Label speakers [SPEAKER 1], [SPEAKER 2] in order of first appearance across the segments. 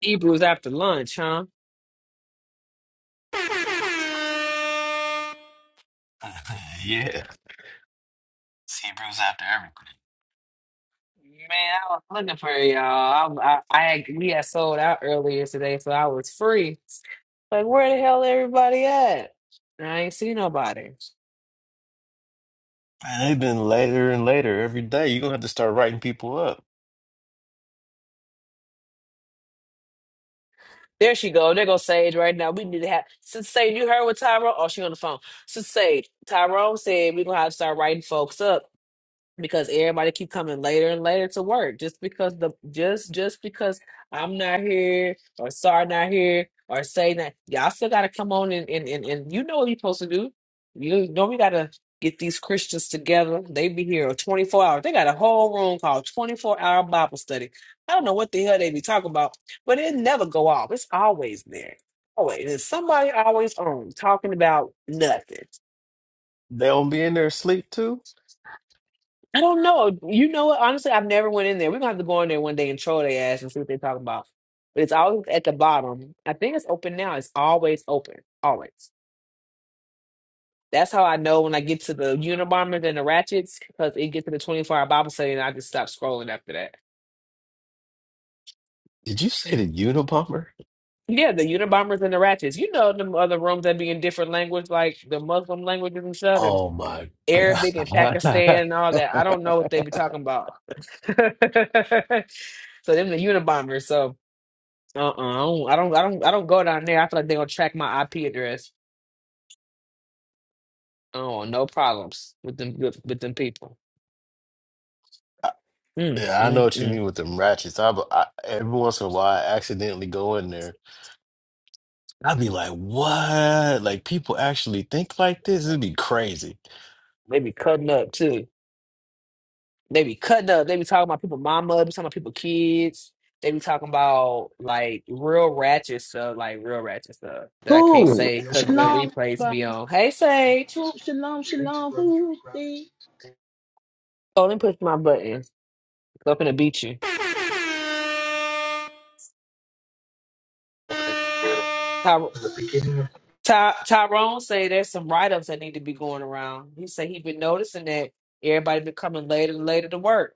[SPEAKER 1] Hebrews after lunch, huh?
[SPEAKER 2] yeah. It's Hebrews after everything.
[SPEAKER 1] Man, I was looking for y'all. I, I, I had, we had sold out earlier today, so I was free. Like, where the hell everybody at? And I ain't see nobody.
[SPEAKER 2] Man, they've been later and later every day. You're gonna have to start writing people up.
[SPEAKER 1] There she go. There go Sage right now. We need to have since Sage. You heard what Tyrone? Oh, she on the phone. Since Sage, Tyrone said we gonna have to start writing folks up because everybody keep coming later and later to work just because the just just because I'm not here or sorry not here or say that y'all still gotta come on and and, and and you know what you're supposed to do. You know we gotta get these Christians together. They be here 24 hours. They got a whole room called 24 hour Bible study. I don't know what the hell they be talking about, but it never go off. It's always there. Always. There's somebody always on talking about nothing.
[SPEAKER 2] They don't be in there asleep too.
[SPEAKER 1] I don't know. You know what? Honestly, I've never went in there. We're gonna have to go in there one day and troll their ass and see what they're talking about. But it's always at the bottom. I think it's open now. It's always open. Always. That's how I know when I get to the Unabombers and the Ratchets, because it gets to the 24 hour Bible study and I just stop scrolling after that.
[SPEAKER 2] Did you say the Unabomber?
[SPEAKER 1] Yeah, the Unabombers and the Ratchets. You know them other rooms that be in different language, like the Muslim languages and stuff, and
[SPEAKER 2] Oh my
[SPEAKER 1] Arabic and
[SPEAKER 2] God.
[SPEAKER 1] Pakistan and all that. I don't know what they be talking about. so them the Unabombers. So Uh-uh. I don't, I don't I don't I don't go down there. I feel like they're gonna track my IP address. Oh, no problems with them with, with them people. Mm,
[SPEAKER 2] Yeah, I know
[SPEAKER 1] mm,
[SPEAKER 2] what you
[SPEAKER 1] mm.
[SPEAKER 2] mean with them ratchets. I, I every once in a while I accidentally go in there. I'd be like, "What? Like people actually think like this? It'd be crazy."
[SPEAKER 1] They be cutting up too. They be cutting up. They be talking about people mama, they be talking about people kids. They be talking about like real ratchet stuff, like real ratchet stuff that I can't
[SPEAKER 3] Who?
[SPEAKER 1] say because the
[SPEAKER 3] Shalom,
[SPEAKER 1] replays
[SPEAKER 3] but
[SPEAKER 1] be on. Hey Sage.
[SPEAKER 3] who? Shalom, shalom. Who? See?
[SPEAKER 1] Oh, let me push my button. I'm gonna beat you. Ty- Tyrone say there's some write ups that need to be going around. He said he been noticing that everybody been coming later and later to work.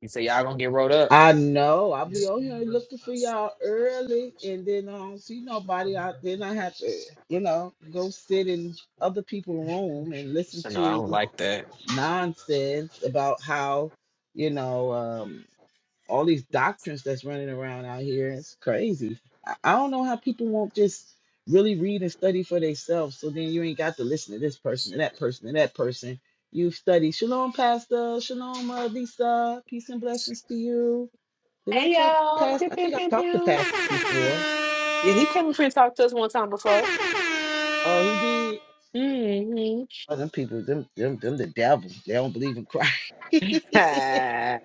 [SPEAKER 1] He said y'all gonna get rolled up.
[SPEAKER 3] I know. I'll be on here looking for y'all early, and then I don't see nobody. I then I have to, you know, go sit in other people's room and listen
[SPEAKER 1] I know I don't
[SPEAKER 3] to
[SPEAKER 1] like that.
[SPEAKER 3] nonsense about how, you know. um, all these doctrines that's running around out here. It's crazy. I, I don't know how people won't just really read and study for themselves. So then you ain't got to listen to this person and that person and that person. You've studied. Shalom, Pastor. Shalom, uh, Lisa. Peace and blessings to you. Did I
[SPEAKER 1] Hey
[SPEAKER 3] talk to
[SPEAKER 1] y'all, pew,
[SPEAKER 3] Pastor? I
[SPEAKER 1] pew,
[SPEAKER 3] think I
[SPEAKER 1] pew,
[SPEAKER 3] talked to
[SPEAKER 1] pew.
[SPEAKER 3] Pastor before.
[SPEAKER 1] Yeah, he came up here and talked to us one time before.
[SPEAKER 3] Oh, he did.
[SPEAKER 1] Mm-hmm.
[SPEAKER 3] Oh, them people, them, them, them, the devil. They don't believe in Christ.
[SPEAKER 1] and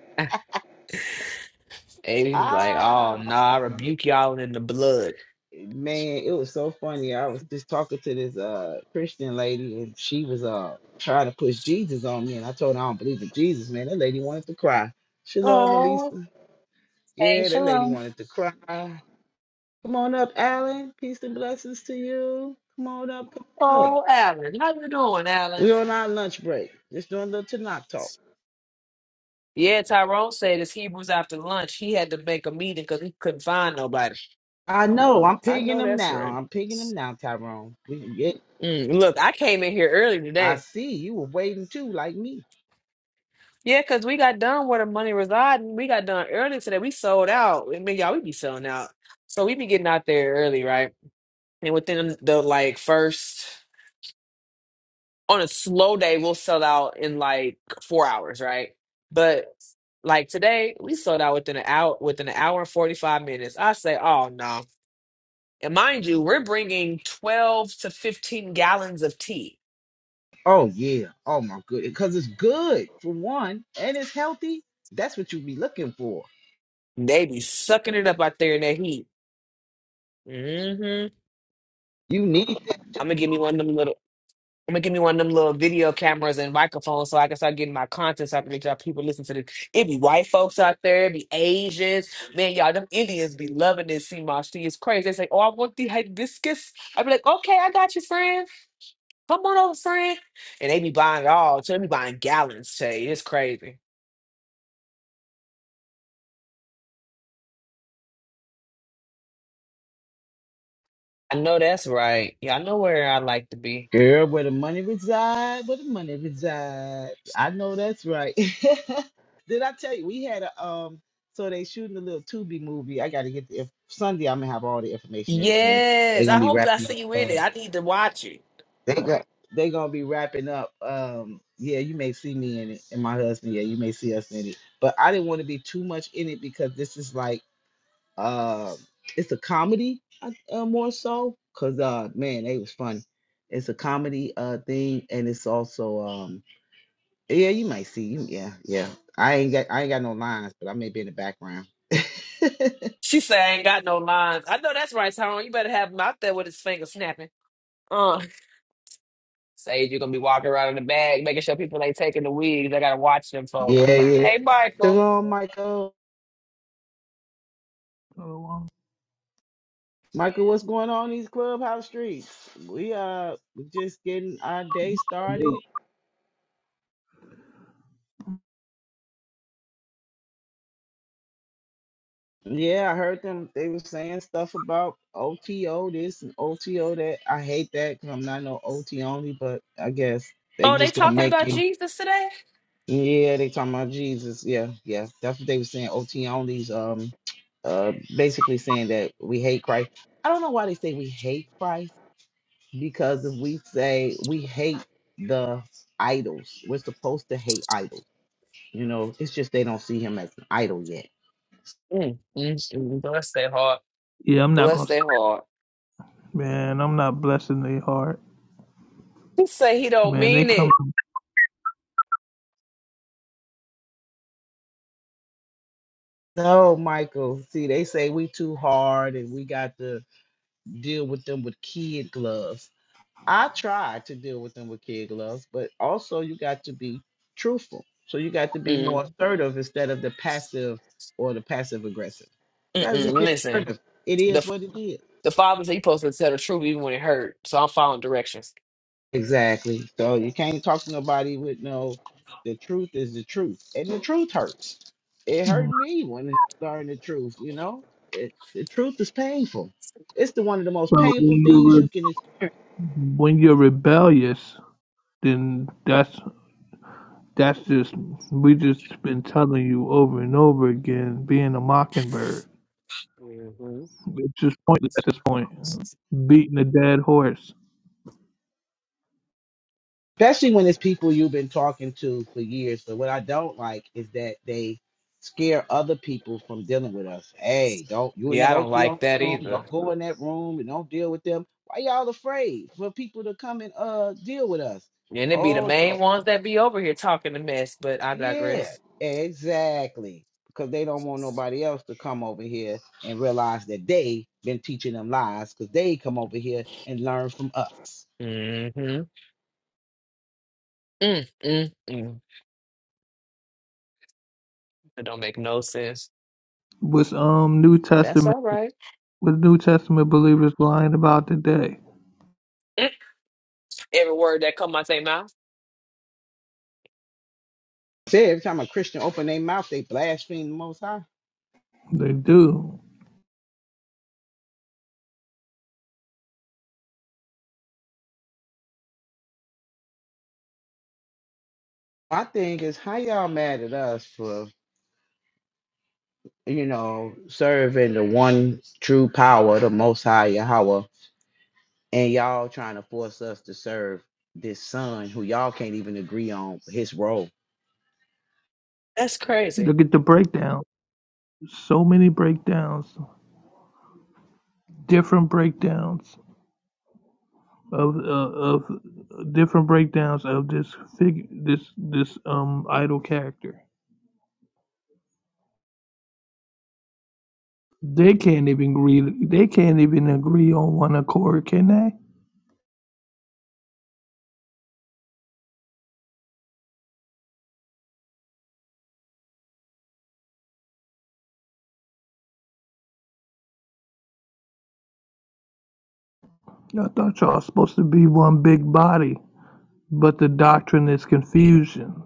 [SPEAKER 1] he's like, "Oh
[SPEAKER 3] ah,
[SPEAKER 1] no, I rebuke y'all in the blood."
[SPEAKER 3] man, it was so funny. I was just talking to this uh Christian lady, and she was uh trying to push Jesus on me, and I told her I don't believe in Jesus, man. That lady wanted to cry. Shalom,
[SPEAKER 1] Oh,
[SPEAKER 3] Elisa.
[SPEAKER 4] Hey,
[SPEAKER 3] Yeah, that lady
[SPEAKER 4] shalom.
[SPEAKER 3] wanted to cry. Come on up, Alan. Peace and blessings to you. Come on up. Come on up.
[SPEAKER 1] oh, Alan, how you doing, Alan?
[SPEAKER 3] We're on our lunch break. Just doing a little Tanakh talk.
[SPEAKER 1] Yeah, Tyrone said it's Hebrews after lunch. He had to make a meeting because he couldn't find nobody.
[SPEAKER 3] I know. I'm
[SPEAKER 1] I
[SPEAKER 3] picking
[SPEAKER 1] know
[SPEAKER 3] them
[SPEAKER 1] that's
[SPEAKER 3] now.
[SPEAKER 1] right.
[SPEAKER 3] I'm picking them now, Tyrone. We can get.
[SPEAKER 1] Mm, look, I came in here early
[SPEAKER 3] I
[SPEAKER 1] today.
[SPEAKER 3] see you were waiting too, like me.
[SPEAKER 1] Yeah, because we got done where the money resided. We got done early today. We sold out. I mean, y'all, we be selling out. So we be getting out there early, right? And within the like first, on a slow day, we'll sell out in like four hours, right? But like today, we sold out within an hour, within an hour and 45 minutes. I say, oh no. And mind you, we're bringing 12 to 15 gallons of tea.
[SPEAKER 3] Oh yeah. Oh my goodness. Because it's good for one, and it's healthy. That's what you be looking for.
[SPEAKER 1] They be sucking it up out there in that heat. hmm
[SPEAKER 3] You need it.
[SPEAKER 1] I'm gonna give me one of them little. I'm gonna give me one of them little video cameras and microphones so I can start getting my content so I can make sure people listen to this. It be white folks out there, it be Asians. Man, y'all, them Indians be loving this CMOS. It's crazy. They say, Oh, I want the hibiscus. I be like, Okay, I got you, friend. Come on over, friend. And they be buying it all. So they be buying gallons, Shay. It's crazy. I know that's right. Yeah, I know where I like to be.
[SPEAKER 3] Girl, where the money reside, where the money reside. I know that's right. Did I tell you we had a um so they shooting a little Tubi movie. I gotta get the if Sunday I'm gonna have all the information, everything. They
[SPEAKER 1] Yes. I
[SPEAKER 3] gonna be
[SPEAKER 1] hope I
[SPEAKER 3] wrapping up
[SPEAKER 1] see you in
[SPEAKER 3] uh,
[SPEAKER 1] it. I need to watch it.
[SPEAKER 3] they got they gonna be wrapping up. Um yeah, you may see me in it and my husband, yeah, you may see us in it. But I didn't want to be too much in it because this is like Uh, it's a comedy I- uh, more so because uh, man, they was funny. It's a comedy uh thing, and it's also um yeah, you might see you yeah yeah. I ain't got I ain't got no lines, but I may be in the background. yeah
[SPEAKER 1] She say I ain't got no lines. I know that's right, Tyrone. You better have him out there with his finger snapping. Uh Sage, you're gonna be walking around in the bag, making sure people ain't taking the wigs. I gotta watch them folk.
[SPEAKER 3] yeah.
[SPEAKER 1] Hey Michael.
[SPEAKER 3] Shalom, Michael.
[SPEAKER 5] Shalom.
[SPEAKER 3] Michael, what's going on in these clubhouse streets? We uh we just getting our day started. Yeah, I heard them. They were saying stuff about OTO this and OTO that. I hate that because I'm not no OT only, but I guess they
[SPEAKER 1] Oh, they
[SPEAKER 3] just gonna
[SPEAKER 1] talking
[SPEAKER 3] make
[SPEAKER 1] about
[SPEAKER 3] it.
[SPEAKER 1] Jesus today?
[SPEAKER 3] Yeah, they talking about Jesus. Yeah, yeah, that's what they were saying. OT onlys. Um, uh, basically saying that we hate Christ. I don't know why they say we hate Christ because if we say we hate the idols, we're supposed to hate idols. You know, it's just they don't see him as an idol yet
[SPEAKER 1] Mm, mm, mm. Bless their heart.
[SPEAKER 5] Yeah, I'm not
[SPEAKER 1] Bless
[SPEAKER 5] gonna.
[SPEAKER 1] their heart.
[SPEAKER 5] Man, I'm not blessing their heart.
[SPEAKER 1] He say he don't
[SPEAKER 5] Man, they
[SPEAKER 1] mean
[SPEAKER 5] come.
[SPEAKER 1] it.
[SPEAKER 3] No, Michael. See, they say we too hard and we got to deal with them with kid gloves. I tried to deal with them with kid gloves, but also you got to be truthful. So you got to be more
[SPEAKER 1] Mm,
[SPEAKER 3] assertive instead of the passive or the passive aggressive.
[SPEAKER 1] mm,
[SPEAKER 3] Try to just
[SPEAKER 1] mm.
[SPEAKER 3] be
[SPEAKER 1] Listen,
[SPEAKER 3] assertive. It is
[SPEAKER 1] the
[SPEAKER 3] what it is.
[SPEAKER 1] the father said he supposed to tell the truth even when it hurt. So I'm following directions.
[SPEAKER 3] Exactly. So you can't talk to nobody with no. The truth is the truth, and the truth hurts. It hurt
[SPEAKER 5] Mm.
[SPEAKER 3] me when I learned the truth. You know, it, the truth is painful. It's the one of the most
[SPEAKER 5] So
[SPEAKER 3] painful
[SPEAKER 5] when
[SPEAKER 3] things
[SPEAKER 5] you're
[SPEAKER 3] you
[SPEAKER 5] re-
[SPEAKER 3] can,
[SPEAKER 5] when you're rebellious, then that's that's just we just been telling you over and over again. Being a mockingbird,
[SPEAKER 1] hmm
[SPEAKER 5] it's just pointless at this point. Beating a dead horse.
[SPEAKER 3] especially when it's people you've been talking to for years. But what I don't like is that they scare other people from dealing with us. Hey, don't you in
[SPEAKER 1] Yeah,
[SPEAKER 3] that
[SPEAKER 1] I don't
[SPEAKER 3] OTO
[SPEAKER 1] like that
[SPEAKER 3] room?
[SPEAKER 1] either.
[SPEAKER 3] Don't go in that room and don't deal with them. Why y'all afraid for people to come and uh deal with us?
[SPEAKER 1] And it be the
[SPEAKER 3] Oh, no.
[SPEAKER 1] main ones that be over here talking the mess, but I
[SPEAKER 3] Yeah,
[SPEAKER 1] digress.
[SPEAKER 3] exactly. Because they don't want nobody else to come over here and realize that they been teaching them lies because they come over here and learn from us.
[SPEAKER 1] Mm-hmm. Mm, mm, mm. It don't make no sense.
[SPEAKER 5] What's um New
[SPEAKER 1] That's
[SPEAKER 5] Testament?
[SPEAKER 1] all right.
[SPEAKER 5] What New Testament believers lying about today?
[SPEAKER 1] Mm, Every word that come out their mouth.
[SPEAKER 3] Say every time a Christian open their mouth, they blaspheme the most high.
[SPEAKER 5] They do.
[SPEAKER 3] My thing is how y'all mad at us for, you know, serving the one true power, the most high Yahweh, and y'all trying to force us to serve this son who y'all can't even agree on his role.
[SPEAKER 1] That's crazy.
[SPEAKER 5] Look at the breakdown. So many breakdowns. different breakdowns of uh, of different breakdowns of this figure this this um idol character. They can't even agree. They can't even agree on one accord, can they? I thought y'all was supposed to be one big body, but the doctrine is confusion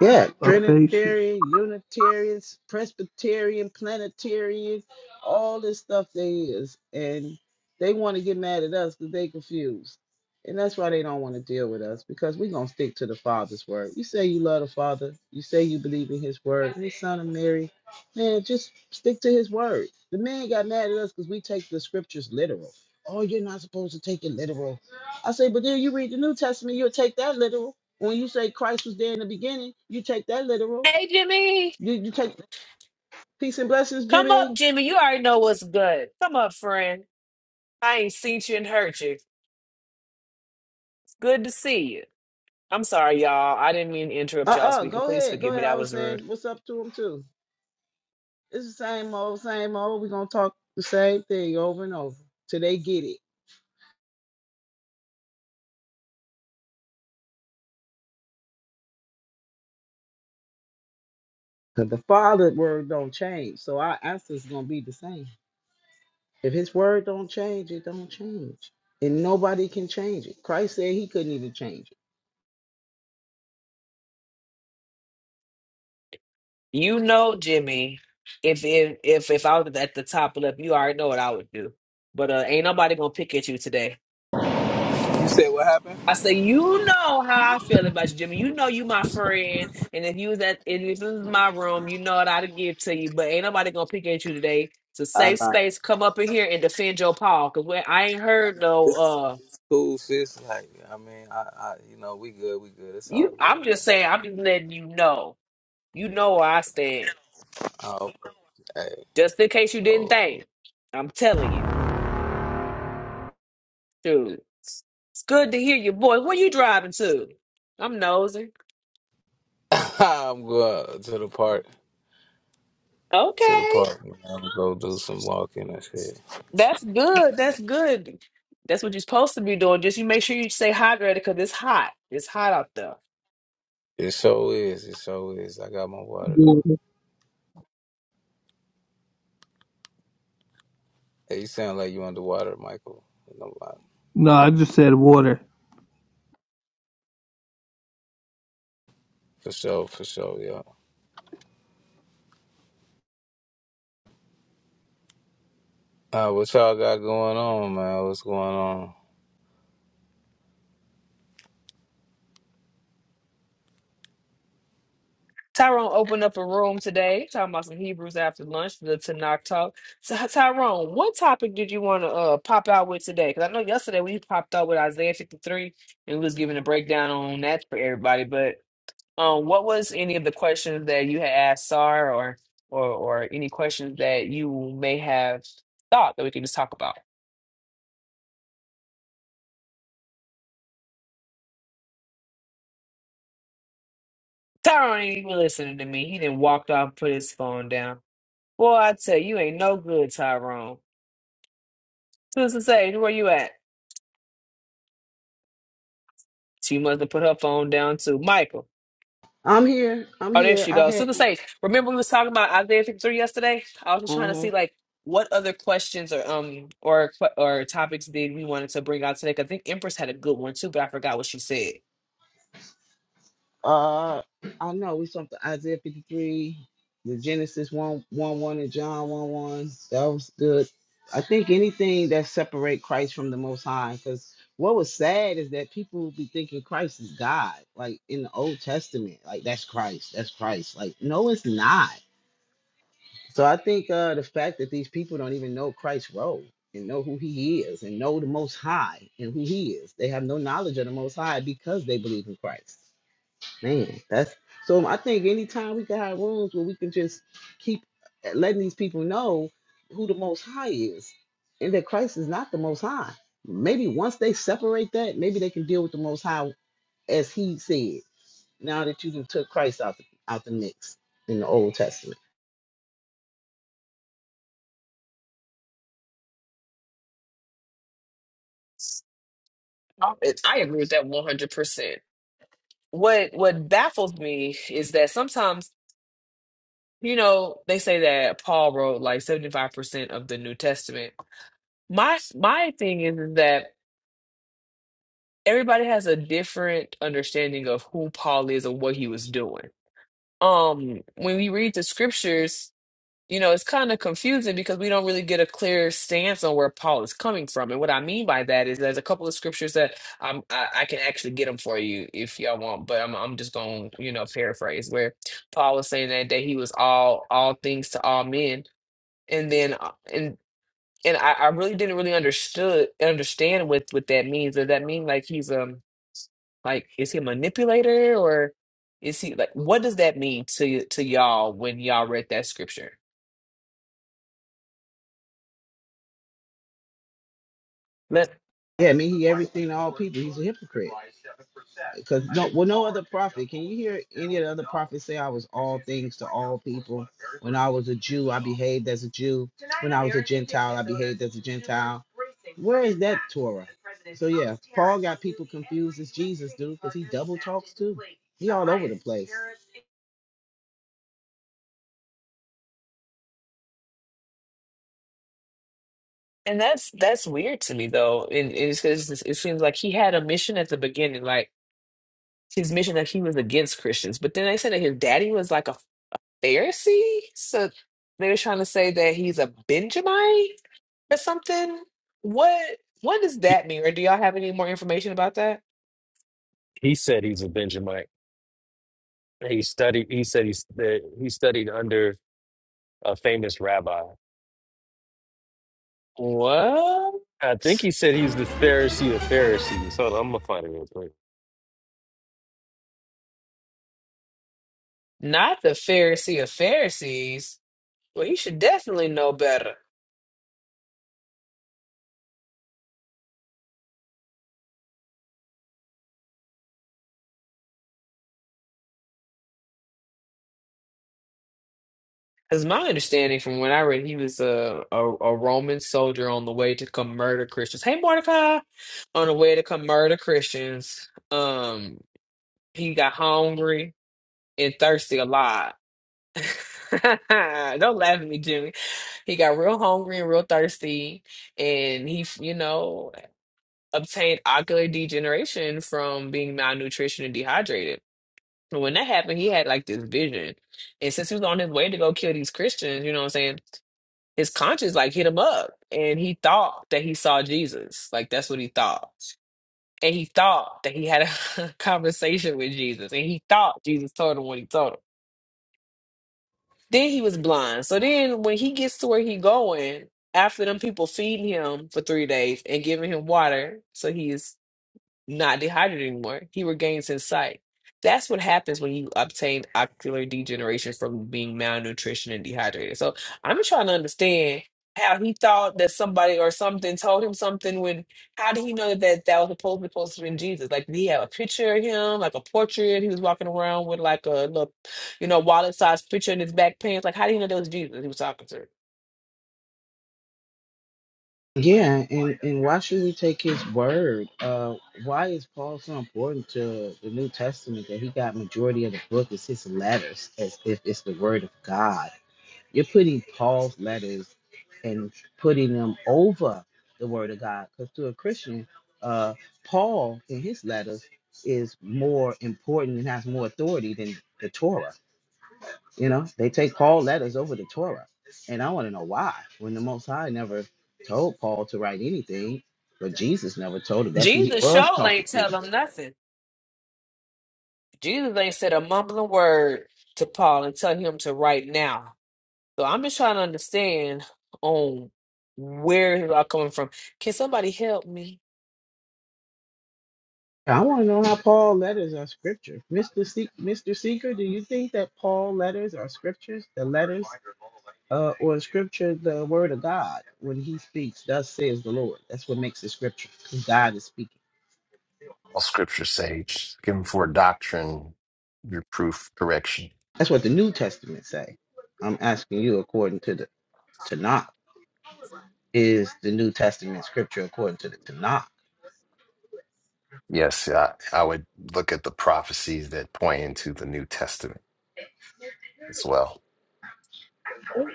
[SPEAKER 3] Yeah,
[SPEAKER 5] of faces.
[SPEAKER 3] Trinitarian, Unitarians, Presbyterian, Planetarian, all this stuff they is. And they want to get mad at us because they confused. And that's why they don't want to deal with us because we're going to stick to the Father's word. You say you love the Father. You say you believe in his word, his son of Mary. Man, just stick to his word. The man got mad at us because we take the scriptures literal. Oh, you're not supposed to take it literal. I say, but then you read the New Testament, you'll take that literal. When you say Christ was there in the beginning, you take that literal.
[SPEAKER 1] Hey, Jimmy.
[SPEAKER 3] You you take peace and blessings,
[SPEAKER 1] Come up,
[SPEAKER 3] Jimmy.
[SPEAKER 1] Jimmy. You already know what's good. Come up, friend. I ain't seen you and heard you. It's good to see you. I'm sorry, y'all. I didn't mean to interrupt
[SPEAKER 3] Uh
[SPEAKER 1] y'all
[SPEAKER 3] uh
[SPEAKER 1] speaking.
[SPEAKER 3] Go
[SPEAKER 1] Please
[SPEAKER 3] ahead. Go
[SPEAKER 1] forgive me.
[SPEAKER 3] ahead. I
[SPEAKER 1] That
[SPEAKER 3] was
[SPEAKER 1] was rude.
[SPEAKER 3] saying what's up to him too. It's the same old, same old. We're gonna talk the same thing over and over till they get it. Cause the Father word don't change. So our answer's gonna be the same. If his word don't change, it don't change. And nobody can change it. Christ said he couldn't even change it.
[SPEAKER 1] You know, Jimmy, if if if if I was at the top left, you already know what I would do. But uh, ain't nobody gonna pick at you today.
[SPEAKER 6] You said what happened?
[SPEAKER 1] I say, you know how I feel about you, Jimmy. You know you my friend, and if you was at and if this was my room, you know what I'd give to you. But ain't nobody gonna pick at you today. It's a
[SPEAKER 6] I
[SPEAKER 1] safe
[SPEAKER 6] know.
[SPEAKER 1] space. Come up in here and defend your paw, cause when I ain't heard no
[SPEAKER 6] It's,
[SPEAKER 1] uh
[SPEAKER 6] it's cool, sis. Like, I mean, I, I, you know, we good, we good. It's all
[SPEAKER 1] you.
[SPEAKER 6] good,
[SPEAKER 1] I'm
[SPEAKER 6] man.
[SPEAKER 1] just saying, I'm just letting you know. You know where I stand,
[SPEAKER 6] Oh, hey,
[SPEAKER 1] just in case you didn't
[SPEAKER 6] hold on.
[SPEAKER 1] think. I'm telling you. Dude, it's it's good to hear your voice. Where you driving to? I'm nosy.
[SPEAKER 6] Let me... I'm going to the park, to the
[SPEAKER 1] Okay,
[SPEAKER 6] park. Man. I'm gonna go do some walking and shit.
[SPEAKER 1] that's good. That's good. That's what you're supposed to be doing. Just you make sure you stay hydrated because it's hot. It's hot out there.
[SPEAKER 6] It so is, it so is. I got my water though.
[SPEAKER 5] Water.
[SPEAKER 6] Hey, you sound like you underwater, Michael. You know, I-
[SPEAKER 5] No, I just said water.
[SPEAKER 6] For sure, for sure, yeah. Uh, what y'all got going on, man? What's going on?
[SPEAKER 1] Tyrone opened up a room today, talking about some Hebrews after lunch, the Tanakh talk. So Hy- Tyrone, what topic did you want to uh, pop out with today? Because I know yesterday we popped out with Isaiah 53, and we was giving a breakdown on that for everybody. Um, what was any of the questions that you had asked Sar or or or any questions that you may have thought that we could just talk about? Tyron ain't even listening to me. He didn't walk off, and put his phone down. Boy, I tell you, you ain't no good, Tyrone. Sister Sage, where you at? She must have put her phone down too. Michael.
[SPEAKER 3] I'm here. I'm
[SPEAKER 1] Oh, there
[SPEAKER 3] here.
[SPEAKER 1] she
[SPEAKER 3] I
[SPEAKER 1] goes.
[SPEAKER 3] had
[SPEAKER 1] Sister Sage, remember we was talking about Isaiah 53 yesterday? I was just trying to
[SPEAKER 3] uh
[SPEAKER 1] see like what other questions or um or que- or topics did we wanted to bring out today? 'Cause I think Empress had a good one too, but I forgot what she said.
[SPEAKER 3] Uh, I know we something Isaiah 53, the Genesis one one one, and John 1 1. That was good. I think anything that separate Christ from the Most High, because what was sad is that people be thinking Christ is God, like in the Old Testament, like that's Christ, that's Christ. Like, no, it's not. So I think uh, the fact that these people don't even know Christ's role and know who he is and know the Most High and who he is, they have no knowledge of the Most High because they believe in Christ. Man, that's so. I think anytime we can have rooms where we can just keep eh, letting these people know who the Most High is, and that Christ is not the Most High. Maybe once they separate that, maybe they can deal with the Most High as He said. Now that you done took Christ out the out the mix in the Old Testament,
[SPEAKER 1] Um, it- I agree with that 100%. What what baffles me is that sometimes, you know, they say that Paul wrote like 75% of the New Testament. My my thing is, is that everybody has a different understanding of who Paul is and what he was doing. Um, when we read the scriptures, you know, it's kind of confusing because we don't really get a clear stance on where Paul is coming from. And what I mean by that is there's a couple of scriptures that um, I, I can actually get them for you if y'all want, but I'm, I'm just going to, you know, paraphrase where Paul was saying that, that he was all, all things to all men. And then, uh, and, and I, I really didn't really understood understand what, what that means. Does that mean like he's um like is he a manipulator or is he like what does that mean to y- to y'all when y'all read that scripture?
[SPEAKER 3] yeah, I mean He everything to all people. He's a hypocrite. because no, well, no other prophet. Can you hear any of the other prophets say I was all things to all people? When I was a Jew, I behaved as a Jew. When I was a Gentile, I behaved as a Gentile. Where is that Torah? So yeah, Paul got people confused as Jesus, dude, because he double talks too. He all over the place.
[SPEAKER 1] And that's that's weird to me though. And, and it's because it seems like he had a mission at the beginning, like his mission that he was against Christians. But then they said that his daddy was like a Pharisee, so they were trying to say that he's a Benjamite or something. What what does that mean? Or do y'all have any more information about that?
[SPEAKER 2] He said he's a Benjamite. He studied. He said he's that he studied under a famous rabbi.
[SPEAKER 1] Well,
[SPEAKER 2] I think he said he's the Pharisee of Pharisees. Hold on, I'm gonna find it real quick.
[SPEAKER 1] not the Pharisee of Pharisees. Well, you should definitely know better. Because my understanding from when I read, he was a, a a Roman soldier on the way to come murder Christians. Hey, Mordecai, on the way to come murder Christians. Um, he got hungry and thirsty a lot. Don't laugh at me, Jimmy. He got real hungry and real thirsty, and he, you know, obtained ocular degeneration from being malnutrition and dehydrated. And when that happened, he had like this vision. And since he was on his way to go kill these Christians, you know what I'm saying? his conscience like hit him up and he thought that he saw Jesus. Like that's what he thought. And he thought that he had a conversation with Jesus. And he thought Jesus told him what he told him. Then he was blind. So then when he gets to where he going, after them people feeding him for three days and giving him water, so he's not dehydrated anymore. He regains his sight. That's what happens when you obtain ocular degeneration from being malnutrition and dehydrated. So I'm trying to understand how he thought that somebody or something told him something when how did he know that that, that was supposed to, supposed to be Jesus? Like did he have a picture of him, like a portrait? He was walking around with like a little, you know, wallet sized picture in his back pants. Like how do you know that was Jesus he was talking to?
[SPEAKER 3] Yeah, and and why should we take his word? Uh, why is Paul so important to the New Testament that he got majority of the book is his letters, as if it's the word of God? You're putting Paul's letters and putting them over the Word of God. Because to a Christian, uh, Paul in his letters is more important and has more authority than the Torah. You know, they take Paul letters over the Torah. And I want to know why, when the Most High never told Paul to write anything, but Jesus never told him. That's who he
[SPEAKER 1] Jesus
[SPEAKER 3] was
[SPEAKER 1] show
[SPEAKER 3] talking
[SPEAKER 1] ain't
[SPEAKER 3] to.
[SPEAKER 1] tell him nothing. Jesus ain't said a mumbling word to Paul and tell him to write now. So I'm just trying to understand on where is it all coming from. Can somebody help me?
[SPEAKER 3] I want to know how Paul letters are scripture. Mr. Se- Mr. Seeker, do you think that Paul letters are scriptures? The letters Uh, or scripture, the word of God, when he speaks, thus says the Lord. That's what makes it scripture, because God is speaking.
[SPEAKER 7] All scripture sage. Looking for doctrine, reproof, correction.
[SPEAKER 3] That's what the New Testament say. I'm asking you according to the Tanakh. Is the New Testament scripture according to the Tanakh?
[SPEAKER 7] Yes, I, I would look at the prophecies that point into the New Testament as well.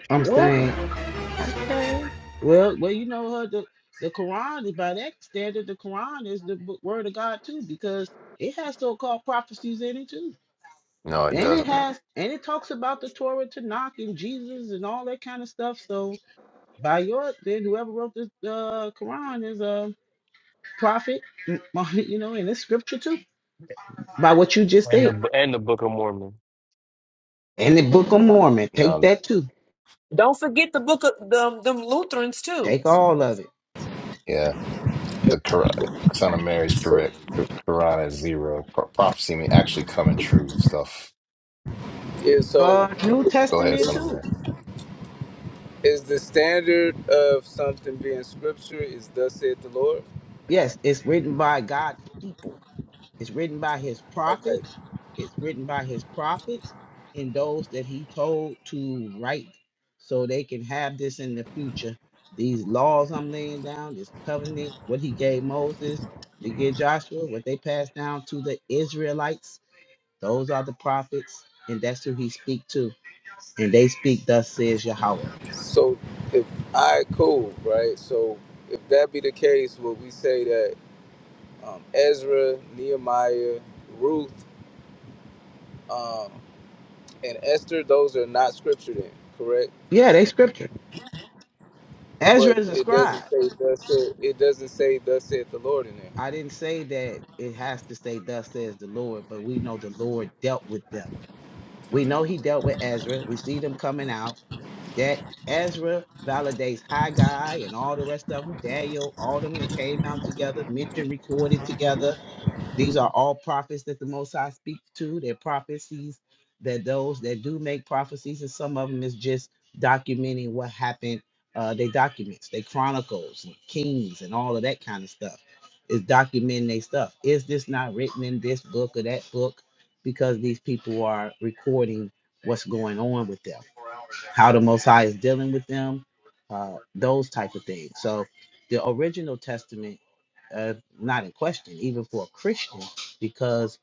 [SPEAKER 3] I'm
[SPEAKER 1] What?
[SPEAKER 3] saying, okay. Well, well, you know what? The, the Quran, by that standard, the Quran is the b- word of God too, because it has so-called prophecies in it too.
[SPEAKER 7] No, it
[SPEAKER 3] And it
[SPEAKER 7] doesn't.
[SPEAKER 3] has, and it talks about the Torah, Tanakh, and Jesus, and all that kind of stuff. So, By your then whoever wrote the uh, Quran is a prophet, m- Muhammad, you know, and it's scripture too. By what you just
[SPEAKER 2] And
[SPEAKER 3] said,
[SPEAKER 2] the and the Book of Mormon.
[SPEAKER 3] and the Book of Mormon, take
[SPEAKER 7] No,
[SPEAKER 3] that too,
[SPEAKER 1] Don't forget the book of them, them Lutherans too.
[SPEAKER 3] take all of it.
[SPEAKER 7] yeah, the Quran, Son of Mary's correct. Qu- Quran is zero. Pro- prophecy may actually coming true stuff.
[SPEAKER 6] Yeah, so
[SPEAKER 3] Uh, New
[SPEAKER 7] Go ahead,
[SPEAKER 3] Testament
[SPEAKER 7] Son of
[SPEAKER 3] too.
[SPEAKER 7] Mary.
[SPEAKER 6] Is the standard of something being scripture is thus saith the Lord?
[SPEAKER 3] Yes, it's written by God's people. It's written by his
[SPEAKER 6] Okay.
[SPEAKER 3] prophets. It's written by his prophets and those that he told to write so they can have this in the future. These laws I'm laying down, this covenant, what he gave Moses, he gave Joshua, what they passed down to the Israelites, those are the prophets, and that's who he speak to. And they speak, thus says Yahweh.
[SPEAKER 6] So if I cool, right? So if that be the case, would we say that um, Ezra, Nehemiah, Ruth, um, and Esther, those are not scripture then, correct?
[SPEAKER 3] Yeah, they scripture.
[SPEAKER 6] But
[SPEAKER 3] Ezra is a
[SPEAKER 6] it doesn't
[SPEAKER 3] scribe.
[SPEAKER 6] say thus saith, it doesn't say thus saith the Lord in there.
[SPEAKER 3] I didn't say that it has to say, thus says the Lord, but we know the Lord dealt with them We know he dealt with Ezra. We see them coming out. That Ezra validates Haggai and all the rest of them, Daniel, all them that came out together, Mention recorded together. These are all prophets that the Most High speaks to. They're prophecies that those that do make prophecies, and some of them is just documenting what happened. Uh, they documents, they chronicles, and kings, and all of that kind of stuff. Is documenting their stuff. Is this not written in this book or that book? Because these people are recording what's going on with them how the Most High is dealing with them, uh, those type of things. So the original Testament, uh, not in question, even for a Christian, because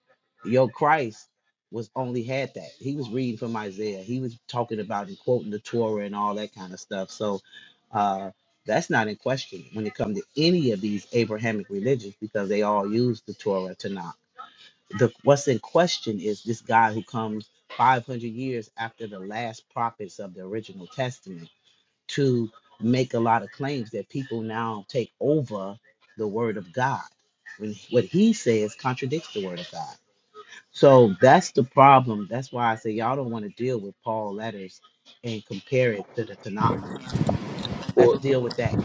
[SPEAKER 3] your Christ was only had that. He was reading from Isaiah. He was talking about and quoting the Torah and all that kind of stuff. So uh, that's not in question when it comes to any of these Abrahamic religions, because they all use the Torah, Tanakh the what's in question is this guy who comes 500 years after the last prophets of the original testament to make a lot of claims that people now take over the word of god when what he says contradicts the word of god so that's the problem that's why i say y'all don't want to deal with paul letters and compare it to the tanakh let's
[SPEAKER 6] Well,
[SPEAKER 3] deal with that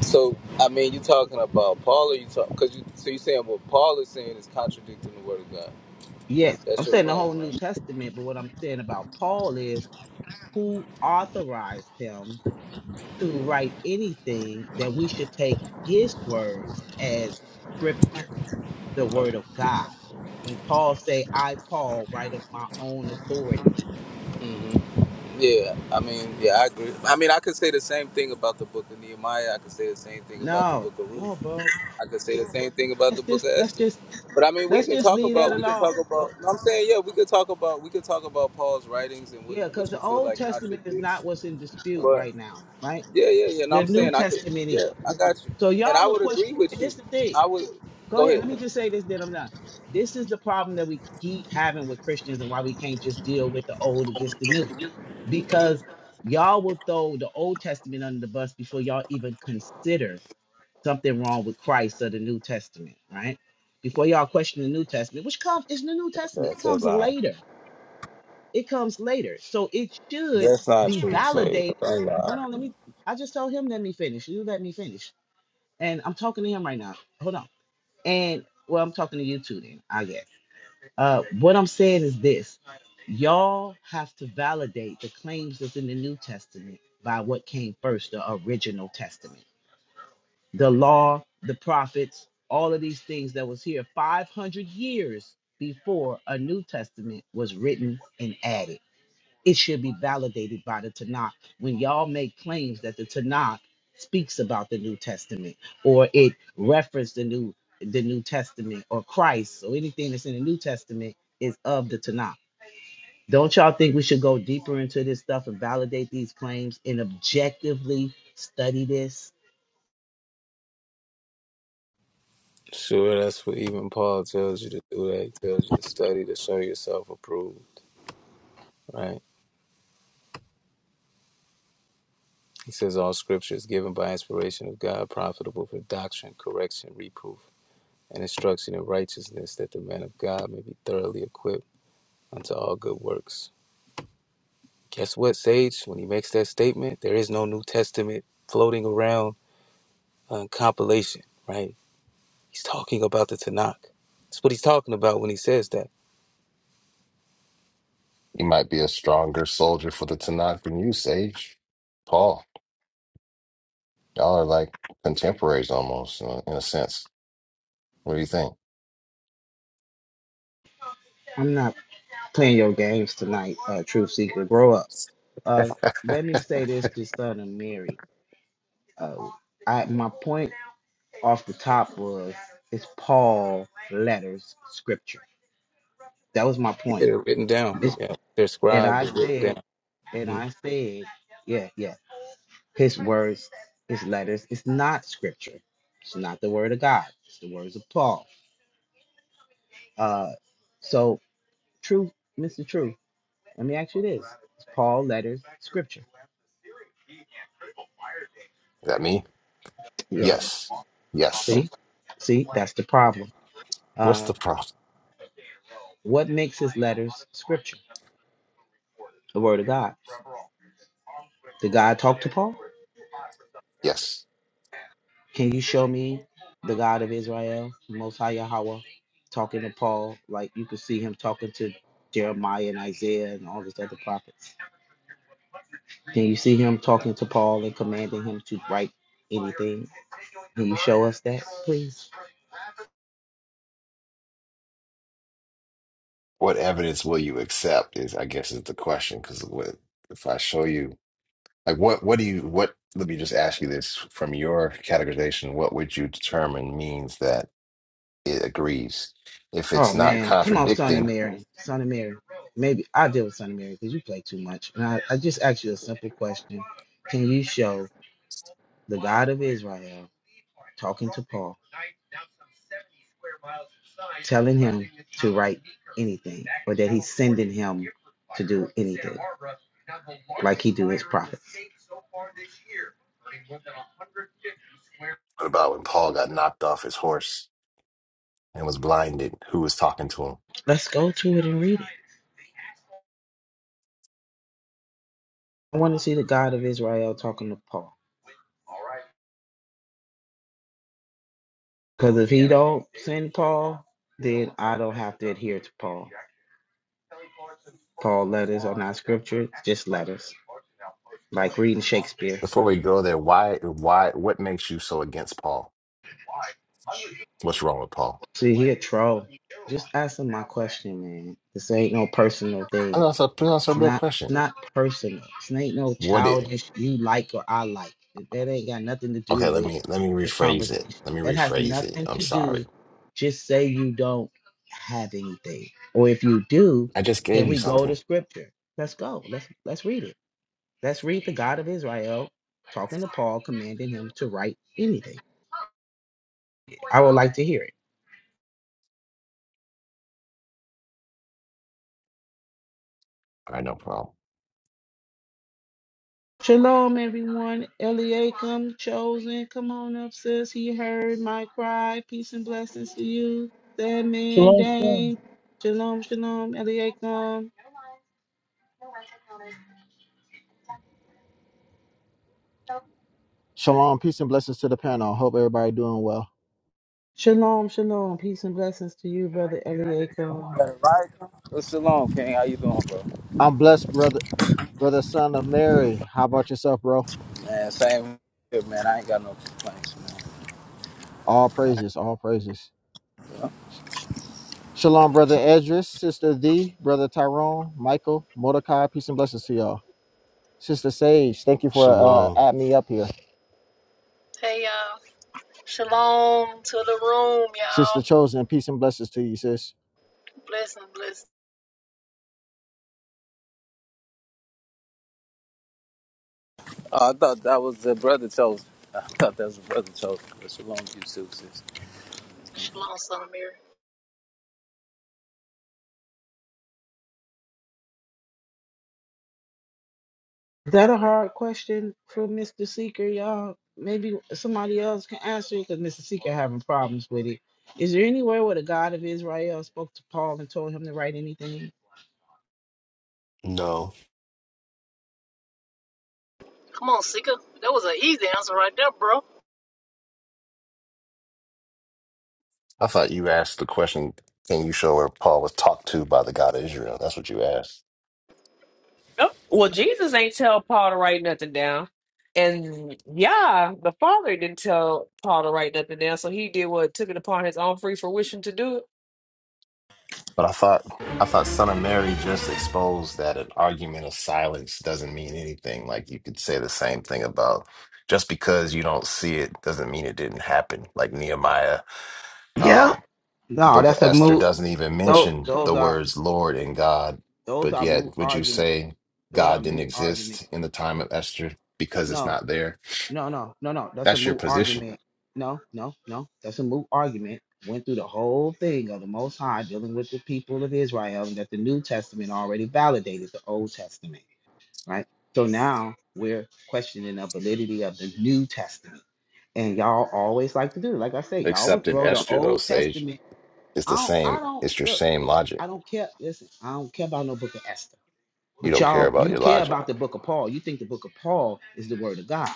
[SPEAKER 6] so I mean, you talking about Paul? Or you talk because you so you saying what Paul is saying is contradicting the word of God.
[SPEAKER 3] yes
[SPEAKER 6] That's
[SPEAKER 3] i'm
[SPEAKER 6] your
[SPEAKER 3] saying the
[SPEAKER 6] claim,
[SPEAKER 3] whole new
[SPEAKER 6] right?
[SPEAKER 3] testament but what i'm saying about paul is who authorized him to write anything, that we should take his words as scripture, the word of God. When Paul say, I Paul write of my own authority.
[SPEAKER 6] hmm Yeah, I mean, yeah, I agree. I mean, I could say the same thing about the book of Nehemiah. I could say the same thing about the
[SPEAKER 3] No,
[SPEAKER 6] book of Ruth.
[SPEAKER 3] no, bro.
[SPEAKER 6] I could say the same thing about
[SPEAKER 3] Let's
[SPEAKER 6] the book
[SPEAKER 3] just
[SPEAKER 6] of
[SPEAKER 3] let's
[SPEAKER 6] Esther.
[SPEAKER 3] just
[SPEAKER 6] But I mean, we
[SPEAKER 3] let's
[SPEAKER 6] can
[SPEAKER 3] just
[SPEAKER 6] talk
[SPEAKER 3] leave that
[SPEAKER 6] about we can
[SPEAKER 3] alone.
[SPEAKER 6] talk about.
[SPEAKER 3] Oh,
[SPEAKER 6] no, I'm saying, yeah, we could talk about we could talk about Paul's writings and what
[SPEAKER 3] yeah, because
[SPEAKER 6] what you
[SPEAKER 3] the
[SPEAKER 6] feel
[SPEAKER 3] old
[SPEAKER 6] like
[SPEAKER 3] testament is not
[SPEAKER 6] contradicts.
[SPEAKER 3] what's in dispute
[SPEAKER 6] But
[SPEAKER 3] right now, right?
[SPEAKER 6] yeah, yeah, yeah. No,
[SPEAKER 3] The
[SPEAKER 6] I'm
[SPEAKER 3] New
[SPEAKER 6] saying I could.
[SPEAKER 3] Testament
[SPEAKER 6] Yeah,
[SPEAKER 3] is.
[SPEAKER 6] I got you,
[SPEAKER 3] So
[SPEAKER 6] and I
[SPEAKER 3] y'all are
[SPEAKER 6] would agree
[SPEAKER 3] questioning,
[SPEAKER 6] with
[SPEAKER 3] and
[SPEAKER 6] you.
[SPEAKER 3] this is the thing.
[SPEAKER 6] I would.
[SPEAKER 3] go
[SPEAKER 6] Go
[SPEAKER 3] ahead.
[SPEAKER 6] ahead.
[SPEAKER 3] Let me just say this, then I'm not. This is the problem that we keep having with Christians and why we can't just deal with the old against the new. Because y'all will throw the Old Testament under the bus before y'all even consider something wrong with Christ or the New Testament, right? Before y'all question the New Testament, which comes is the New Testament. It
[SPEAKER 6] That's a
[SPEAKER 3] comes
[SPEAKER 6] lie.
[SPEAKER 3] later. It comes later. So it should
[SPEAKER 6] That's not
[SPEAKER 3] be
[SPEAKER 6] true, Sage.
[SPEAKER 3] validated. Hold on, let me I just told him let me finish. You let me finish. And I'm talking to him right now. Hold on. And well, I'm talking to you two then, I guess. Uh, what I'm saying is this y'all have to validate the claims that's in the New Testament by what came first, the original testament. The law, the prophets, all of these things that was here 500 years before a New Testament was written and added it should be validated by the Tanakh. When y'all make claims that the Tanakh speaks about the New Testament or it referenced the New the New Testament or Christ or anything that's in the New Testament is of the Tanakh. Don't y'all think we should go deeper into this stuff and validate these claims and objectively study this?
[SPEAKER 6] Sure, that's what even Paul tells you to do. That he tells you to study to show yourself approved, right? He says all scripture is given by inspiration of God, profitable for doctrine, correction, reproof, and instruction in righteousness, that the man of God may be thoroughly equipped unto all good works. Guess what, Sage? When he makes that statement, there is no New Testament floating around uh, compilation, right? He's talking about the Tanakh. That's what he's talking about when he says that.
[SPEAKER 7] You might be a stronger soldier for the Tanakh than you, Sage. Paul, y'all are like contemporaries almost, uh, in a sense. What do you think?
[SPEAKER 3] I'm not playing your games tonight, uh, Truth Seeker. Grow up. Uh, let me
[SPEAKER 7] Is
[SPEAKER 3] say this to Son of Mary. Uh, I my point. off the top was it's Paul letters scripture. That was my
[SPEAKER 6] Yeah,
[SPEAKER 3] point.
[SPEAKER 6] they're written down.
[SPEAKER 3] It's,
[SPEAKER 6] Yeah, they're
[SPEAKER 3] and
[SPEAKER 6] scribed,
[SPEAKER 3] I
[SPEAKER 6] they're written down.
[SPEAKER 3] said, and
[SPEAKER 6] Mhm.
[SPEAKER 3] I said, yeah, yeah, his words, his letters, it's not scripture. It's not the word of God. It's the words of Paul. Uh, so true, Mr. True. Let me ask you this: Is Paul letters scripture?
[SPEAKER 7] that me?
[SPEAKER 3] Yeah.
[SPEAKER 7] Yes. Yes.
[SPEAKER 3] See, see, that's the problem.
[SPEAKER 7] What's
[SPEAKER 3] Uh,
[SPEAKER 7] the problem?
[SPEAKER 3] what makes his letters scripture? The word of God. Did God talk to Paul?
[SPEAKER 7] Yes.
[SPEAKER 3] Can you show me the God of Israel, Most High Yahweh, talking to Paul? Like you could see him talking to Jeremiah and Isaiah and all these other prophets. Can you see him talking to Paul and commanding him to write anything? Can you show us that, please?
[SPEAKER 7] What evidence will you accept is, I guess, is the question. Because what if I show you, like, what, what do you, what, let me just ask you this from your categorization, what would you determine means that it agrees? If
[SPEAKER 3] Oh
[SPEAKER 7] it's not
[SPEAKER 3] man, come on, son of
[SPEAKER 7] contradicting,
[SPEAKER 3] Mary, son of Mary. Maybe I deal with son of Mary because you play too much. And I, I just asked you a simple question: Can you show the God of Israel? talking to Paul, telling him to write anything, or that he's sending him to do anything, like he do his prophets.
[SPEAKER 7] what about when Paul got knocked off his horse and was blinded? Who was talking to him?
[SPEAKER 3] Let's go to it and read it. I want to see the God of Israel talking to Paul, because if he don't send Paul, then I don't have to adhere to Paul. Paul letters are not scripture, just letters, like reading Shakespeare.
[SPEAKER 7] Before we go there, why, why, what makes you so against Paul? What's wrong with Paul?
[SPEAKER 3] See, he a troll. Just ask him my question, man. This ain't no personal
[SPEAKER 7] I
[SPEAKER 3] thing.
[SPEAKER 7] know, that's a, that's a real
[SPEAKER 3] Not
[SPEAKER 7] question.
[SPEAKER 3] not personal. This ain't no
[SPEAKER 7] What it?
[SPEAKER 3] childish you like or I like. That ain't got nothing to
[SPEAKER 7] Okay,
[SPEAKER 3] do
[SPEAKER 7] let
[SPEAKER 3] with
[SPEAKER 7] me let me
[SPEAKER 3] the
[SPEAKER 7] rephrase it.
[SPEAKER 3] conversation.
[SPEAKER 7] Let me
[SPEAKER 3] That has
[SPEAKER 7] rephrase it.
[SPEAKER 3] nothing
[SPEAKER 7] I'm
[SPEAKER 3] to do.
[SPEAKER 7] sorry.
[SPEAKER 3] Just say you don't have anything. Or if you do,
[SPEAKER 7] I just
[SPEAKER 3] can
[SPEAKER 7] gave you
[SPEAKER 3] we go to
[SPEAKER 7] something.
[SPEAKER 3] scripture? Let's go. Let's let's read it. Let's read the God of Israel talking to Paul, commanding him to write anything. I would like to hear it.
[SPEAKER 7] All right, no problem.
[SPEAKER 3] Shalom, everyone. Eliakim, chosen. Come on up, sis. He heard my cry. Peace and blessings to you. That man,
[SPEAKER 8] Shalom, shalom.
[SPEAKER 3] Dane. Shalom, shalom, Eliakim.
[SPEAKER 9] Shalom, peace and blessings to the panel. Hope everybody doing well.
[SPEAKER 3] Shalom, shalom. Peace and blessings to you, brother Eliakim.
[SPEAKER 6] Got it right. What's Shalom, King? How you doing, bro?
[SPEAKER 9] I'm blessed, brother, brother, son of Mary. How about yourself, bro?
[SPEAKER 6] Man, same here, man. I ain't got no complaints, man.
[SPEAKER 9] All praises, all praises. Sh- Shalom, brother Edris, sister Thee, brother Tyrone, Michael, Mordecai. Peace and blessings to y'all. Sister Sage, thank you for uh
[SPEAKER 2] Shalom.
[SPEAKER 9] adding me up here.
[SPEAKER 10] Hey y'all. Shalom to the room,
[SPEAKER 9] Sister
[SPEAKER 10] y'all.
[SPEAKER 9] Chosen, peace and blessings to you, sis.
[SPEAKER 10] Blessing, blessing.
[SPEAKER 6] Oh, I thought that was the brother chose. I thought that was the brother chose. But Shalom, to you too, sis.
[SPEAKER 10] Shalom, son of Mary.
[SPEAKER 3] Is that a hard question for Mr. Seeker, y'all? Maybe somebody else can answer it because Mr. Seeker having problems with it. Is there anywhere where the God of Israel spoke to Paul and told him to write anything?
[SPEAKER 2] No,
[SPEAKER 10] Come on, Seeker. That was an easy answer right there, bro.
[SPEAKER 7] I thought you asked the question, can you show where Paul was talked to by the God of Israel? That's what you asked.
[SPEAKER 1] Nope. Well, Jesus ain't tell Paul to write nothing down. And yeah, the father didn't tell Paul to write nothing down. So he did what took it upon his own free fruition to do it.
[SPEAKER 7] But I thought I thought Son of Mary just exposed that an argument of silence doesn't mean anything. Like you could say the same thing about just because you don't see it doesn't mean it didn't happen. Like Nehemiah
[SPEAKER 3] Yeah.
[SPEAKER 7] um, The
[SPEAKER 3] No,
[SPEAKER 7] book of
[SPEAKER 3] that's a
[SPEAKER 7] Esther
[SPEAKER 3] move.
[SPEAKER 7] doesn't even
[SPEAKER 3] Those,
[SPEAKER 7] mention
[SPEAKER 3] those
[SPEAKER 7] the
[SPEAKER 3] are.
[SPEAKER 7] words Lord and God,
[SPEAKER 3] Those
[SPEAKER 7] but
[SPEAKER 3] are moot
[SPEAKER 7] yet would you
[SPEAKER 3] argument.
[SPEAKER 7] say
[SPEAKER 3] Those are
[SPEAKER 7] God didn't
[SPEAKER 3] moot argument.
[SPEAKER 7] exist in the time of Esther because it's
[SPEAKER 3] No,
[SPEAKER 7] not there?
[SPEAKER 3] no, no, no, no. That's a
[SPEAKER 7] That's your
[SPEAKER 3] moot
[SPEAKER 7] position.
[SPEAKER 3] argument. No, no, no. That's a moot argument. Went through the whole thing of the Most High dealing with the people of Israel, and that the New Testament already validated the Old Testament, right? So now we're questioning the validity of the New Testament, and y'all always like to do. it. Like I said, y'all would
[SPEAKER 7] Except in
[SPEAKER 3] throw the
[SPEAKER 7] Esther, though,
[SPEAKER 3] Old
[SPEAKER 7] Sage,
[SPEAKER 3] Testament.
[SPEAKER 7] it's
[SPEAKER 3] I
[SPEAKER 7] the
[SPEAKER 3] don't. I
[SPEAKER 7] same.
[SPEAKER 3] don't
[SPEAKER 7] It's your
[SPEAKER 3] look.
[SPEAKER 7] same
[SPEAKER 3] I
[SPEAKER 7] logic.
[SPEAKER 3] don't care. Listen, I don't care about no Book of Esther.
[SPEAKER 7] You
[SPEAKER 3] But
[SPEAKER 7] don't care
[SPEAKER 3] y'all,
[SPEAKER 7] about
[SPEAKER 3] you
[SPEAKER 7] your
[SPEAKER 3] care
[SPEAKER 7] logic.
[SPEAKER 3] about the book of Paul. You think the book of Paul is the word of God.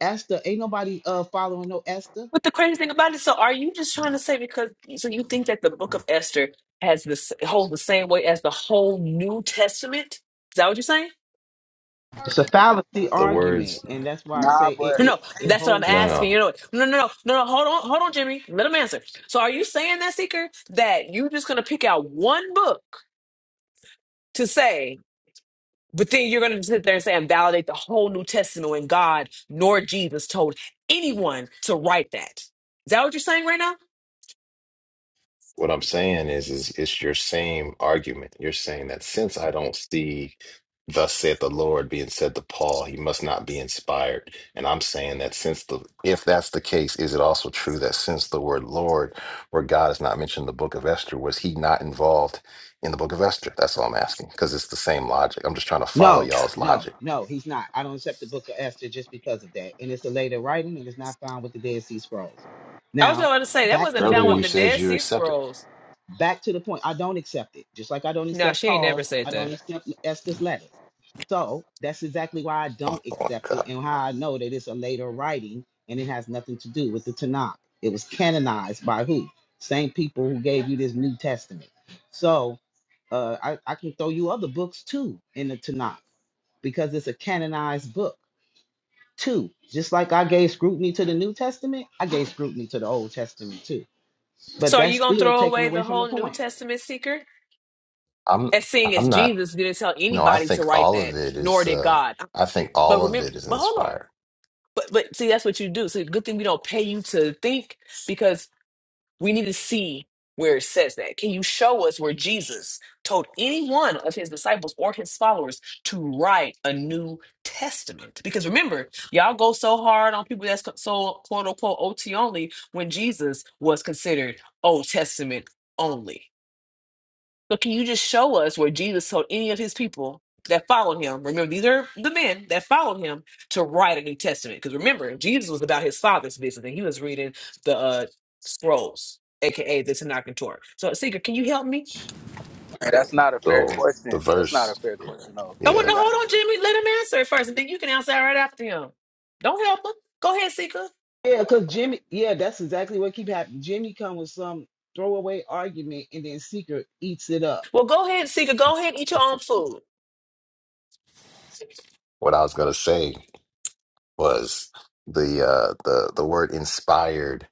[SPEAKER 3] Esther, ain't nobody uh following no Esther.
[SPEAKER 1] But the crazy thing about it, so are you just trying to say because so you think that the book of Esther has this holds the same way as the whole New Testament? Is that what you're saying?
[SPEAKER 3] It's a fallacy
[SPEAKER 7] The
[SPEAKER 3] argument,
[SPEAKER 7] words,
[SPEAKER 3] and that's why I say it
[SPEAKER 1] No,
[SPEAKER 3] it,
[SPEAKER 1] no,
[SPEAKER 3] it
[SPEAKER 1] that's what I'm
[SPEAKER 3] holds
[SPEAKER 7] no,
[SPEAKER 3] us up.
[SPEAKER 1] asking.
[SPEAKER 7] no.
[SPEAKER 1] You know, no, no, no, no, no. Hold on, hold on, Jimmy. Let him answer. So, are you saying that, Seeker, that you're just going to pick out one book to say, but then you're going to sit there and say and validate the whole New Testament when God nor Jesus told anyone to write that? Is that what you're saying right now?
[SPEAKER 7] What I'm saying is, is it's your same argument. You're saying that since I don't see thus saith the Lord being said to Paul, he must not be inspired. And I'm saying that since the if that's the case, is it also true that since the word Lord, where God is not mentioned in the book of Esther, was he not involved in the book of Esther? That's all I'm asking. Because it's the same logic. I'm just trying to follow
[SPEAKER 3] No,
[SPEAKER 7] y'all's
[SPEAKER 3] no,
[SPEAKER 7] logic.
[SPEAKER 3] no, he's not. I don't accept the book of Esther just because of that. And it's a later writing and it's not found with the Dead Sea Scrolls.
[SPEAKER 1] I was
[SPEAKER 3] Now,
[SPEAKER 1] about to say that
[SPEAKER 3] back
[SPEAKER 1] wasn't
[SPEAKER 3] to the
[SPEAKER 1] found
[SPEAKER 7] Earlier
[SPEAKER 1] with
[SPEAKER 7] you
[SPEAKER 3] point.
[SPEAKER 1] the
[SPEAKER 7] said
[SPEAKER 1] Dead
[SPEAKER 7] you
[SPEAKER 1] Sea
[SPEAKER 7] accepted.
[SPEAKER 1] Scrolls.
[SPEAKER 3] Back to the point, I don't accept it. Just like I don't
[SPEAKER 1] No,
[SPEAKER 3] accept
[SPEAKER 1] she ain't never
[SPEAKER 3] Paul,
[SPEAKER 1] said
[SPEAKER 3] I don't
[SPEAKER 1] that.
[SPEAKER 3] accept Esther's letters. So that's exactly why I don't
[SPEAKER 7] Oh my
[SPEAKER 3] accept it
[SPEAKER 7] God.
[SPEAKER 3] and how I know that it's a later writing and it has nothing to do with the Tanakh. It was canonized by who? Same people who gave you this New Testament. So uh, I, I can throw you other books too in the Tanakh because it's a canonized book too. Just like I gave scrutiny to the New Testament, I gave scrutiny to the Old Testament too. But
[SPEAKER 1] So are
[SPEAKER 3] that's
[SPEAKER 1] you gonna
[SPEAKER 3] still
[SPEAKER 1] throw
[SPEAKER 3] taken
[SPEAKER 1] away
[SPEAKER 3] away
[SPEAKER 1] the
[SPEAKER 3] from the
[SPEAKER 1] whole New
[SPEAKER 3] point.
[SPEAKER 1] Testament secret?
[SPEAKER 7] I'm
[SPEAKER 1] As seeing as
[SPEAKER 7] I'm not
[SPEAKER 1] Jesus didn't tell
[SPEAKER 7] no, I
[SPEAKER 1] anybody to
[SPEAKER 7] think
[SPEAKER 1] write
[SPEAKER 7] all of
[SPEAKER 1] that,
[SPEAKER 7] it
[SPEAKER 1] nor
[SPEAKER 7] is
[SPEAKER 1] did
[SPEAKER 7] uh
[SPEAKER 1] God.
[SPEAKER 7] I think
[SPEAKER 1] But
[SPEAKER 7] all of
[SPEAKER 1] remember,
[SPEAKER 7] it is
[SPEAKER 1] but hold on.
[SPEAKER 7] inspired.
[SPEAKER 1] But but see, that's what you do. So good thing we don't pay you to think, We need to see where it says that. Can you show us where Jesus told any one of his disciples or his followers to write a New Testament? Because remember, y'all go so hard on people that's co- so quote unquote OT only when Jesus was considered Old Testament only. So can you just show us where Jesus told any of his people that followed him? Remember, these are the men that followed him to write a New Testament. Because remember, Jesus was about his father's business and he was reading the uh, scrolls, aka the Tanakh and Torah. So Seeker, can you help me?
[SPEAKER 6] Man, that's not a fair
[SPEAKER 7] So the
[SPEAKER 6] question. That's not a
[SPEAKER 7] verse,
[SPEAKER 6] fair question, no,
[SPEAKER 1] Oh
[SPEAKER 6] to
[SPEAKER 1] well,
[SPEAKER 7] yeah,
[SPEAKER 1] no,
[SPEAKER 6] be honest.
[SPEAKER 1] hold on, Jimmy. Let him answer it first, and then you can answer right after him. Don't help him. Go ahead, Seeker.
[SPEAKER 3] Yeah, because Jimmy, yeah, that's exactly what keep happening. Jimmy come with some throwaway argument and then Seeker eats it up.
[SPEAKER 1] Well, go ahead, Seeker. Go ahead and eat your own food.
[SPEAKER 7] what I was gonna say was the uh the the word inspired.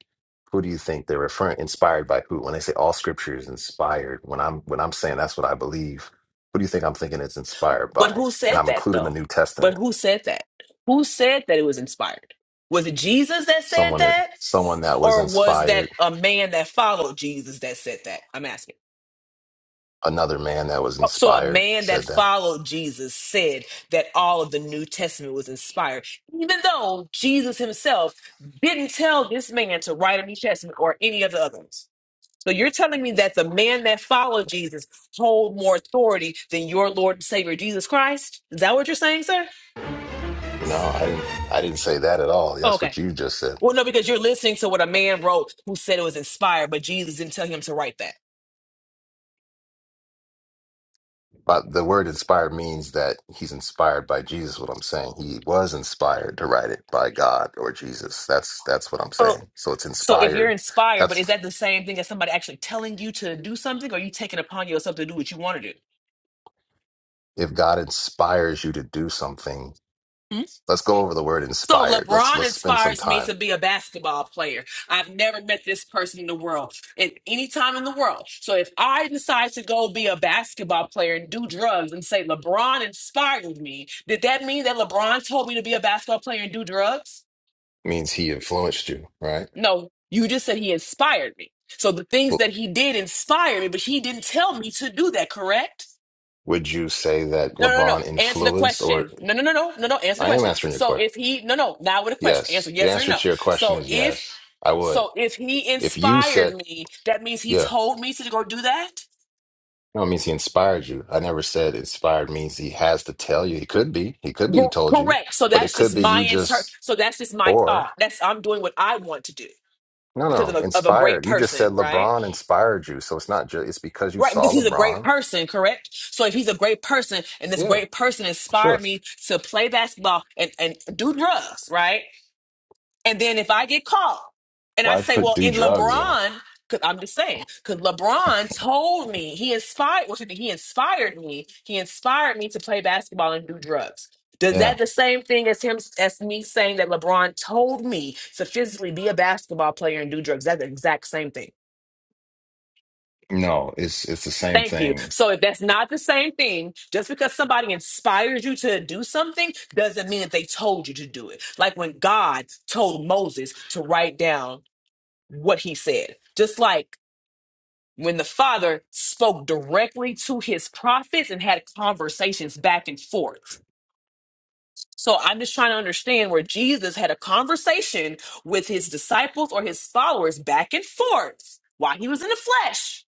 [SPEAKER 7] Who do you think they're referring? Inspired by who? When they say all scripture is inspired, when I'm when I'm saying that's what I believe, who do you think I'm thinking it's inspired
[SPEAKER 1] But
[SPEAKER 7] by?
[SPEAKER 1] who
[SPEAKER 7] And
[SPEAKER 1] said
[SPEAKER 7] I'm
[SPEAKER 1] that
[SPEAKER 7] including the
[SPEAKER 1] though?
[SPEAKER 7] New
[SPEAKER 1] But
[SPEAKER 7] Testament.
[SPEAKER 1] who said that? Who said that it was inspired? Was it Jesus that said
[SPEAKER 7] Someone in
[SPEAKER 1] that?
[SPEAKER 7] someone that was
[SPEAKER 1] or was that
[SPEAKER 7] inspired,
[SPEAKER 1] a man that followed Jesus that said that? I'm asking.
[SPEAKER 7] another man that was
[SPEAKER 1] Oh, So a
[SPEAKER 7] inspired
[SPEAKER 1] man that
[SPEAKER 7] said that.
[SPEAKER 1] followed Jesus said that all of the New Testament was inspired, even though Jesus himself didn't tell this man to write a New Testament or any of the others. So you're telling me that the man that followed Jesus hold more authority than your Lord and Savior Jesus Christ? Is that what you're saying, sir?
[SPEAKER 7] No, I didn't. I didn't say that at all.
[SPEAKER 1] Oh,
[SPEAKER 7] That's
[SPEAKER 1] Okay.
[SPEAKER 7] what you just said.
[SPEAKER 1] Well, no, because you're listening to what a man wrote who said it was inspired, but Jesus didn't tell him to write that.
[SPEAKER 7] But the word inspired means that he's inspired by Jesus. What I'm saying, he was inspired to write it by God or Jesus. That's that's what I'm saying. So it's
[SPEAKER 1] So if you're
[SPEAKER 7] inspired.
[SPEAKER 1] inspired, but
[SPEAKER 7] That's
[SPEAKER 1] is that the same thing as somebody actually telling you to do something, or you taking upon yourself to do what you want to do?
[SPEAKER 7] if God inspires you to do something.
[SPEAKER 1] Hmm?
[SPEAKER 7] Let's go over the word
[SPEAKER 1] So
[SPEAKER 7] inspired. Let's
[SPEAKER 1] LeBron
[SPEAKER 7] let's spend some
[SPEAKER 1] inspires me to
[SPEAKER 7] time.
[SPEAKER 1] be a basketball player. I've never met this person in the world, in any time in the world. So if I decide to go be a basketball player and do drugs and say LeBron inspired me, did that mean that LeBron told me to be a basketball player and do drugs?
[SPEAKER 7] means he influenced you, right?
[SPEAKER 1] No, you just said he inspired me. So the things that
[SPEAKER 7] Well,
[SPEAKER 1] he did inspire me, but he didn't tell me to do that, correct?
[SPEAKER 7] would you say that
[SPEAKER 1] No, no, no. no.
[SPEAKER 7] LeBron
[SPEAKER 1] Answer the
[SPEAKER 7] influenced? Or
[SPEAKER 1] question. No, no, no, no, no, no. Answer the
[SPEAKER 7] I am
[SPEAKER 1] question.
[SPEAKER 7] answering your
[SPEAKER 1] So
[SPEAKER 7] question.
[SPEAKER 1] if he, no, no, now with a question.
[SPEAKER 7] Yes,
[SPEAKER 1] Answer
[SPEAKER 7] the
[SPEAKER 1] yes or
[SPEAKER 7] answer
[SPEAKER 1] no.
[SPEAKER 7] to your question
[SPEAKER 1] So
[SPEAKER 7] is
[SPEAKER 1] if,
[SPEAKER 7] yes. I would.
[SPEAKER 1] so if he
[SPEAKER 7] If you
[SPEAKER 1] inspired
[SPEAKER 7] said
[SPEAKER 1] me, that means he
[SPEAKER 7] yes.
[SPEAKER 1] told me to go do that.
[SPEAKER 7] No, it means he inspired you. I never said inspired means he has to tell you. He could be. He could be he
[SPEAKER 1] Gr-
[SPEAKER 7] told you,
[SPEAKER 1] Correct. So
[SPEAKER 7] but it
[SPEAKER 1] that's
[SPEAKER 7] could
[SPEAKER 1] just
[SPEAKER 7] be
[SPEAKER 1] my
[SPEAKER 7] you
[SPEAKER 1] inter.
[SPEAKER 7] just
[SPEAKER 1] So that's just my thought.
[SPEAKER 7] or
[SPEAKER 1] That's I'm doing what I want to do
[SPEAKER 7] no,
[SPEAKER 1] because of
[SPEAKER 7] no,
[SPEAKER 1] a, of a great
[SPEAKER 7] inspired. You just
[SPEAKER 1] person,
[SPEAKER 7] said
[SPEAKER 1] right?
[SPEAKER 7] LeBron inspired you. So it's not just it's because you
[SPEAKER 1] Right, because
[SPEAKER 7] saw
[SPEAKER 1] he's a great
[SPEAKER 7] LeBron.
[SPEAKER 1] person, correct? So if he's a great person and this
[SPEAKER 7] Yeah,
[SPEAKER 1] great person
[SPEAKER 7] sure.
[SPEAKER 1] inspired me to play basketball and, and do drugs, right? And then if I get caught and I
[SPEAKER 7] Why
[SPEAKER 1] say,
[SPEAKER 7] put
[SPEAKER 1] well,
[SPEAKER 7] do
[SPEAKER 1] in
[SPEAKER 7] drugs in it?
[SPEAKER 1] LeBron, cause I'm just saying, because LeBron told me he inspired, what you think? he inspired me. He inspired me to play basketball and do drugs. Does
[SPEAKER 7] Yeah.
[SPEAKER 1] that the same thing as him as me saying that LeBron told me to physically be a basketball player and do drugs? That's the exact same thing.
[SPEAKER 7] No, it's it's the same
[SPEAKER 1] Thank you.
[SPEAKER 7] thing.
[SPEAKER 1] So if that's not the same thing, just because somebody inspires you to do something doesn't mean that they told you to do it. Like when God told Moses to write down what he said. Just like when the father spoke directly to his prophets and had conversations back and forth. So I'm just trying to understand where Jesus had a conversation with his disciples or his followers back and forth while he was in the flesh.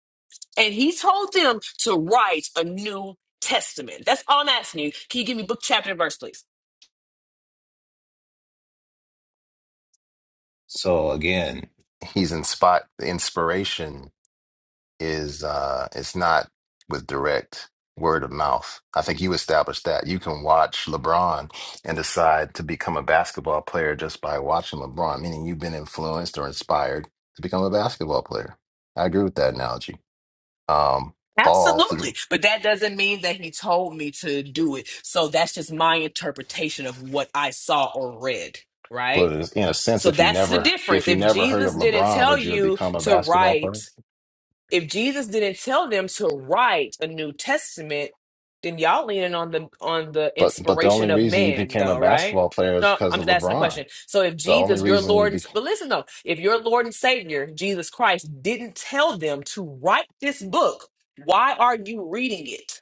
[SPEAKER 1] And he told them to write a new testament. That's all I'm asking you. Can you give me book, chapter, and verse, please?
[SPEAKER 7] So again, he's inspired inspiration is uh it's not with direct word of mouth. I think you established that. You can watch LeBron and decide to become a basketball player just by watching LeBron, meaning you've been influenced or inspired to become a basketball player. I agree with that analogy. Um all through
[SPEAKER 1] Absolutely. But that doesn't mean that he told me to do it. So that's just my interpretation of what I saw or read, right?
[SPEAKER 7] but it's- in a sense
[SPEAKER 1] So
[SPEAKER 7] if you
[SPEAKER 1] that's the
[SPEAKER 7] never
[SPEAKER 1] difference.
[SPEAKER 7] if you
[SPEAKER 1] If
[SPEAKER 7] never heard
[SPEAKER 1] Jesus
[SPEAKER 7] of
[SPEAKER 1] didn't
[SPEAKER 7] LeBron,
[SPEAKER 1] tell
[SPEAKER 7] would you have
[SPEAKER 1] you
[SPEAKER 7] become a
[SPEAKER 1] to
[SPEAKER 7] basketball
[SPEAKER 1] write
[SPEAKER 7] player?
[SPEAKER 1] if Jesus didn't tell them to write a New Testament, then y'all leaning on the on the
[SPEAKER 7] But but the
[SPEAKER 1] inspiration
[SPEAKER 7] only
[SPEAKER 1] of
[SPEAKER 7] reason you
[SPEAKER 1] man,
[SPEAKER 7] became a
[SPEAKER 1] though, right?
[SPEAKER 7] basketball player is
[SPEAKER 1] No,
[SPEAKER 7] because
[SPEAKER 1] I'm
[SPEAKER 7] of
[SPEAKER 1] just asking a
[SPEAKER 7] LeBron.
[SPEAKER 1] question. So if
[SPEAKER 7] The only
[SPEAKER 1] Jesus, your
[SPEAKER 7] reason you
[SPEAKER 1] Lord, and,
[SPEAKER 7] became
[SPEAKER 1] but listen though, if your Lord and Savior Jesus Christ didn't tell them to write this book, why are you reading it?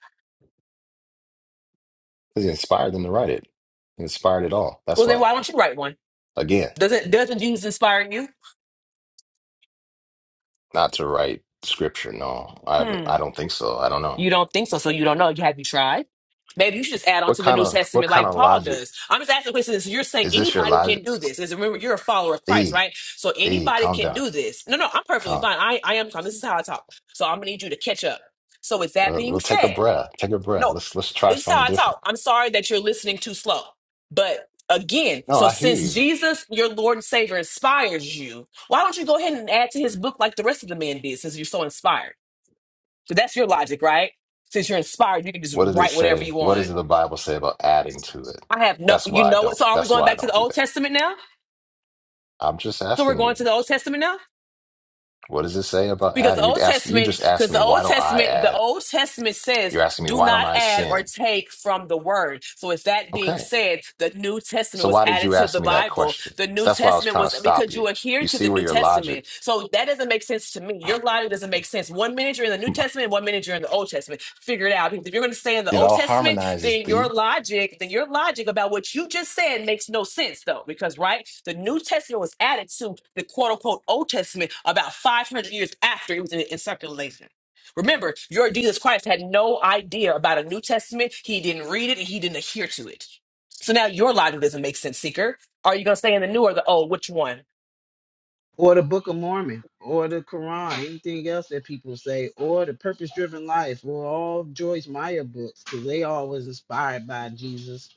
[SPEAKER 7] Because he inspired them to write it. He inspired it all. That's
[SPEAKER 1] Well, then
[SPEAKER 7] why.
[SPEAKER 1] why don't you write one?
[SPEAKER 7] Again,
[SPEAKER 1] Doesn't doesn't Jesus inspire you?
[SPEAKER 7] not to write scripture. No, I haven't,
[SPEAKER 1] Hmm.
[SPEAKER 7] I don't think so. I don't know.
[SPEAKER 1] You don't think so, so you don't know. Have you tried? Maybe you should just add on
[SPEAKER 7] What
[SPEAKER 1] to the
[SPEAKER 7] kind
[SPEAKER 1] New
[SPEAKER 7] of what
[SPEAKER 1] Testament
[SPEAKER 7] kind
[SPEAKER 1] like
[SPEAKER 7] of
[SPEAKER 1] Paul
[SPEAKER 7] logic
[SPEAKER 1] does. I'm just asking questions. You're saying
[SPEAKER 7] is this? Your
[SPEAKER 1] anybody can
[SPEAKER 7] logic?
[SPEAKER 1] do this. Is remember you're a follower of Christ,
[SPEAKER 7] D
[SPEAKER 1] right? So
[SPEAKER 7] D,
[SPEAKER 1] anybody
[SPEAKER 7] calm
[SPEAKER 1] can
[SPEAKER 7] down.
[SPEAKER 1] do this. No, no, I'm perfectly
[SPEAKER 7] Calm.
[SPEAKER 1] fine. I, I am fine. This is how I talk. So I'm gonna need you to catch up. So with that
[SPEAKER 7] We'll,
[SPEAKER 1] being
[SPEAKER 7] we'll take a
[SPEAKER 1] said,
[SPEAKER 7] breath. Take a breath.
[SPEAKER 1] no,
[SPEAKER 7] Let's let's try
[SPEAKER 1] this is how
[SPEAKER 7] something
[SPEAKER 1] I
[SPEAKER 7] different.
[SPEAKER 1] talk. I'm sorry that you're listening too slow. But again,
[SPEAKER 7] No,
[SPEAKER 1] so
[SPEAKER 7] I hear
[SPEAKER 1] since
[SPEAKER 7] you.
[SPEAKER 1] Jesus, your Lord and Savior, inspires you, why don't you go ahead and add to his book like the rest of the men did, since you're so inspired? So that's your logic, right? Since you're inspired, you can just
[SPEAKER 7] What does it
[SPEAKER 1] write whatever
[SPEAKER 7] say?
[SPEAKER 1] you
[SPEAKER 7] What
[SPEAKER 1] want.
[SPEAKER 7] does the Bible say about adding to it?
[SPEAKER 1] I have no,
[SPEAKER 7] That's
[SPEAKER 1] you
[SPEAKER 7] why I
[SPEAKER 1] know what?
[SPEAKER 7] don't.
[SPEAKER 1] So are we
[SPEAKER 7] That's
[SPEAKER 1] going
[SPEAKER 7] why I
[SPEAKER 1] back to the
[SPEAKER 7] don't do
[SPEAKER 1] Old
[SPEAKER 7] that.
[SPEAKER 1] Testament now?
[SPEAKER 7] I'm just
[SPEAKER 1] So we're
[SPEAKER 7] asking
[SPEAKER 1] going
[SPEAKER 7] you.
[SPEAKER 1] to the Old Testament now?
[SPEAKER 7] What does it say about
[SPEAKER 1] Because the
[SPEAKER 7] adding? You
[SPEAKER 1] Old
[SPEAKER 7] ask. You
[SPEAKER 1] Testament,
[SPEAKER 7] just asked
[SPEAKER 1] because
[SPEAKER 7] me
[SPEAKER 1] the
[SPEAKER 7] why
[SPEAKER 1] Old
[SPEAKER 7] don't I
[SPEAKER 1] Testament, the
[SPEAKER 7] add?
[SPEAKER 1] Old Testament says
[SPEAKER 7] You're asking me
[SPEAKER 1] do
[SPEAKER 7] why don't
[SPEAKER 1] not
[SPEAKER 7] I
[SPEAKER 1] add or
[SPEAKER 7] sin?
[SPEAKER 1] take from the word. So, with that being
[SPEAKER 7] Okay.
[SPEAKER 1] said, the New Testament
[SPEAKER 7] So
[SPEAKER 1] was
[SPEAKER 7] why did
[SPEAKER 1] added
[SPEAKER 7] you
[SPEAKER 1] to
[SPEAKER 7] ask
[SPEAKER 1] the
[SPEAKER 7] me that
[SPEAKER 1] Bible.
[SPEAKER 7] question?
[SPEAKER 1] The New
[SPEAKER 7] So that's why I was
[SPEAKER 1] Testament
[SPEAKER 7] trying
[SPEAKER 1] was
[SPEAKER 7] to stop
[SPEAKER 1] because
[SPEAKER 7] you.
[SPEAKER 1] you adhere
[SPEAKER 7] You
[SPEAKER 1] to
[SPEAKER 7] see
[SPEAKER 1] the
[SPEAKER 7] where
[SPEAKER 1] New
[SPEAKER 7] your logic
[SPEAKER 1] Testament. So, that doesn't make sense to me. Your logic doesn't make sense. One minute you're in the New Testament, one minute you're in the Old Testament. Figure it out. Because if you're going to stay in the
[SPEAKER 7] it
[SPEAKER 1] Old
[SPEAKER 7] all
[SPEAKER 1] Testament,
[SPEAKER 7] harmonizes,
[SPEAKER 1] then your
[SPEAKER 7] thee.
[SPEAKER 1] logic, then your logic about what you just said makes no sense, though. Because, right, the New Testament was added to the quote unquote Old Testament about 500 years after it was in, in circulation. Remember, your Jesus Christ had no idea about a New Testament. He didn't read it and he didn't adhere to it. So now your logic doesn't make sense, seeker. Are you going to stay in the new or the old? Which one?
[SPEAKER 3] Or the Book of Mormon, or the Quran, anything else that people say, or the Purpose Driven Life, or all Joyce Meyer books, because they all was inspired by Jesus.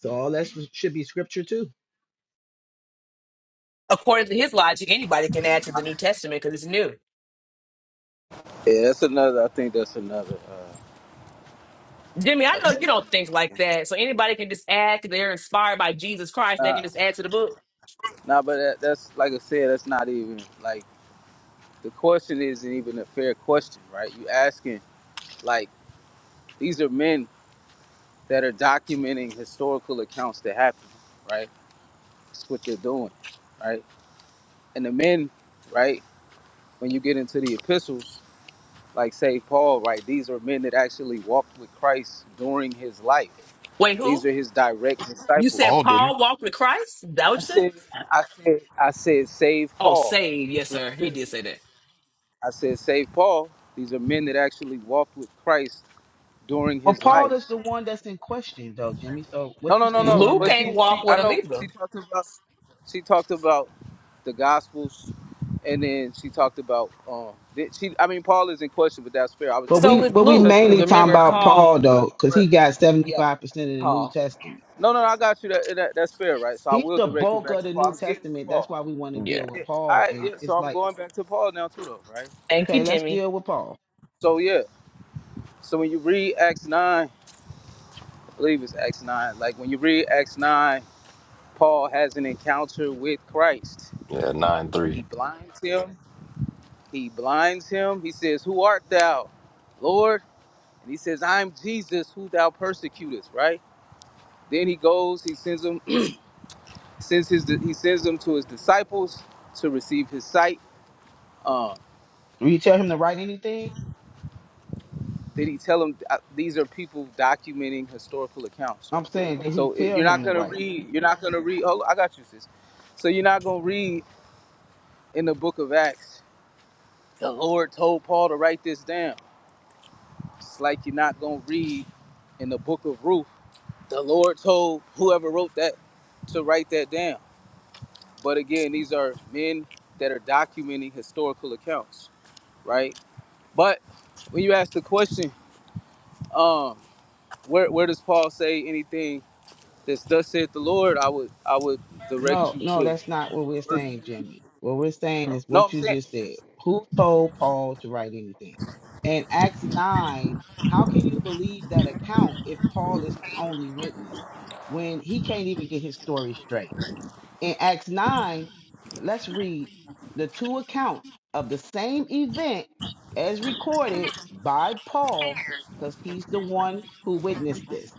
[SPEAKER 3] So all that sh- should be scripture too.
[SPEAKER 1] According to his logic, anybody can add to the New Testament because it's new.
[SPEAKER 6] Yeah, that's another, I think that's another,
[SPEAKER 1] Jimmy, I
[SPEAKER 6] uh, a
[SPEAKER 1] know you don't think like
[SPEAKER 6] storm.
[SPEAKER 1] that. So anybody can just add because they're inspired by Jesus Christ. They
[SPEAKER 6] Nah,
[SPEAKER 1] can just add to the book.
[SPEAKER 6] nah, but that, that's, like I said, that's not even, like, the question isn't even a fair question, right? You asking, like, these are men that are documenting historical accounts that happened, right? That's what they're doing, right? And the men, right? When you get into the epistles, like say Paul, right? These are men that actually walked with Christ during his life.
[SPEAKER 1] Wait,
[SPEAKER 6] These
[SPEAKER 1] who?
[SPEAKER 6] are his direct
[SPEAKER 1] You said
[SPEAKER 6] disciples.
[SPEAKER 2] all didn't.
[SPEAKER 1] Paul walked with Christ? Is That what
[SPEAKER 6] I
[SPEAKER 1] you said?
[SPEAKER 6] said, I said, I said, save
[SPEAKER 1] Oh,
[SPEAKER 6] Paul.
[SPEAKER 1] save.
[SPEAKER 6] That's
[SPEAKER 1] Yes,
[SPEAKER 6] what
[SPEAKER 1] sir.
[SPEAKER 6] I
[SPEAKER 1] He
[SPEAKER 6] said.
[SPEAKER 1] did say that.
[SPEAKER 6] I said, save Paul. These are men that actually walked with Christ during
[SPEAKER 3] Well,
[SPEAKER 6] his
[SPEAKER 3] Paul
[SPEAKER 6] life.
[SPEAKER 3] is the one that's in question though, Jimmy. So
[SPEAKER 6] No,
[SPEAKER 3] what
[SPEAKER 6] no,
[SPEAKER 3] you
[SPEAKER 6] no,
[SPEAKER 3] saying
[SPEAKER 6] no.
[SPEAKER 3] don't
[SPEAKER 1] Luke
[SPEAKER 6] But
[SPEAKER 3] make
[SPEAKER 1] ain't
[SPEAKER 6] she,
[SPEAKER 3] sense to
[SPEAKER 6] she,
[SPEAKER 3] you.
[SPEAKER 1] walk
[SPEAKER 6] I
[SPEAKER 1] with him
[SPEAKER 6] know she
[SPEAKER 1] either.
[SPEAKER 6] talked about, she talked about the Gospels and then she talked about um that she I mean Paul is in question, but that's fair. I was
[SPEAKER 3] But
[SPEAKER 6] just
[SPEAKER 3] we
[SPEAKER 1] So is
[SPEAKER 3] but we
[SPEAKER 1] Luke.
[SPEAKER 6] touching
[SPEAKER 1] Because
[SPEAKER 6] on
[SPEAKER 3] mainly talking
[SPEAKER 6] that
[SPEAKER 1] remember,
[SPEAKER 6] final
[SPEAKER 3] about
[SPEAKER 6] point.
[SPEAKER 3] Paul
[SPEAKER 1] Paul.
[SPEAKER 3] though, because he
[SPEAKER 6] But
[SPEAKER 3] got
[SPEAKER 1] Yep,
[SPEAKER 3] 75% of the New
[SPEAKER 1] Paul.
[SPEAKER 3] Testament.
[SPEAKER 6] no, no, no, I got you. That, that that's fair, right? So I
[SPEAKER 3] He's
[SPEAKER 6] will
[SPEAKER 3] the
[SPEAKER 6] direct it
[SPEAKER 3] bulk
[SPEAKER 6] back
[SPEAKER 3] of
[SPEAKER 6] to
[SPEAKER 3] the
[SPEAKER 6] Paul. I
[SPEAKER 3] New
[SPEAKER 6] was getting to
[SPEAKER 3] Testament. That's
[SPEAKER 6] Paul.
[SPEAKER 3] why we want to
[SPEAKER 1] Yeah.
[SPEAKER 3] deal with
[SPEAKER 6] Yeah, all
[SPEAKER 3] Paul.
[SPEAKER 6] right.
[SPEAKER 3] And
[SPEAKER 6] Yeah, so
[SPEAKER 3] it's
[SPEAKER 6] I'm
[SPEAKER 3] like,
[SPEAKER 6] going back to Paul now too, though, right?
[SPEAKER 1] Thank you,
[SPEAKER 3] okay, let's
[SPEAKER 1] Jimmy.
[SPEAKER 3] deal with Paul.
[SPEAKER 6] So yeah. So when you read Acts nine, I believe it's Acts nine. Like when you read Acts nine, Paul has an encounter with Christ.
[SPEAKER 7] Yeah, nine
[SPEAKER 6] He
[SPEAKER 7] three.
[SPEAKER 6] blinds him. He blinds him. He says, "Who art thou, Lord?" And he says, "I'm Jesus, who thou persecutest." Right? Then he goes, he sends them, sends his, he sends them to his disciples to receive his sight. Uh,
[SPEAKER 3] Will You tell him to write anything?
[SPEAKER 6] then he tell them uh, these are people documenting historical accounts.
[SPEAKER 3] I'm saying did he
[SPEAKER 6] So it,
[SPEAKER 3] tell
[SPEAKER 6] you're
[SPEAKER 3] him
[SPEAKER 6] not
[SPEAKER 3] to
[SPEAKER 6] gonna
[SPEAKER 3] write.
[SPEAKER 6] read, you're not gonna read. Oh, I got you, sis. So you're not gonna read in the book of Acts. The Lord told Paul to write this down. It's like you're not gonna read in the book of Ruth. The Lord told whoever wrote that to write that down. But again, these are men that are documenting historical accounts, right? But when you ask the question, Um, where where does Paul say anything that's thus saith the Lord? I would I would direct
[SPEAKER 3] No,
[SPEAKER 6] you
[SPEAKER 3] no,
[SPEAKER 6] to.
[SPEAKER 3] that's not what we're saying, Jimmy. What we're saying is
[SPEAKER 6] No,
[SPEAKER 3] what
[SPEAKER 6] I'm
[SPEAKER 3] you
[SPEAKER 6] saying.
[SPEAKER 3] just said. Who told Paul to write anything? And Acts 9, how can you believe that account if Paul is his only witness when he can't even get his story straight? In Acts 9, let's read the two accounts of the same event as recorded by Paul, because he's the one who witnessed this.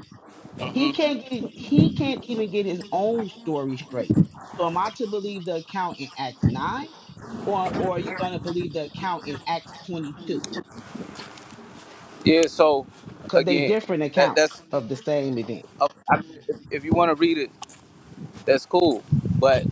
[SPEAKER 6] hmm
[SPEAKER 3] He can't get, he can't even get his own story straight. So am I to believe the account in Acts 9? Or, or are you going to believe the account in Acts 22?
[SPEAKER 6] Yeah. So
[SPEAKER 3] Because they
[SPEAKER 6] again,
[SPEAKER 3] different
[SPEAKER 6] that
[SPEAKER 3] accounts
[SPEAKER 6] that's.
[SPEAKER 3] of the same event.
[SPEAKER 6] uh, I mean, if, if you want to read it, that's cool. But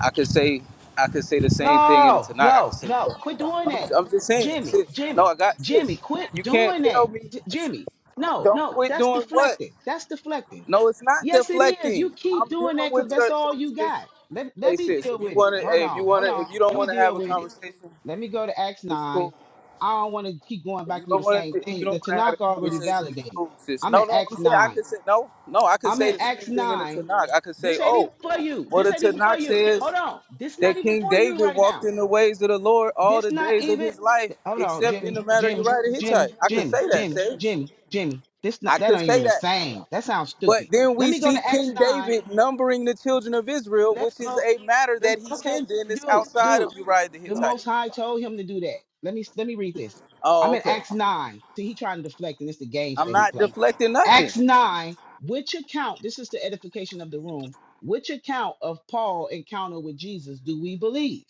[SPEAKER 6] I could say I could say the same thing in the
[SPEAKER 3] No,
[SPEAKER 6] Tanakh. I could
[SPEAKER 3] no,
[SPEAKER 6] say.
[SPEAKER 3] no.
[SPEAKER 6] "Look,
[SPEAKER 3] Quit doing
[SPEAKER 6] I'm,
[SPEAKER 3] that.
[SPEAKER 6] I'm just saying,
[SPEAKER 3] Jimmy,
[SPEAKER 6] sis. No,
[SPEAKER 3] Jimmy,
[SPEAKER 6] I got
[SPEAKER 3] Jimmy,
[SPEAKER 6] sis.
[SPEAKER 3] quit
[SPEAKER 6] You can't
[SPEAKER 3] doing that.
[SPEAKER 6] tell me
[SPEAKER 3] J- Jimmy, no,
[SPEAKER 6] don't
[SPEAKER 3] no.
[SPEAKER 6] quit
[SPEAKER 3] That's
[SPEAKER 6] doing what.
[SPEAKER 3] deflecting. That's deflecting.
[SPEAKER 6] No, it's not
[SPEAKER 3] Yes, it is. You
[SPEAKER 6] deflecting. I'm
[SPEAKER 3] keep
[SPEAKER 6] dealing
[SPEAKER 3] doing that
[SPEAKER 6] with
[SPEAKER 3] because
[SPEAKER 6] your
[SPEAKER 3] that's
[SPEAKER 6] so
[SPEAKER 3] all you
[SPEAKER 6] sis.
[SPEAKER 3] got. Let,
[SPEAKER 6] Hey
[SPEAKER 3] let me
[SPEAKER 6] sis,
[SPEAKER 3] deal
[SPEAKER 6] if you
[SPEAKER 3] with it.
[SPEAKER 6] wanna,
[SPEAKER 3] Hold
[SPEAKER 6] hey, if you
[SPEAKER 3] on,
[SPEAKER 6] wanna,
[SPEAKER 3] hold
[SPEAKER 6] if
[SPEAKER 3] on.
[SPEAKER 6] you don't
[SPEAKER 3] Let me
[SPEAKER 6] wanna have
[SPEAKER 3] deal
[SPEAKER 6] a
[SPEAKER 3] with it.
[SPEAKER 6] conversation,
[SPEAKER 3] Let me go to Acts
[SPEAKER 6] It's cool.
[SPEAKER 3] 9. I don't want to keep going
[SPEAKER 6] If
[SPEAKER 3] back
[SPEAKER 6] you
[SPEAKER 3] through
[SPEAKER 6] don't
[SPEAKER 3] the
[SPEAKER 6] want
[SPEAKER 3] same
[SPEAKER 6] to, if you
[SPEAKER 3] thing.
[SPEAKER 6] don't
[SPEAKER 3] The
[SPEAKER 6] want to have
[SPEAKER 3] Tanakh
[SPEAKER 6] a
[SPEAKER 3] already
[SPEAKER 6] conversation, it's
[SPEAKER 3] validated.
[SPEAKER 6] cool, sis.
[SPEAKER 3] I'm
[SPEAKER 6] No,
[SPEAKER 3] in
[SPEAKER 6] no, I'm
[SPEAKER 3] Acts
[SPEAKER 6] saying I
[SPEAKER 3] 9.
[SPEAKER 6] could say no, no. I could
[SPEAKER 3] I'm
[SPEAKER 6] say
[SPEAKER 3] in
[SPEAKER 6] the same
[SPEAKER 3] Acts
[SPEAKER 6] thing in the
[SPEAKER 3] 9.
[SPEAKER 6] Tanakh. I could say,
[SPEAKER 3] This ain't even
[SPEAKER 6] oh,
[SPEAKER 3] for you.
[SPEAKER 6] well,
[SPEAKER 3] This
[SPEAKER 6] the
[SPEAKER 3] ain't even for
[SPEAKER 6] Tanakh
[SPEAKER 3] you.
[SPEAKER 6] says
[SPEAKER 3] Hold on. This not
[SPEAKER 6] that
[SPEAKER 3] even
[SPEAKER 6] King
[SPEAKER 3] for you
[SPEAKER 6] David
[SPEAKER 3] right
[SPEAKER 6] walked
[SPEAKER 3] now.
[SPEAKER 6] in the ways of the Lord all
[SPEAKER 3] This
[SPEAKER 6] the
[SPEAKER 3] not
[SPEAKER 6] days of
[SPEAKER 3] even.
[SPEAKER 6] his life,
[SPEAKER 3] Hold on,
[SPEAKER 6] except in
[SPEAKER 3] Jimmy,
[SPEAKER 6] the matter of
[SPEAKER 3] Jimmy,
[SPEAKER 6] Uriah the
[SPEAKER 3] Jimmy,
[SPEAKER 6] Hittite. I could say
[SPEAKER 3] Jimmy,
[SPEAKER 6] that,
[SPEAKER 3] Jimmy,
[SPEAKER 6] Sage.
[SPEAKER 3] Jimmy, Jimmy. This not
[SPEAKER 6] I
[SPEAKER 3] that
[SPEAKER 6] could
[SPEAKER 3] ain't
[SPEAKER 6] say
[SPEAKER 3] even the
[SPEAKER 6] that.
[SPEAKER 3] same. That sounds
[SPEAKER 6] But
[SPEAKER 3] stupid.
[SPEAKER 6] then
[SPEAKER 3] Let
[SPEAKER 6] we
[SPEAKER 3] me go
[SPEAKER 6] see
[SPEAKER 3] to Acts
[SPEAKER 6] King
[SPEAKER 3] nine.
[SPEAKER 6] David numbering the children of Israel,
[SPEAKER 3] Let's
[SPEAKER 6] which is
[SPEAKER 3] go.
[SPEAKER 6] a matter that
[SPEAKER 3] The,
[SPEAKER 6] he
[SPEAKER 3] okay,
[SPEAKER 6] sinned in that's
[SPEAKER 3] dude,
[SPEAKER 6] outside
[SPEAKER 3] dude.
[SPEAKER 6] of Uriah the
[SPEAKER 3] The
[SPEAKER 6] Hittite.
[SPEAKER 3] Most High told him to do that. Let me let me read this. I'm
[SPEAKER 6] Oh,
[SPEAKER 3] in
[SPEAKER 6] okay.
[SPEAKER 3] Acts nine. See, he trying to deflect, and it's the games
[SPEAKER 6] I'm
[SPEAKER 3] that he
[SPEAKER 6] not
[SPEAKER 3] play.
[SPEAKER 6] deflecting nothing.
[SPEAKER 3] Acts nine. Which account? This is the edification of the room. Which account of Paul encounter with Jesus do we believe?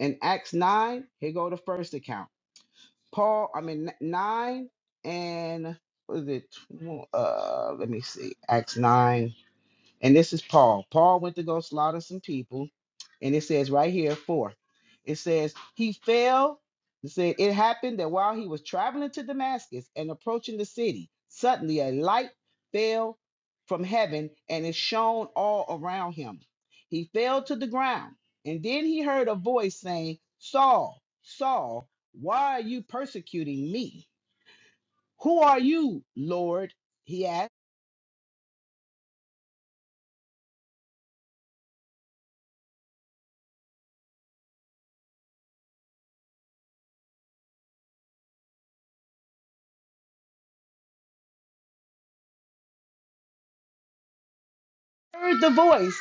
[SPEAKER 3] In Acts nine, here go the first account. Paul, I mean, 9 and what is it? Uh, let me see. Acts 9. And this is Paul. Paul went to go slaughter some people. And it says right here, four. it says, he fell. It said, it happened that while he was traveling to Damascus and approaching the city, suddenly a light fell from heaven and it shone all around him. He fell to the ground. And then he heard a voice saying, Saul, Saul, why are you persecuting me? Who are you, Lord? He asked. heard the voice,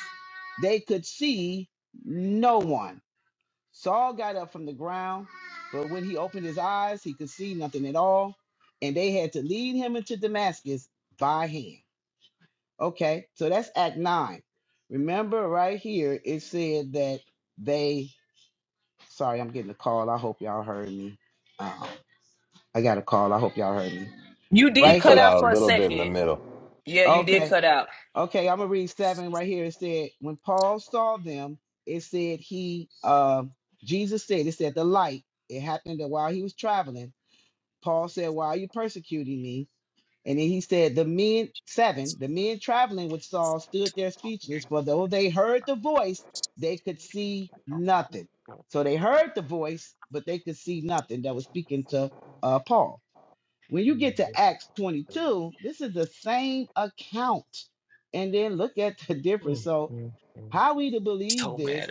[SPEAKER 3] they could see no one. Saul got up from the ground, but when he opened his eyes, he could see nothing at all, and they had to lead him into Damascus by hand. Okay, so that's Act 9. Remember, right here, it said that they. Sorry, I'm getting a call. I hope y'all heard me. Uh, I got a call. I hope y'all heard me.
[SPEAKER 1] You
[SPEAKER 7] You
[SPEAKER 1] did
[SPEAKER 3] Right
[SPEAKER 1] cut
[SPEAKER 7] cut
[SPEAKER 3] here.
[SPEAKER 1] out
[SPEAKER 7] out a
[SPEAKER 1] for a
[SPEAKER 7] little bit in the
[SPEAKER 1] second.
[SPEAKER 7] middle.
[SPEAKER 1] Yeah, you
[SPEAKER 3] Okay.
[SPEAKER 1] did cut out.
[SPEAKER 3] Okay, I'm gonna read seven right here. It said, when Paul saw them, it said he, uh, Jesus said, it said the light. It happened that while he was traveling, Paul said, "Why are you persecuting me?" And then he said, the men seven, the men traveling with Saul stood there speechless, for though they heard the voice, they could see nothing. So they heard the voice, but they could see nothing that was speaking to uh, Paul. When you get to Acts 22, this is the same account. And then look at the difference. So, how we to believe this?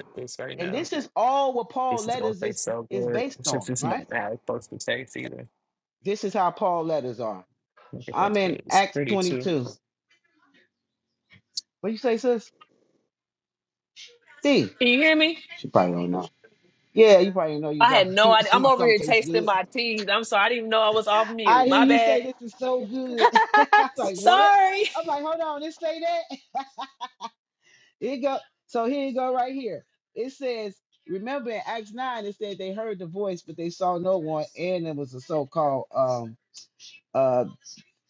[SPEAKER 3] And this is all what Paul letters is is based on, right? This is how Paul letters are. I'm in Acts 22. What you say, sis? D.
[SPEAKER 1] Can you hear me?
[SPEAKER 3] She probably don't know. Yeah, you probably know you
[SPEAKER 1] I had
[SPEAKER 3] talking.
[SPEAKER 1] no idea.
[SPEAKER 3] You,
[SPEAKER 1] I'm
[SPEAKER 3] my
[SPEAKER 1] over here
[SPEAKER 3] something tastes
[SPEAKER 1] tasting
[SPEAKER 3] good.
[SPEAKER 1] my teas. I'm sorry. I didn't even know I was off
[SPEAKER 3] I
[SPEAKER 1] mute.
[SPEAKER 3] hear
[SPEAKER 1] My
[SPEAKER 3] you say
[SPEAKER 1] bad.
[SPEAKER 3] this is so good. I was like, what?
[SPEAKER 1] sorry.
[SPEAKER 3] I'm like, hold on, this say that. It go so here you go right here. It says, remember in Acts 9, it said they heard the voice, but they saw no one, and it was a so-called um uh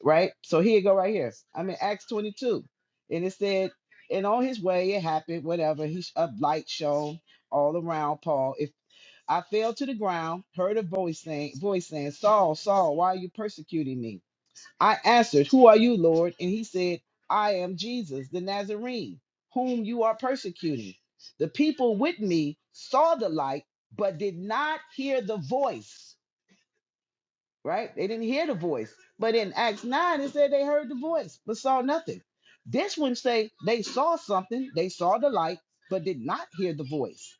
[SPEAKER 3] right. So here you go right here. I'm in Acts 22, and it said, and on his way it happened, whatever. He a light shone all around Paul. If I fell to the ground, heard a voice saying, voice saying, Saul, Saul, why are you persecuting me? I answered, Who are you, Lord? And he said, I am Jesus, the Nazarene, whom you are persecuting. The people with me saw the light, but did not hear the voice, right? They didn't hear the voice. But in Acts 9, it said they heard the voice, but saw nothing. This one say they saw something, they saw the light, but did not hear the voice.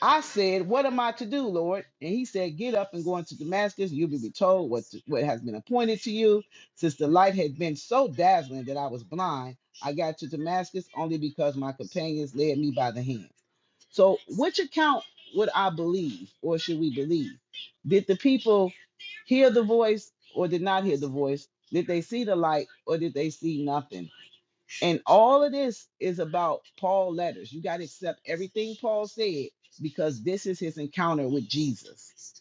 [SPEAKER 3] I said, What am I to do, Lord? And he said, Get up and go into Damascus. You'll be told what, what has been appointed to you. Since the light had been so dazzling that I was blind, I got to Damascus only because my companions led me by the hand. So, which account would I believe or should we believe? Did the people hear the voice or did not hear the voice? Did they see the light or did they see nothing? And all of this is about Paul letters. You got to accept everything Paul said because this is his encounter with Jesus.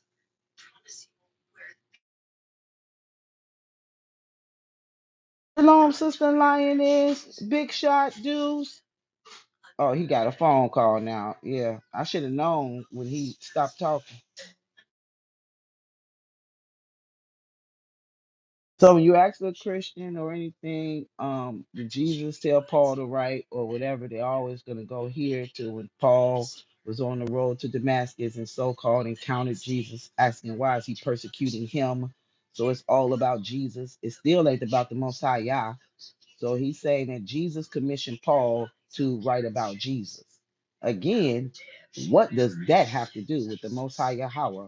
[SPEAKER 3] Shalom, sister lioness, big shot deuce. Oh, he got a phone call now. Yeah, I should have known when he stopped talking. So when you ask a Christian or anything, um, did Jesus tell Paul to write or whatever? They're always going to go here to when Paul was on the road to Damascus and so-called encountered Jesus, asking why is he persecuting him? So it's all about Jesus. It still ain't about the Most High Yah. So he's saying that Jesus commissioned Paul to write about Jesus. Again, what does that have to do with the Most High Yahweh?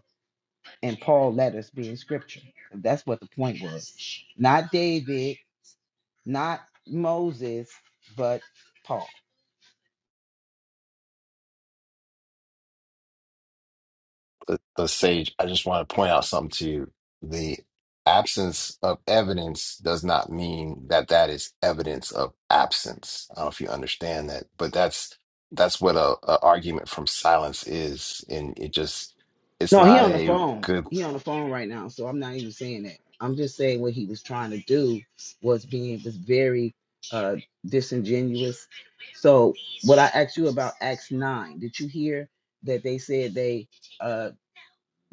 [SPEAKER 3] and Paul letters being scripture. That's what the point was. Not David, not Moses, but Paul.
[SPEAKER 7] But, but Sage, I just want to point out something to you. The absence of evidence does not mean that that is evidence of absence. I don't know if you understand that, but that's that's what a, a argument from silence is, and it just it's
[SPEAKER 3] No, he
[SPEAKER 7] not
[SPEAKER 3] on the
[SPEAKER 7] a
[SPEAKER 3] phone.
[SPEAKER 7] good.
[SPEAKER 3] He on the phone right now, so I'm not even saying that. I'm just saying what he was trying to do was being was very uh disingenuous. So what I asked you about Acts nine, did you hear that they said they uh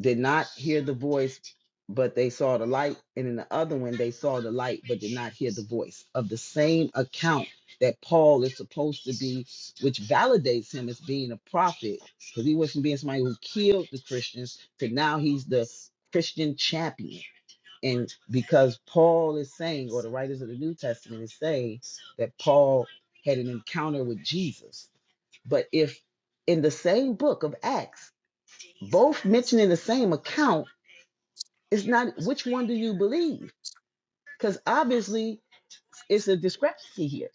[SPEAKER 3] did not hear the voice, but they saw the light. And in the other one, they saw the light, but did not hear the voice of the same account that Paul is supposed to be, which validates him as being a prophet, because he was from being somebody who killed the Christians to now he's the Christian champion. And because Paul is saying, or the writers of the New Testament is saying, that Paul had an encounter with Jesus. But if in the same book of Acts, both mentioning the same account, it's not which one do you believe? Because obviously it's a discrepancy here.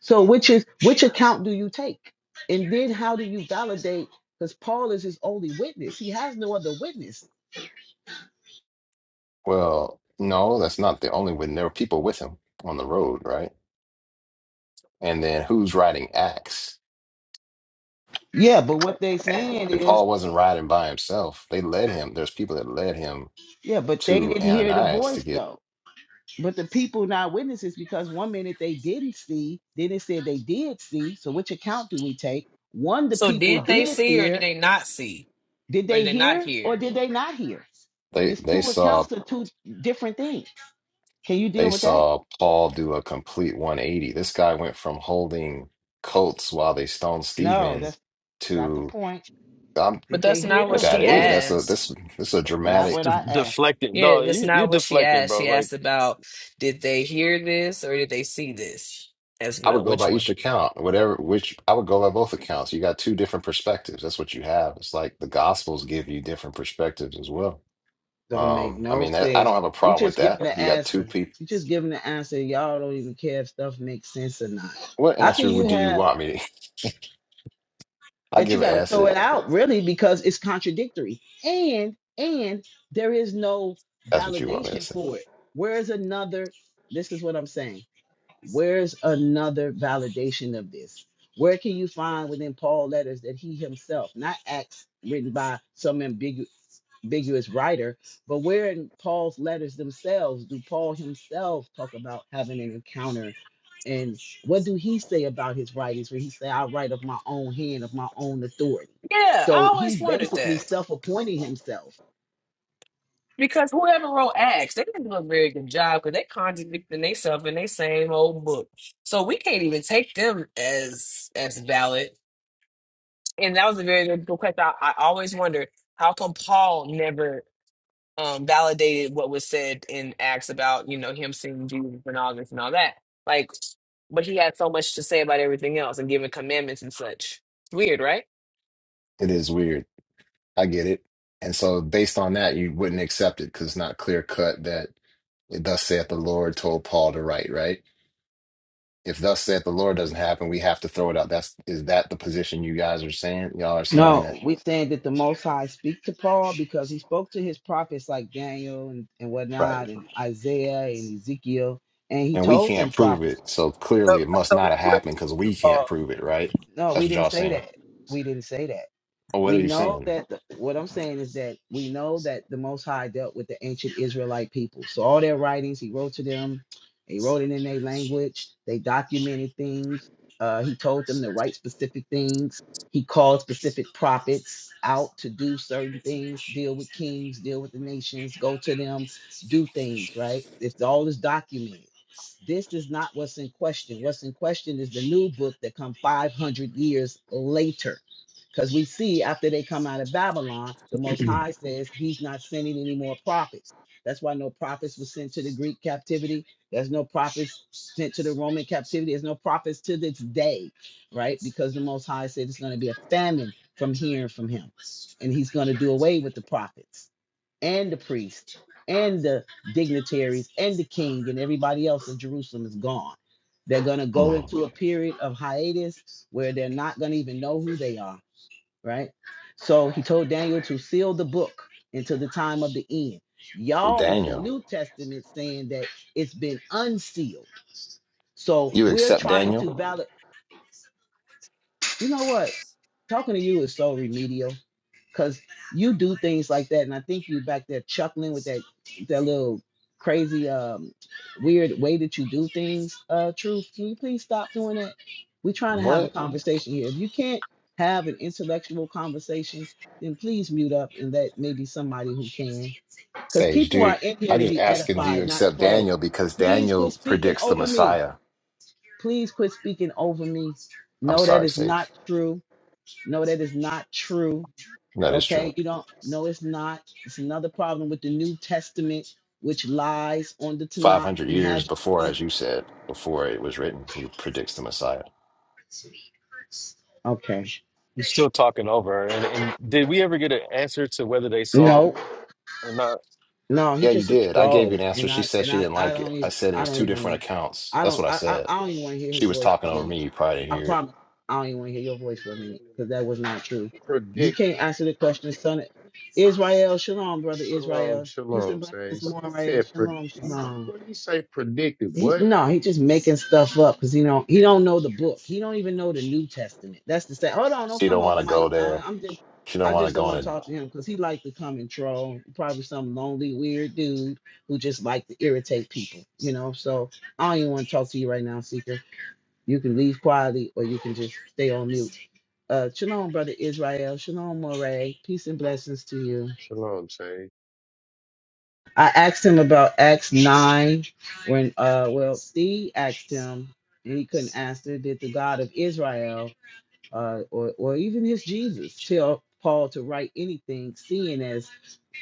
[SPEAKER 3] So which is which account do you take? And then how do you validate? Because Paul is his only witness. He has no other witness.
[SPEAKER 7] Well, no, that's not the only one. There were people with him on the road, right? And then who's riding Acts?
[SPEAKER 3] Yeah, but what they
[SPEAKER 11] and
[SPEAKER 3] saying
[SPEAKER 7] And
[SPEAKER 3] is,
[SPEAKER 7] Paul wasn't riding by himself. They led him. There's people that led him
[SPEAKER 3] yeah, but they
[SPEAKER 7] to
[SPEAKER 3] didn't hear the
[SPEAKER 7] Ananias to
[SPEAKER 3] voice
[SPEAKER 7] get
[SPEAKER 3] though. But the people not witnesses because one minute they didn't see, then it said they did see. So which account do we take? One, the
[SPEAKER 1] So
[SPEAKER 3] people
[SPEAKER 1] did they
[SPEAKER 3] did
[SPEAKER 1] see or did
[SPEAKER 3] hear.
[SPEAKER 1] they not see?
[SPEAKER 3] Did
[SPEAKER 1] Or
[SPEAKER 3] they
[SPEAKER 1] did they not
[SPEAKER 3] hear or
[SPEAKER 1] hear?
[SPEAKER 3] did they not hear?
[SPEAKER 7] they
[SPEAKER 3] It's
[SPEAKER 7] they
[SPEAKER 3] two
[SPEAKER 7] saw
[SPEAKER 3] accounts of two different things. Can you deal
[SPEAKER 7] They
[SPEAKER 3] with that?
[SPEAKER 7] saw Paul do a complete 180. This guy went from holding coats while they stoned
[SPEAKER 3] No,
[SPEAKER 7] Stephen
[SPEAKER 3] that's not the
[SPEAKER 7] to
[SPEAKER 3] point.
[SPEAKER 7] um
[SPEAKER 1] But
[SPEAKER 3] Did they
[SPEAKER 1] that's
[SPEAKER 3] hear
[SPEAKER 1] not
[SPEAKER 3] the
[SPEAKER 1] what
[SPEAKER 7] that
[SPEAKER 1] she
[SPEAKER 7] is
[SPEAKER 3] voice?
[SPEAKER 7] that's a this
[SPEAKER 1] asked.
[SPEAKER 7] this is a
[SPEAKER 3] That's not
[SPEAKER 2] It's
[SPEAKER 7] dramatic.
[SPEAKER 3] what
[SPEAKER 2] de-
[SPEAKER 3] I asked.
[SPEAKER 2] deflecting.
[SPEAKER 1] Yeah,
[SPEAKER 2] No,
[SPEAKER 1] that's
[SPEAKER 2] you you're
[SPEAKER 1] not what she
[SPEAKER 2] deflecting,
[SPEAKER 1] asked.
[SPEAKER 2] bro.
[SPEAKER 1] She
[SPEAKER 2] Like
[SPEAKER 1] asked about did they hear this or did they see this as
[SPEAKER 7] I
[SPEAKER 1] well?
[SPEAKER 7] would go
[SPEAKER 1] Which
[SPEAKER 7] by
[SPEAKER 1] one?
[SPEAKER 7] each account, whatever which I would go by both accounts. You got two different perspectives. That's what you have. It's like the gospels give you different perspectives as well.
[SPEAKER 3] Don't make
[SPEAKER 7] Um, I
[SPEAKER 3] no
[SPEAKER 7] mean, that, I
[SPEAKER 3] sense.
[SPEAKER 7] don't have a
[SPEAKER 3] You
[SPEAKER 7] problem with
[SPEAKER 3] just give
[SPEAKER 7] that.
[SPEAKER 3] me the
[SPEAKER 7] You got two
[SPEAKER 3] answer.
[SPEAKER 7] people.
[SPEAKER 3] You just give me the answer. Y'all don't even care if stuff makes sense or not.
[SPEAKER 7] What
[SPEAKER 3] How can
[SPEAKER 7] answer would
[SPEAKER 3] you
[SPEAKER 7] do you
[SPEAKER 3] have
[SPEAKER 7] want me to? I
[SPEAKER 3] that you
[SPEAKER 7] give an
[SPEAKER 3] gotta throw
[SPEAKER 7] answer.
[SPEAKER 3] it out really because it's contradictory? And and there is no
[SPEAKER 7] That's what you want me to
[SPEAKER 3] validation
[SPEAKER 7] say.
[SPEAKER 3] for it. Where is another? This is what I'm saying. Where's another validation of this? Where can you find within Paul letters that he himself, not Acts written by some ambigu- ambiguous writer, but where in Paul's letters themselves do Paul himself talk about having an encounter? And what do he say about his writings where he say, I write of my own hand, of my own authority?
[SPEAKER 1] Yeah, I
[SPEAKER 3] So
[SPEAKER 1] always
[SPEAKER 3] he's
[SPEAKER 1] wondered
[SPEAKER 3] basically
[SPEAKER 1] that.
[SPEAKER 3] self-appointing himself
[SPEAKER 1] Because whoever wrote Acts, they didn't do a very good job because they contradicting themselves in their same old book. So we can't even take them as as valid. And that was a very good question. I, I always wonder how come Paul never um, validated what was said in Acts about, you know, him seeing Jesus and all this and all that. Like, but he had so much to say about everything else and giving commandments and such. weird, right?
[SPEAKER 7] It is weird. I get it. And so, based on that, you wouldn't accept it because it's not clear cut that it, thus saith the Lord told Paul to write, right? If thus saith the Lord doesn't happen, we have to throw it out. That's is that the position you guys are saying? Y'all are saying that,
[SPEAKER 3] No, we saying that the Most High speak to Paul because he spoke to his prophets like Daniel and, and
[SPEAKER 7] right?
[SPEAKER 3] whatnot, and Isaiah and Ezekiel, and he
[SPEAKER 7] And we
[SPEAKER 3] told them
[SPEAKER 7] can't prove
[SPEAKER 3] prophets.
[SPEAKER 7] it, so
[SPEAKER 6] Yep,
[SPEAKER 7] clearly it
[SPEAKER 6] I
[SPEAKER 7] must
[SPEAKER 6] told
[SPEAKER 7] not have
[SPEAKER 6] you where he
[SPEAKER 7] happened because
[SPEAKER 6] spoke to
[SPEAKER 7] we can't
[SPEAKER 6] Paul.
[SPEAKER 7] prove it, right?
[SPEAKER 3] No,
[SPEAKER 7] That's
[SPEAKER 3] we
[SPEAKER 7] what
[SPEAKER 3] didn't
[SPEAKER 7] y'all
[SPEAKER 3] say
[SPEAKER 7] saying.
[SPEAKER 3] that. We didn't say that.
[SPEAKER 7] Or what are
[SPEAKER 3] We
[SPEAKER 7] you
[SPEAKER 3] know
[SPEAKER 7] saying?
[SPEAKER 3] that the, what I'm saying is that we know that the Most High dealt with the ancient Israelite people. So all their writings, he wrote to them. He wrote it in their language. They documented things. Uh, he told them to write specific things. He called specific prophets out to do certain things, deal with kings, deal with the nations, go to them, do things, right? It's all is documented. This is not what's in question. What's in question is the new book that come 500 years later. Because we see after they come out of Babylon, the Most High says he's not sending any more prophets. That's why no prophets were sent to the Greek captivity. There's no prophets sent to the Roman captivity. There's no prophets to this day, right? Because the Most High said it's going to be a famine from hearing from him. And he's going to do away with the prophets and the priests, and the dignitaries and the king and everybody else in Jerusalem is gone. They're going to go
[SPEAKER 7] Mm.
[SPEAKER 3] into a period of hiatus where they're not going to even know who they are, right? So he told Daniel to seal the book until the time of the end.
[SPEAKER 7] Well,
[SPEAKER 3] Y'all, with this
[SPEAKER 7] Daniel,
[SPEAKER 3] New Testament saying that it's been unsealed. So
[SPEAKER 7] you
[SPEAKER 3] we're
[SPEAKER 7] accept
[SPEAKER 3] trying to
[SPEAKER 7] Daniel?
[SPEAKER 3] validate. You know what? Talking to you is so remedial. because you do things like that, and I think you are back there chuckling with that that little crazy, um, weird way that you do things. Uh, truth, can you please stop doing that? We're trying to have a
[SPEAKER 7] What?
[SPEAKER 3] conversation here. If you can't have an intellectual conversation, then please mute up and let maybe somebody who can, because
[SPEAKER 7] Sage,
[SPEAKER 3] people
[SPEAKER 7] dude,
[SPEAKER 3] are in here
[SPEAKER 7] I'm
[SPEAKER 3] to
[SPEAKER 7] just
[SPEAKER 3] be
[SPEAKER 7] asking, do you
[SPEAKER 3] edified, not
[SPEAKER 7] accept
[SPEAKER 3] trolled.
[SPEAKER 7] Daniel? Because
[SPEAKER 3] Please quit
[SPEAKER 7] Daniel
[SPEAKER 3] speaking
[SPEAKER 7] predicts the
[SPEAKER 3] over me.
[SPEAKER 7] Messiah.
[SPEAKER 3] Please quit speaking over me.
[SPEAKER 7] I'm
[SPEAKER 3] No, that
[SPEAKER 7] sorry,
[SPEAKER 3] is not
[SPEAKER 7] Sage.
[SPEAKER 3] true. No, that is not true.
[SPEAKER 7] That is true.
[SPEAKER 3] Okay, you don't. No, it's not. It's another problem with the New Testament, which lies on the Tanakh
[SPEAKER 7] 500
[SPEAKER 3] and
[SPEAKER 7] years
[SPEAKER 3] has.
[SPEAKER 7] before, as you said, before it was written, he predicts the Messiah.
[SPEAKER 3] Okay.
[SPEAKER 2] you're still talking over. her. And and did we ever get an answer to whether they saw
[SPEAKER 3] No,
[SPEAKER 2] or not?
[SPEAKER 3] no, he's
[SPEAKER 7] Yeah, you
[SPEAKER 3] just a
[SPEAKER 7] did. I gave you
[SPEAKER 3] troll,
[SPEAKER 7] an answer.
[SPEAKER 3] and
[SPEAKER 7] She
[SPEAKER 3] I
[SPEAKER 7] said
[SPEAKER 3] and
[SPEAKER 7] she
[SPEAKER 3] I
[SPEAKER 7] didn't
[SPEAKER 3] I
[SPEAKER 7] like
[SPEAKER 3] don't
[SPEAKER 7] it. I
[SPEAKER 3] even
[SPEAKER 7] said it
[SPEAKER 3] I
[SPEAKER 7] was
[SPEAKER 3] don't
[SPEAKER 7] two
[SPEAKER 3] even want.
[SPEAKER 7] different accounts.
[SPEAKER 3] I
[SPEAKER 7] That's
[SPEAKER 3] don't
[SPEAKER 7] what I
[SPEAKER 3] I I,
[SPEAKER 7] said.
[SPEAKER 3] I don't even want to hear
[SPEAKER 7] She
[SPEAKER 3] his
[SPEAKER 7] was
[SPEAKER 3] voice for
[SPEAKER 7] talking
[SPEAKER 3] a
[SPEAKER 7] over
[SPEAKER 3] minute.
[SPEAKER 7] me. You probably
[SPEAKER 3] I
[SPEAKER 7] didn't hear it.
[SPEAKER 3] promise I don't even want to hear your voice for a minute because that was not true. You
[SPEAKER 12] predict
[SPEAKER 3] can't answer the question, son. Israel, shalom, brother
[SPEAKER 12] shalom
[SPEAKER 3] Israel. Peace
[SPEAKER 12] shalom
[SPEAKER 3] and blessings,
[SPEAKER 12] says he
[SPEAKER 3] Moray.
[SPEAKER 12] said pre-
[SPEAKER 3] Shalom,
[SPEAKER 12] he
[SPEAKER 3] shalom.
[SPEAKER 12] what did he say predicted
[SPEAKER 3] He,
[SPEAKER 12] what
[SPEAKER 3] no, he just making stuff up because he don't he don't know the book. He don't even know the New Testament. That's the say. Hold on, don't
[SPEAKER 7] She
[SPEAKER 3] come
[SPEAKER 7] don't
[SPEAKER 3] off
[SPEAKER 7] want to go
[SPEAKER 3] Mike. I,
[SPEAKER 7] there.
[SPEAKER 3] I'm just
[SPEAKER 7] She don't
[SPEAKER 3] I
[SPEAKER 7] want to
[SPEAKER 3] just don't
[SPEAKER 7] go
[SPEAKER 3] want
[SPEAKER 7] in
[SPEAKER 3] to
[SPEAKER 7] a,
[SPEAKER 3] talk to him because he like to come and troll. Probably some lonely weird dude who just like to irritate people. You know, so I don't even want to talk to you right now, Seeker. You can leave quietly or you can just stay on mute. Uh, shalom, brother Israel. Shalom, Moray. Peace and blessings to you.
[SPEAKER 12] shalom say
[SPEAKER 3] I asked him about Acts 9 when, uh, well, Steve asked him, and he couldn't answer, did the God of Israel uh, or, or even his Jesus tell Paul to write anything, seeing as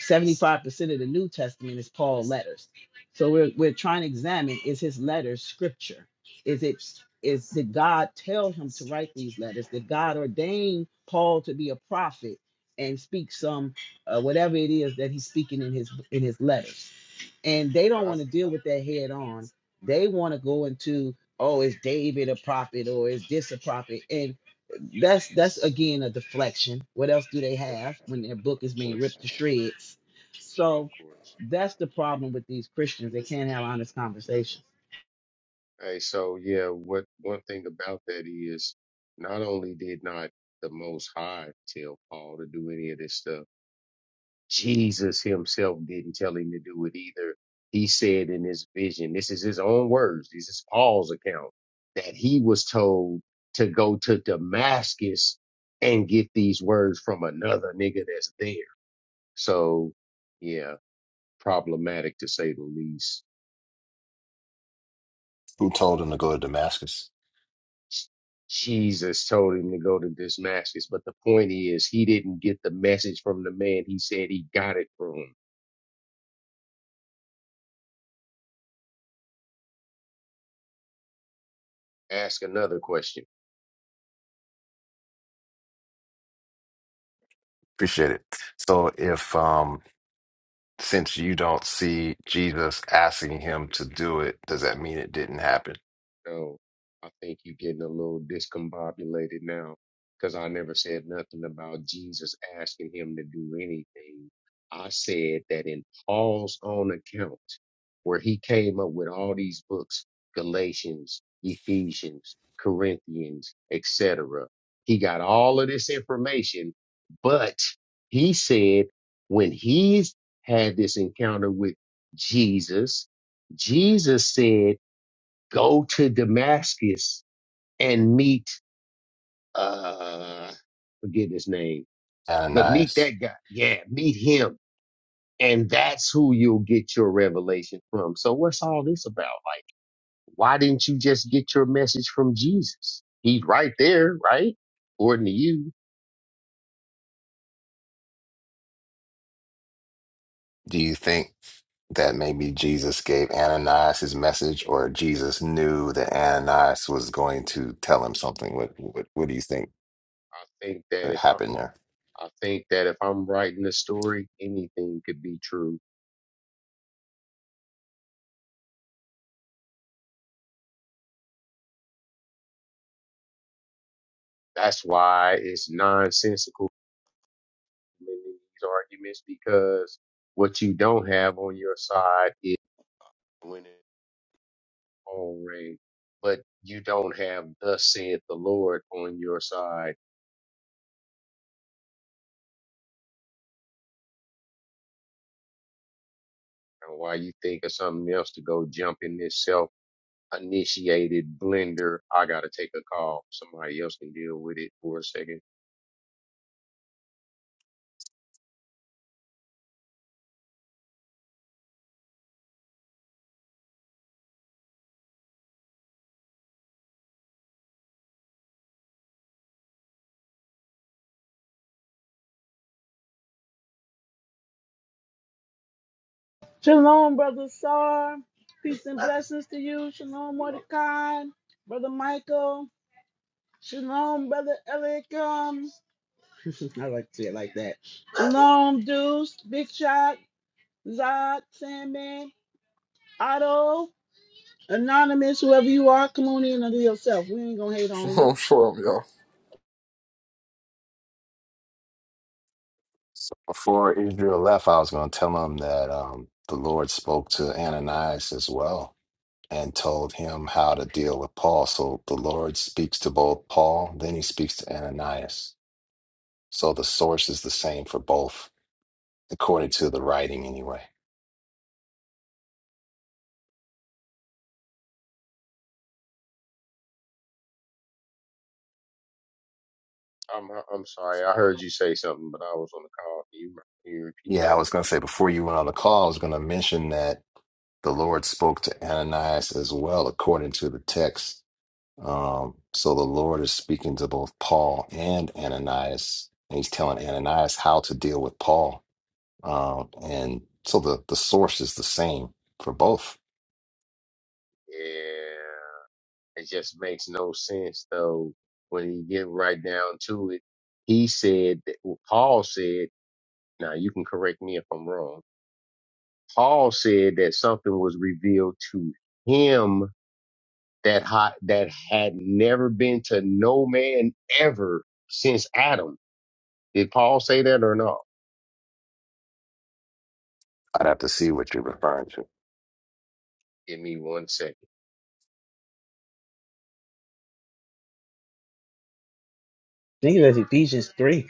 [SPEAKER 3] 75% of the New Testament is Paul letters. So we're, we're trying to examine is his letters scripture? Is it is did God tell him to write these letters? Did God ordain Paul to be a prophet and speak some uh, whatever it is that he's speaking in his in his letters? and they don't
[SPEAKER 12] not
[SPEAKER 3] want to deal with that head on. They want to go into, oh, is David a prophet or is this a prophet? And that's that's again a deflection. What else do they
[SPEAKER 12] pr-
[SPEAKER 3] have when their book
[SPEAKER 12] of
[SPEAKER 3] is being
[SPEAKER 12] course
[SPEAKER 3] ripped to shreds?
[SPEAKER 12] of
[SPEAKER 3] So
[SPEAKER 12] course
[SPEAKER 3] that's the problem with these Christians. They can't have honest conversations.
[SPEAKER 12] hey so yeah what one thing about that is not only did not the most high tell paul to do any of this stuff Jesus himself didn't tell him to do it either. He said in his vision, this is his own words, this is Paul's account, that he was told to go to Damascus and get these words from another nigga that's there. So, yeah, problematic to say the least.
[SPEAKER 7] who told him to go to Damascus?
[SPEAKER 12] Jesus told him to go to Damascus, but the point is, he didn't get the message from the man he said he got it from. Ask another question.
[SPEAKER 7] Appreciate it. So if um since you don't see Jesus asking him to do it, does that mean it didn't happen?
[SPEAKER 12] No, I think you're getting a little discombobulated now because I never said nothing about Jesus asking him to do anything. I said that in Paul's own account, where he came up with all these books, Galatians, Ephesians, Corinthians, etc., he got all of this information, but he said when he's had this encounter with Jesus, Jesus said, go to Damascus and meet uh forget his name, but meet that
[SPEAKER 7] Ananias,
[SPEAKER 12] guy. Yeah, meet him. And that's who you'll get your revelation from. So what's all this about? Like, why didn't you just get your message from Jesus? He's right there, right? According to you,
[SPEAKER 7] do you think that maybe Jesus gave Ananias his message, or Jesus knew that Ananias was going to tell him something? What what, what do you think
[SPEAKER 12] I think that
[SPEAKER 7] that
[SPEAKER 12] if I'm,
[SPEAKER 7] happened there?
[SPEAKER 12] I think that if I'm writing a story, anything could be true. That's why it's nonsensical in these arguments because what you don't have on your side is winning own rain, but you don't have thus saith the Lord on your side. And why you think of something else to go jump in this self initiated blender? I gotta take a call. Somebody else can deal with it for a second.
[SPEAKER 3] Shalom, brother Sar. Peace and blessings to you. Shalom, Mordecai. Brother Michael. Shalom, brother Eliakim. I like to say it like that. Shalom, Deuce. Big shot. Zod, Sandman, Otto, Anonymous, whoever you are, come on in under yourself. We ain't gonna hate on you.
[SPEAKER 13] I'm sure I'm y'all.
[SPEAKER 7] So before Israel left, I was going to tell him that um, the Lord spoke to Ananias as well and told him how to deal with Paul. So the Lord speaks to both Paul, then he speaks to Ananias So the source is the same for both, according to the writing, anyway.
[SPEAKER 12] I'm I'm sorry. I heard you say something, but I was on the call. Can you, can you repeat
[SPEAKER 7] Yeah, I
[SPEAKER 12] that?
[SPEAKER 7] was going to say before you went on the call, I was going to mention that the Lord spoke to Ananias as well, according to the text. Um, so the Lord is speaking to both Paul and Ananias, and he's telling Ananias how to deal with Paul. Um, and so the, the source is the same for both.
[SPEAKER 12] Yeah. It just makes no sense though. When you get right down to it, he said that well, Paul said. Now you can correct me if I'm wrong. Paul said that something was revealed to him that ha- that had never been to no man ever since Adam. Did Paul say that or not?
[SPEAKER 7] I'd have to see what you're referring to.
[SPEAKER 12] Give me one second.
[SPEAKER 3] think that's Ephesians 3.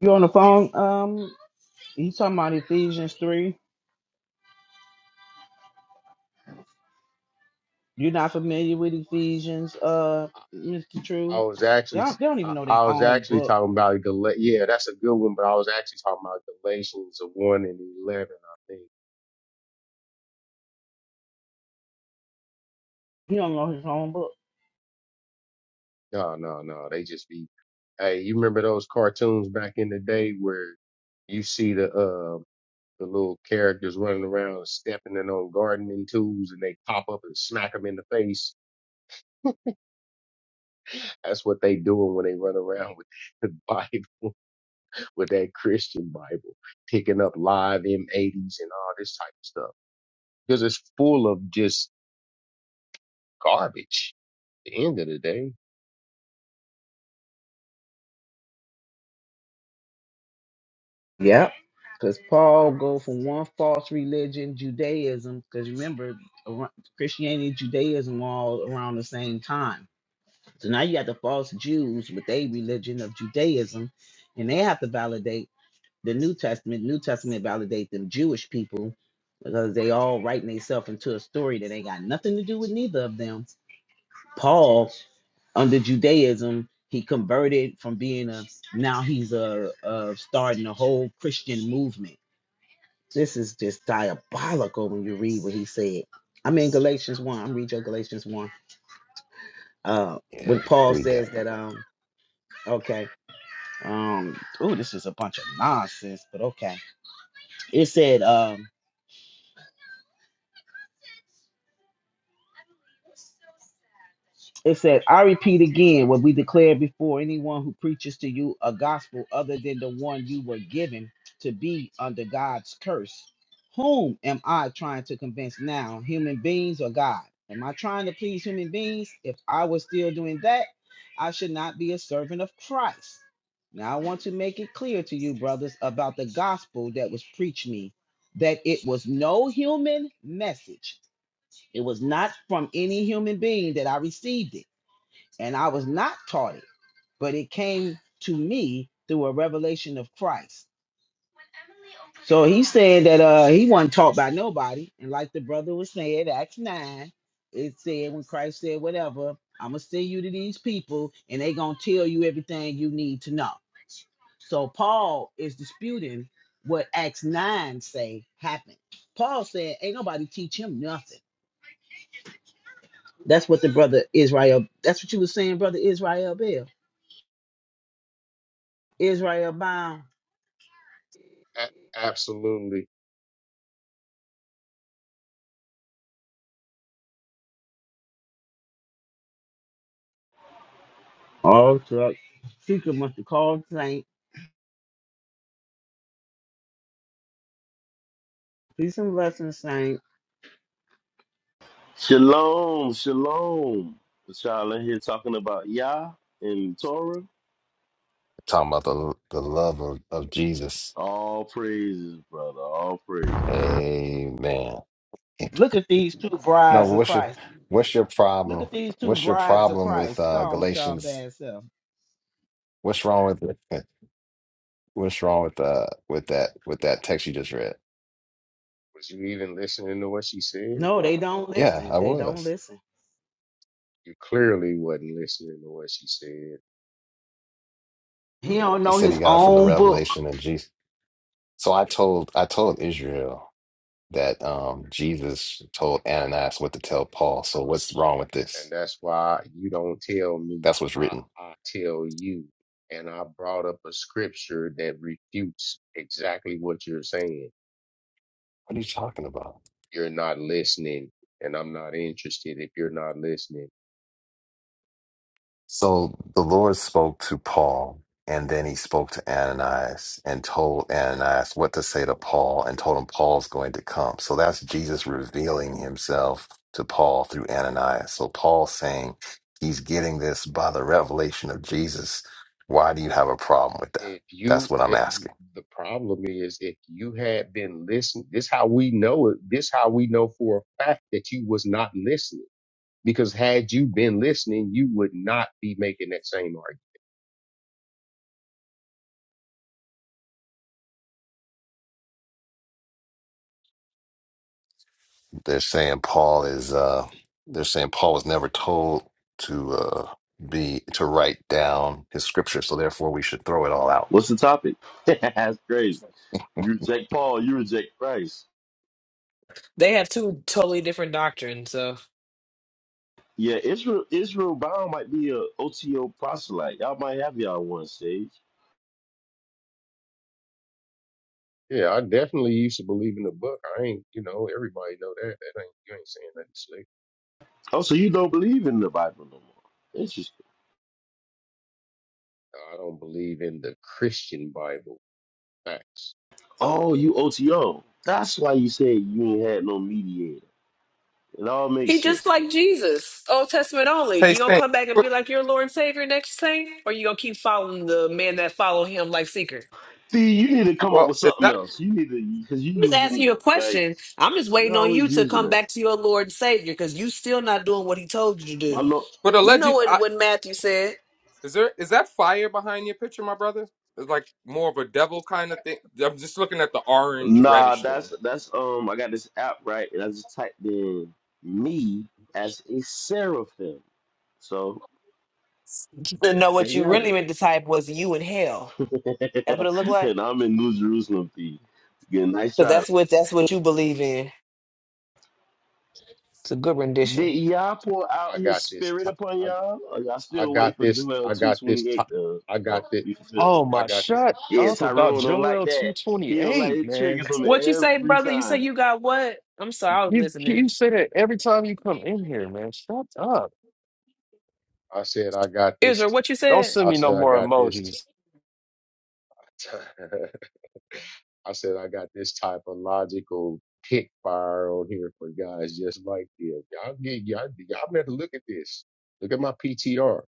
[SPEAKER 3] You on the phone? Um, you talking about Ephesians 3? You're not familiar with Ephesians, uh, Mr.
[SPEAKER 12] I
[SPEAKER 3] True?
[SPEAKER 12] was actually
[SPEAKER 3] Y'all, they don't even
[SPEAKER 12] I,
[SPEAKER 3] know their
[SPEAKER 12] I was
[SPEAKER 3] own
[SPEAKER 12] actually
[SPEAKER 3] book.
[SPEAKER 12] talking about Gal. Yeah, that's a good one. But I was actually talking about Galatians one and eleven. I think.
[SPEAKER 3] He don't know his own book.
[SPEAKER 12] No, no, no. They just be. Hey, you remember those cartoons back in the day where you see the uh the little characters running around stepping in on gardening tools and they pop up and smack them in the face. That's what they doing when they run around with the Bible, with that Christian Bible, picking up live M80s and all this type of stuff because it's full of just garbage. At the end of the day,
[SPEAKER 3] Yep. Because Paul go from one false religion, Judaism, because remember, around- Christianity and Judaism were all around the same time. So now you got the false Jews with their religion of Judaism, and they have to validate the New Testament. New Testament validate them Jewish people because they all writing themselves into a story that ain't got nothing to do with neither of them. Paul, under Judaism, he converted from being a now he's a, a starting a whole Christian movement. This is just diabolical when you read what he said. I'm in Galatians one. I'm read your Galatians one. Uh,
[SPEAKER 7] Yeah,
[SPEAKER 3] when Paul
[SPEAKER 7] read
[SPEAKER 3] says
[SPEAKER 7] that.
[SPEAKER 3] that, um, okay. Um, oh, this is a bunch of nonsense, but okay. It said, um, It said, I repeat again what we declared before anyone who preaches to you a gospel other than the one you were given to be under God's curse. Whom am I trying to convince now, human beings or God? Am I trying to please human beings? If I was still doing that, I should not be a servant of Christ. Now, I want to make it clear to you, brothers, about the gospel that was preached me, that it was no human message. It was not from any human being that I received it and I was not taught it, but it came to me through a revelation of Christ. So he's saying that uh he wasn't taught by nobody, and like the brother was saying, Acts nine, it said when Christ said, "Whatever, I'm gonna send you to these people, and they gonna tell you everything you need to know." So Paul is disputing what Acts nine say happened. Paul said, "Ain't nobody teach him nothing." That's what the brother Israel. That's what you was saying, brother Israel Bell Israel bound.
[SPEAKER 12] A- absolutely.
[SPEAKER 3] All truck. Seeker must be called saint. Peace and blessings, saint.
[SPEAKER 14] Shalom, shalom. Y'all in here talking about Yah and Torah.
[SPEAKER 7] Talking about the the love of, of Jesus
[SPEAKER 14] All praises, brother. All praises.
[SPEAKER 7] Amen.
[SPEAKER 3] Look at these two
[SPEAKER 7] No,
[SPEAKER 3] brides
[SPEAKER 7] but
[SPEAKER 3] of
[SPEAKER 7] what's your
[SPEAKER 3] Christ.
[SPEAKER 7] what's your
[SPEAKER 3] Look
[SPEAKER 7] problem?
[SPEAKER 3] at these two
[SPEAKER 7] What's your
[SPEAKER 3] brides of
[SPEAKER 7] problem with
[SPEAKER 3] Christ.
[SPEAKER 7] uh
[SPEAKER 3] Come, with y'all
[SPEAKER 7] Galatians?
[SPEAKER 3] bad self.
[SPEAKER 7] What's wrong with it? What's wrong with uh with that with that text you just read?
[SPEAKER 12] Was you even listening to what she said?
[SPEAKER 3] No, they don't
[SPEAKER 7] Yeah,
[SPEAKER 3] listen.
[SPEAKER 7] I
[SPEAKER 3] They don't
[SPEAKER 7] was.
[SPEAKER 3] listen.
[SPEAKER 12] You clearly wasn't listening to what she said,
[SPEAKER 3] He don't
[SPEAKER 7] He
[SPEAKER 3] know
[SPEAKER 7] said he
[SPEAKER 3] his
[SPEAKER 7] got it from the
[SPEAKER 3] own
[SPEAKER 7] revelation
[SPEAKER 3] book.
[SPEAKER 7] and Jesus. So I told I told Israel that um Jesus told Ananias what to tell Paul. So what's wrong with
[SPEAKER 12] and
[SPEAKER 7] this?
[SPEAKER 12] that's why you don't tell me.
[SPEAKER 7] That's what's
[SPEAKER 12] I,
[SPEAKER 7] written.
[SPEAKER 12] I tell you, and I brought up a scripture that refutes exactly what you're saying.
[SPEAKER 7] What are you talking about?
[SPEAKER 12] You're not listening, and I'm not interested if you're not listening.
[SPEAKER 7] So the Lord spoke to Paul, and then he spoke to Ananias and told Ananias what to say to Paul and told him Paul's going to come. So that's Jesus revealing himself to Paul through Ananias. So Paul's saying he's getting this by the revelation of Jesus. Why do you have a problem with that?
[SPEAKER 12] If
[SPEAKER 7] That's
[SPEAKER 12] you,
[SPEAKER 7] what I'm
[SPEAKER 12] it,
[SPEAKER 7] asking.
[SPEAKER 12] the problem is, if you had been listening, this how we know it. This how we know for a fact that you was not listening because had you been listening, you would not be making that same argument
[SPEAKER 7] They're saying Paul is uh they're saying Paul was never told to uh be to write down his scripture, so therefore we should throw it all out.
[SPEAKER 14] What's the topic? That's crazy. You reject Paul, you reject Christ.
[SPEAKER 1] They have two totally different doctrines. So
[SPEAKER 14] Yeah, Israel Israel bound might be a OTO proselyte. Y'all might have y'all one stage.
[SPEAKER 12] Yeah, I definitely used to believe in the book. I ain't, you know, everybody know that. That ain't you ain't saying nothing slick.
[SPEAKER 14] Oh, so you don't believe in the Bible no more. Interesting.
[SPEAKER 12] I don't believe in the Christian Bible. Facts.
[SPEAKER 14] Oh, you OTO. That's why you said you ain't had no mediator. It all makes
[SPEAKER 1] he just
[SPEAKER 14] sense now.
[SPEAKER 1] like Jesus, Old Testament only.
[SPEAKER 13] Hey,
[SPEAKER 1] You gonna
[SPEAKER 13] Saint.
[SPEAKER 1] come back and be like your Lord and Savior next thing, or you gonna keep following the man that follow him like seeker?
[SPEAKER 14] See, you need to come up
[SPEAKER 13] Well,
[SPEAKER 14] with
[SPEAKER 13] is
[SPEAKER 14] something
[SPEAKER 13] that
[SPEAKER 14] else. You need to because you
[SPEAKER 1] I'm just asking
[SPEAKER 14] using
[SPEAKER 1] you a
[SPEAKER 14] like
[SPEAKER 1] question. I'm just
[SPEAKER 14] you're
[SPEAKER 1] waiting on you
[SPEAKER 14] always
[SPEAKER 1] to
[SPEAKER 14] using
[SPEAKER 1] come
[SPEAKER 14] it.
[SPEAKER 1] back to your Lord and Savior because you still not doing what he told you to
[SPEAKER 14] My
[SPEAKER 1] do.
[SPEAKER 14] look,
[SPEAKER 13] but
[SPEAKER 1] You know
[SPEAKER 13] alleged?
[SPEAKER 1] what,
[SPEAKER 13] I,
[SPEAKER 1] what Matthew said.
[SPEAKER 13] is there is that fire behind your picture, my brother? It's like more of a devil kind of thing. I'm just looking at the orange
[SPEAKER 14] nah,
[SPEAKER 13] reddish thing.
[SPEAKER 14] that's that's um. I got this app right, and I just typed in me as a seraphim. So
[SPEAKER 1] No,
[SPEAKER 14] there
[SPEAKER 1] what
[SPEAKER 14] you
[SPEAKER 1] you
[SPEAKER 14] have
[SPEAKER 1] really meant to type was you in hell.
[SPEAKER 14] it.
[SPEAKER 1] That's what it looked like.
[SPEAKER 14] and I'm in New Jerusalem. P. Good, nice
[SPEAKER 1] Cause
[SPEAKER 14] try.
[SPEAKER 1] that's what that's what you believe in. It's a good rendition.
[SPEAKER 14] Did y'all pour out
[SPEAKER 12] I
[SPEAKER 14] His
[SPEAKER 12] got this.
[SPEAKER 14] Spirit
[SPEAKER 12] T-
[SPEAKER 14] upon
[SPEAKER 12] I
[SPEAKER 14] y'all? Or y'all
[SPEAKER 12] I
[SPEAKER 14] still
[SPEAKER 12] got
[SPEAKER 14] wait for
[SPEAKER 12] this.
[SPEAKER 14] Joel
[SPEAKER 12] I
[SPEAKER 14] two
[SPEAKER 12] got this.
[SPEAKER 14] twenty
[SPEAKER 12] T-
[SPEAKER 14] eight to
[SPEAKER 12] I
[SPEAKER 14] you
[SPEAKER 12] got
[SPEAKER 14] know
[SPEAKER 12] this.
[SPEAKER 14] be fulfilled?
[SPEAKER 2] Oh
[SPEAKER 12] I
[SPEAKER 2] my!
[SPEAKER 12] got this.
[SPEAKER 2] Shut
[SPEAKER 14] Yeah,
[SPEAKER 2] up about
[SPEAKER 14] Tyrone don't like
[SPEAKER 2] Joel
[SPEAKER 14] that.
[SPEAKER 2] two twenty
[SPEAKER 14] He don't like
[SPEAKER 2] eight,
[SPEAKER 14] it
[SPEAKER 2] man.
[SPEAKER 14] triggers him
[SPEAKER 1] What you say,
[SPEAKER 14] every
[SPEAKER 1] brother? You say
[SPEAKER 14] time.
[SPEAKER 1] you got what? I'm sorry, I was
[SPEAKER 2] You
[SPEAKER 1] listening.
[SPEAKER 2] you say that every time you come in here, man. Shut up.
[SPEAKER 12] I said I got this.
[SPEAKER 1] Israel,
[SPEAKER 12] t-
[SPEAKER 1] what you
[SPEAKER 2] Don't
[SPEAKER 1] said?
[SPEAKER 2] send
[SPEAKER 12] I
[SPEAKER 2] me no
[SPEAKER 12] said I
[SPEAKER 2] more
[SPEAKER 12] got this. T-
[SPEAKER 2] emojis.
[SPEAKER 12] I said I got this type of logical pick fire on here for guys just like you. Y'all get y'all y'all better look at this. Look at my PTR.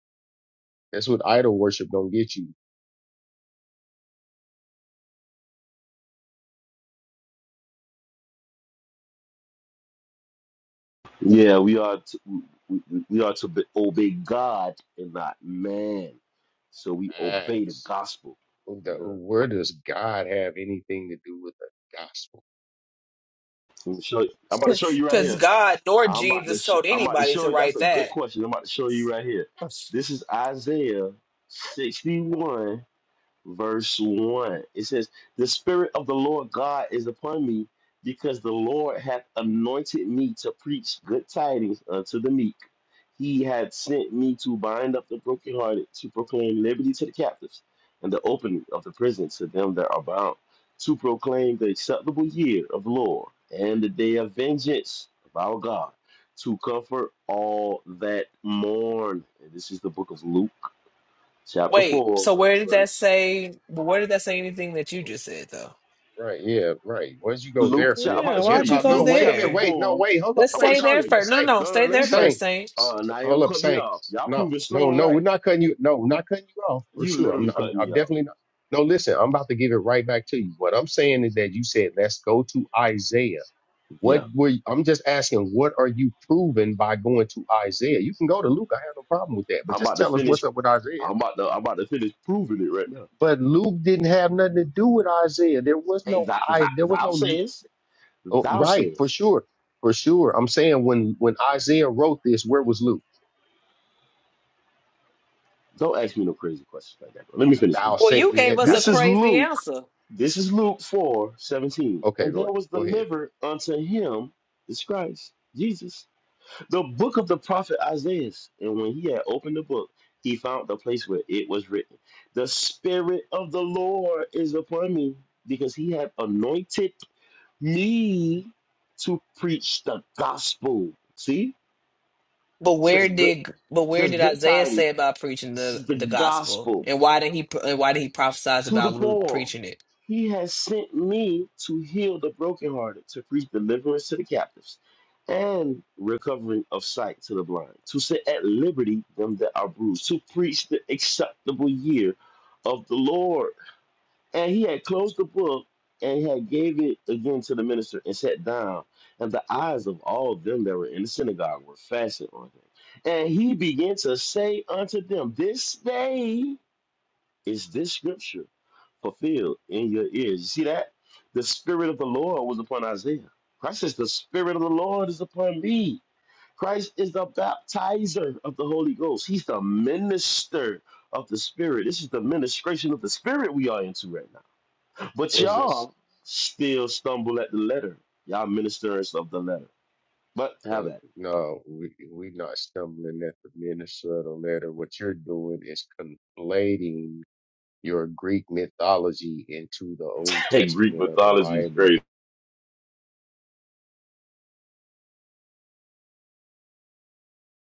[SPEAKER 12] That's what idol worship gonna get you.
[SPEAKER 14] Yeah, we are to, we, we are to be, obey God and not man. So we obey the
[SPEAKER 12] Facts.
[SPEAKER 14] gospel.
[SPEAKER 12] Who the-
[SPEAKER 14] Yeah.
[SPEAKER 12] Where does God have anything to do with the gospel?
[SPEAKER 14] I'm, show, I'm about to show you right
[SPEAKER 1] Cause
[SPEAKER 14] here.
[SPEAKER 1] God nor
[SPEAKER 14] I'm about to
[SPEAKER 1] Jesus
[SPEAKER 14] sh-
[SPEAKER 1] told
[SPEAKER 14] I'm about to
[SPEAKER 1] anybody
[SPEAKER 14] show
[SPEAKER 1] to
[SPEAKER 14] you. That's
[SPEAKER 1] write
[SPEAKER 14] a good
[SPEAKER 1] that.
[SPEAKER 14] question. I'm about to show you right here. This is Isaiah 61 verse 1. It says, The Spirit of the Lord God is upon me, because the Lord hath anointed me to preach good tidings unto the meek. He hath sent me to bind up the brokenhearted, to proclaim liberty to the captives, and the opening of the prison to them that are bound, to proclaim the acceptable year of the Lord, and the day of vengeance of our God, to comfort all that mourn. And this is the book of Luke, chapter
[SPEAKER 1] Wait,
[SPEAKER 14] 4,
[SPEAKER 1] so where did that
[SPEAKER 14] verse
[SPEAKER 1] say? But where did that say anything that you just said though?
[SPEAKER 12] Right, yeah, right. What'd you go
[SPEAKER 14] Luke
[SPEAKER 12] there
[SPEAKER 14] chap. I'm
[SPEAKER 12] for?
[SPEAKER 14] about
[SPEAKER 1] Yeah,
[SPEAKER 14] to show
[SPEAKER 12] Forget
[SPEAKER 1] why'd
[SPEAKER 14] you.
[SPEAKER 1] you
[SPEAKER 12] about
[SPEAKER 1] go
[SPEAKER 12] no,
[SPEAKER 14] Luke
[SPEAKER 12] wait a
[SPEAKER 14] chapter
[SPEAKER 12] minute,
[SPEAKER 1] there?
[SPEAKER 12] wait, no,
[SPEAKER 14] four.
[SPEAKER 12] wait, hold up,
[SPEAKER 1] Let's
[SPEAKER 14] I'm about to
[SPEAKER 12] wait,
[SPEAKER 1] stay
[SPEAKER 12] no,
[SPEAKER 14] show
[SPEAKER 12] wait
[SPEAKER 1] there
[SPEAKER 12] a
[SPEAKER 14] you.
[SPEAKER 12] minute,
[SPEAKER 1] first. No, no,
[SPEAKER 12] Saint.
[SPEAKER 1] no.
[SPEAKER 14] No, no,
[SPEAKER 1] Stay
[SPEAKER 14] let me
[SPEAKER 1] there
[SPEAKER 14] finish.
[SPEAKER 1] first,
[SPEAKER 12] Saint.
[SPEAKER 1] Saint.
[SPEAKER 12] S-
[SPEAKER 14] Uh,
[SPEAKER 12] s-
[SPEAKER 14] now you
[SPEAKER 12] Hold up,
[SPEAKER 14] cut me
[SPEAKER 12] Saint.
[SPEAKER 14] off. Y'all
[SPEAKER 12] No,
[SPEAKER 14] proving
[SPEAKER 12] no,
[SPEAKER 14] Stone
[SPEAKER 12] no, we're
[SPEAKER 14] right.
[SPEAKER 12] not cutting you no, we're not cutting you off for
[SPEAKER 14] You
[SPEAKER 12] sure. I'm
[SPEAKER 14] literally
[SPEAKER 12] I'm,
[SPEAKER 14] cut
[SPEAKER 12] I'm
[SPEAKER 14] me off.
[SPEAKER 12] definitely not no, listen, I'm about to give it right back to you. What I'm saying is that you said let's go to Isaiah. What
[SPEAKER 14] Yeah,
[SPEAKER 12] were you, I'm just asking, what are you proving by going to Isaiah? You can go to Luke, I have no problem with that, but
[SPEAKER 14] I'm
[SPEAKER 12] just
[SPEAKER 14] about to
[SPEAKER 12] tell us what's
[SPEAKER 14] finish.
[SPEAKER 12] up with Isaiah.
[SPEAKER 14] I'm about to. I'm about to finish proving it right now.
[SPEAKER 12] But Luke didn't have nothing to do with Isaiah. There was
[SPEAKER 14] Hey,
[SPEAKER 12] no
[SPEAKER 14] thou,
[SPEAKER 12] I
[SPEAKER 14] thou,
[SPEAKER 12] there was
[SPEAKER 14] thou
[SPEAKER 12] no
[SPEAKER 14] says,
[SPEAKER 12] Oh,
[SPEAKER 14] thou
[SPEAKER 12] right, for
[SPEAKER 14] says.
[SPEAKER 12] sure, for sure. I'm saying when when Isaiah wrote this, where was Luke?
[SPEAKER 14] Don't ask me no crazy questions like that. Bro. Let me finish
[SPEAKER 12] I'll
[SPEAKER 14] reading.
[SPEAKER 1] Well,
[SPEAKER 12] say it-
[SPEAKER 1] you gave
[SPEAKER 12] it-
[SPEAKER 1] us
[SPEAKER 12] that.
[SPEAKER 1] a
[SPEAKER 14] This is
[SPEAKER 1] crazy
[SPEAKER 14] Luke.
[SPEAKER 1] answer.
[SPEAKER 14] This is Luke 4 seventeen,
[SPEAKER 12] Okay,
[SPEAKER 14] And
[SPEAKER 12] go
[SPEAKER 14] there
[SPEAKER 12] ahead.
[SPEAKER 14] was
[SPEAKER 12] Go ahead.
[SPEAKER 14] delivered unto him, this Christ, Jesus the book of the prophet Isaiah. And when he had opened the book, he found the place where it was written, The Spirit of the Lord is upon me, because he had anointed me to preach the gospel. See?
[SPEAKER 1] But
[SPEAKER 14] It
[SPEAKER 1] where
[SPEAKER 14] says good
[SPEAKER 1] did but
[SPEAKER 14] it
[SPEAKER 1] where
[SPEAKER 14] says
[SPEAKER 1] did
[SPEAKER 14] good
[SPEAKER 1] Isaiah
[SPEAKER 14] tidings.
[SPEAKER 1] say about preaching
[SPEAKER 14] This
[SPEAKER 1] the
[SPEAKER 14] is the
[SPEAKER 1] the gospel,
[SPEAKER 14] gospel.
[SPEAKER 1] and why did he and why did he prophesize
[SPEAKER 14] to the
[SPEAKER 1] about Luke
[SPEAKER 14] poor.
[SPEAKER 1] preaching it?
[SPEAKER 14] He has sent me to heal the brokenhearted, to preach deliverance to the captives, and recovering of sight to the blind, to set at liberty them that are bruised, to preach the acceptable year of the Lord. And he had closed the book and had gave it again to the minister and sat down. And the eyes of all them that were in the synagogue were fastened on him. And he began to say unto them, This day. Is this scripture fulfilled in your ears? You see that? The Spirit of the Lord was upon Isaiah. Christ says, The Spirit of the Lord is upon me. Christ is the baptizer of the Holy Ghost. He's the minister of the Spirit. This is the ministration of the Spirit we are into right now. But
[SPEAKER 12] What's this?
[SPEAKER 14] y'all still stumble at the letter. Y'all ministers of the letter. But have
[SPEAKER 12] Uh,
[SPEAKER 14] that.
[SPEAKER 12] no, we we not stumbling at the Minnesota letter. What you're doing is conflating your Greek mythology into the Old
[SPEAKER 14] Hey, Greek
[SPEAKER 12] Testament of the
[SPEAKER 14] mythology is
[SPEAKER 12] Bible.
[SPEAKER 14] crazy.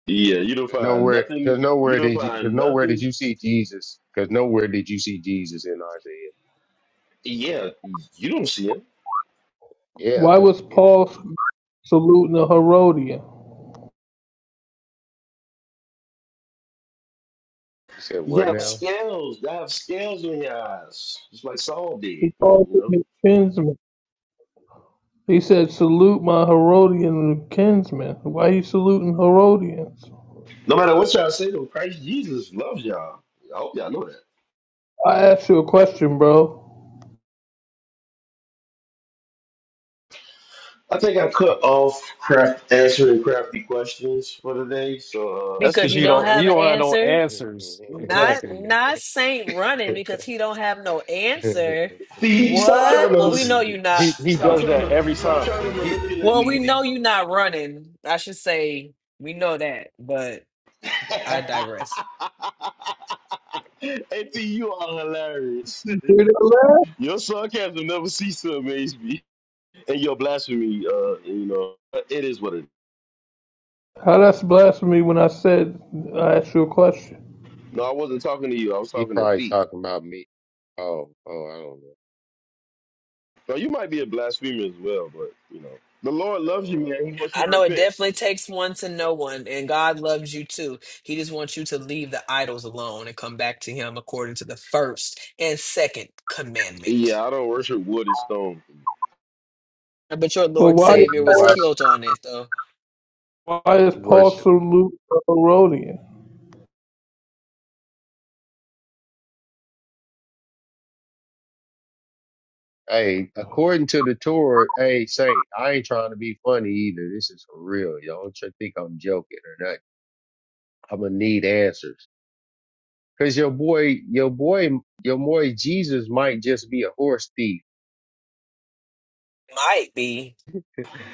[SPEAKER 14] Yeah, you don't
[SPEAKER 12] There's
[SPEAKER 14] find
[SPEAKER 12] nowhere. There's
[SPEAKER 14] nothing. You
[SPEAKER 12] nowhere
[SPEAKER 14] don't
[SPEAKER 12] did you. There's
[SPEAKER 14] find
[SPEAKER 12] nowhere did
[SPEAKER 14] nothing.
[SPEAKER 12] you see Jesus. Because nowhere did you see Jesus in Isaiah.
[SPEAKER 14] Yeah, you don't see it.
[SPEAKER 12] Yeah,
[SPEAKER 5] Why
[SPEAKER 12] because
[SPEAKER 5] was
[SPEAKER 12] it.
[SPEAKER 5] Paul saluting a Herodian?
[SPEAKER 12] You said
[SPEAKER 14] You
[SPEAKER 12] what
[SPEAKER 14] have
[SPEAKER 12] now?
[SPEAKER 14] scales. You have scales on your eyes, just like Saul did.
[SPEAKER 5] He
[SPEAKER 14] You
[SPEAKER 5] called him
[SPEAKER 14] know,
[SPEAKER 5] his kinsman. He said, Salute my Herodian kinsmen. Why you saluting Herodians?
[SPEAKER 14] no matter what y'all say, though, Christ Jesus loves y'all. I hope y'all know that.
[SPEAKER 5] I asked you a question, bro.
[SPEAKER 14] I think I cut
[SPEAKER 12] Um,
[SPEAKER 14] off craft answering crafty questions for today, so uh,
[SPEAKER 2] That's
[SPEAKER 14] it's a
[SPEAKER 1] Because
[SPEAKER 2] because
[SPEAKER 14] good
[SPEAKER 1] you
[SPEAKER 2] you
[SPEAKER 1] don't
[SPEAKER 12] Right.
[SPEAKER 14] try.
[SPEAKER 2] don't
[SPEAKER 1] have
[SPEAKER 2] you
[SPEAKER 1] an
[SPEAKER 2] don't have no
[SPEAKER 1] answer.
[SPEAKER 2] answers.
[SPEAKER 1] Not
[SPEAKER 2] Exactly.
[SPEAKER 1] not Saint running because he don't have no answer.
[SPEAKER 14] Fee, stop trying
[SPEAKER 1] What? Well,
[SPEAKER 14] to
[SPEAKER 1] we know you
[SPEAKER 12] he
[SPEAKER 1] not.
[SPEAKER 2] He he
[SPEAKER 14] stop
[SPEAKER 2] does
[SPEAKER 14] trying
[SPEAKER 2] that
[SPEAKER 14] to
[SPEAKER 2] every
[SPEAKER 14] stop
[SPEAKER 2] time.
[SPEAKER 14] trying to
[SPEAKER 2] He,
[SPEAKER 14] manipulate
[SPEAKER 1] Well,
[SPEAKER 14] me,
[SPEAKER 1] we
[SPEAKER 2] he
[SPEAKER 14] Fee.
[SPEAKER 1] know you not running. I should say we know that, but I digress.
[SPEAKER 14] hey, Fee, you are hilarious.
[SPEAKER 5] You hear that laugh?
[SPEAKER 14] Your sarcasm never ceases to amaze me. and your blasphemy, uh, you know, it is what it.
[SPEAKER 5] How that's blasphemy when I said I asked you a question.
[SPEAKER 14] No, I wasn't talking to you. I was talking to
[SPEAKER 12] probably
[SPEAKER 14] Thief.
[SPEAKER 12] talking about me. Oh, oh, I don't know.
[SPEAKER 14] Now you might be a blasphemer as well, but you know, the Lord loves you, man.
[SPEAKER 12] Oh,
[SPEAKER 14] He wants you
[SPEAKER 1] I
[SPEAKER 14] to
[SPEAKER 1] know it
[SPEAKER 14] repent.
[SPEAKER 1] definitely takes one to know one, and God loves you too. He just wants you to leave the idols alone and come back to Him according to the first and second commandment.
[SPEAKER 14] Yeah, I don't worship wood and stone.
[SPEAKER 1] But your
[SPEAKER 5] But
[SPEAKER 1] Lord
[SPEAKER 5] why
[SPEAKER 12] yeah,
[SPEAKER 1] Savior
[SPEAKER 12] you
[SPEAKER 1] was
[SPEAKER 12] watch,
[SPEAKER 1] killed on it, though.
[SPEAKER 5] why is
[SPEAKER 12] you
[SPEAKER 5] Paul
[SPEAKER 12] worship.
[SPEAKER 5] salute a Herodian?
[SPEAKER 12] Hey, according to the Torah, hey, Saint, I ain't trying to be funny either. This is for real. Y'all don't you think I'm joking or nothing. I'm gonna need answers. Cause your boy, your boy, your boy Jesus might just be a horse thief.
[SPEAKER 1] Might be.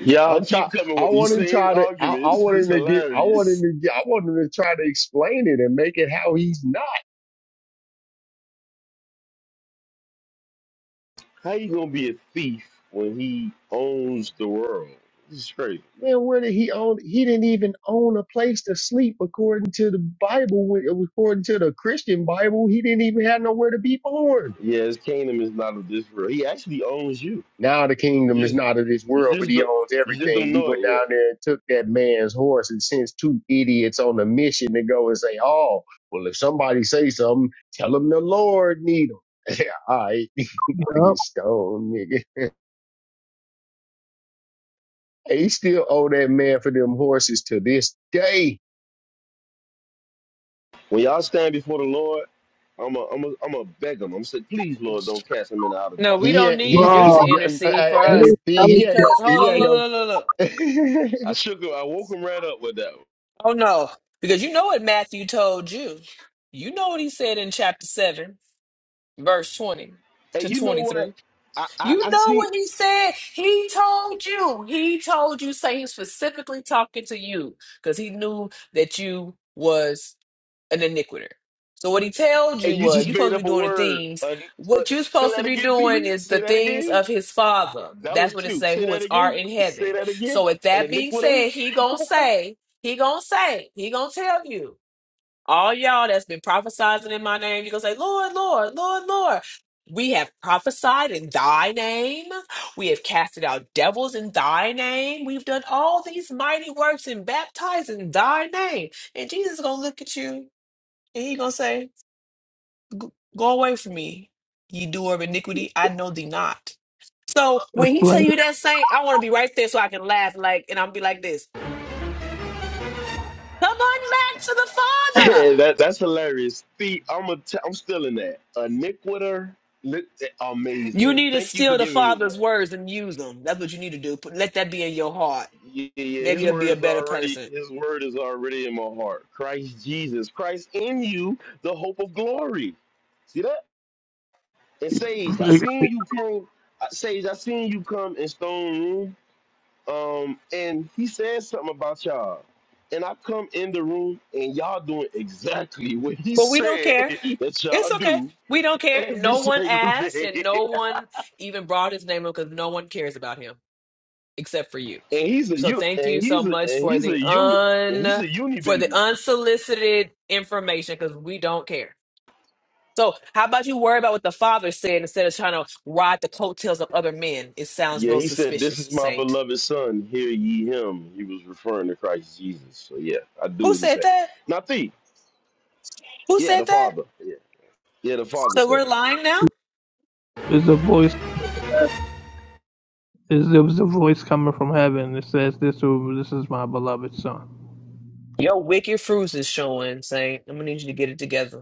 [SPEAKER 14] Y'all
[SPEAKER 12] I'm try.
[SPEAKER 14] keep coming
[SPEAKER 12] I
[SPEAKER 14] with
[SPEAKER 12] want
[SPEAKER 14] these
[SPEAKER 12] him
[SPEAKER 14] same
[SPEAKER 12] try to. I, I
[SPEAKER 14] arguments.
[SPEAKER 12] want
[SPEAKER 14] It's
[SPEAKER 12] him to get. I want him
[SPEAKER 14] hilarious.
[SPEAKER 12] to. get- I want him to try to explain it and make it how he's not.
[SPEAKER 14] How you gonna be a thief when he owns the world? This is crazy.
[SPEAKER 12] Man, where did he own? He didn't even own a place to sleep according to the Bible. when- According to the Christian Bible, he didn't even have nowhere to be born.
[SPEAKER 14] Yeah, his kingdom is not of this world. He actually owns you.
[SPEAKER 12] Now the
[SPEAKER 14] You
[SPEAKER 12] kingdom is
[SPEAKER 14] just,
[SPEAKER 12] not of this
[SPEAKER 14] you
[SPEAKER 12] world, but
[SPEAKER 14] just,
[SPEAKER 12] he
[SPEAKER 14] don't-
[SPEAKER 12] owns
[SPEAKER 14] you just
[SPEAKER 12] everything.
[SPEAKER 14] don't
[SPEAKER 12] He
[SPEAKER 14] know
[SPEAKER 12] went
[SPEAKER 14] it yet.
[SPEAKER 12] down there and took that man's horse and sends two idiots on a mission to go and say, "Oh, well, if somebody say something, tell them the Lord need them." Yeah, All right, about to
[SPEAKER 5] Yeah.
[SPEAKER 12] get stoned, nigga. He still owe that man for them horses to this day.
[SPEAKER 14] When y'all stand before the Lord. I'm a, I'm a, I'm a beg him. I'm saying, please, Lord, don't cast him in the outer
[SPEAKER 1] No, we
[SPEAKER 14] darkness.
[SPEAKER 12] He
[SPEAKER 1] don't
[SPEAKER 12] ain't-
[SPEAKER 1] need
[SPEAKER 12] he
[SPEAKER 1] you
[SPEAKER 5] Wow.
[SPEAKER 1] to
[SPEAKER 12] he.
[SPEAKER 1] intercede
[SPEAKER 12] I,
[SPEAKER 1] for
[SPEAKER 12] I,
[SPEAKER 1] us
[SPEAKER 12] see, he ain't go.
[SPEAKER 1] because hold
[SPEAKER 12] He
[SPEAKER 1] on,
[SPEAKER 12] ain't
[SPEAKER 1] look,
[SPEAKER 12] go.
[SPEAKER 1] look, look, look.
[SPEAKER 14] I shook him. I woke him right up with that. One.
[SPEAKER 1] Oh no, because you know what Matthew told you. You know what he said in chapter seven, verse twenty
[SPEAKER 14] And
[SPEAKER 1] to
[SPEAKER 14] you know what?
[SPEAKER 1] twenty-three.
[SPEAKER 14] I, I,
[SPEAKER 1] You
[SPEAKER 14] I
[SPEAKER 1] know
[SPEAKER 14] see.
[SPEAKER 1] what he said. He told you. He told you, saying specifically talking to you, because he knew that you was. an iniquitor. So what he told
[SPEAKER 14] And
[SPEAKER 1] you
[SPEAKER 14] you
[SPEAKER 1] was
[SPEAKER 14] just
[SPEAKER 1] you're
[SPEAKER 14] made
[SPEAKER 1] supposed to
[SPEAKER 14] up
[SPEAKER 1] be
[SPEAKER 14] a
[SPEAKER 1] doing the
[SPEAKER 14] word.
[SPEAKER 1] things
[SPEAKER 14] Uh, uh,
[SPEAKER 1] what you're
[SPEAKER 14] say
[SPEAKER 1] supposed to
[SPEAKER 14] that
[SPEAKER 1] be
[SPEAKER 14] again,
[SPEAKER 1] doing
[SPEAKER 14] T.
[SPEAKER 1] is the
[SPEAKER 14] Say that
[SPEAKER 1] things
[SPEAKER 14] again.
[SPEAKER 1] of his father.
[SPEAKER 14] That was
[SPEAKER 1] That's what it
[SPEAKER 14] cute.
[SPEAKER 1] say,
[SPEAKER 14] Say
[SPEAKER 1] who
[SPEAKER 14] that
[SPEAKER 1] is art
[SPEAKER 14] again.
[SPEAKER 1] in heaven.
[SPEAKER 14] Say that again.
[SPEAKER 1] So with
[SPEAKER 14] An
[SPEAKER 1] that being
[SPEAKER 14] iniquitor.
[SPEAKER 1] said, he gonna say, he gonna say, he gonna tell you, all y'all that's been prophesizing in my name, you gonna say, Lord, Lord, Lord, Lord. We have prophesied in thy name. We have casted out devils in thy name. We've done all these mighty works and baptized in thy name. And Jesus is gonna look at you and he gonna say, Go away from me, ye doer of iniquity, I know thee not. So when he tell
[SPEAKER 5] Explain.
[SPEAKER 1] you that saint, I wanna be right there so I can laugh like and I'm be like this. Come on back to the Father.
[SPEAKER 14] that, that's hilarious. T, I'm a, t- I'm still in that. Iniquitor. Li-
[SPEAKER 1] You
[SPEAKER 14] Amazing.
[SPEAKER 1] need to
[SPEAKER 14] Thank you for
[SPEAKER 1] steal the
[SPEAKER 14] giving me that.
[SPEAKER 1] Father's words and use them. That's what you need to do. Put- Let that be in your heart.
[SPEAKER 14] Yeah, yeah,
[SPEAKER 1] Maybe
[SPEAKER 14] his
[SPEAKER 1] you'll be
[SPEAKER 14] word
[SPEAKER 1] a
[SPEAKER 14] is
[SPEAKER 1] better
[SPEAKER 14] already
[SPEAKER 1] person.
[SPEAKER 14] his word is already in my heart. Christ Jesus, Christ in you, the hope of glory. See that? And Sage, I seen you came. uh, Sage, I seen you come in Stone Room. Um, and he said something about y'all. And I come in the room and y'all doing exactly what he
[SPEAKER 1] But we don't
[SPEAKER 14] said
[SPEAKER 1] care.
[SPEAKER 14] that
[SPEAKER 1] It's
[SPEAKER 14] y'all
[SPEAKER 1] okay.
[SPEAKER 14] do
[SPEAKER 1] We don't care.
[SPEAKER 14] every
[SPEAKER 1] No one
[SPEAKER 14] single
[SPEAKER 1] asked,
[SPEAKER 14] day.
[SPEAKER 1] and no one even brought his name up because no one cares about him except for you.
[SPEAKER 14] and he's a
[SPEAKER 1] So
[SPEAKER 14] you
[SPEAKER 1] thank you
[SPEAKER 14] and
[SPEAKER 1] so
[SPEAKER 14] he's a
[SPEAKER 1] much
[SPEAKER 14] and
[SPEAKER 1] for
[SPEAKER 14] he's a
[SPEAKER 1] the
[SPEAKER 14] uni and he's
[SPEAKER 1] un
[SPEAKER 14] a uni
[SPEAKER 1] for the
[SPEAKER 14] baby.
[SPEAKER 1] unsolicited information because we don't care. So how about you worry about what the father said instead of trying to ride the coattails of other men? It sounds
[SPEAKER 14] Yeah,
[SPEAKER 1] real
[SPEAKER 14] he said, This
[SPEAKER 1] suspicious,
[SPEAKER 14] is my
[SPEAKER 1] Saint.
[SPEAKER 14] beloved son, hear ye him. He was referring to Christ Jesus. So yeah, I do
[SPEAKER 1] Who
[SPEAKER 14] what he
[SPEAKER 1] said
[SPEAKER 14] said.
[SPEAKER 1] that?
[SPEAKER 14] Now thee,
[SPEAKER 1] Who
[SPEAKER 14] yeah,
[SPEAKER 1] said
[SPEAKER 14] the
[SPEAKER 1] that?
[SPEAKER 14] father. Yeah. Yeah, the father
[SPEAKER 1] So we're
[SPEAKER 14] said that. Yeah.
[SPEAKER 1] lying now?
[SPEAKER 5] Is a voice is there was a voice coming from heaven that says this will- this is my beloved son.
[SPEAKER 1] Your wicked fruits is showing, Saint. I'm gonna need you to get it together.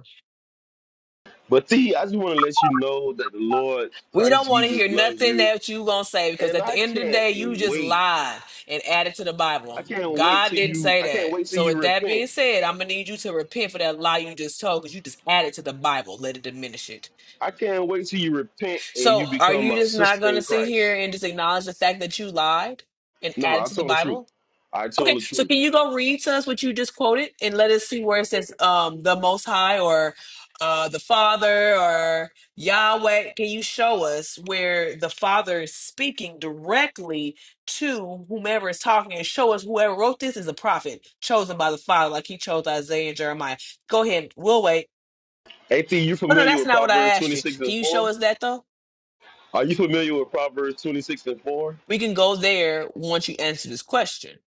[SPEAKER 14] But thee, I just want to let you know that the Lord
[SPEAKER 1] We don't
[SPEAKER 14] Christ
[SPEAKER 1] want to hear
[SPEAKER 14] Jesus loves
[SPEAKER 1] nothing
[SPEAKER 14] you.
[SPEAKER 1] that you gonna say because
[SPEAKER 14] And
[SPEAKER 1] at the
[SPEAKER 14] I
[SPEAKER 1] end of the
[SPEAKER 14] can't
[SPEAKER 1] day, you just
[SPEAKER 14] wait.
[SPEAKER 1] lied and added to the
[SPEAKER 14] I
[SPEAKER 1] Bible.
[SPEAKER 14] can't wait
[SPEAKER 1] God
[SPEAKER 14] till
[SPEAKER 1] didn't
[SPEAKER 14] you
[SPEAKER 1] say
[SPEAKER 14] I can't
[SPEAKER 1] that.
[SPEAKER 14] wait till
[SPEAKER 1] So
[SPEAKER 14] you
[SPEAKER 1] with that
[SPEAKER 14] repent.
[SPEAKER 1] being said, I'm gonna need you to repent for that lie you just told because you just added to the Bible, let it diminish it.
[SPEAKER 14] I can't wait till you repent and
[SPEAKER 1] So
[SPEAKER 14] you
[SPEAKER 1] are
[SPEAKER 14] become
[SPEAKER 1] you
[SPEAKER 14] my
[SPEAKER 1] just not
[SPEAKER 14] sister
[SPEAKER 1] gonna
[SPEAKER 14] in
[SPEAKER 1] sit here
[SPEAKER 14] Christ.
[SPEAKER 1] and just acknowledge the fact that you lied and
[SPEAKER 14] No,
[SPEAKER 1] added
[SPEAKER 14] I
[SPEAKER 1] to the
[SPEAKER 14] told the truth.
[SPEAKER 1] Bible?
[SPEAKER 14] I told
[SPEAKER 1] Okay,
[SPEAKER 14] the
[SPEAKER 1] so
[SPEAKER 14] truth.
[SPEAKER 1] can you go read to us what you just quoted and let us see where it says um the most high or uh the father or Yahweh? Can you show us where the father is speaking directly to whomever is talking and show us whoever wrote this is a prophet chosen by the father, like he chose Isaiah and Jeremiah. Go ahead, we'll wait.
[SPEAKER 14] Hey, Thee, you
[SPEAKER 1] Oh no,
[SPEAKER 14] familiar
[SPEAKER 1] that's
[SPEAKER 14] with
[SPEAKER 1] not what I
[SPEAKER 14] Proverbs
[SPEAKER 1] asked you.
[SPEAKER 14] 26
[SPEAKER 1] Can
[SPEAKER 14] and
[SPEAKER 1] you show
[SPEAKER 14] 4?
[SPEAKER 1] us that though?
[SPEAKER 14] Are you familiar with Proverbs 26 and 4?
[SPEAKER 1] We can go there once you answer this question.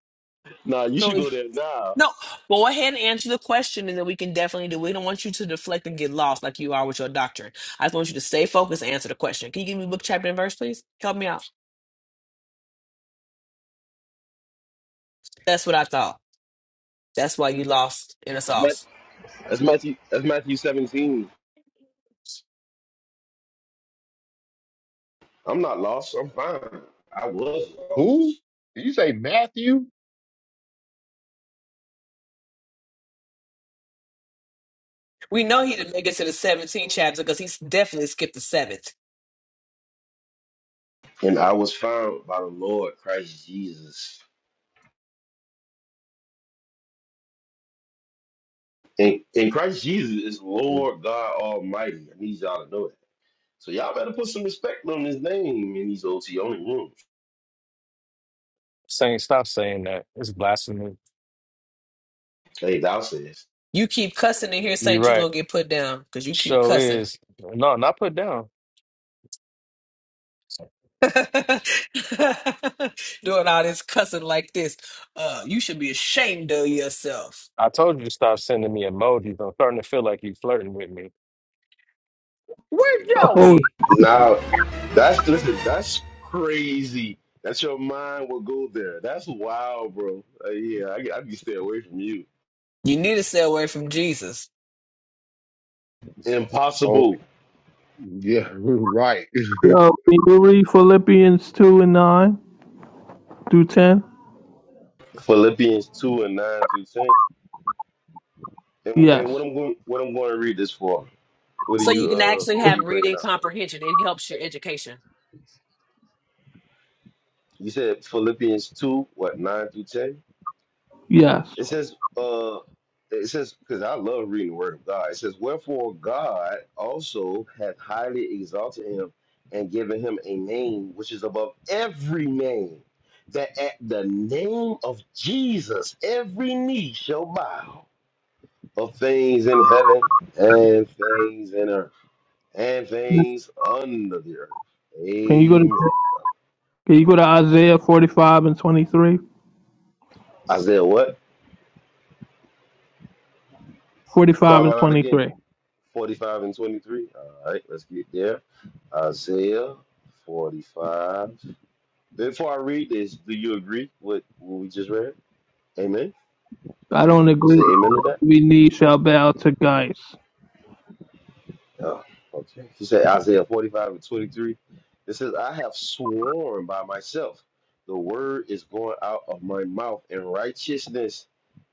[SPEAKER 14] Nah, you
[SPEAKER 1] So. if
[SPEAKER 14] should go there now.
[SPEAKER 1] No, well, go ahead and answer the question, and then we can definitely do. We don't want you to deflect and get lost like you are with your doctrine. I just want you to stay focused and answer the question. Can you give me book, chapter, and verse, please? Help me out. That's what I thought. That's why you lost in the
[SPEAKER 14] That's Matthew,
[SPEAKER 1] sauce.
[SPEAKER 14] that's Matthew, that's Matthew 17. I'm not lost. I'm fine. I was
[SPEAKER 12] Who?
[SPEAKER 14] lost.
[SPEAKER 12] Did you say Matthew?
[SPEAKER 1] We know he didn't make it to the 17th chapter because he's definitely skipped the seventh.
[SPEAKER 14] And I was found by the Lord Christ Jesus. And, and Christ Jesus is Lord God Almighty. I need y'all to know that. So y'all better put some respect on his name in these OT only rooms.
[SPEAKER 2] saying stop saying that. It's blasphemy.
[SPEAKER 14] Hey, thou says.
[SPEAKER 1] You keep cussing in here,
[SPEAKER 2] You're
[SPEAKER 1] Saint, you're
[SPEAKER 2] right.
[SPEAKER 1] gonna get put down because you keep
[SPEAKER 2] Show
[SPEAKER 1] cussing.
[SPEAKER 2] is no, not put down.
[SPEAKER 1] Doing all this cussing like this. Uh, you should be ashamed of yourself.
[SPEAKER 2] I told you to stop sending me emojis. I'm starting to feel like you flirting with me.
[SPEAKER 1] Where's
[SPEAKER 5] Oh,
[SPEAKER 1] Joey?
[SPEAKER 14] Now, that's listen. That's crazy. That's your mind will go there. That's wild, bro. Uh, yeah, I, I can stay away from you.
[SPEAKER 1] You need to stay away from Jesus.
[SPEAKER 12] Oh,
[SPEAKER 14] Impossible.
[SPEAKER 12] yeah, right.
[SPEAKER 5] uh, can you read Philippians two and nine through ten?
[SPEAKER 14] Philippians two and nine through ten. And, and
[SPEAKER 5] Yes.
[SPEAKER 14] what I'm going, what I'm going to read this for? What are
[SPEAKER 1] So you
[SPEAKER 14] you,
[SPEAKER 1] can
[SPEAKER 14] uh,
[SPEAKER 1] actually
[SPEAKER 14] what are
[SPEAKER 1] have
[SPEAKER 14] you bringing
[SPEAKER 1] reading
[SPEAKER 14] out? Right now?
[SPEAKER 1] comprehension. It helps your education.
[SPEAKER 14] You said Philippians two, what nine through ten?
[SPEAKER 5] Yes.
[SPEAKER 14] It says, uh, it says, because I love reading the word of God. It says, Wherefore God also hath highly exalted him and given him a name which is above every name, that at the name of Jesus every knee shall bow of things in heaven and things in earth and things under the earth.
[SPEAKER 5] Can you go to
[SPEAKER 14] Amen.
[SPEAKER 5] Can you go to Isaiah 45 and 23?
[SPEAKER 14] Isaiah, what?
[SPEAKER 5] 45
[SPEAKER 14] Call
[SPEAKER 5] and
[SPEAKER 14] it out
[SPEAKER 5] 23.
[SPEAKER 14] 45 and 23. All right, let's get there. Isaiah 45. Before I read this, do you agree with what we just read? Amen.
[SPEAKER 5] I don't
[SPEAKER 14] You
[SPEAKER 5] agree.
[SPEAKER 14] say amen to that?
[SPEAKER 5] We need shall bow to guys.
[SPEAKER 14] Yeah. Okay. He said Isaiah 45 and 23. It says, I have sworn by myself, the word is going out of my mouth in righteousness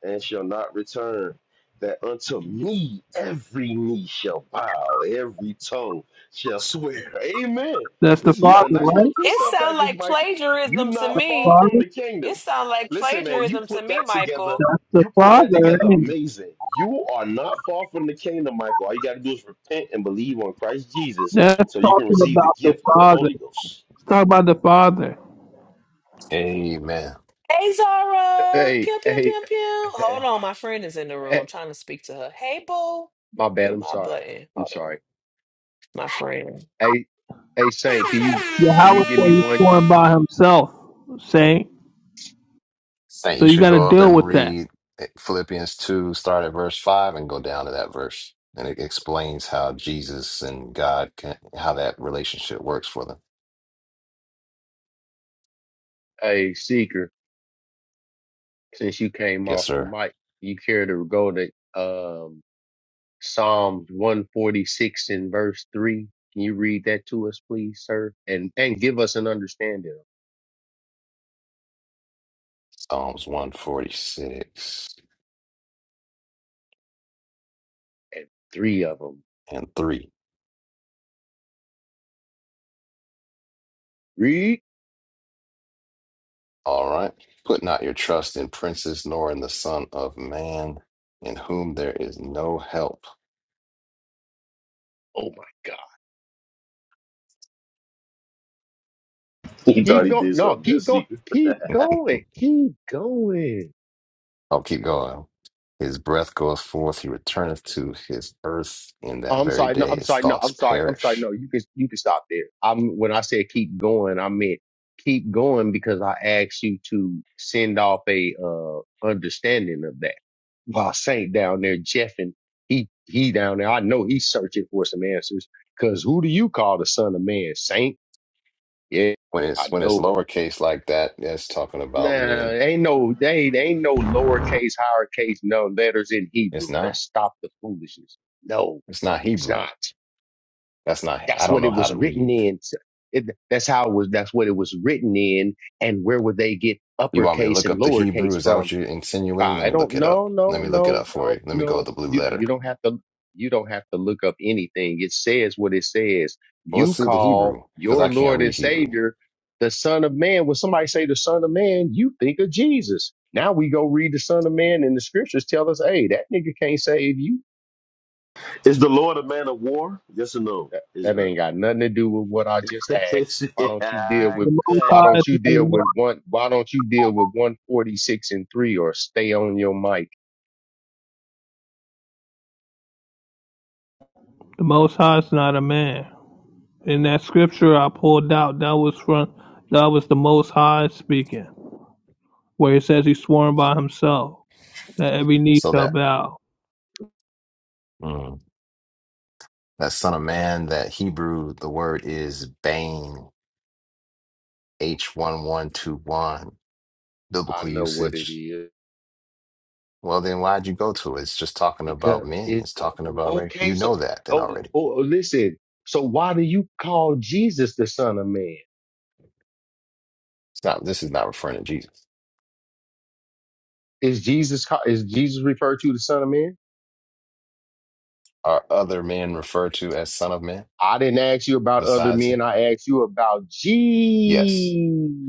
[SPEAKER 14] and shall not return. That unto me every knee shall bow, every tongue shall swear. Amen.
[SPEAKER 5] That's the
[SPEAKER 14] Listen, you got
[SPEAKER 5] Father,
[SPEAKER 14] a nice little
[SPEAKER 5] right?
[SPEAKER 1] It
[SPEAKER 14] precept
[SPEAKER 1] sounds
[SPEAKER 14] package,
[SPEAKER 1] like
[SPEAKER 14] Michael. You
[SPEAKER 1] plagiarism to
[SPEAKER 14] not far
[SPEAKER 1] me.
[SPEAKER 14] from
[SPEAKER 5] Father?
[SPEAKER 14] the
[SPEAKER 1] It
[SPEAKER 14] kingdom.
[SPEAKER 1] sounds like
[SPEAKER 14] Listen, man, you
[SPEAKER 1] plagiarism to
[SPEAKER 14] put
[SPEAKER 1] me,
[SPEAKER 14] that together
[SPEAKER 1] Michael.
[SPEAKER 5] The
[SPEAKER 14] you put that
[SPEAKER 5] Father,
[SPEAKER 14] together
[SPEAKER 5] ain't it?
[SPEAKER 14] amazing. You are not far from the kingdom, Michael. All you got to do is repent and believe on Christ Jesus
[SPEAKER 5] That's
[SPEAKER 14] so you can
[SPEAKER 5] talking
[SPEAKER 14] receive the
[SPEAKER 5] about the
[SPEAKER 14] gift of the
[SPEAKER 5] Father.
[SPEAKER 14] Holy Ghost.
[SPEAKER 5] It's talking about the Father.
[SPEAKER 7] Amen.
[SPEAKER 1] Hey, Zara.
[SPEAKER 12] Hey,
[SPEAKER 1] Pew, pew,
[SPEAKER 12] hey,
[SPEAKER 1] pew, pew. Hold
[SPEAKER 12] hey,
[SPEAKER 1] on. My friend is in the room. I'm trying to speak to her. Hey, boo.
[SPEAKER 12] my bad.
[SPEAKER 1] Do
[SPEAKER 12] I'm
[SPEAKER 1] my
[SPEAKER 12] sorry.
[SPEAKER 1] button.
[SPEAKER 12] I'm
[SPEAKER 1] Hold on.
[SPEAKER 12] sorry.
[SPEAKER 1] My friend.
[SPEAKER 12] Hey, hey, Saint, can you can you
[SPEAKER 5] Yahweh
[SPEAKER 12] give
[SPEAKER 5] said
[SPEAKER 12] me
[SPEAKER 5] he's
[SPEAKER 12] one?
[SPEAKER 5] born by himself, saint.
[SPEAKER 7] Saint,
[SPEAKER 5] So
[SPEAKER 7] you
[SPEAKER 5] you
[SPEAKER 7] should
[SPEAKER 5] got to
[SPEAKER 7] go up
[SPEAKER 5] deal
[SPEAKER 7] and
[SPEAKER 5] with that.
[SPEAKER 7] read eh, Philippians 2, start at verse 5 and go down to that verse. And it explains how Jesus and God can, how that relationship works for them.
[SPEAKER 12] Hey, seeker, since you came
[SPEAKER 7] Yes,
[SPEAKER 12] off the
[SPEAKER 7] sir.
[SPEAKER 12] mic, you care to go to um Psalms 146 and verse three? Can you read that to us, please, sir? And and give us an understanding.
[SPEAKER 7] Psalms 146
[SPEAKER 12] and three of them
[SPEAKER 7] and 3.
[SPEAKER 12] read.
[SPEAKER 7] All right. Put not your trust in princes nor in the Son of Man, in whom there is no help.
[SPEAKER 12] Oh my God.
[SPEAKER 14] He thought
[SPEAKER 12] Keep
[SPEAKER 14] he
[SPEAKER 12] going.
[SPEAKER 14] did
[SPEAKER 12] No,
[SPEAKER 14] something that
[SPEAKER 12] keep going.
[SPEAKER 14] secret.
[SPEAKER 12] Keep going. Keep going.
[SPEAKER 7] I'll keep going. His breath goeth forth, he returneth to his earth in
[SPEAKER 12] Oh,
[SPEAKER 7] that
[SPEAKER 12] I'm
[SPEAKER 7] very
[SPEAKER 12] sorry. No,
[SPEAKER 7] day.
[SPEAKER 12] I'm
[SPEAKER 7] His
[SPEAKER 12] sorry. No,
[SPEAKER 7] thoughts
[SPEAKER 12] I'm sorry. I'm sorry.
[SPEAKER 7] perish.
[SPEAKER 12] No, you can, you can stop there. I'm, when I said keep going, I meant keep going because I asked you to send off a, uh, understanding of that. While Saint down there, Jeff and he, he down there, I know he's searching for some answers because who do you call the son of man? Saint? Yeah,
[SPEAKER 7] When
[SPEAKER 12] I
[SPEAKER 7] it's when it's
[SPEAKER 12] know it.
[SPEAKER 7] lowercase like that, that's talking about
[SPEAKER 12] Nah,
[SPEAKER 7] men.
[SPEAKER 12] ain't no they they ain't no lowercase, higher case, no letters in
[SPEAKER 7] It's
[SPEAKER 12] Hebrew.
[SPEAKER 7] not.
[SPEAKER 12] Let's stop the foolishness. No,
[SPEAKER 7] It's not
[SPEAKER 12] it's
[SPEAKER 7] Hebrew.
[SPEAKER 12] not.
[SPEAKER 7] That's not I
[SPEAKER 12] That's
[SPEAKER 7] don't
[SPEAKER 12] what
[SPEAKER 7] know
[SPEAKER 12] it
[SPEAKER 7] how
[SPEAKER 12] was
[SPEAKER 7] to
[SPEAKER 12] written
[SPEAKER 7] read.
[SPEAKER 12] in. It, that's how it was. That's what it was written in. And where would they get
[SPEAKER 7] You want me to
[SPEAKER 12] uppercase
[SPEAKER 7] look
[SPEAKER 12] and
[SPEAKER 7] up the
[SPEAKER 12] lowercase
[SPEAKER 7] Hebrew? Is that
[SPEAKER 12] from?
[SPEAKER 7] what you're insinuating? Let
[SPEAKER 12] I
[SPEAKER 7] me
[SPEAKER 12] don't.
[SPEAKER 7] look it up.
[SPEAKER 12] No,
[SPEAKER 7] Let
[SPEAKER 12] no,
[SPEAKER 7] me look it
[SPEAKER 12] no,
[SPEAKER 7] up for
[SPEAKER 12] no,
[SPEAKER 7] you. Let me go with
[SPEAKER 12] no.
[SPEAKER 7] the blue
[SPEAKER 12] You
[SPEAKER 7] letter.
[SPEAKER 12] you don't have to. You don't have to look up anything. It says what it says.
[SPEAKER 7] Well, let's
[SPEAKER 12] You
[SPEAKER 7] see the
[SPEAKER 12] call
[SPEAKER 7] Hebrew, because
[SPEAKER 12] your
[SPEAKER 7] I can't
[SPEAKER 12] Lord
[SPEAKER 7] read
[SPEAKER 12] and
[SPEAKER 7] Hebrew.
[SPEAKER 12] Savior the Son of Man. When somebody say the Son of Man, you think of Jesus. Now we go read the Son of Man, and the scriptures tell us, "Hey, that nigga can't save you.
[SPEAKER 14] Is the Lord a man of war? Yes or no,
[SPEAKER 12] That
[SPEAKER 14] Israel?
[SPEAKER 12] ain't got nothing to do with what I just asked. Why don't you deal
[SPEAKER 14] yeah,
[SPEAKER 12] with?"
[SPEAKER 5] The Most
[SPEAKER 14] good.
[SPEAKER 12] Why
[SPEAKER 5] High is
[SPEAKER 12] don't you
[SPEAKER 5] not a
[SPEAKER 12] deal with
[SPEAKER 5] man.
[SPEAKER 12] one? Why don't you deal with 146 and three or stay on your mic?
[SPEAKER 5] The Most High is not a man. In that scripture I pulled out, that was from that was the Most High speaking, where it says he sworn by himself that every knee
[SPEAKER 7] So
[SPEAKER 5] shall
[SPEAKER 7] that
[SPEAKER 5] bow.
[SPEAKER 7] mm, that son of man, that Hebrew, the word is bane, H1121,
[SPEAKER 12] I
[SPEAKER 7] biblical
[SPEAKER 12] know what it
[SPEAKER 7] usage
[SPEAKER 12] is.
[SPEAKER 7] Well, then why'd you go to it? It's just talking
[SPEAKER 12] Because
[SPEAKER 7] about men.
[SPEAKER 12] it
[SPEAKER 7] It's talking about race.
[SPEAKER 12] okay,
[SPEAKER 7] You know
[SPEAKER 12] so
[SPEAKER 7] that then
[SPEAKER 12] oh,
[SPEAKER 7] already.
[SPEAKER 12] oh oh, listen. So why do you call Jesus the Son of Man?
[SPEAKER 7] It's not, this is not referring to Jesus.
[SPEAKER 12] Is Jesus ca- is Jesus referred to the Son of Man?
[SPEAKER 7] Are other men referred to as son of man
[SPEAKER 12] I didn't ask you about other
[SPEAKER 7] besides
[SPEAKER 12] men.
[SPEAKER 7] him?
[SPEAKER 12] I asked you about
[SPEAKER 7] Yes.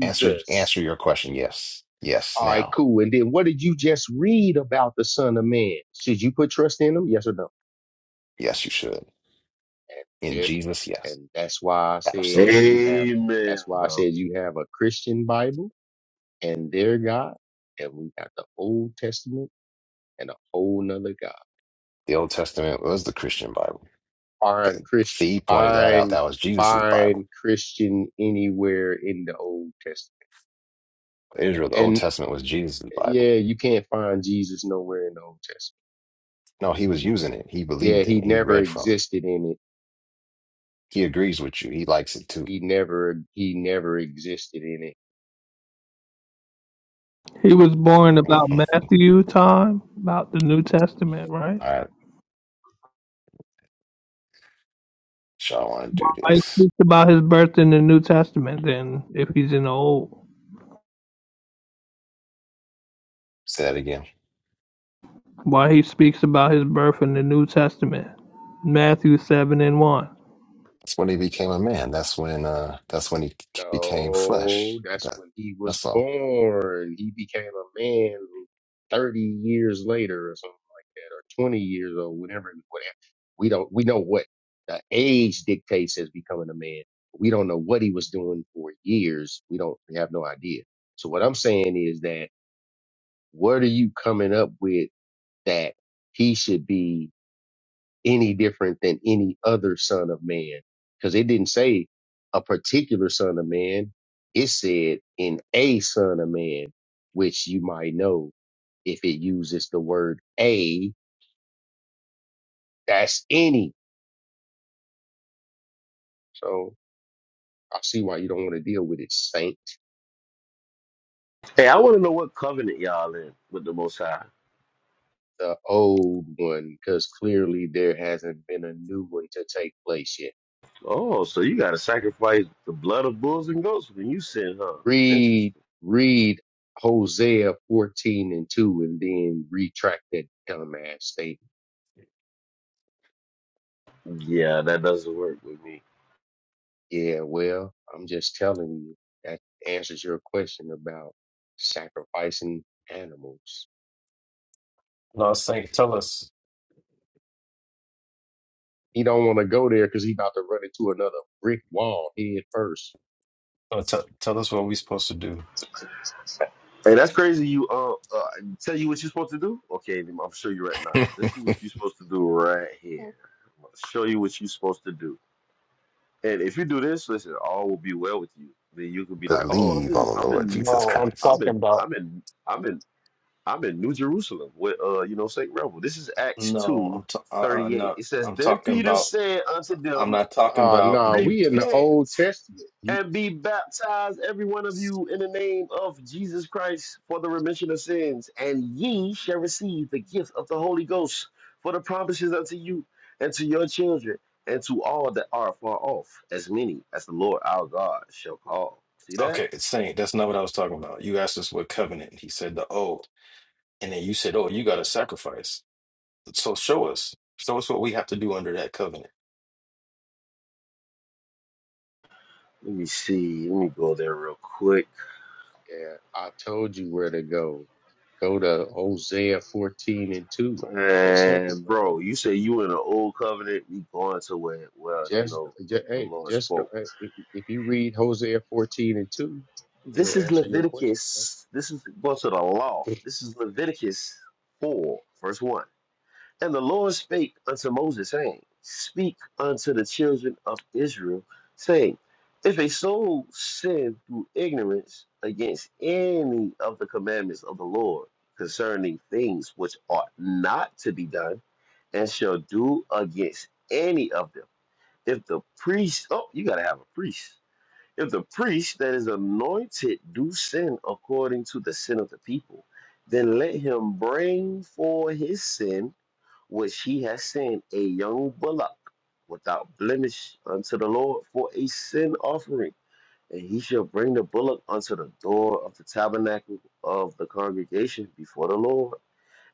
[SPEAKER 7] Answer, answer your question. Yes. Yes.
[SPEAKER 12] All right,
[SPEAKER 7] Now.
[SPEAKER 12] cool. And then what did you just read about the Son of Man? Should you put trust in him? Yes or no?
[SPEAKER 7] Yes, you should.
[SPEAKER 12] And
[SPEAKER 7] In
[SPEAKER 12] there,
[SPEAKER 7] Jesus, yes.
[SPEAKER 12] and that's why I said
[SPEAKER 7] Absolutely.
[SPEAKER 12] you have.
[SPEAKER 14] Amen,
[SPEAKER 12] That's why I
[SPEAKER 14] bro.
[SPEAKER 12] said you have a Christian Bible and their God, and we got the Old Testament and a whole nother God.
[SPEAKER 7] The Old Testament was the Christian Bible.
[SPEAKER 12] Find
[SPEAKER 7] That
[SPEAKER 12] Christ,
[SPEAKER 7] Thee pointed that out.
[SPEAKER 12] find,
[SPEAKER 7] That was Jesus's Bible.
[SPEAKER 12] find Christian anywhere in the Old Testament.
[SPEAKER 7] Israel, the Old
[SPEAKER 12] And
[SPEAKER 7] Testament was Jesus's Bible.
[SPEAKER 12] yeah, you can't find Jesus nowhere in the Old Testament.
[SPEAKER 7] No, he was using it. He
[SPEAKER 12] Yeah,
[SPEAKER 7] believed in
[SPEAKER 12] he
[SPEAKER 7] it. He
[SPEAKER 12] never
[SPEAKER 7] read from it.
[SPEAKER 12] existed in it.
[SPEAKER 7] He agrees with you. He likes it too.
[SPEAKER 12] He never, he never existed in it
[SPEAKER 5] He was born
[SPEAKER 7] All
[SPEAKER 5] about Matthew time, about the New Testament, right?
[SPEAKER 7] right. Shall I want to do
[SPEAKER 5] Why he
[SPEAKER 7] this?
[SPEAKER 5] speaks about his birth in the New Testament then, if he's in the Old?
[SPEAKER 7] Say that again.
[SPEAKER 5] Why he speaks about his birth in the New Testament? Matthew seven and one.
[SPEAKER 7] That's when he became a man. That's when uh that's when he c- became
[SPEAKER 12] No,
[SPEAKER 7] flesh.
[SPEAKER 12] that's
[SPEAKER 7] That
[SPEAKER 12] when he was
[SPEAKER 7] that's all.
[SPEAKER 12] born. He became a man 30 years later or something like that, or 20 years or whatever. whatever. We don't, we know what the age dictates as becoming a man. We don't know what he was doing for years. We don't, we have no idea. So what I'm saying is that what are you coming up with that he should be any different than any other son of man. Cause it didn't say a particular son of man. It said in a son of man, which you might know if it uses the word a, that's any. So I see why you don't want to deal with it, saint,
[SPEAKER 14] Hey, I want to know what covenant y'all in with the Most High.
[SPEAKER 12] the old one, cause clearly there hasn't been a new one to take place yet.
[SPEAKER 14] Oh, so you got to sacrifice the blood of bulls and goats when you sin, huh?
[SPEAKER 12] Read,
[SPEAKER 14] Interesting.
[SPEAKER 12] read Hosea 14 and 2 and then retract that dumbass statement.
[SPEAKER 14] Yeah, that doesn't work with me.
[SPEAKER 12] Yeah, well, I'm just telling you that answers your question about sacrificing animals.
[SPEAKER 2] No, Saint, tell us.
[SPEAKER 12] He don't want to go there because he about to run into another brick wall head first.
[SPEAKER 2] Oh, tell tell us what we're supposed to do.
[SPEAKER 14] Hey, that's crazy. You uh, uh tell you what you're supposed to do. Okay, I'm gonna show you right now. This is what you're supposed to do right here. I'm gonna show you what you're supposed to do. And if you do this, listen, all will be well with you. Then you could be like, oh, I'm
[SPEAKER 7] Believe
[SPEAKER 14] in,
[SPEAKER 7] on the
[SPEAKER 14] I'm
[SPEAKER 7] Lord
[SPEAKER 14] in,
[SPEAKER 7] Jesus
[SPEAKER 2] No, I'm
[SPEAKER 7] Christ.
[SPEAKER 14] I'm
[SPEAKER 2] talking
[SPEAKER 14] in,
[SPEAKER 2] about
[SPEAKER 14] I'm in, I'm in, I'm in New Jerusalem with uh, you know, Saint Rebel. This is Acts
[SPEAKER 2] No,
[SPEAKER 14] two
[SPEAKER 2] I'm t- uh, uh,
[SPEAKER 14] thirty eight.
[SPEAKER 2] no,
[SPEAKER 14] It says,
[SPEAKER 2] I'm
[SPEAKER 14] then
[SPEAKER 2] talking
[SPEAKER 14] Peter
[SPEAKER 2] about.
[SPEAKER 14] said unto
[SPEAKER 2] I'm
[SPEAKER 14] them,
[SPEAKER 2] not talking
[SPEAKER 12] Ah,
[SPEAKER 2] about
[SPEAKER 12] nah,
[SPEAKER 2] New
[SPEAKER 12] we in the
[SPEAKER 2] Testament.
[SPEAKER 12] Old
[SPEAKER 14] repent
[SPEAKER 12] Testament.
[SPEAKER 2] You
[SPEAKER 14] and be baptized, every one of you, in the name of Jesus Christ for the remission of sins. And ye shall receive the gift of the Holy Ghost, for the promises unto you and to your children and to all that are far off, as many as the Lord our God shall call. See that?
[SPEAKER 2] okay, Saint? That's not what I was talking about. You asked us what covenant. He said the old, and then you said, "Oh, you got a sacrifice." So show us, show us what we have to do under that covenant.
[SPEAKER 14] Let me see. Let me go there real quick.
[SPEAKER 12] Yeah, I told you where to go. Go to Hosea 14 and 2. That's simple,
[SPEAKER 14] And
[SPEAKER 12] bro.
[SPEAKER 14] bro, you say you in an old covenant, you going to where, well, you
[SPEAKER 12] Just,
[SPEAKER 14] know,
[SPEAKER 12] just
[SPEAKER 14] the
[SPEAKER 12] hey,
[SPEAKER 14] Lord
[SPEAKER 12] just go.
[SPEAKER 14] spoke.
[SPEAKER 12] hey, If, if you read Hosea 14 and 2,
[SPEAKER 14] This
[SPEAKER 12] it'll
[SPEAKER 14] is
[SPEAKER 12] answer your question. Bro.
[SPEAKER 14] Leviticus. This is going to the law. This is Leviticus 4, verse 1. And the Lord spake unto Moses, saying, Speak unto the children of Israel, saying, If a soul sin through ignorance against any of the commandments of the Lord concerning things which ought not to be done, and shall do against any of them, if the priest, oh, you got to have a priest if the priest that is anointed do sin according to the sin of the people, then let him bring for his sin which he has sinned a young bullock without blemish unto the Lord for a sin offering. And he shall bring the bullock unto the door of the tabernacle of the congregation before the Lord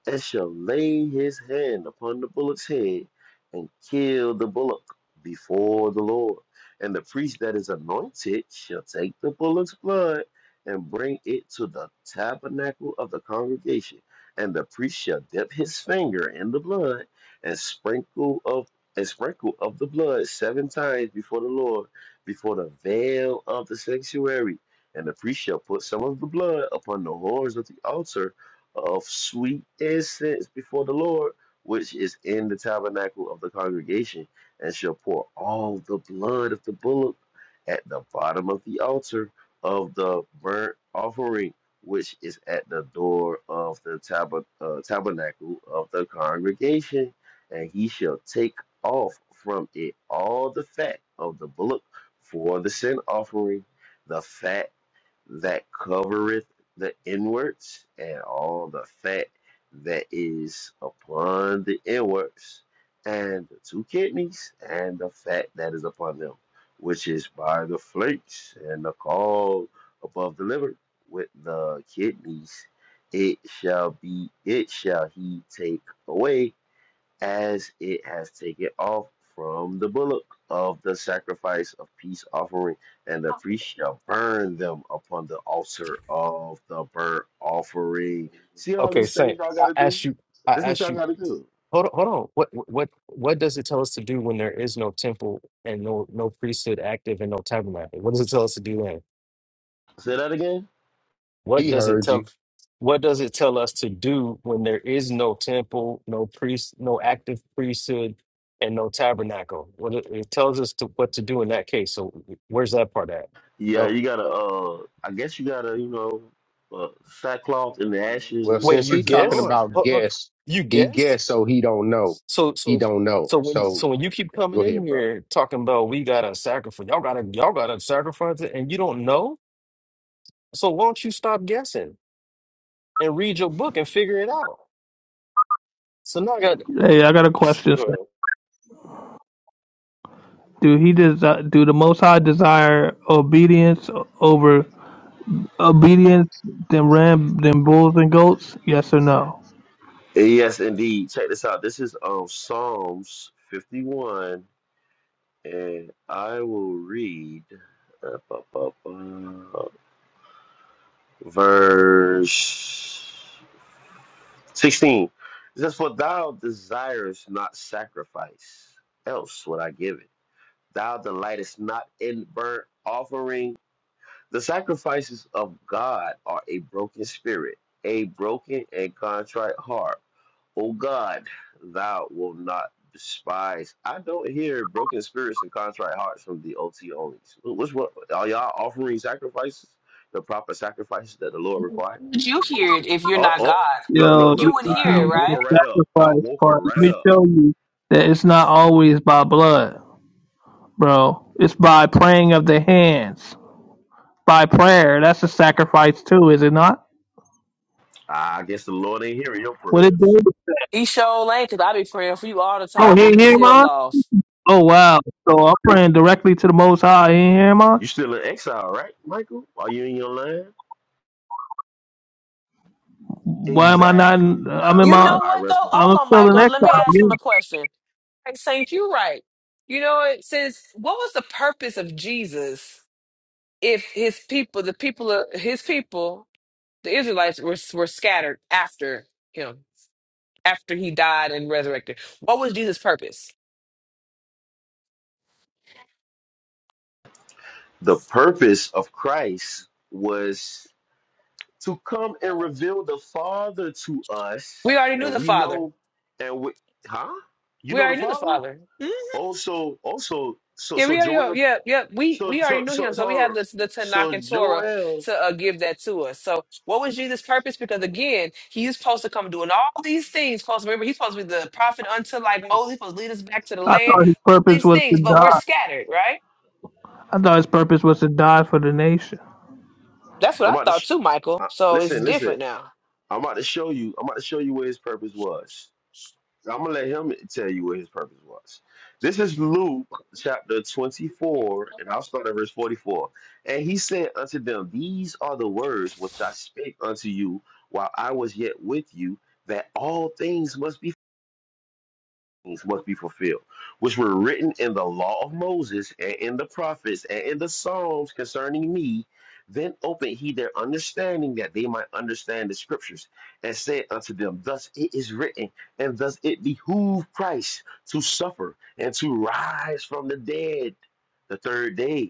[SPEAKER 14] and shall lay his hand upon the bullock's head and kill the bullock before the Lord. And the priest that is anointed shall take the bullock's blood and bring it to the tabernacle of the congregation. And the priest shall dip his finger in the blood and sprinkle of and sprinkle of the blood seven times before the Lord, before the veil of the sanctuary. And the priest shall put some of the blood upon the horns of the altar of sweet incense before the Lord, which is in the tabernacle of the congregation, and shall pour all the blood of the bullock at the bottom of the altar of the burnt offering, which is at the door of the tab- uh, tabernacle of the congregation, and he shall take off from it all the fat of the bullock for the sin offering, the fat that covereth the inwards, and all the fat that is upon the inwards, and the two kidneys, and the fat that is upon them, which is by the flakes, and the caul above the liver, with the kidneys, it shall be, it shall he take away, as it has taken off from the bullock of the sacrifice of peace offering, and the priest shall burn them upon the altar of the burnt offering. See all
[SPEAKER 2] okay,
[SPEAKER 14] these things
[SPEAKER 2] Saint.
[SPEAKER 14] y'all
[SPEAKER 2] I
[SPEAKER 14] gotta do?
[SPEAKER 2] asked you. I
[SPEAKER 14] This is what
[SPEAKER 2] asked
[SPEAKER 14] y'all
[SPEAKER 2] you.
[SPEAKER 14] gotta do.
[SPEAKER 2] Hold on, hold on. What what what does it tell us to do when there is no temple and no no priesthood active and no tabernacle? What does it tell us to do then?
[SPEAKER 14] Say that again?
[SPEAKER 2] What
[SPEAKER 12] He
[SPEAKER 2] does it
[SPEAKER 12] heard you.
[SPEAKER 2] tell? What does it tell us to do when there is no temple, no priest, no active priesthood, and no tabernacle? What it, it tells us to what to do in that case. So where's that part at?
[SPEAKER 14] Yeah,
[SPEAKER 12] Go.
[SPEAKER 14] you gotta uh I guess you gotta, you know, uh, sackcloth and the ashes
[SPEAKER 12] Well,
[SPEAKER 2] Wait,
[SPEAKER 14] and
[SPEAKER 12] since
[SPEAKER 2] you
[SPEAKER 12] he
[SPEAKER 14] praise to the
[SPEAKER 12] talking
[SPEAKER 2] guess?
[SPEAKER 14] Lord. I
[SPEAKER 12] about
[SPEAKER 2] Huh, huh,
[SPEAKER 12] guess,
[SPEAKER 2] You
[SPEAKER 12] he
[SPEAKER 2] guess?
[SPEAKER 12] guess so he don't know.
[SPEAKER 2] So
[SPEAKER 12] He
[SPEAKER 2] so
[SPEAKER 12] don't know.
[SPEAKER 2] so when
[SPEAKER 12] So
[SPEAKER 2] so when you keep
[SPEAKER 12] go
[SPEAKER 2] coming in
[SPEAKER 12] ahead, bro.
[SPEAKER 2] here talking about we gotta sacrifice, y'all gotta y'all gotta sacrifice it, and you don't know. So why don't you stop guessing and read your book and figure it out? So now I got
[SPEAKER 5] Hey, I got a question. Do he desi- do the Most High desire obedience over obedient than ram than bulls and goats? Yes or no?
[SPEAKER 14] Yes, indeed. Check this out. This is um Psalms 51 And I will read uh, bu- bu- bu- verse 16. It says, For thou desirest not sacrifice, else would I give it. Thou delightest not in burnt offering. The sacrifices of God are a broken spirit, a broken and contrite heart O God, thou wilt not despise. I don't hear broken spirits and contrite hearts from the OT onlys. What's what? Are y'all offering sacrifices? The proper sacrifices that the Lord requires?
[SPEAKER 1] would you
[SPEAKER 14] Like, what
[SPEAKER 1] hear
[SPEAKER 14] is
[SPEAKER 1] it
[SPEAKER 14] this?
[SPEAKER 1] if you're
[SPEAKER 14] Oh,
[SPEAKER 1] not God?
[SPEAKER 14] oh, look, look,
[SPEAKER 5] Yo,
[SPEAKER 1] You
[SPEAKER 14] look.
[SPEAKER 1] wouldn't
[SPEAKER 5] you
[SPEAKER 1] hear
[SPEAKER 14] I, I
[SPEAKER 1] it,
[SPEAKER 5] need
[SPEAKER 14] woke
[SPEAKER 5] the
[SPEAKER 14] her
[SPEAKER 1] right?
[SPEAKER 14] right up. I
[SPEAKER 5] sacrifice
[SPEAKER 14] woke her
[SPEAKER 5] part. Let
[SPEAKER 14] right
[SPEAKER 5] me
[SPEAKER 14] up.
[SPEAKER 5] show you that it's not always by blood, bro. It's by praying of the hands. By prayer, that's a sacrifice too, is it not?
[SPEAKER 14] I guess the Lord ain't hearing your
[SPEAKER 5] What it do?
[SPEAKER 14] prayers.
[SPEAKER 1] He sure ain't, because I be praying for you all the
[SPEAKER 5] Oh,
[SPEAKER 1] time
[SPEAKER 5] he
[SPEAKER 1] and
[SPEAKER 5] ain't
[SPEAKER 1] you
[SPEAKER 5] hear
[SPEAKER 1] still
[SPEAKER 5] mine.
[SPEAKER 1] lost.
[SPEAKER 5] Oh wow! So I'm praying directly to the Most High. He ain't hear mine.
[SPEAKER 14] You still in exile, right, Michael? Are you in your land?
[SPEAKER 5] Why am I not? In,
[SPEAKER 14] Exactly.
[SPEAKER 5] I'm
[SPEAKER 14] I,
[SPEAKER 5] in
[SPEAKER 1] You
[SPEAKER 14] re-
[SPEAKER 5] my.
[SPEAKER 1] know
[SPEAKER 14] I
[SPEAKER 1] what though?
[SPEAKER 14] rest my
[SPEAKER 5] I'm
[SPEAKER 1] Hold
[SPEAKER 14] case.
[SPEAKER 1] on,
[SPEAKER 5] still in
[SPEAKER 1] Michael. Let
[SPEAKER 5] exile.
[SPEAKER 1] me ask
[SPEAKER 5] Yeah.
[SPEAKER 1] him a question. Like Saint, you're right. You know what? Since what was the purpose of Jesus if his people, the people of his people, the Israelites were were scattered after him, after he died and resurrected? What was Jesus' purpose?
[SPEAKER 14] The purpose of Christ was to come and reveal the Father to us,
[SPEAKER 1] We already knew
[SPEAKER 14] and
[SPEAKER 1] the
[SPEAKER 14] we
[SPEAKER 1] Father.
[SPEAKER 14] know, and we, huh? You
[SPEAKER 1] We
[SPEAKER 14] know the
[SPEAKER 1] already knew the
[SPEAKER 14] Father?
[SPEAKER 1] Father.
[SPEAKER 14] Also, also, so, so
[SPEAKER 1] Yeah,
[SPEAKER 14] so
[SPEAKER 1] we already know.
[SPEAKER 14] Joel,
[SPEAKER 1] Yeah, yeah. We
[SPEAKER 14] so,
[SPEAKER 1] we
[SPEAKER 14] so,
[SPEAKER 1] already knew
[SPEAKER 14] so,
[SPEAKER 1] him, so we have
[SPEAKER 14] so,
[SPEAKER 1] the the Tanakh
[SPEAKER 14] so
[SPEAKER 1] and Torah
[SPEAKER 14] Joel,
[SPEAKER 1] to uh, give that to us. So, what was Jesus' purpose? Because again, he's supposed to come doing all these things. Supposed to remember, he's supposed to be the prophet unto like Moses, supposed to lead us back to the
[SPEAKER 5] I
[SPEAKER 1] land.
[SPEAKER 5] thought his
[SPEAKER 1] All
[SPEAKER 5] purpose
[SPEAKER 1] these
[SPEAKER 5] was to
[SPEAKER 1] things, but we're
[SPEAKER 5] die.
[SPEAKER 1] scattered, right?
[SPEAKER 5] I thought his purpose was to die for the nation.
[SPEAKER 1] That's what
[SPEAKER 14] I'm
[SPEAKER 1] I
[SPEAKER 14] about to,
[SPEAKER 1] thought
[SPEAKER 14] sh-
[SPEAKER 1] too, Michael.
[SPEAKER 14] uh,
[SPEAKER 1] So it's
[SPEAKER 14] listen, listen.
[SPEAKER 1] different now.
[SPEAKER 14] I'm about to show you. I'm about to show you where his purpose was. So I'm gonna let him tell you what his purpose was. This is Luke chapter 24, and I'll start at verse 44. And he said unto them, These are the words which I spake unto you while I was yet with you, that all things must be must be fulfilled, which were written in the law of Moses and in the prophets and in the Psalms concerning me. Then opened he their understanding that they might understand the scriptures, and said unto them, Thus it is written, and thus it behooved Christ to suffer and to rise from the dead the third day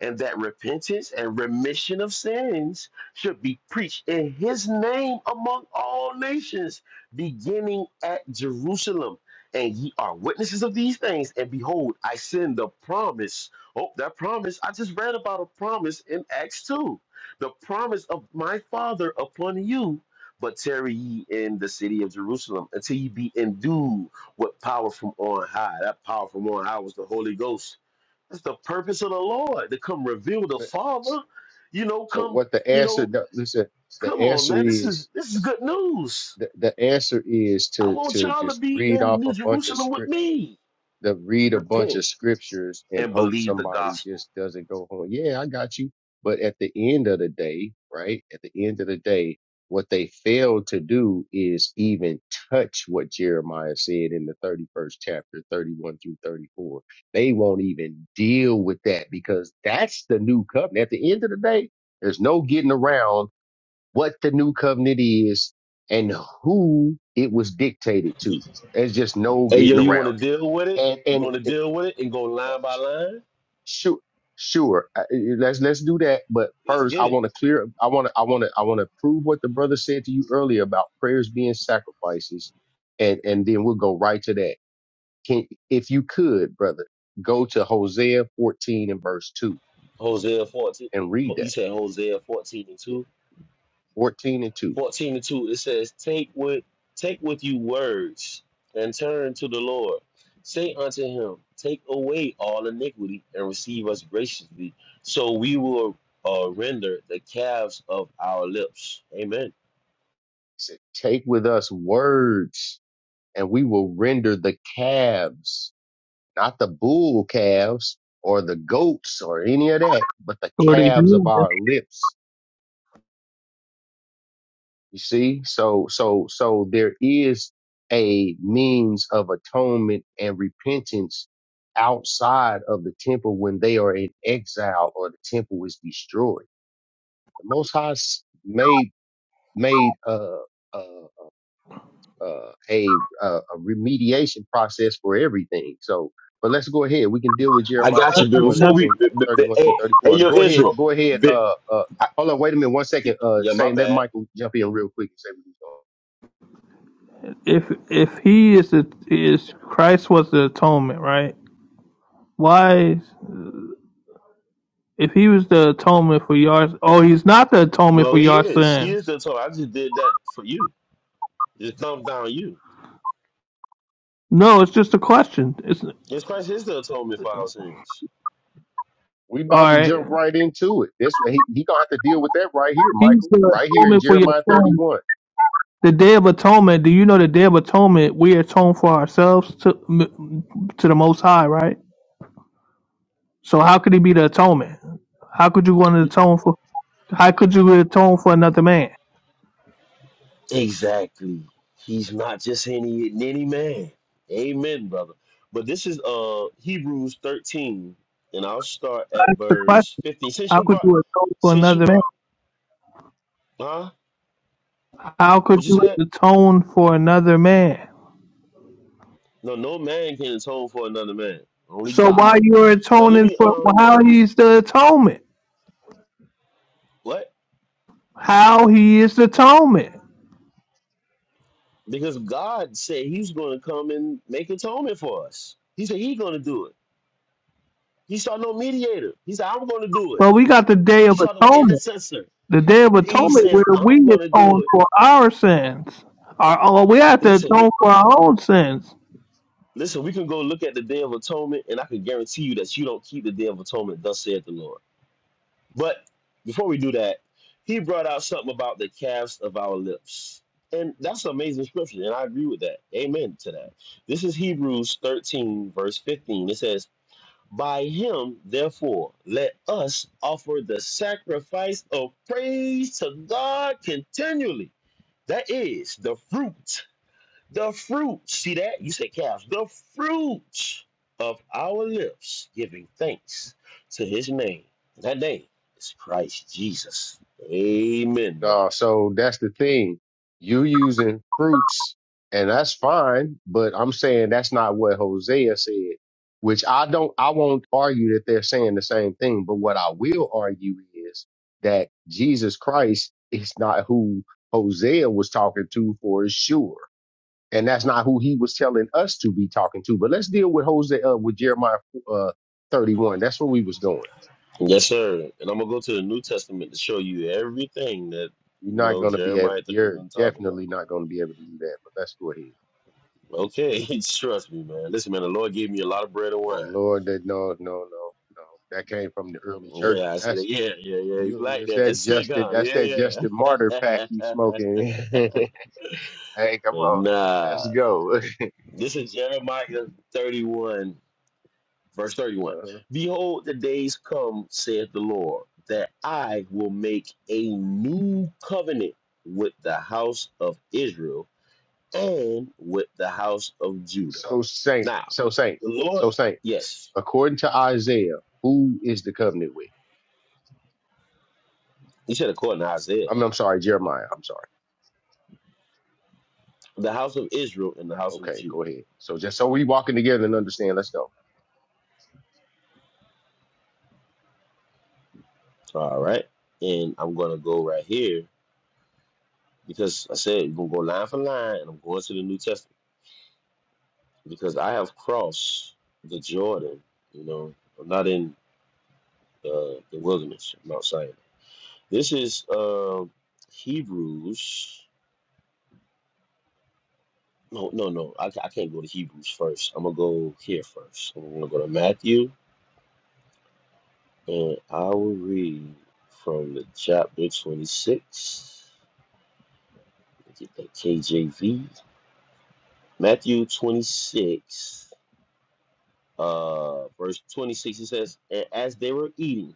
[SPEAKER 14] and that repentance and remission of sins should be preached in his name among all nations, beginning at Jerusalem. And ye are witnesses of these things. And behold, I send the promise. Oh, that promise. I just read about a promise in Acts 2. The promise of my Father upon you. But tarry ye in the city of Jerusalem until ye be endued with power from on high. That power from on high was the Holy Ghost it's the purpose of the Lord to come reveal the Father. You know,
[SPEAKER 12] So
[SPEAKER 14] come,
[SPEAKER 12] what the
[SPEAKER 14] you
[SPEAKER 12] answer?
[SPEAKER 14] know,
[SPEAKER 12] the- Listen, the
[SPEAKER 14] come on,
[SPEAKER 12] answer
[SPEAKER 14] man. This is
[SPEAKER 12] is
[SPEAKER 14] this is good news.
[SPEAKER 12] the, the answer is
[SPEAKER 14] I
[SPEAKER 12] to
[SPEAKER 14] want
[SPEAKER 12] to
[SPEAKER 14] y'all to
[SPEAKER 12] just
[SPEAKER 14] be
[SPEAKER 12] read
[SPEAKER 14] in
[SPEAKER 12] off
[SPEAKER 14] New
[SPEAKER 12] a bunch of
[SPEAKER 14] Jerusalem with
[SPEAKER 12] scriptures.
[SPEAKER 14] me.
[SPEAKER 12] that read a bunch
[SPEAKER 14] Repent
[SPEAKER 12] of scriptures and
[SPEAKER 14] and
[SPEAKER 12] hope
[SPEAKER 14] believe the
[SPEAKER 12] somebody
[SPEAKER 14] gospel.
[SPEAKER 12] just doesn't go home. Yeah, I got you. But at the end of the day, right? At the end of the day, what they failed to do is even touch what Jeremiah said in the 31st chapter, 31 through 34. They won't even deal with that because that's the new covenant. At the end of the day, there's no getting around what the new covenant is and who it was dictated to. There's just no
[SPEAKER 14] Hey, yo,
[SPEAKER 12] getting
[SPEAKER 14] you
[SPEAKER 12] around
[SPEAKER 14] want to deal with
[SPEAKER 12] it.
[SPEAKER 14] it?
[SPEAKER 12] And,
[SPEAKER 14] You want
[SPEAKER 12] and
[SPEAKER 14] to deal with it and go line by line?
[SPEAKER 12] Sure, sure. I- I- Let's let's do that. But
[SPEAKER 14] Let's
[SPEAKER 12] first, I
[SPEAKER 14] get it.
[SPEAKER 12] want to clear. I want to. I want to. I want to prove what the brother said to you earlier about prayers being sacrifices, and and then we'll go right to that. Can if you could, brother, go to Hosea 14 and verse two
[SPEAKER 14] Hosea 14.
[SPEAKER 12] and read
[SPEAKER 14] Ho-
[SPEAKER 12] that.
[SPEAKER 14] You said Hosea 14 and
[SPEAKER 12] Yeah,
[SPEAKER 14] 2.
[SPEAKER 12] 14 and 2. It
[SPEAKER 14] 14 and 2, it says, Take with take with you words and turn to the Lord. Say unto him, Take away all iniquity and receive us graciously, so we will uh, render the calves of our lips. Amen.
[SPEAKER 12] said, Take with us words, and we will render the calves, not the bull calves or the goats or any of that, but the
[SPEAKER 5] But if
[SPEAKER 12] calves of
[SPEAKER 5] you-
[SPEAKER 12] our lips. You see? So, so, so there is a means of atonement and repentance outside of the temple when they are in exile or the temple is destroyed. The Most High s- made, made, uh, uh, uh, a, uh, a remediation process for everything. So, but let's go ahead. We can deal with
[SPEAKER 14] I
[SPEAKER 12] Jeremiah
[SPEAKER 14] got you, but
[SPEAKER 12] 31
[SPEAKER 14] before we,
[SPEAKER 12] and, and
[SPEAKER 14] but, but, but-
[SPEAKER 12] 31 through
[SPEAKER 14] hey, hey,
[SPEAKER 12] 34.
[SPEAKER 14] yo,
[SPEAKER 12] Go ahead.
[SPEAKER 14] Israel,
[SPEAKER 12] Go ahead.
[SPEAKER 14] but,
[SPEAKER 12] Uh, uh,
[SPEAKER 14] I,
[SPEAKER 12] hold on. Wait a minute. One second. Uh,
[SPEAKER 14] yeah, my
[SPEAKER 12] saying let
[SPEAKER 14] bad.
[SPEAKER 12] Michael jump in real quick and say what he's doing.
[SPEAKER 5] if if he is the is Christ was the atonement, right? Why is- if he was the atonement for your oh he's not the atonement
[SPEAKER 14] No,
[SPEAKER 5] for
[SPEAKER 14] he
[SPEAKER 5] your
[SPEAKER 14] is. He is
[SPEAKER 5] sins?
[SPEAKER 14] the atonement. I just did that for you. It comes down to you.
[SPEAKER 5] No, it's just a question. It's all
[SPEAKER 14] Yes, Christ is the atonement for our sins.
[SPEAKER 12] We about to
[SPEAKER 5] right.
[SPEAKER 12] jump right into it. This he, he gonna have to deal with that right here,
[SPEAKER 5] He's
[SPEAKER 12] Michael.
[SPEAKER 5] the
[SPEAKER 12] Right here in
[SPEAKER 5] atonement for your
[SPEAKER 12] Jeremiah
[SPEAKER 5] sins.
[SPEAKER 12] 31.
[SPEAKER 5] The Day of Atonement. Do you know the Day of Atonement? We atone for ourselves to m- to the Most High, right? So how could he be the atonement? How could you want to atone for? How could you atone for another man?
[SPEAKER 14] Exactly. He's not just any any man. Amen, brother. But this is uh Hebrews 13, and I'll start at
[SPEAKER 5] That's the question.
[SPEAKER 14] verse 15. Since
[SPEAKER 5] How
[SPEAKER 14] you
[SPEAKER 5] could
[SPEAKER 14] brought
[SPEAKER 5] you atone for
[SPEAKER 14] since you
[SPEAKER 5] another man?
[SPEAKER 14] brought huh?
[SPEAKER 5] How could
[SPEAKER 14] What you
[SPEAKER 5] you
[SPEAKER 14] said?
[SPEAKER 5] atone for another man?
[SPEAKER 14] No, no man can atone for another man. Only
[SPEAKER 5] So
[SPEAKER 14] God.
[SPEAKER 5] while you're
[SPEAKER 14] Now let
[SPEAKER 5] atoning
[SPEAKER 14] me
[SPEAKER 5] for, well,
[SPEAKER 14] um
[SPEAKER 5] how he's the atonement?
[SPEAKER 14] what?
[SPEAKER 5] How he is the atonement?
[SPEAKER 14] Because God said he's gonna come and make atonement for us. He said he's gonna do it. He saw no mediator. He said, I'm gonna do it.
[SPEAKER 5] Well, we got the Day of
[SPEAKER 14] He saw no
[SPEAKER 5] Atonement.
[SPEAKER 14] intercessor.
[SPEAKER 5] The Day of
[SPEAKER 14] He
[SPEAKER 5] Atonement where
[SPEAKER 14] says, I'm
[SPEAKER 5] we
[SPEAKER 14] gonna do
[SPEAKER 5] atone
[SPEAKER 14] it.
[SPEAKER 5] for our sins. Our, oh, we
[SPEAKER 14] I,
[SPEAKER 5] have to
[SPEAKER 14] listen, we
[SPEAKER 5] atone for our own sins.
[SPEAKER 14] listen. We can go look at the Day of Atonement, and I can guarantee you that you don't keep the Day of Atonement. Thus saith the Lord. But before we do that, he brought out something about the calves of our lips, and that's an amazing scripture, and I agree with that. Amen to that. This is Hebrews thirteen verse fifteen. It says, "By him, therefore, let us offer the sacrifice of praise to God continually. That is the fruit." The fruits, see that? You say calves. The fruits of our lips giving thanks to his name. That name is Christ Jesus. Amen, brother.
[SPEAKER 12] Uh, so that's the thing. You using fruits, and that's fine, but I'm saying that's not what Hosea said, which I don't I won't argue that they're saying the same thing, but what I will argue is that Jesus Christ is not who Hosea was talking to for sure. and that's not who he was telling us to be talking to. But let's deal with Jose uh, with Jeremiah uh, 31. That's where we was going.
[SPEAKER 14] Yes, sir. And I'm gonna go to the New Testament to show you everything that
[SPEAKER 12] You're
[SPEAKER 14] you
[SPEAKER 12] not
[SPEAKER 14] know
[SPEAKER 12] gonna be able.
[SPEAKER 14] Jeremiah
[SPEAKER 12] You're
[SPEAKER 14] 31 talking about.
[SPEAKER 12] definitely not gonna be able to do that. But let's go ahead.
[SPEAKER 14] Okay, trust me, man. Listen, man, the Lord gave me a lot of bread and
[SPEAKER 12] The
[SPEAKER 14] wine.
[SPEAKER 12] Lord, that no, no, no, no. That came from the early church.
[SPEAKER 14] Yeah, I see
[SPEAKER 12] That's
[SPEAKER 14] that. Yeah, yeah, yeah. You
[SPEAKER 12] you.
[SPEAKER 14] like
[SPEAKER 12] It's
[SPEAKER 14] that?
[SPEAKER 12] that
[SPEAKER 14] That's slick,
[SPEAKER 12] Justin.
[SPEAKER 14] huh?
[SPEAKER 12] That's that
[SPEAKER 14] Yeah.
[SPEAKER 12] Justin Martyr pack you smoking. hey, come on. Let's
[SPEAKER 14] nah.
[SPEAKER 12] go.
[SPEAKER 14] This is Jeremiah 31. Verse 31
[SPEAKER 12] Uh-huh.
[SPEAKER 14] Behold, the days come, saith the Lord, that I will make a new covenant with the house of Israel and with the house of Judah.
[SPEAKER 12] So saint.
[SPEAKER 14] Now,
[SPEAKER 12] So saint.
[SPEAKER 14] the Lord,
[SPEAKER 12] So saint.
[SPEAKER 14] yes,
[SPEAKER 12] According to Isaiah, who is the covenant with?
[SPEAKER 14] he said according to Isaiah,
[SPEAKER 12] I mean, I'm sorry, Jeremiah. I'm sorry.
[SPEAKER 14] the house of Israel and the house of
[SPEAKER 12] Okay,
[SPEAKER 14] Judah.
[SPEAKER 12] go ahead. So just so we walking together and understand. Let's go.
[SPEAKER 14] All right. And I'm going to go right here because I said we're going to go line for line and I'm going to the New Testament because I have crossed the Jordan. You know, I'm not in uh, the wilderness, of Mount Sinai. This is uh, Hebrews. No, no, no. I, I can't go to Hebrews first. I'm gonna go here first. I'm gonna go to Matthew, and I will read from the chapter 26. Let me Get that KJV. Matthew 26, uh, verse 26. It says, "And as they were eating,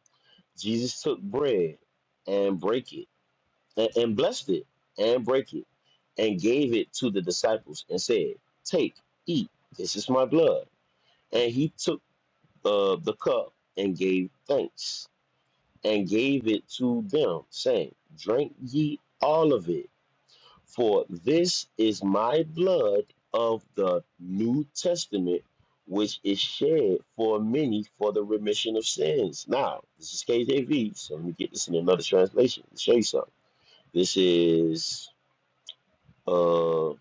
[SPEAKER 14] Jesus took bread and brake it." and, and blessed it and break it and gave it to the disciples and said, Take, eat, this is my blood. And he took uh, the cup and gave thanks and gave it to them, saying, Drink ye all of it, for this is my blood of the New Testament, which is shed for many for the remission of sins. Now, this is KJV, so let me get this in another translation to show you something. This is. uh,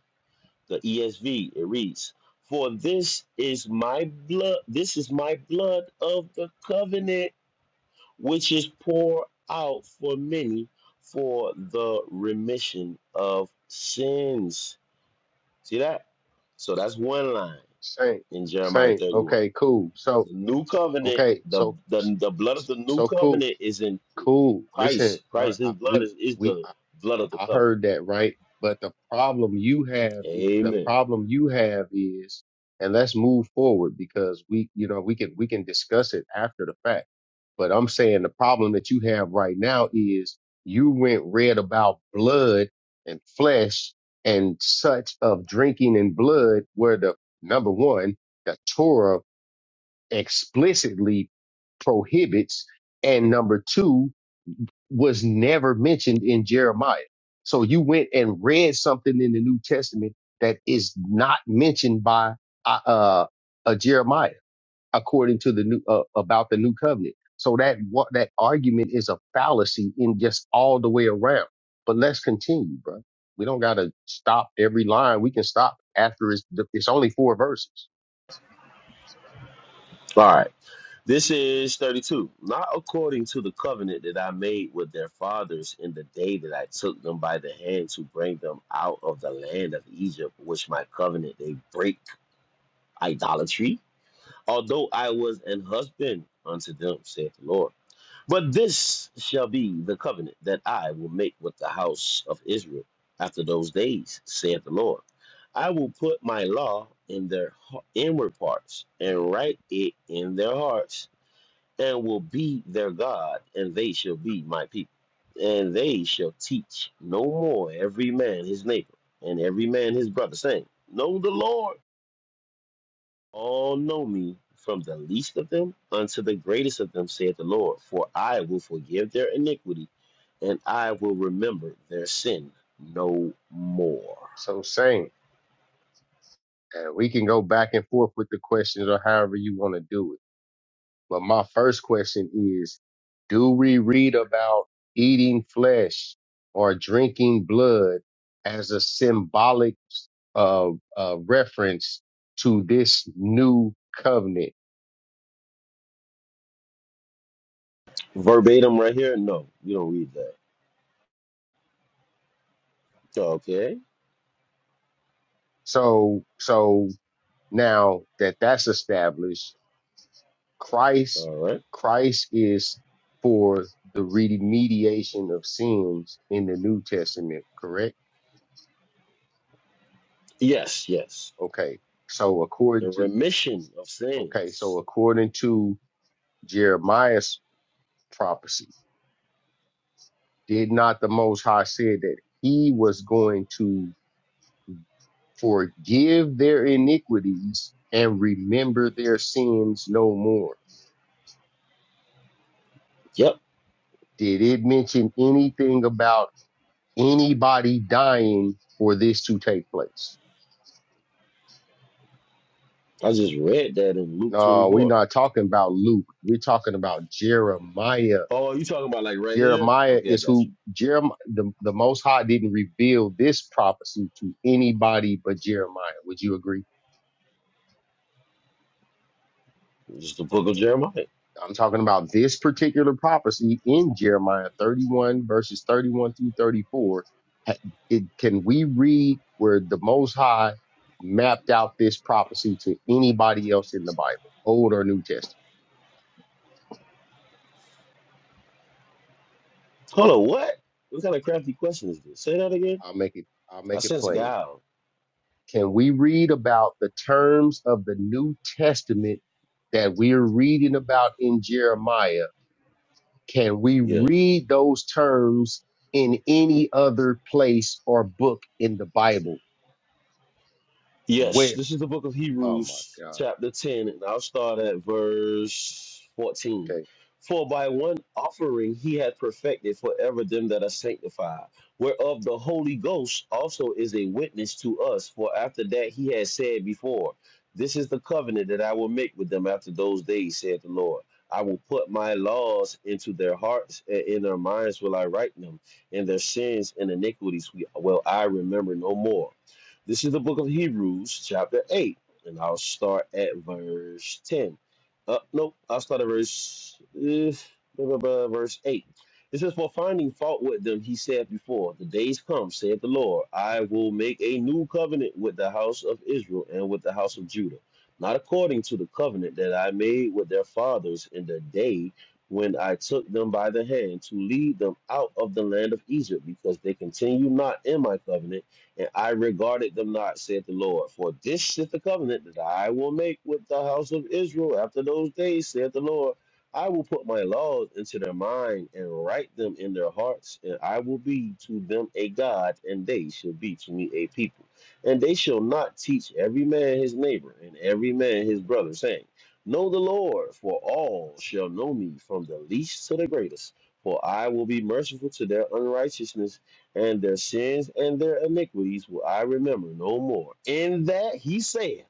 [SPEAKER 14] the ESV, it reads, For this is my blood, this is my blood of the covenant, which is poured out for many for the remission of sins. See that? So that's one line
[SPEAKER 12] Saint,
[SPEAKER 14] in Jeremiah
[SPEAKER 12] saint.
[SPEAKER 14] 31.
[SPEAKER 12] Okay, cool. So
[SPEAKER 14] The new covenant,
[SPEAKER 12] okay,
[SPEAKER 14] the,
[SPEAKER 12] so
[SPEAKER 14] the, the blood of the new
[SPEAKER 12] so cool,
[SPEAKER 14] covenant is in
[SPEAKER 12] cool. Listen,
[SPEAKER 14] Christ.
[SPEAKER 12] all right,
[SPEAKER 14] Christ, his
[SPEAKER 12] I,
[SPEAKER 14] blood
[SPEAKER 12] we
[SPEAKER 14] is, is
[SPEAKER 12] we
[SPEAKER 14] the blood of the
[SPEAKER 12] I
[SPEAKER 14] covenant.
[SPEAKER 12] heard that right. But the problem you have, i- the
[SPEAKER 14] Amen.
[SPEAKER 12] problem you have is, and let's move forward because we, you know, we can, we can discuss it after the fact. But I'm saying the problem that you have right now is you went read about blood and flesh and such of drinking and blood where the number one, the Torah explicitly prohibits. And number two, was never mentioned in Jeremiah. So you went and read something in the New Testament that is not mentioned by uh, uh, uh Jeremiah according to the new uh, about the new covenant. So that what that argument is a fallacy in just all the way around. But let's continue, bro. We don't got to stop every line. We can stop after it's it's only four verses.
[SPEAKER 14] All right. This is 32. Not according to the covenant that I made with their fathers in the day that I took them by the hand to bring them out of the land of Egypt, which my covenant they break idolatry, although I was an husband unto them, saith the Lord. But this shall be the covenant that I will make with the house of Israel after those days, saith the Lord. I will put my law in their h- inward parts and write it in their hearts and will be their God, and they shall be my people. And they shall teach no more every man his neighbor, and every man his brother, saying, Know the Lord. All know me, from the least of them unto the greatest of them, saith the Lord. For I will forgive their iniquity, and I will remember their sin no more.
[SPEAKER 12] So same, and we can go back and forth with the questions or however you want to do it. But my first question is, do we read about eating flesh or drinking blood as a symbolic uh, uh, reference to this new covenant?
[SPEAKER 14] Verbatim right here? No, you don't read that. Okay,
[SPEAKER 12] So, so now that that's established, Christ,
[SPEAKER 14] all right.
[SPEAKER 12] Christ is for the remediation of sins in the New Testament, correct?
[SPEAKER 14] Yes, yes.
[SPEAKER 12] Okay. So according
[SPEAKER 14] The
[SPEAKER 12] to,
[SPEAKER 14] remission of
[SPEAKER 12] okay. So
[SPEAKER 14] sins.
[SPEAKER 12] according to Jeremiah's prophecy. Did not the Most High say that he was going to forgive their iniquities and remember their sins no more?
[SPEAKER 14] Yep.
[SPEAKER 12] Did it mention anything about anybody dying for this to take place?
[SPEAKER 14] I just read that in Luke
[SPEAKER 12] No, we're
[SPEAKER 14] 24.
[SPEAKER 12] not talking about Luke. We're talking about Jeremiah.
[SPEAKER 14] Oh, you talking about like right here?
[SPEAKER 12] Jeremiah
[SPEAKER 14] Okay, I
[SPEAKER 12] is
[SPEAKER 14] got
[SPEAKER 12] who
[SPEAKER 14] you.
[SPEAKER 12] Jeremiah, the, the Most High didn't reveal this prophecy to anybody but Jeremiah. Would you agree?
[SPEAKER 14] Just the book of Jeremiah.
[SPEAKER 12] I'm talking about this particular prophecy in Jeremiah 31 verses 31 through 34. Ha- It, can we read where the Most High mapped out this prophecy to anybody else in the Bible, Old or New Testament?
[SPEAKER 14] Hold on, what? What kind of crafty question is this? Say that again.
[SPEAKER 12] I'll make it. I'll
[SPEAKER 14] I
[SPEAKER 12] make it
[SPEAKER 14] sense
[SPEAKER 12] plain.
[SPEAKER 14] guile.
[SPEAKER 12] Can we read about the terms of the New Testament that we're reading about in Jeremiah? Can we
[SPEAKER 14] Yeah.
[SPEAKER 12] read those terms in any other place or book in the Bible?
[SPEAKER 14] Yes,
[SPEAKER 12] where
[SPEAKER 14] this is the book of
[SPEAKER 12] oh my
[SPEAKER 14] Hebrews,
[SPEAKER 12] god
[SPEAKER 14] chapter 10, and I'll start at verse 14.
[SPEAKER 12] okay
[SPEAKER 14] For by one offering he had perfected forever them that are sanctified, whereof the Holy Ghost also is a witness to us. For after that he had said before, This is the covenant that I will make with them after those days, saith the Lord. I will put my laws into their hearts, and in their minds will I write them, and their sins and iniquities will I remember no more. This is the book of Hebrews, chapter 8, and I'll start at verse 10. Uh, nope, I'll start at verse, eh, blah, blah, blah, verse 8. It says, For finding fault with them, he said before, The days come, saith the Lord, I will make a new covenant with the house of Israel and with the house of Judah, not according to the covenant that I made with their fathers in the day when I took them by the hand to lead them out of the land of Egypt, because they continue not in my covenant and I regarded them not, saith the Lord. For this is the covenant that I will make with the house of Israel after those days, saith the Lord. I will put my laws into their mind and write them in their hearts, and I will be to them a God, and they shall be to me a people. And they shall not teach every man his neighbor and every man his brother, saying, Know the Lord, for all shall know me, from the least to the greatest. For I will be merciful to their unrighteousness and their sins and their iniquities will I remember no more. In that he saith,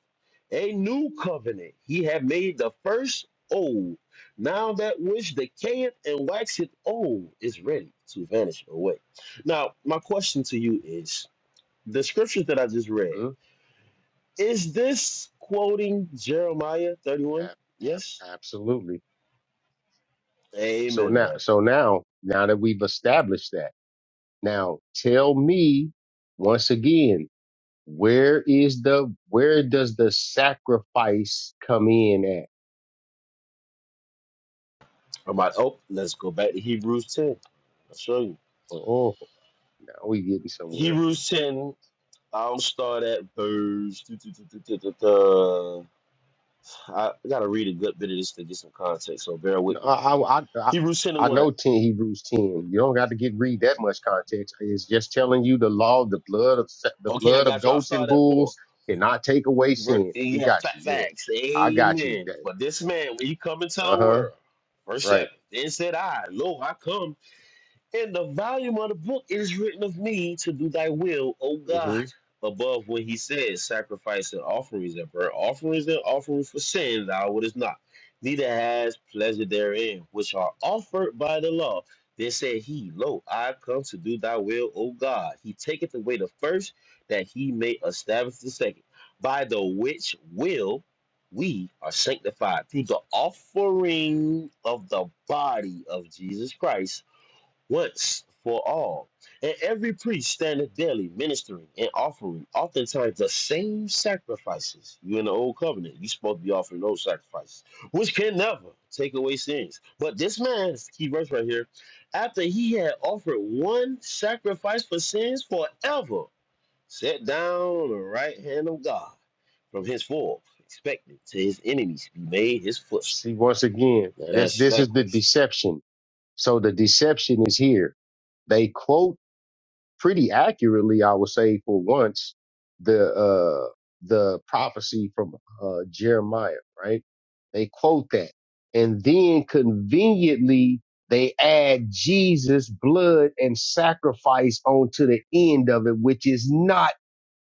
[SPEAKER 14] A new covenant he hath made the first old. Now that which decayeth and waxeth old is ready to vanish away. Now, my question to you is the scriptures that I just read,
[SPEAKER 12] mm,
[SPEAKER 14] is this quoting Jeremiah 31?
[SPEAKER 12] ab-
[SPEAKER 14] Yes?
[SPEAKER 12] ab- absolutely so
[SPEAKER 14] Amen,
[SPEAKER 12] now
[SPEAKER 14] brother.
[SPEAKER 12] so now now that we've established that now tell me once again where is the where does the sacrifice come in at
[SPEAKER 14] I'm like, oh, let's go back to Hebrews 10. I'll show you.
[SPEAKER 12] oh now we getting somewhere
[SPEAKER 14] Hebrews 10 I'll start at verse. duh, duh, duh, duh, duh, duh, duh. I gotta read a good bit of this to get some context, so bear
[SPEAKER 12] No,
[SPEAKER 14] with me.
[SPEAKER 12] I, I, I, I
[SPEAKER 14] Hebrews 10 and 1.
[SPEAKER 12] know 10 Hebrews 10. You don't got to get read that much context. It's just telling you the law, the blood of sa- the
[SPEAKER 14] Okay, I
[SPEAKER 12] blood of
[SPEAKER 14] got you. I'll
[SPEAKER 12] goats and
[SPEAKER 14] start at
[SPEAKER 12] bulls
[SPEAKER 14] 4.
[SPEAKER 12] cannot take away
[SPEAKER 14] Ver-
[SPEAKER 12] sin. We
[SPEAKER 14] Yeah,
[SPEAKER 12] got
[SPEAKER 14] fa-
[SPEAKER 12] you. Yeah.
[SPEAKER 14] facts.
[SPEAKER 12] I got you.
[SPEAKER 14] Amen. But this man, when he come into
[SPEAKER 12] Uh
[SPEAKER 14] the
[SPEAKER 12] huh.
[SPEAKER 14] world, verse 7,
[SPEAKER 12] Right.
[SPEAKER 14] then said I, Lo, I come. And the volume of the book is written of me to do thy will, O God.
[SPEAKER 12] hmm
[SPEAKER 14] Above what he said, sacrifice and offerings and burnt offerings and offerings for sin thou wouldest not, neither has pleasure therein, which are offered by the law. Then said he, Lo, I come to do thy will, O God. He taketh away the first, that he may establish the second, by the which will we are sanctified through the offering of the body of Jesus Christ once for all. And every priest standeth daily ministering and offering oftentimes the same sacrifices. You in the old covenant, you supposed to be offering those sacrifices, which can never take away sins. But this man, this is the key verse right here, after he had offered one sacrifice for sins forever, sat down on the right hand of God from henceforth, expecting to his enemies be made his footstool.
[SPEAKER 12] See, once again,
[SPEAKER 14] That
[SPEAKER 12] this,
[SPEAKER 14] answers
[SPEAKER 12] this
[SPEAKER 14] that
[SPEAKER 12] is the
[SPEAKER 14] question.
[SPEAKER 12] deception. So the deception is here. They quote pretty accurately, I would say, for once, the uh, the prophecy from uh, Jeremiah, right? They quote that, and then conveniently they add Jesus' blood and sacrifice onto the end of it, which is not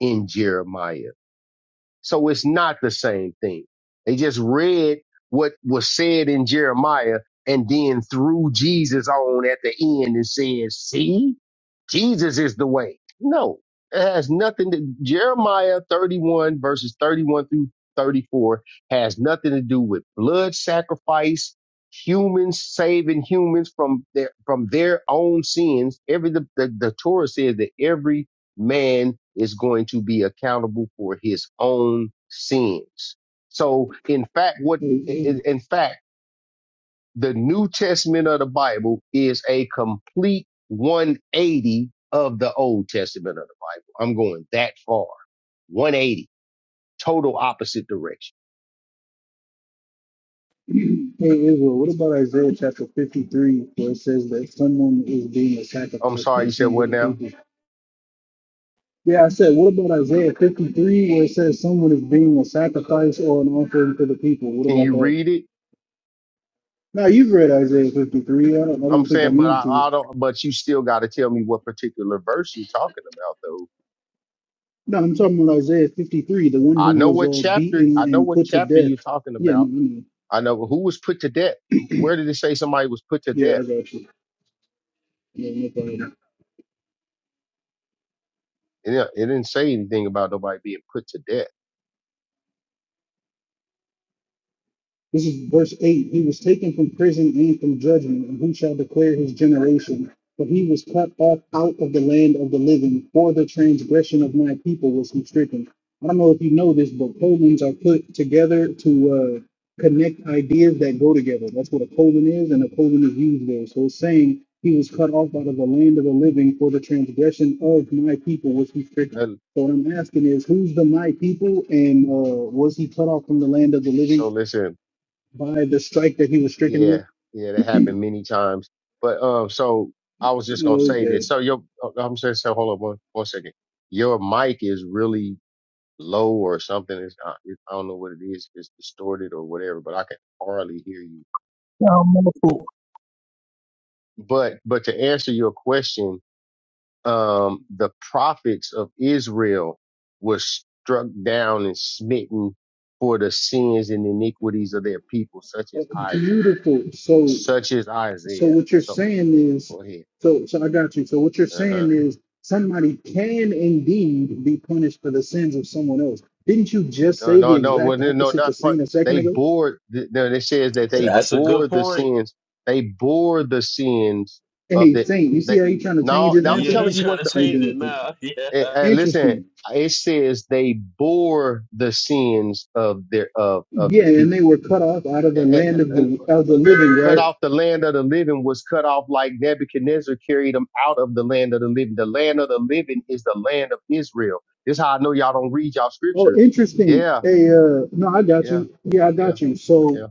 [SPEAKER 12] in Jeremiah. So it's not the same thing. They just read what was said in Jeremiah and then threw Jesus on at the end and said, see, Jesus is the way. No, it has nothing to, Jeremiah 31 verses 31 through 34 has nothing to do with blood sacrifice, humans saving humans from their, from their own sins. Every, the, the, the Torah says that every man is going to be accountable for his own sins. So in fact, what,
[SPEAKER 15] Hey, hey,
[SPEAKER 12] in in fact, the New Testament of the Bible is a complete 180 of the Old Testament of the Bible. I'm going that far. 180, total opposite direction.
[SPEAKER 15] hey, Israel, what about Isaiah chapter 53, where it says that someone is being a
[SPEAKER 12] I'm
[SPEAKER 15] sacrifice for
[SPEAKER 12] sorry,
[SPEAKER 15] the
[SPEAKER 12] you said
[SPEAKER 15] sins of
[SPEAKER 12] what
[SPEAKER 15] the
[SPEAKER 12] now?
[SPEAKER 15] people? Yeah, I said, what about Isaiah 53, where it says someone is being a sacrifice or an offering for the people? What
[SPEAKER 12] Can
[SPEAKER 15] about
[SPEAKER 12] you
[SPEAKER 15] that?
[SPEAKER 12] read it?
[SPEAKER 15] Now, you've read Isaiah 53. I don't, I
[SPEAKER 12] I'm
[SPEAKER 15] don't think I
[SPEAKER 12] saying, but
[SPEAKER 15] need
[SPEAKER 12] I,
[SPEAKER 15] to.
[SPEAKER 12] I don't, but you still got to tell me what particular verse you're talking about though.
[SPEAKER 15] No, I'm talking about Isaiah 53, the one
[SPEAKER 12] I
[SPEAKER 15] who
[SPEAKER 12] know
[SPEAKER 15] was
[SPEAKER 12] what
[SPEAKER 15] uh,
[SPEAKER 12] chapter, I
[SPEAKER 15] beaten
[SPEAKER 12] know
[SPEAKER 15] and
[SPEAKER 12] what
[SPEAKER 15] put to
[SPEAKER 12] chapter
[SPEAKER 15] death.
[SPEAKER 12] you're talking
[SPEAKER 15] Yeah,
[SPEAKER 12] about
[SPEAKER 15] no, no, no.
[SPEAKER 12] I know who was put to death. Where did it say somebody was put to
[SPEAKER 15] yeah, I
[SPEAKER 12] death?
[SPEAKER 15] got you. Yeah, no problem.
[SPEAKER 12] It, didn't- it didn't say anything about nobody being put to death.
[SPEAKER 15] This is verse 8. He was taken from prison and from judgment, and who shall declare his generation? But he was cut off out of the land of the living. For the transgression of my people was he stricken. I don't know if you know this, but colons are put together to uh, connect ideas that go together. That's what a colon is, and a colon is used there. So it's saying he was cut off out of the land of the living for the transgression of my people was he stricken.
[SPEAKER 12] And
[SPEAKER 15] So what I'm asking is, who's the my people, and uh, was he cut off from the land of the living?
[SPEAKER 12] so listen,
[SPEAKER 15] by the strike that he was stricken with.
[SPEAKER 12] yeah, yeah, that happened many times. But um, so I was just gonna say that.
[SPEAKER 15] Okay,
[SPEAKER 12] So your, uh, I'm saying, so hold on one, one second. Your mic is really low or something. It's not, it, I don't know what it is. It's distorted or whatever. But I can hardly hear you.
[SPEAKER 5] Um,
[SPEAKER 12] But but to answer your question, um, the prophets of Israel were struck down and smitten for the sins and iniquities of their people, such as
[SPEAKER 15] Oh,
[SPEAKER 12] Isaiah,
[SPEAKER 15] beautiful. So,
[SPEAKER 12] such as
[SPEAKER 15] so
[SPEAKER 12] Isaiah.
[SPEAKER 15] what you're
[SPEAKER 12] So
[SPEAKER 15] saying is,
[SPEAKER 12] go ahead.
[SPEAKER 15] so, so I got you. So what you're
[SPEAKER 12] Uh-huh.
[SPEAKER 15] saying is, somebody can indeed be punished for the sins of someone else. Didn't you just
[SPEAKER 12] No,
[SPEAKER 15] say the
[SPEAKER 12] no, no, well,
[SPEAKER 15] exact
[SPEAKER 12] no, no,
[SPEAKER 15] opposite to
[SPEAKER 12] not part.
[SPEAKER 15] Saint a second
[SPEAKER 12] They
[SPEAKER 15] ago?
[SPEAKER 12] bore, th- no, it says that
[SPEAKER 14] And
[SPEAKER 12] they
[SPEAKER 14] that's a
[SPEAKER 12] bore
[SPEAKER 14] good
[SPEAKER 12] the
[SPEAKER 14] point.
[SPEAKER 12] sins. They bore the sins of
[SPEAKER 15] Hey,
[SPEAKER 12] the,
[SPEAKER 15] Saint, you see
[SPEAKER 12] they,
[SPEAKER 15] how he trying to change
[SPEAKER 12] now,
[SPEAKER 15] his
[SPEAKER 12] now I'm
[SPEAKER 15] answer
[SPEAKER 14] Yeah,
[SPEAKER 15] now?
[SPEAKER 12] telling
[SPEAKER 14] he's
[SPEAKER 12] you what
[SPEAKER 14] trying to
[SPEAKER 12] the,
[SPEAKER 15] How you
[SPEAKER 14] change
[SPEAKER 15] doing?
[SPEAKER 14] it
[SPEAKER 15] Fitz?
[SPEAKER 14] now. Yeah.
[SPEAKER 12] and, and listen,
[SPEAKER 15] Interesting.
[SPEAKER 12] it says they bore the sins of their, of, of
[SPEAKER 15] Yeah,
[SPEAKER 12] the
[SPEAKER 15] and
[SPEAKER 12] people
[SPEAKER 15] they were cut off out of the
[SPEAKER 12] and,
[SPEAKER 15] land of
[SPEAKER 12] and,
[SPEAKER 15] the of the
[SPEAKER 12] and
[SPEAKER 15] living,
[SPEAKER 12] cut
[SPEAKER 15] right?
[SPEAKER 12] off the land of the living was cut off like Nebuchadnezzar carried them out of the land of the living. The land of the living is the land of Israel. This is how I know y'all don't read y'all
[SPEAKER 15] Oh,
[SPEAKER 12] scriptures.
[SPEAKER 15] interesting.
[SPEAKER 12] Yeah,
[SPEAKER 15] Hey, uh, no, I got
[SPEAKER 12] yeah,
[SPEAKER 15] you. Yeah, I
[SPEAKER 12] yeah,
[SPEAKER 15] got you. So
[SPEAKER 12] yeah.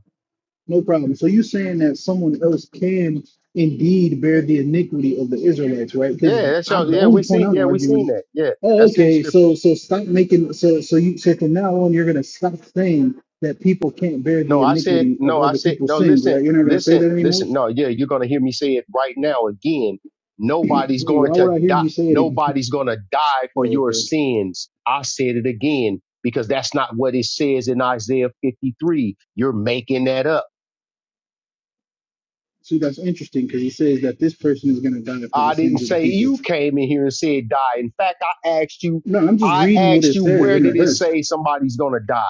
[SPEAKER 15] No problem. So you're saying that someone else can indeed bear the iniquity of the Israelites, right? Because
[SPEAKER 12] Yeah, that's
[SPEAKER 15] I'm
[SPEAKER 12] y'all,
[SPEAKER 15] the
[SPEAKER 12] yeah, we
[SPEAKER 15] only point
[SPEAKER 12] seen
[SPEAKER 15] I'm
[SPEAKER 12] yeah, we seen
[SPEAKER 15] arguing.
[SPEAKER 12] that. Yeah,
[SPEAKER 15] Oh,
[SPEAKER 12] that's in the
[SPEAKER 15] okay.
[SPEAKER 12] scriptures.
[SPEAKER 15] So so stop making so so you so from now on you're gonna stop saying that people can't bear
[SPEAKER 12] No,
[SPEAKER 15] the
[SPEAKER 12] I said,
[SPEAKER 15] iniquity of
[SPEAKER 12] no, I
[SPEAKER 15] other
[SPEAKER 12] said,
[SPEAKER 15] people's
[SPEAKER 12] no,
[SPEAKER 15] sins,
[SPEAKER 12] listen,
[SPEAKER 15] right? You're not gonna say
[SPEAKER 12] listen,
[SPEAKER 15] that anymore.
[SPEAKER 12] listen. No, yeah, you're going to hear me say it right now again. Nobody's going
[SPEAKER 15] Why
[SPEAKER 12] to
[SPEAKER 15] would I hear
[SPEAKER 12] die.
[SPEAKER 15] you say it again?
[SPEAKER 12] Nobody's going to die for
[SPEAKER 15] Oh,
[SPEAKER 12] your
[SPEAKER 15] okay.
[SPEAKER 12] sins. I said it again because that's not what it says in Isaiah 53. You're making that up.
[SPEAKER 15] See, that's interesting because he says that this person is gonna die for the
[SPEAKER 12] I didn't
[SPEAKER 15] sins of the
[SPEAKER 12] say
[SPEAKER 15] people.
[SPEAKER 12] you came in here and said die. In fact, I asked you,
[SPEAKER 15] No, I'm just
[SPEAKER 12] I
[SPEAKER 15] reading what
[SPEAKER 12] asked
[SPEAKER 15] it
[SPEAKER 12] you,
[SPEAKER 15] says
[SPEAKER 12] where
[SPEAKER 15] in
[SPEAKER 12] did
[SPEAKER 15] the
[SPEAKER 12] it
[SPEAKER 15] verse.
[SPEAKER 12] say somebody's going to die?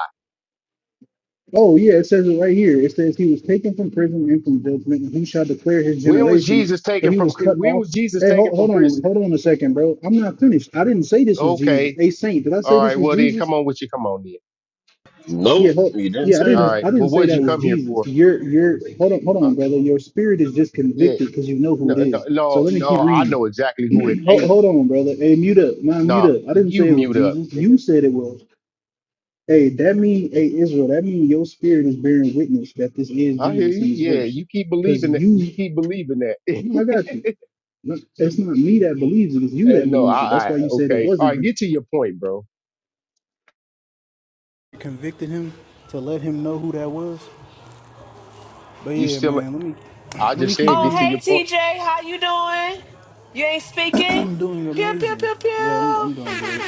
[SPEAKER 15] Oh yeah, it says it right here. It says he was taken from prison and from judgment, and he shall declare his
[SPEAKER 12] When was
[SPEAKER 15] generation.
[SPEAKER 12] Jesus
[SPEAKER 15] For
[SPEAKER 12] taken
[SPEAKER 15] he
[SPEAKER 12] from,
[SPEAKER 15] was
[SPEAKER 12] pri-
[SPEAKER 15] cut
[SPEAKER 12] when
[SPEAKER 15] off.
[SPEAKER 12] was Jesus
[SPEAKER 15] Hey,
[SPEAKER 12] taken
[SPEAKER 15] hold,
[SPEAKER 12] from
[SPEAKER 15] hold on,
[SPEAKER 12] prison?
[SPEAKER 15] hold on a second, bro. I'm not finished. I didn't say this was Jesus.
[SPEAKER 12] Okay.
[SPEAKER 15] A saint. Did I say
[SPEAKER 12] All right.
[SPEAKER 15] this was
[SPEAKER 12] Well, then
[SPEAKER 15] Jesus?
[SPEAKER 12] come on with you. Come on then.
[SPEAKER 15] Yeah,
[SPEAKER 14] Nope,
[SPEAKER 15] hold,
[SPEAKER 14] he didn't
[SPEAKER 15] yeah. I
[SPEAKER 14] say
[SPEAKER 12] All
[SPEAKER 14] that.
[SPEAKER 15] didn't.
[SPEAKER 12] right.
[SPEAKER 15] I
[SPEAKER 12] Well,
[SPEAKER 15] didn't
[SPEAKER 12] what
[SPEAKER 15] say
[SPEAKER 12] did you
[SPEAKER 15] that was
[SPEAKER 12] come here
[SPEAKER 15] Jesus.
[SPEAKER 12] for?
[SPEAKER 15] Your your hold on, hold
[SPEAKER 12] Uh,
[SPEAKER 15] on, brother. Your spirit is just
[SPEAKER 12] yeah.
[SPEAKER 15] convicted because you know who
[SPEAKER 12] No,
[SPEAKER 15] it
[SPEAKER 12] no,
[SPEAKER 15] is. So
[SPEAKER 12] no,
[SPEAKER 15] let me
[SPEAKER 12] no.
[SPEAKER 15] keep
[SPEAKER 12] I
[SPEAKER 15] reading.
[SPEAKER 12] know exactly who it
[SPEAKER 15] hold,
[SPEAKER 12] ain't.
[SPEAKER 15] hold on, brother. Hey, mute up. Nah, mute
[SPEAKER 12] Nah,
[SPEAKER 15] up. I didn't
[SPEAKER 12] you
[SPEAKER 15] say it was
[SPEAKER 12] mute up,
[SPEAKER 15] Jesus.
[SPEAKER 12] nigga.
[SPEAKER 15] You said it was. Hey, that mean, hey Israel, that mean your spirit is bearing witness that this is
[SPEAKER 12] I hear
[SPEAKER 15] Jesus
[SPEAKER 12] you.
[SPEAKER 15] in this
[SPEAKER 12] Yeah,
[SPEAKER 15] verse.
[SPEAKER 12] you keep
[SPEAKER 15] Because
[SPEAKER 12] believing that. You
[SPEAKER 15] you,
[SPEAKER 12] keep believing that.
[SPEAKER 15] no, I got you. No, It's not me that believes it, it's you
[SPEAKER 12] and
[SPEAKER 15] that
[SPEAKER 12] no,
[SPEAKER 15] believes it.
[SPEAKER 12] I,
[SPEAKER 15] That's
[SPEAKER 12] I,
[SPEAKER 15] why you said it
[SPEAKER 12] okay. All
[SPEAKER 15] wasn't
[SPEAKER 12] right.
[SPEAKER 15] him.
[SPEAKER 12] Get to your point, bro.
[SPEAKER 15] Convicted him to let him know who that was. But
[SPEAKER 12] You
[SPEAKER 15] yeah,
[SPEAKER 12] still,
[SPEAKER 15] man, let me
[SPEAKER 12] I
[SPEAKER 15] let me
[SPEAKER 12] just
[SPEAKER 15] keep
[SPEAKER 12] said
[SPEAKER 1] Oh,
[SPEAKER 12] get to
[SPEAKER 15] reading.
[SPEAKER 12] your
[SPEAKER 1] hey,
[SPEAKER 12] point.
[SPEAKER 1] TJ, how you doing? You ain't speaking.
[SPEAKER 15] I'm doing
[SPEAKER 1] Pew pew
[SPEAKER 15] amazing.
[SPEAKER 1] pew
[SPEAKER 15] Yeah, I'm,
[SPEAKER 1] pew.
[SPEAKER 15] I'm doing great.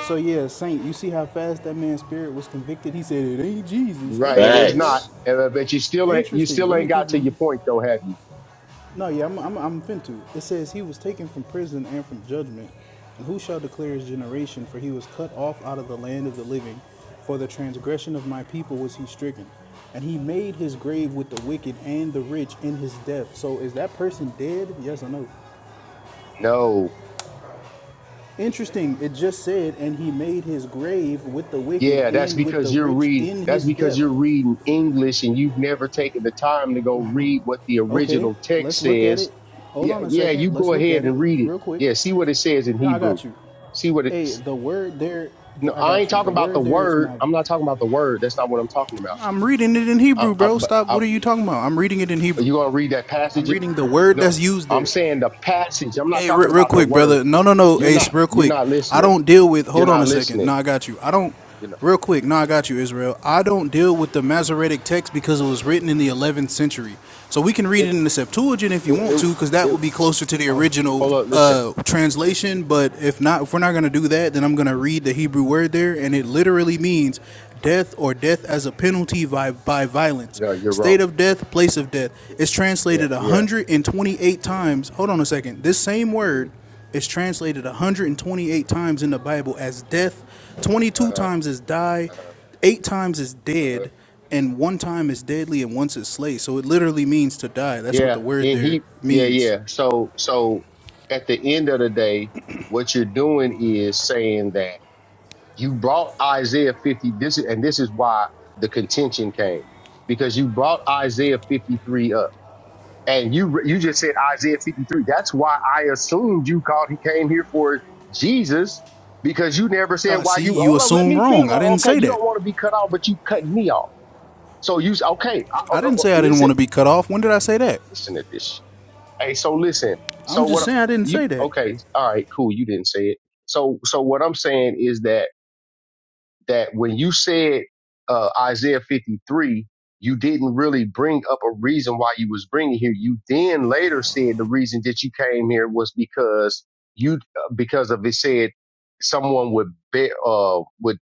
[SPEAKER 15] So yeah, Saint, you see how fast that man's spirit was convicted? He said it ain't Jesus. Ain't
[SPEAKER 12] Right. And
[SPEAKER 15] nobody
[SPEAKER 12] it's
[SPEAKER 15] say that.
[SPEAKER 12] not,
[SPEAKER 14] Facts.
[SPEAKER 12] Uh, but you still ain't, you
[SPEAKER 15] Interesting.
[SPEAKER 12] still
[SPEAKER 15] Let me
[SPEAKER 12] ain't
[SPEAKER 15] keep
[SPEAKER 12] got to your
[SPEAKER 15] reading.
[SPEAKER 12] point though, have you?
[SPEAKER 15] No, yeah, I'm, I'm, I'm fintu. It says he was taken from prison and from judgment. And who shall declare his generation? For he was cut off out of the land of the living. For the transgression of my people was he stricken. And he made his grave with the wicked and the rich in his death. So is that person dead? Yes or no?
[SPEAKER 12] No.
[SPEAKER 15] Interesting. It just said, and he made his grave with the wicked
[SPEAKER 12] Yeah, that's
[SPEAKER 15] and with the
[SPEAKER 12] because you're
[SPEAKER 15] rich
[SPEAKER 12] read
[SPEAKER 15] in
[SPEAKER 12] that's
[SPEAKER 15] his
[SPEAKER 12] because
[SPEAKER 15] death.
[SPEAKER 12] you're reading English and you've never taken the time to go read what the
[SPEAKER 15] Okay,
[SPEAKER 12] original text
[SPEAKER 15] let's look at
[SPEAKER 12] says.
[SPEAKER 15] it. Hold
[SPEAKER 12] Yeah,
[SPEAKER 15] on a
[SPEAKER 12] yeah, you
[SPEAKER 15] second.
[SPEAKER 12] go
[SPEAKER 15] Let's look
[SPEAKER 12] ahead
[SPEAKER 15] at it
[SPEAKER 12] and read it.
[SPEAKER 15] real quick.
[SPEAKER 12] Yeah, see what it says in
[SPEAKER 15] No, I
[SPEAKER 12] Hebrew.
[SPEAKER 15] got you.
[SPEAKER 12] See what it
[SPEAKER 15] Hey, the word there,
[SPEAKER 12] No,
[SPEAKER 15] the, I
[SPEAKER 12] I
[SPEAKER 15] got
[SPEAKER 12] ain't
[SPEAKER 15] you. The
[SPEAKER 12] talking about the
[SPEAKER 15] word there is
[SPEAKER 12] word.
[SPEAKER 15] my.
[SPEAKER 12] I'm not talking about the word. That's not what I'm talking
[SPEAKER 15] I'm reading it in
[SPEAKER 12] about.
[SPEAKER 15] Hebrew,
[SPEAKER 12] I, I,
[SPEAKER 15] bro.
[SPEAKER 12] but
[SPEAKER 15] Stop.
[SPEAKER 12] I,
[SPEAKER 15] What
[SPEAKER 12] are
[SPEAKER 15] are you talking about? I'm reading it in Hebrew.
[SPEAKER 12] you going to read that
[SPEAKER 15] I'm
[SPEAKER 12] passage?
[SPEAKER 15] reading the word
[SPEAKER 12] No.
[SPEAKER 15] that's used
[SPEAKER 12] I'm
[SPEAKER 15] there.
[SPEAKER 12] saying the passage. I'm not
[SPEAKER 15] Hey, re-
[SPEAKER 12] talking
[SPEAKER 15] real
[SPEAKER 12] about the
[SPEAKER 15] quick,
[SPEAKER 12] word.
[SPEAKER 15] brother. No, no, no,
[SPEAKER 12] You're not
[SPEAKER 15] Ace. Real
[SPEAKER 12] you're
[SPEAKER 15] quick.
[SPEAKER 12] not
[SPEAKER 15] I
[SPEAKER 12] listening.
[SPEAKER 15] don't deal with.
[SPEAKER 12] You're
[SPEAKER 15] Hold on
[SPEAKER 12] not
[SPEAKER 15] a second. No,
[SPEAKER 12] listening.
[SPEAKER 15] I got you. I don't.
[SPEAKER 12] You know.
[SPEAKER 15] Real quick. No, I got you, Israel. I don't deal with the Masoretic text because it was written in the 11th century. So we can read it
[SPEAKER 12] It
[SPEAKER 15] in the Septuagint if you
[SPEAKER 12] it
[SPEAKER 15] want
[SPEAKER 12] it,
[SPEAKER 15] to, because that
[SPEAKER 12] it
[SPEAKER 15] would be closer to the
[SPEAKER 12] oh,
[SPEAKER 15] original
[SPEAKER 12] hold up, listen.
[SPEAKER 15] uh, translation. But if not, if we're not gonna do that, then I'm gonna read the Hebrew word there, and it literally means death or death as a penalty by, by violence,
[SPEAKER 12] No, you're wrong.
[SPEAKER 15] state of death, place of death. It's
[SPEAKER 12] yeah,
[SPEAKER 15] translated
[SPEAKER 12] yeah.
[SPEAKER 15] 128 times. Hold on a second. This same
[SPEAKER 12] hmm
[SPEAKER 15] word is translated 128 times in the Bible as death, 22
[SPEAKER 12] Uh-huh,
[SPEAKER 15] times as die,
[SPEAKER 12] uh-huh,
[SPEAKER 15] 8 times as
[SPEAKER 12] uh-huh.
[SPEAKER 15] dead, and 1 time is deadly and once is slay. So it literally means to die. That's what
[SPEAKER 12] Yeah,
[SPEAKER 15] the word
[SPEAKER 12] and
[SPEAKER 15] there
[SPEAKER 12] he, yeah,
[SPEAKER 15] means.
[SPEAKER 12] yeah. So, so at the end of the day, what you're doing is saying that you brought Isaiah 50. This is, and this is why the contention came because you brought Isaiah 53 up. And you you just said Isaiah 53. That's why I assumed you called. He came here for Jesus because you never said
[SPEAKER 15] Uh,
[SPEAKER 12] why
[SPEAKER 15] see,
[SPEAKER 12] you.
[SPEAKER 15] you
[SPEAKER 12] Hold on, let
[SPEAKER 15] assume
[SPEAKER 12] me
[SPEAKER 15] wrong.
[SPEAKER 12] feel.
[SPEAKER 15] I
[SPEAKER 12] Well,
[SPEAKER 15] didn't
[SPEAKER 12] okay,
[SPEAKER 15] say
[SPEAKER 12] you
[SPEAKER 15] that.
[SPEAKER 12] don't want to be cut off, but you cut me off. So you s- okay? I, uh,
[SPEAKER 15] I
[SPEAKER 12] uh,
[SPEAKER 15] didn't
[SPEAKER 12] uh,
[SPEAKER 15] say I didn't
[SPEAKER 12] listen,
[SPEAKER 15] want to be cut off. When did I say that?
[SPEAKER 12] listen at this. sh- Hey, so listen. So
[SPEAKER 15] I'm
[SPEAKER 12] what
[SPEAKER 15] just
[SPEAKER 12] I-
[SPEAKER 15] saying I didn't say
[SPEAKER 12] you
[SPEAKER 15] that.
[SPEAKER 12] okay? All right, cool. You didn't say it. So so what I'm saying is that that when you said uh, Isaiah 53, you didn't really bring up a reason why you was bringing here. You then later said the reason that you came here was because you uh, because of it said someone would bear uh would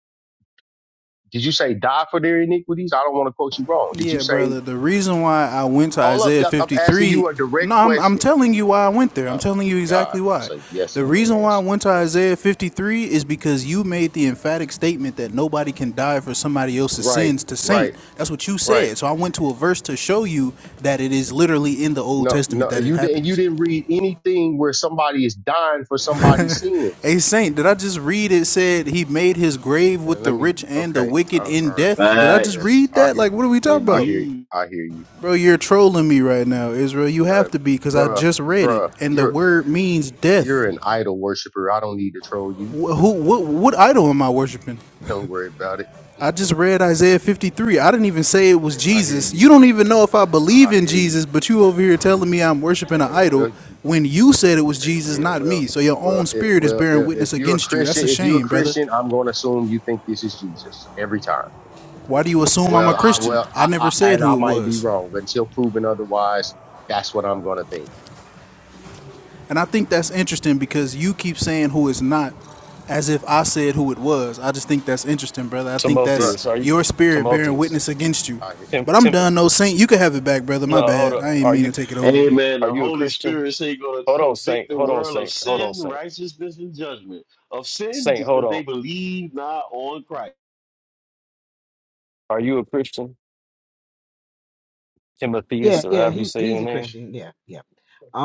[SPEAKER 12] did you say die for their iniquities? I don't want to quote you wrong. Did you
[SPEAKER 15] Yeah,
[SPEAKER 12] say
[SPEAKER 15] brother. The reason why I went to
[SPEAKER 12] Hold up,
[SPEAKER 15] Isaiah
[SPEAKER 12] Doc. I'm asking
[SPEAKER 15] 53,
[SPEAKER 12] you a direct
[SPEAKER 15] no, I'm, I'm
[SPEAKER 12] question.
[SPEAKER 15] telling you why I went there. I'm
[SPEAKER 12] Oh my
[SPEAKER 15] telling you
[SPEAKER 12] God.
[SPEAKER 15] exactly why.
[SPEAKER 12] Say yes
[SPEAKER 15] The
[SPEAKER 12] or no
[SPEAKER 15] reason why I
[SPEAKER 12] answer.
[SPEAKER 15] went to Isaiah 53 is because you made the emphatic statement that nobody can die for somebody else's
[SPEAKER 12] Right,
[SPEAKER 15] sins to saint.
[SPEAKER 12] right,
[SPEAKER 15] That's what you
[SPEAKER 12] right.
[SPEAKER 15] said. So I went to a verse to show you that it is literally in the Old
[SPEAKER 12] No,
[SPEAKER 15] Testament
[SPEAKER 12] no,
[SPEAKER 15] that it
[SPEAKER 12] you didn't you
[SPEAKER 15] happens.
[SPEAKER 12] didn't read anything where somebody is dying for somebody's sins.
[SPEAKER 15] A saint, did I just read it said he made his grave
[SPEAKER 12] And
[SPEAKER 15] with
[SPEAKER 12] let
[SPEAKER 15] the
[SPEAKER 12] me
[SPEAKER 15] rich and the
[SPEAKER 12] okay. Uh,
[SPEAKER 15] wicked in
[SPEAKER 12] all right.
[SPEAKER 15] death? Did I just
[SPEAKER 12] Yeah.
[SPEAKER 14] Facts.
[SPEAKER 15] read
[SPEAKER 12] I
[SPEAKER 15] that?
[SPEAKER 12] hear
[SPEAKER 15] Like, what are we talking
[SPEAKER 12] I
[SPEAKER 15] about?
[SPEAKER 12] hear
[SPEAKER 14] Indeed.
[SPEAKER 12] I hear you.
[SPEAKER 15] Bro, you're trolling me right now, Israel. You
[SPEAKER 12] No,
[SPEAKER 15] have to be because I
[SPEAKER 12] bruh,
[SPEAKER 15] just read it,
[SPEAKER 12] bruh,
[SPEAKER 15] and the
[SPEAKER 12] you're
[SPEAKER 15] word means death.
[SPEAKER 12] you're an idol worshiper. I don't need to troll you.
[SPEAKER 15] Wh- who? What? What idol am I worshiping?
[SPEAKER 12] Don't worry about it.
[SPEAKER 15] I just read Isaiah 53. I didn't even say it was
[SPEAKER 12] I, I, I hear
[SPEAKER 15] Jesus.
[SPEAKER 12] you.
[SPEAKER 15] You don't even know if I believe
[SPEAKER 12] I
[SPEAKER 15] in
[SPEAKER 12] hear you.
[SPEAKER 15] Jesus, but you over here telling me I'm worshiping an
[SPEAKER 12] Oh,
[SPEAKER 15] idol
[SPEAKER 12] well, you-
[SPEAKER 15] when you said it
[SPEAKER 12] oh,
[SPEAKER 15] was
[SPEAKER 12] okay,
[SPEAKER 15] Jesus,
[SPEAKER 12] yeah,
[SPEAKER 15] not
[SPEAKER 12] well,
[SPEAKER 15] me. So your
[SPEAKER 12] well,
[SPEAKER 15] own
[SPEAKER 12] it,
[SPEAKER 15] spirit is
[SPEAKER 12] well,
[SPEAKER 15] bearing
[SPEAKER 12] i- if
[SPEAKER 15] witness
[SPEAKER 12] you're a
[SPEAKER 15] against you. That's
[SPEAKER 12] Christian,
[SPEAKER 15] a
[SPEAKER 12] if you're a
[SPEAKER 15] shame, brother.
[SPEAKER 12] Christian, I'm going to assume you think this is Jesus every time.
[SPEAKER 15] Why do you assume I'm a
[SPEAKER 12] Well, I,
[SPEAKER 15] Christian?
[SPEAKER 12] well,
[SPEAKER 15] I
[SPEAKER 12] I,
[SPEAKER 15] never
[SPEAKER 12] I,
[SPEAKER 15] said
[SPEAKER 12] and I
[SPEAKER 15] who it
[SPEAKER 12] might be
[SPEAKER 15] was.
[SPEAKER 12] wrong until proven otherwise. That's what I'm going to think.
[SPEAKER 15] And I think that's interesting because you keep saying who it's not as if I said who it was. I just think that's interesting, brother. I think
[SPEAKER 12] Bruh,
[SPEAKER 15] that's
[SPEAKER 2] Timotheus. Are you
[SPEAKER 15] your spirit bearing
[SPEAKER 2] Timotheus?
[SPEAKER 15] witness against you.
[SPEAKER 12] I,
[SPEAKER 2] Tim,
[SPEAKER 15] But I'm
[SPEAKER 2] Tim,
[SPEAKER 15] done, no saint. You can have it back, brother. My
[SPEAKER 2] No, hold
[SPEAKER 15] bad.
[SPEAKER 2] up.
[SPEAKER 15] I ain't
[SPEAKER 2] Are
[SPEAKER 15] mean to
[SPEAKER 2] you
[SPEAKER 15] take it over.
[SPEAKER 14] Amen.
[SPEAKER 2] are
[SPEAKER 14] The
[SPEAKER 2] you a
[SPEAKER 14] Holy
[SPEAKER 2] Christian?
[SPEAKER 14] Spirit say going to
[SPEAKER 2] Hold on,
[SPEAKER 14] convict
[SPEAKER 2] Saint.
[SPEAKER 14] the
[SPEAKER 2] Hold on,
[SPEAKER 14] world of
[SPEAKER 2] Saint. Hold on,
[SPEAKER 14] sin,
[SPEAKER 2] Saint.
[SPEAKER 14] righteousness, and judgment. Of sin
[SPEAKER 2] Saint, hold
[SPEAKER 14] because
[SPEAKER 2] on.
[SPEAKER 14] they believe not on Christ.
[SPEAKER 2] Are you a Christian?
[SPEAKER 3] Yeah,
[SPEAKER 2] Timotheus, or
[SPEAKER 3] yeah,
[SPEAKER 2] however you
[SPEAKER 3] he's
[SPEAKER 2] say
[SPEAKER 3] he's
[SPEAKER 2] your
[SPEAKER 3] a
[SPEAKER 2] name.
[SPEAKER 3] Christian. Yeah, yeah.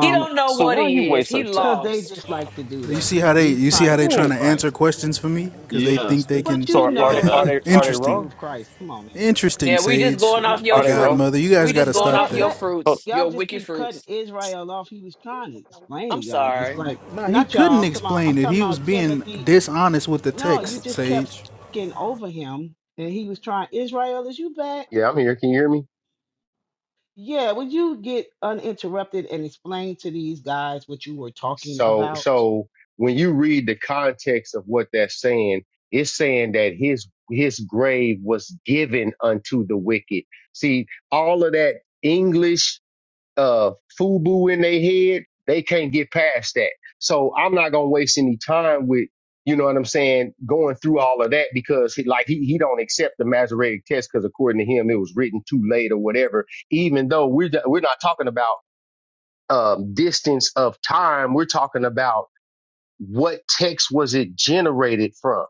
[SPEAKER 1] He don't know
[SPEAKER 2] So
[SPEAKER 1] what
[SPEAKER 2] why you
[SPEAKER 1] he is.
[SPEAKER 2] waste
[SPEAKER 1] He
[SPEAKER 2] so time?
[SPEAKER 3] cause they
[SPEAKER 1] lost.
[SPEAKER 3] just like to do
[SPEAKER 15] You
[SPEAKER 3] that.
[SPEAKER 15] see
[SPEAKER 3] He
[SPEAKER 15] how they
[SPEAKER 3] he's
[SPEAKER 15] you see
[SPEAKER 3] trying
[SPEAKER 15] how
[SPEAKER 3] to
[SPEAKER 15] they trying
[SPEAKER 2] Yeah.
[SPEAKER 3] prove
[SPEAKER 15] to answer
[SPEAKER 3] Christ.
[SPEAKER 15] questions for me because they
[SPEAKER 14] Yeah.
[SPEAKER 15] think they
[SPEAKER 3] But
[SPEAKER 15] can.
[SPEAKER 2] So
[SPEAKER 3] you
[SPEAKER 2] are, are they
[SPEAKER 3] know
[SPEAKER 14] yeah.
[SPEAKER 2] are
[SPEAKER 3] you're
[SPEAKER 2] they are
[SPEAKER 3] trying
[SPEAKER 2] they
[SPEAKER 3] to
[SPEAKER 15] Interesting,
[SPEAKER 2] wrong?
[SPEAKER 3] prove Christ. Come on, man.
[SPEAKER 15] interesting,
[SPEAKER 1] Yeah, we just
[SPEAKER 15] Sage,
[SPEAKER 1] going
[SPEAKER 3] Yeah.
[SPEAKER 1] off
[SPEAKER 15] the
[SPEAKER 1] your
[SPEAKER 2] Are they wrong?
[SPEAKER 1] fruit.
[SPEAKER 15] Godmother. You guys
[SPEAKER 1] We
[SPEAKER 15] got
[SPEAKER 1] just
[SPEAKER 15] to
[SPEAKER 3] So
[SPEAKER 1] going
[SPEAKER 15] stop
[SPEAKER 1] off
[SPEAKER 3] let
[SPEAKER 15] that.
[SPEAKER 1] your
[SPEAKER 3] let
[SPEAKER 2] Hold,
[SPEAKER 1] fruits,
[SPEAKER 3] y'all
[SPEAKER 1] your
[SPEAKER 3] just
[SPEAKER 1] wicked
[SPEAKER 3] keep cutting
[SPEAKER 1] fruits.
[SPEAKER 3] Israel off. He was trying to explain to
[SPEAKER 1] I'm
[SPEAKER 3] y'all. It's
[SPEAKER 1] sorry.
[SPEAKER 3] like
[SPEAKER 15] Nah, he
[SPEAKER 3] not y'all.
[SPEAKER 15] couldn't
[SPEAKER 3] I'm talking about, I'm
[SPEAKER 15] explain it.
[SPEAKER 3] talking
[SPEAKER 15] He was
[SPEAKER 3] about
[SPEAKER 15] being
[SPEAKER 3] Timothy.
[SPEAKER 15] dishonest with the
[SPEAKER 3] No, you
[SPEAKER 15] text,
[SPEAKER 3] just kept
[SPEAKER 15] Sage.
[SPEAKER 3] speaking over him, and he was trying. Israel, is you back?
[SPEAKER 12] yeah, I'm here. Can you hear me?
[SPEAKER 3] Yeah. Would you get uninterrupted and explain to these guys what you were talking
[SPEAKER 12] So,
[SPEAKER 3] about?
[SPEAKER 12] so when you read the context of what that's saying, it's saying that his, his grave was given unto the wicked. See, all of that English uh FUBU in their head, they can't get past that. So I'm not gonna waste any time with, you know what I'm saying, going through all of that because he, like he he don't accept the Masoretic test because according to him it was written too late or whatever. Even though we're we're not talking about um, distance of time, we're talking about what text was it generated from?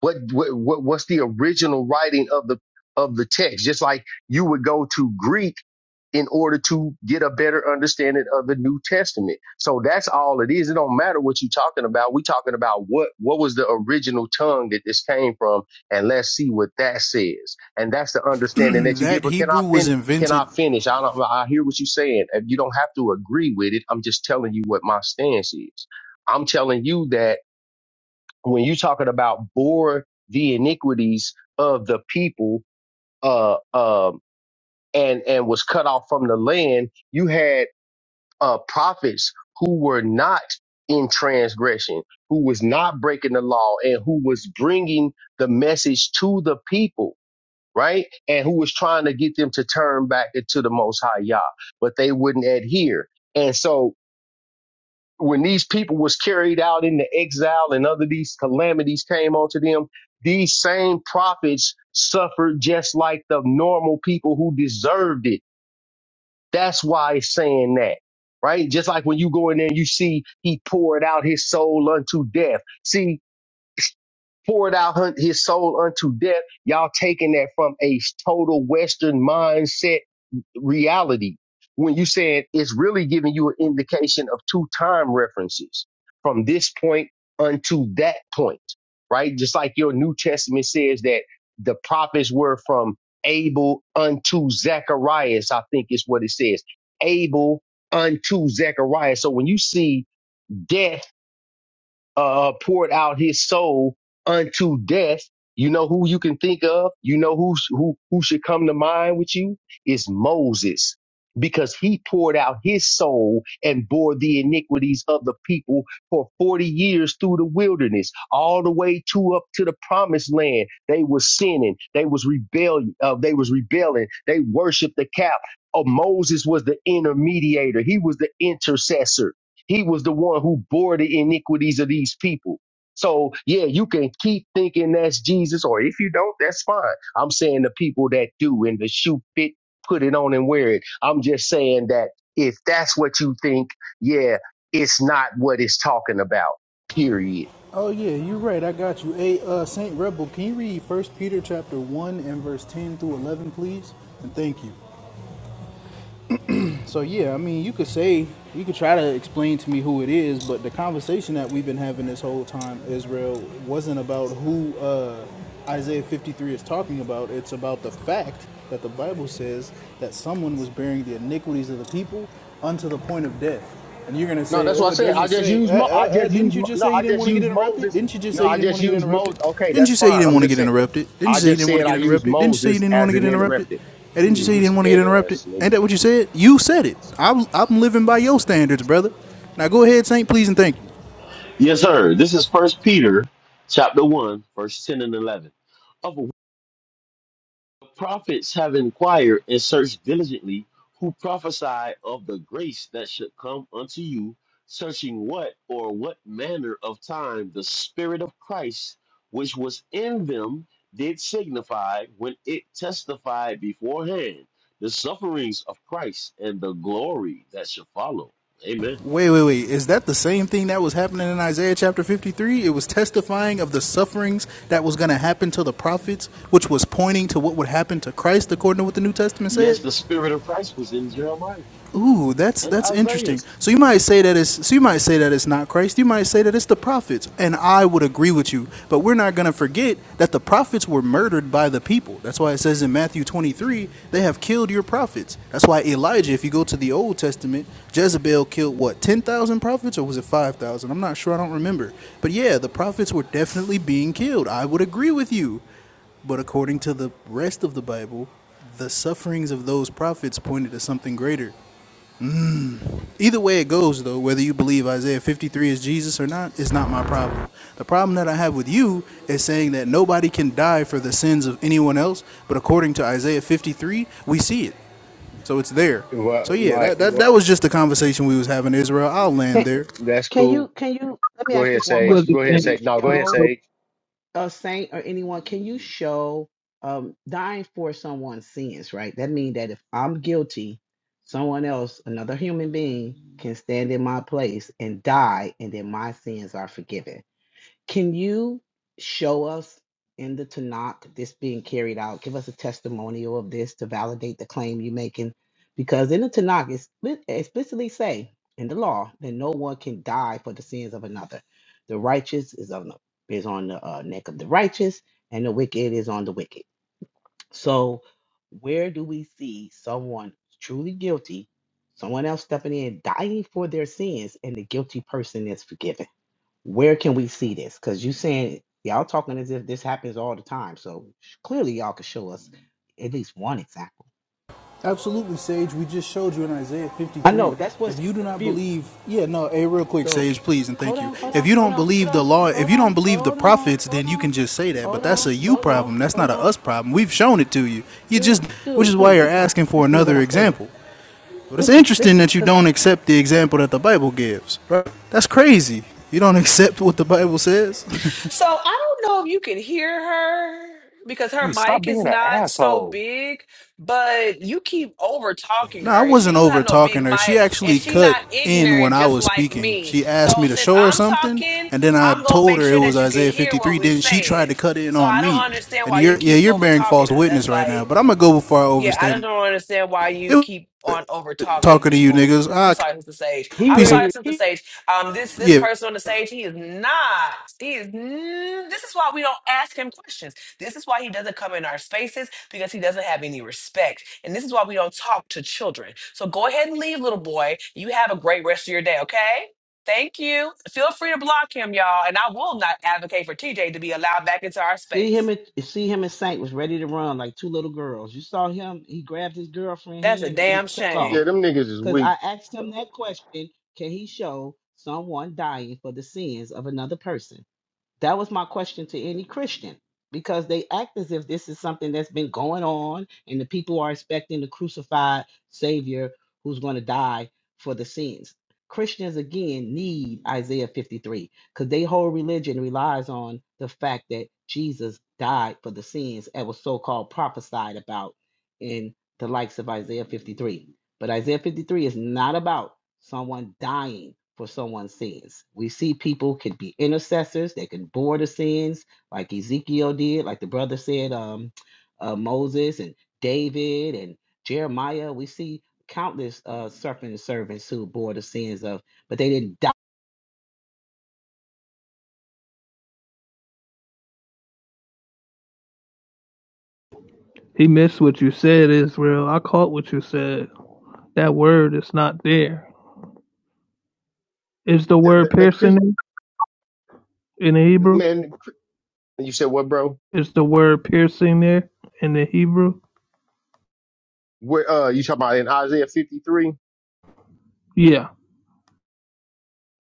[SPEAKER 12] What, what what what's the original writing of the of the text? Just like you would go to Greek in order to get a better understanding of the New Testament. So that's all it is. It don't matter what you're talking about. We're talking about what what was the original tongue that this came from, and let's see what that says. And that's the understanding that you give.
[SPEAKER 15] that
[SPEAKER 12] Or can I
[SPEAKER 15] Hebrew was
[SPEAKER 12] fin- Can
[SPEAKER 15] invented
[SPEAKER 12] I finish? I don't, I hear what you're saying. If you don't have to agree with it, I'm just telling you what my stance is. I'm telling you that when you're talking about bore the iniquities of the people, uh, uh, and and was cut off from the land you had uh prophets who were not in transgression who was not breaking the law and who was bringing the message to the people right and who was trying to get them to turn back to the most high yah but they wouldn't adhere and so when these people was carried out into exile and other these calamities came onto them these same prophets suffered just like the normal people who deserved it that's why it's saying that, right? Just like when you go in there and you see he poured out his soul unto death. See, poured out hun- his soul unto death. Y'all taking that from a total Western mindset reality when you saying it's really giving you an indication of two time references from this point unto that point, right? Just like your New Testament says that the prophets were from Abel unto Zacharias, I think is what it says. Abel unto Zechariah. So when you see death uh, poured out his soul unto death. You know who you can think of. You know who who who should come to mind with you is Moses, because he poured out his soul and bore the iniquities of the people for forty years through the wilderness, all the way to up to the promised land. They were sinning. They was rebellion. Uh, they was rebelling. They worshipped the calf. Oh, Moses was the intermediator. He was the intercessor he was the one who bore the iniquities of these people. So, yeah, you can keep thinking that's Jesus, or if you don't, that's fine. I'm saying the people that do and the shoe fit, put it on and wear it. I'm just saying that if that's what you think, yeah, it's not what it's talking about, period.
[SPEAKER 15] Oh yeah, you're right. I got you. Hey, uh, Saint Rebel, can you read First Peter chapter one and verse ten through eleven, please? And thank you. So yeah, I mean, you could say you could try to explain to me who it is, but the conversation that we've been having this whole time, Israel, wasn't about who uh, Isaiah 53 is talking about. It's about the fact that the Bible says that someone was bearing the iniquities of the people unto the point of death. And you're gonna
[SPEAKER 12] No,
[SPEAKER 15] say,
[SPEAKER 12] that's what I
[SPEAKER 15] oh, it
[SPEAKER 12] said. I
[SPEAKER 15] doesn't
[SPEAKER 12] just
[SPEAKER 15] say.
[SPEAKER 12] use,
[SPEAKER 15] Uh,
[SPEAKER 12] Mo- I
[SPEAKER 15] uh, uh,
[SPEAKER 12] just use,
[SPEAKER 15] didn't you
[SPEAKER 12] Mo-
[SPEAKER 15] just
[SPEAKER 12] no,
[SPEAKER 15] say you
[SPEAKER 12] I
[SPEAKER 15] didn't
[SPEAKER 12] just
[SPEAKER 15] want to get
[SPEAKER 12] use
[SPEAKER 15] interrupted?
[SPEAKER 12] Moses.
[SPEAKER 15] Didn't you just
[SPEAKER 12] No,
[SPEAKER 15] say you
[SPEAKER 12] I
[SPEAKER 15] didn't
[SPEAKER 12] just
[SPEAKER 15] want to get
[SPEAKER 12] use Moses.
[SPEAKER 15] interrupted?
[SPEAKER 12] Okay,
[SPEAKER 15] Didn't
[SPEAKER 12] that's
[SPEAKER 15] you say you
[SPEAKER 12] fine.
[SPEAKER 15] didn't
[SPEAKER 12] I'm
[SPEAKER 15] want to
[SPEAKER 12] just
[SPEAKER 15] get
[SPEAKER 12] saying,
[SPEAKER 15] interrupted? Didn't you
[SPEAKER 12] I
[SPEAKER 15] say you
[SPEAKER 12] just
[SPEAKER 15] didn't want to
[SPEAKER 12] said
[SPEAKER 15] get
[SPEAKER 12] I use
[SPEAKER 15] interrupted? Didn't you say you
[SPEAKER 12] Moses
[SPEAKER 15] didn't want
[SPEAKER 12] as
[SPEAKER 15] to get
[SPEAKER 12] an
[SPEAKER 15] interrupted?
[SPEAKER 12] interrupted.
[SPEAKER 15] Hey, didn't you
[SPEAKER 12] Yeah,
[SPEAKER 15] say you
[SPEAKER 12] this
[SPEAKER 15] didn't want to get
[SPEAKER 12] gay
[SPEAKER 15] interrupted?
[SPEAKER 12] ass nigga.
[SPEAKER 15] Ain't that what you said? You said it. I'm, I'm living by your standards, brother. Now go ahead, Saint, please, and thank you.
[SPEAKER 14] Yes, sir. This is First Peter chapter 1, verse 10 and 11. of. prophets have inquired and searched diligently who prophesied of the grace that should come unto you, searching what or what manner of time the Spirit of Christ, which was in them, did signify when it testified beforehand the sufferings of Christ and the glory that should follow. Amen.
[SPEAKER 15] Wait, wait, wait. Is that the same thing that was happening in Isaiah chapter 53? It was testifying of the sufferings that was going to happen to the prophets, which was pointing to what would happen to Christ, according to what the New Testament said?
[SPEAKER 14] Yes, the Spirit of Christ was in Jeremiah
[SPEAKER 15] Ooh, that's
[SPEAKER 14] and
[SPEAKER 15] that's
[SPEAKER 14] Isaiah.
[SPEAKER 15] interesting. So you might say that it's so you might say that it's not Christ. You might say that it's the prophets, and I would agree with you. But we're not gonna forget that the prophets were murdered by the people. That's why it says in Matthew 23, they have killed your prophets. That's why Elijah, if you go to the Old Testament, Jezebel killed what ten thousand prophets, or was it five thousand? I'm not sure. I don't remember. But yeah, the prophets were definitely being killed. I would agree with you. But according to the rest of the Bible, the sufferings of those prophets pointed to something greater. Either way it goes, though, whether you believe Isaiah 53 is Jesus or not, is not my problem. The problem that I have with you is saying that nobody can die for the sins of anyone else, but according to Isaiah 53, we see it. So it's there.
[SPEAKER 12] Right,
[SPEAKER 15] So yeah,
[SPEAKER 12] right.
[SPEAKER 15] that, that, that was just the conversation we was having, Israel. I'll land
[SPEAKER 3] Can,
[SPEAKER 15] there.
[SPEAKER 12] That's
[SPEAKER 3] can you
[SPEAKER 12] cool.
[SPEAKER 3] can you let me
[SPEAKER 12] Go
[SPEAKER 3] ask
[SPEAKER 12] ahead,
[SPEAKER 3] this one
[SPEAKER 5] What
[SPEAKER 12] Sage.
[SPEAKER 3] question?
[SPEAKER 5] he
[SPEAKER 12] Go
[SPEAKER 3] Can
[SPEAKER 12] ahead,
[SPEAKER 5] saying?
[SPEAKER 3] you
[SPEAKER 12] Sage. No, go ahead,
[SPEAKER 3] show?
[SPEAKER 12] Sage.
[SPEAKER 3] a saint or anyone, can you show um, dying for someone's sins, right? That means that if I'm guilty, someone else, another human being, can stand in my place and die, and then my sins are forgiven. Can you show us in the Tanakh this being carried out? Give us a testimonial of this to validate the claim you're making. Because in the Tanakh, it split- explicitly say in the law that no one can die for the sins of another. The righteous is on the, is on the uh, neck of the righteous, and the wicked is on the wicked. So, where do we see someone truly guilty, someone else stepping in, dying for their sins, and the guilty person is forgiven? Where can we see this? Because you saying y'all talking as if this happens all the time. So sh- clearly y'all could show us at least one example.
[SPEAKER 15] Absolutely, Sage. We just showed you in Isaiah
[SPEAKER 3] I
[SPEAKER 15] 53.
[SPEAKER 3] know that's what's
[SPEAKER 15] If
[SPEAKER 3] in
[SPEAKER 15] you do not
[SPEAKER 3] dispute.
[SPEAKER 15] believe, yeah, no, hey, real quick,
[SPEAKER 3] So
[SPEAKER 15] Sage, please and
[SPEAKER 3] hold
[SPEAKER 15] thank you.
[SPEAKER 3] on, hold
[SPEAKER 15] If
[SPEAKER 3] on,
[SPEAKER 15] you
[SPEAKER 3] hold
[SPEAKER 15] don't
[SPEAKER 3] on, hold
[SPEAKER 15] believe
[SPEAKER 3] on,
[SPEAKER 15] the law, if
[SPEAKER 3] hold
[SPEAKER 15] you don't
[SPEAKER 3] on,
[SPEAKER 15] believe the
[SPEAKER 3] hold on,
[SPEAKER 15] prophets,
[SPEAKER 3] hold
[SPEAKER 15] then you
[SPEAKER 3] on,
[SPEAKER 15] can just say that. But
[SPEAKER 3] hold
[SPEAKER 15] that's a
[SPEAKER 3] on,
[SPEAKER 15] you
[SPEAKER 3] hold on,
[SPEAKER 15] problem. That's not
[SPEAKER 3] hold
[SPEAKER 15] a
[SPEAKER 3] on.
[SPEAKER 15] us problem. We've shown it to you. You
[SPEAKER 3] Dude,
[SPEAKER 15] just, which is
[SPEAKER 3] dude,
[SPEAKER 15] why
[SPEAKER 3] dude,
[SPEAKER 15] you're
[SPEAKER 3] be quiet.
[SPEAKER 15] asking for
[SPEAKER 3] Listen to what
[SPEAKER 15] another
[SPEAKER 3] I'm saying.
[SPEAKER 15] example. But it's
[SPEAKER 3] Listen,
[SPEAKER 15] interesting
[SPEAKER 3] listen,
[SPEAKER 15] that you
[SPEAKER 3] because
[SPEAKER 15] don't accept the example that the Bible gives. Right? That's crazy. You don't accept what the Bible says.
[SPEAKER 1] So I don't know if you can hear her because her
[SPEAKER 2] hey, stop
[SPEAKER 1] mic
[SPEAKER 2] being
[SPEAKER 1] is
[SPEAKER 2] an
[SPEAKER 1] not so
[SPEAKER 2] asshole.
[SPEAKER 1] big, but you keep over talking
[SPEAKER 15] No, I
[SPEAKER 1] her and she
[SPEAKER 15] wasn't
[SPEAKER 1] don't
[SPEAKER 15] over
[SPEAKER 1] have no big
[SPEAKER 15] talking her. She
[SPEAKER 1] mic and
[SPEAKER 15] actually
[SPEAKER 1] she
[SPEAKER 15] cut
[SPEAKER 1] not
[SPEAKER 15] in when
[SPEAKER 1] ignorant
[SPEAKER 15] I
[SPEAKER 1] just
[SPEAKER 15] was
[SPEAKER 1] like
[SPEAKER 15] speaking.
[SPEAKER 1] me.
[SPEAKER 15] She
[SPEAKER 1] So
[SPEAKER 15] asked me to
[SPEAKER 1] since
[SPEAKER 15] show her
[SPEAKER 1] I'm
[SPEAKER 15] something,
[SPEAKER 1] talking,
[SPEAKER 15] and then I
[SPEAKER 1] I'm gonna
[SPEAKER 15] told
[SPEAKER 1] make
[SPEAKER 15] her it
[SPEAKER 1] sure
[SPEAKER 15] was
[SPEAKER 1] that you can
[SPEAKER 15] Isaiah
[SPEAKER 1] hear what
[SPEAKER 15] 53.
[SPEAKER 1] we
[SPEAKER 15] Then she tried
[SPEAKER 1] saying.
[SPEAKER 15] to cut in
[SPEAKER 1] So
[SPEAKER 15] on
[SPEAKER 1] I
[SPEAKER 15] me.
[SPEAKER 1] don't understand
[SPEAKER 15] And
[SPEAKER 1] why you
[SPEAKER 15] you're yeah,
[SPEAKER 1] keep
[SPEAKER 15] you're
[SPEAKER 1] over
[SPEAKER 15] bearing
[SPEAKER 1] talking
[SPEAKER 15] false
[SPEAKER 1] her.
[SPEAKER 15] witness
[SPEAKER 1] That's
[SPEAKER 15] right now.
[SPEAKER 1] like
[SPEAKER 15] But I'm gonna go before I
[SPEAKER 1] Yeah, I
[SPEAKER 15] overstay.
[SPEAKER 1] just don't understand why you
[SPEAKER 15] It was
[SPEAKER 1] keep on over talking
[SPEAKER 15] talking to you
[SPEAKER 1] people.
[SPEAKER 15] niggas.
[SPEAKER 1] I'm
[SPEAKER 15] Ah,
[SPEAKER 1] sorry, Mr. Sage.
[SPEAKER 3] he
[SPEAKER 1] I'm
[SPEAKER 15] peace.
[SPEAKER 1] sorry, Mr.
[SPEAKER 3] ready.
[SPEAKER 1] Sage. Um, this this
[SPEAKER 15] Yeah,
[SPEAKER 1] person on the stage, he is not. He is. n- This is why we don't ask him questions. This is why he doesn't come in our spaces because he doesn't have any respect. And this is why we don't talk to children. So go ahead and leave, little boy. You have a great rest of your day. Okay. Thank you. Feel free to block him, y'all. And I will not advocate for TJ to be allowed back into our
[SPEAKER 3] See him
[SPEAKER 1] space.
[SPEAKER 3] at see him at Saint was ready to run like two little girls. You saw him, he grabbed his girlfriend
[SPEAKER 1] That's a
[SPEAKER 3] hand and they
[SPEAKER 1] damn
[SPEAKER 3] took
[SPEAKER 1] shame.
[SPEAKER 12] Yeah,
[SPEAKER 3] off.
[SPEAKER 12] them niggas is
[SPEAKER 3] Because
[SPEAKER 12] weak.
[SPEAKER 3] I asked him that question, can he show someone dying for the sins of another person? That was my question to any Christian because they act as if this is something that's been going on and the people are expecting the crucified Savior who's going to die for the sins. Christians, again, need Isaiah 53 because their whole religion relies on the fact that Jesus died for the sins that was so called prophesied about in the likes of Isaiah 53. But Isaiah 53 is not about someone dying for someone's sins. We see people can be intercessors, they can bore the sins, like Ezekiel did, like the brother said, um, uh, Moses and David and Jeremiah. We see countless uh, serpent servants who bore the sins of, but they didn't die.
[SPEAKER 5] He missed what you said, Israel. I caught what you said. That word is not there. Is the
[SPEAKER 12] Th-
[SPEAKER 5] word
[SPEAKER 12] th- Man, Chris,
[SPEAKER 5] piercing in the Hebrew?
[SPEAKER 12] man, you said what, bro?
[SPEAKER 5] Is the word piercing there in the Hebrew?
[SPEAKER 12] Where, uh, you talking about in Isaiah 53?
[SPEAKER 5] Yeah.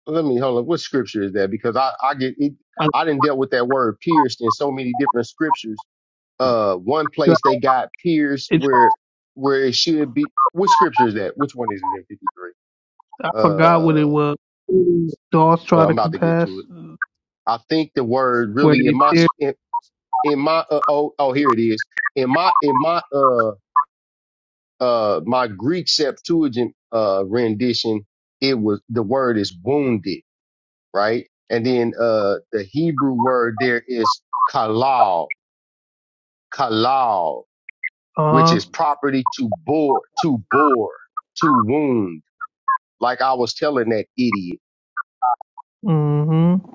[SPEAKER 12] Let me hold on. What scripture is that? Because I, I get it.
[SPEAKER 5] I,
[SPEAKER 12] I didn't dealt with that word pierced in so many different scriptures. Uh, one place they got pierced
[SPEAKER 5] it,
[SPEAKER 12] where, where it should be. What scripture is that? Which one is it in 53?
[SPEAKER 5] I forgot
[SPEAKER 12] Uh,
[SPEAKER 5] what it was. Dogs try
[SPEAKER 12] uh, I'm
[SPEAKER 5] to
[SPEAKER 12] about to get to
[SPEAKER 5] compass
[SPEAKER 12] it. I think the word
[SPEAKER 5] where
[SPEAKER 12] really in
[SPEAKER 5] they
[SPEAKER 12] my,
[SPEAKER 5] pierce.
[SPEAKER 12] in my uh, oh oh here it is in my in my uh uh my Greek Septuagint uh rendition it was the word is wounded right and then uh the Hebrew word there is kalal kalal
[SPEAKER 5] Uh
[SPEAKER 12] which
[SPEAKER 5] huh.
[SPEAKER 12] is property to bore to bore to wound like I was telling that idiot
[SPEAKER 5] Mm hmm.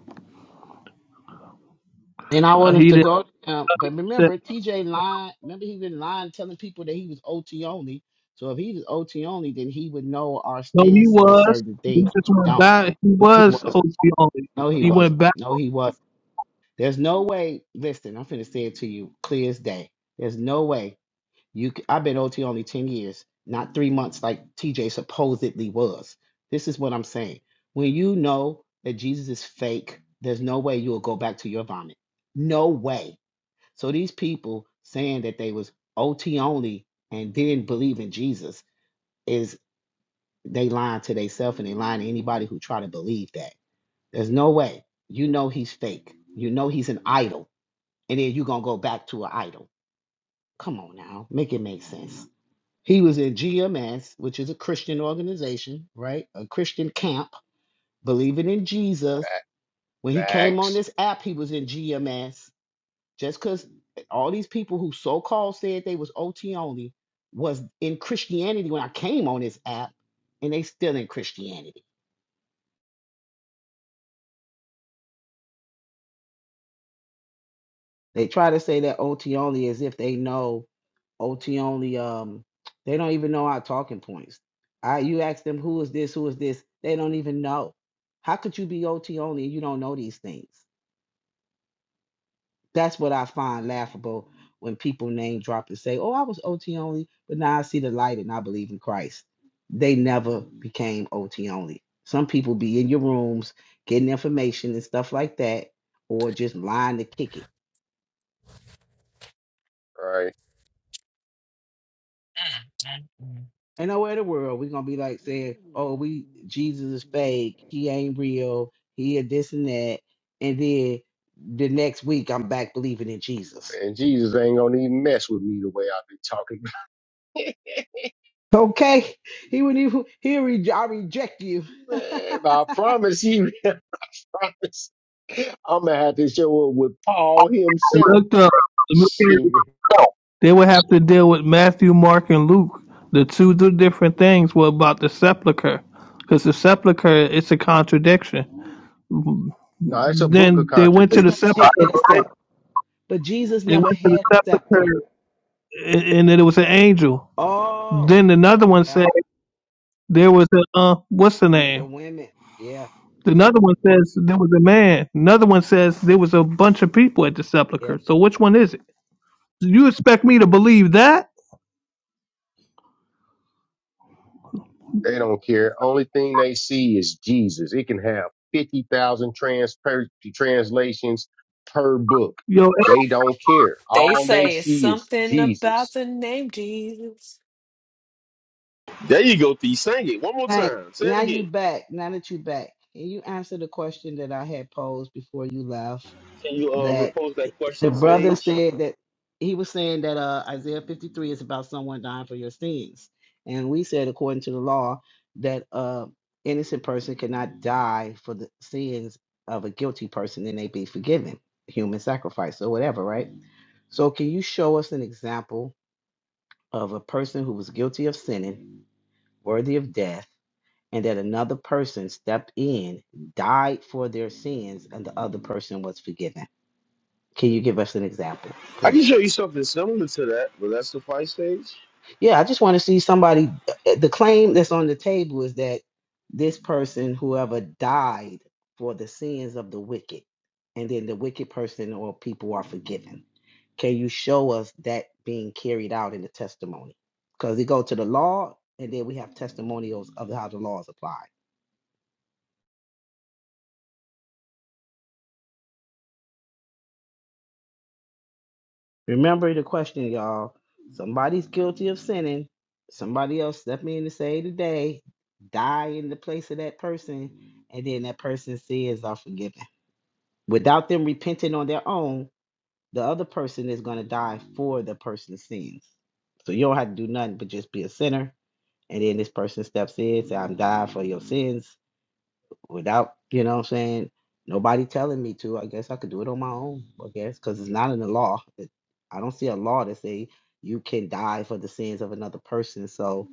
[SPEAKER 3] And I
[SPEAKER 5] Uh,
[SPEAKER 3] want us
[SPEAKER 5] he
[SPEAKER 3] to
[SPEAKER 5] didn't
[SPEAKER 3] go, um, but
[SPEAKER 5] say,
[SPEAKER 3] remember, TJ lied. Remember, he been lying, telling people that he was OT only. So if he was OT only, then he would know our
[SPEAKER 5] no, he
[SPEAKER 3] stance on
[SPEAKER 5] was.
[SPEAKER 3] certain
[SPEAKER 5] He
[SPEAKER 3] things.
[SPEAKER 5] just went
[SPEAKER 3] Don't.
[SPEAKER 5] back. He
[SPEAKER 3] No, he
[SPEAKER 5] was
[SPEAKER 3] wasn't.
[SPEAKER 5] OT only.
[SPEAKER 3] No, he
[SPEAKER 5] He went
[SPEAKER 3] wasn't.
[SPEAKER 5] back
[SPEAKER 3] No, he wasn't. There's no way. Listen, I'm finna say it to you clear as day. There's no way you. c- I've been OT only ten years, not three months like TJ supposedly was. This is what I'm saying. When you know that Jesus is fake, there's no way you will go back to your vomit. No way. So these people saying that they was OT only and didn't believe in Jesus is they lying to themselves and they lying to anybody who try to believe that. There's no way. You know he's fake. You know he's an idol. And then you're going to go back to an idol. Come on now. Make it make sense. He was in GMS, which is a Christian organization, right? A Christian camp, believing in Jesus.
[SPEAKER 12] back
[SPEAKER 3] When he came on
[SPEAKER 12] backs
[SPEAKER 3] this app, he was in GMS. Just because all these people who so called said they was OT only was in Christianity when I came on this app, and they still in Christianity. They try to say that OT only as if they know OT only. Um, they don't even know our talking points. I you ask them who is this, who is this, they don't even know. How could you be OT only and you don't know these things? That's what I find laughable when people name drop and say, "Oh, I was OT only, but now I see the light and I believe in Christ." They never became OT only. Some people be in your rooms getting information and stuff like that, or just lying to kick it
[SPEAKER 12] right
[SPEAKER 3] Ain't nowhere in the world we gonna be like saying, "Oh, we Jesus is fake. He ain't real. He a this and that." And then the next week, I'm back believing in Jesus.
[SPEAKER 12] and Jesus ain't gonna even mess with me the way I've been talking
[SPEAKER 3] Okay, he would even he re- I reject you.
[SPEAKER 12] man I promise you promise. I'm gonna have to show up with Paul
[SPEAKER 5] and
[SPEAKER 12] himself.
[SPEAKER 5] looked up.
[SPEAKER 12] Shit.
[SPEAKER 5] They would have to deal with Matthew, Mark, and Luke. The two do different things were about the sepulchre. Because the sepulchre, it's a contradiction.
[SPEAKER 12] No, it's a book of
[SPEAKER 5] Then they went to
[SPEAKER 3] Jesus
[SPEAKER 5] the
[SPEAKER 3] never
[SPEAKER 12] contradictions.
[SPEAKER 5] sepulcher.
[SPEAKER 3] had a scepter, but Jesus
[SPEAKER 5] They went
[SPEAKER 3] never
[SPEAKER 5] to the
[SPEAKER 3] had a
[SPEAKER 5] sepulcher,
[SPEAKER 3] scepter.
[SPEAKER 5] and, and then it was an angel.
[SPEAKER 3] Oh,
[SPEAKER 5] Then another one said
[SPEAKER 3] yeah,
[SPEAKER 5] there was a uh, what's the
[SPEAKER 3] the
[SPEAKER 5] name?
[SPEAKER 3] women. Yeah,
[SPEAKER 5] Another one says there was a man. Another one says there was a bunch of people at the
[SPEAKER 3] yeah.
[SPEAKER 5] sepulcher. So which one is it? You expect me to believe that?
[SPEAKER 12] They don't care. Only thing they see is Jesus. It can have fifty thousand trans per, translations per book.
[SPEAKER 5] Yo,
[SPEAKER 12] They don't care.
[SPEAKER 1] They
[SPEAKER 12] All they
[SPEAKER 1] say it's
[SPEAKER 12] see is
[SPEAKER 1] something about
[SPEAKER 12] Jesus.
[SPEAKER 1] the name Jesus.
[SPEAKER 14] There you go, Thee. Sing it one more
[SPEAKER 3] Thanks.
[SPEAKER 14] time. Say it
[SPEAKER 3] Now you
[SPEAKER 14] again.
[SPEAKER 3] back. Now that you back, and you answer the question that I had posed before you left.
[SPEAKER 14] Can you uh,
[SPEAKER 3] that
[SPEAKER 14] repose that
[SPEAKER 3] the
[SPEAKER 14] question,
[SPEAKER 3] brother
[SPEAKER 14] Sage?
[SPEAKER 3] said that he was saying that uh, Isaiah 53 is about someone dying for your sins. And we said, according to the law, that uh, innocent person cannot die for the sins of a guilty person and they be forgiven, human sacrifice or whatever, right? So, can you show us an example of a person who was guilty of sinning, worthy of death, and that another person stepped in, died for their sins, and the other person was forgiven? Can you give us an example,
[SPEAKER 14] I can
[SPEAKER 3] please?
[SPEAKER 14] show you something similar to that, but that's the fight stage.
[SPEAKER 3] Yeah, I just want to see somebody. uh, The claim that's on the table is that this person, whoever died for the sins of the wicked, and then the wicked person or people are forgiven. Can you show us that being carried out in the testimony? Because we go to the law, and then we have testimonials of how the law is applied. Remember the question, y'all. Somebody's guilty of sinning. Somebody else step in and say today, die in the place of that person, and then that person's sins are forgiven. Without them repenting on their own, the other person is going to die for the person's sins. So you don't have to do nothing but just be a sinner. And then this person steps in, say, I'm dying for your sins without, you know what I'm saying, nobody telling me to, I guess I could do it on my own, I guess, because it's not in the law. It- I don't see a law that say you can die for the sins of another person. So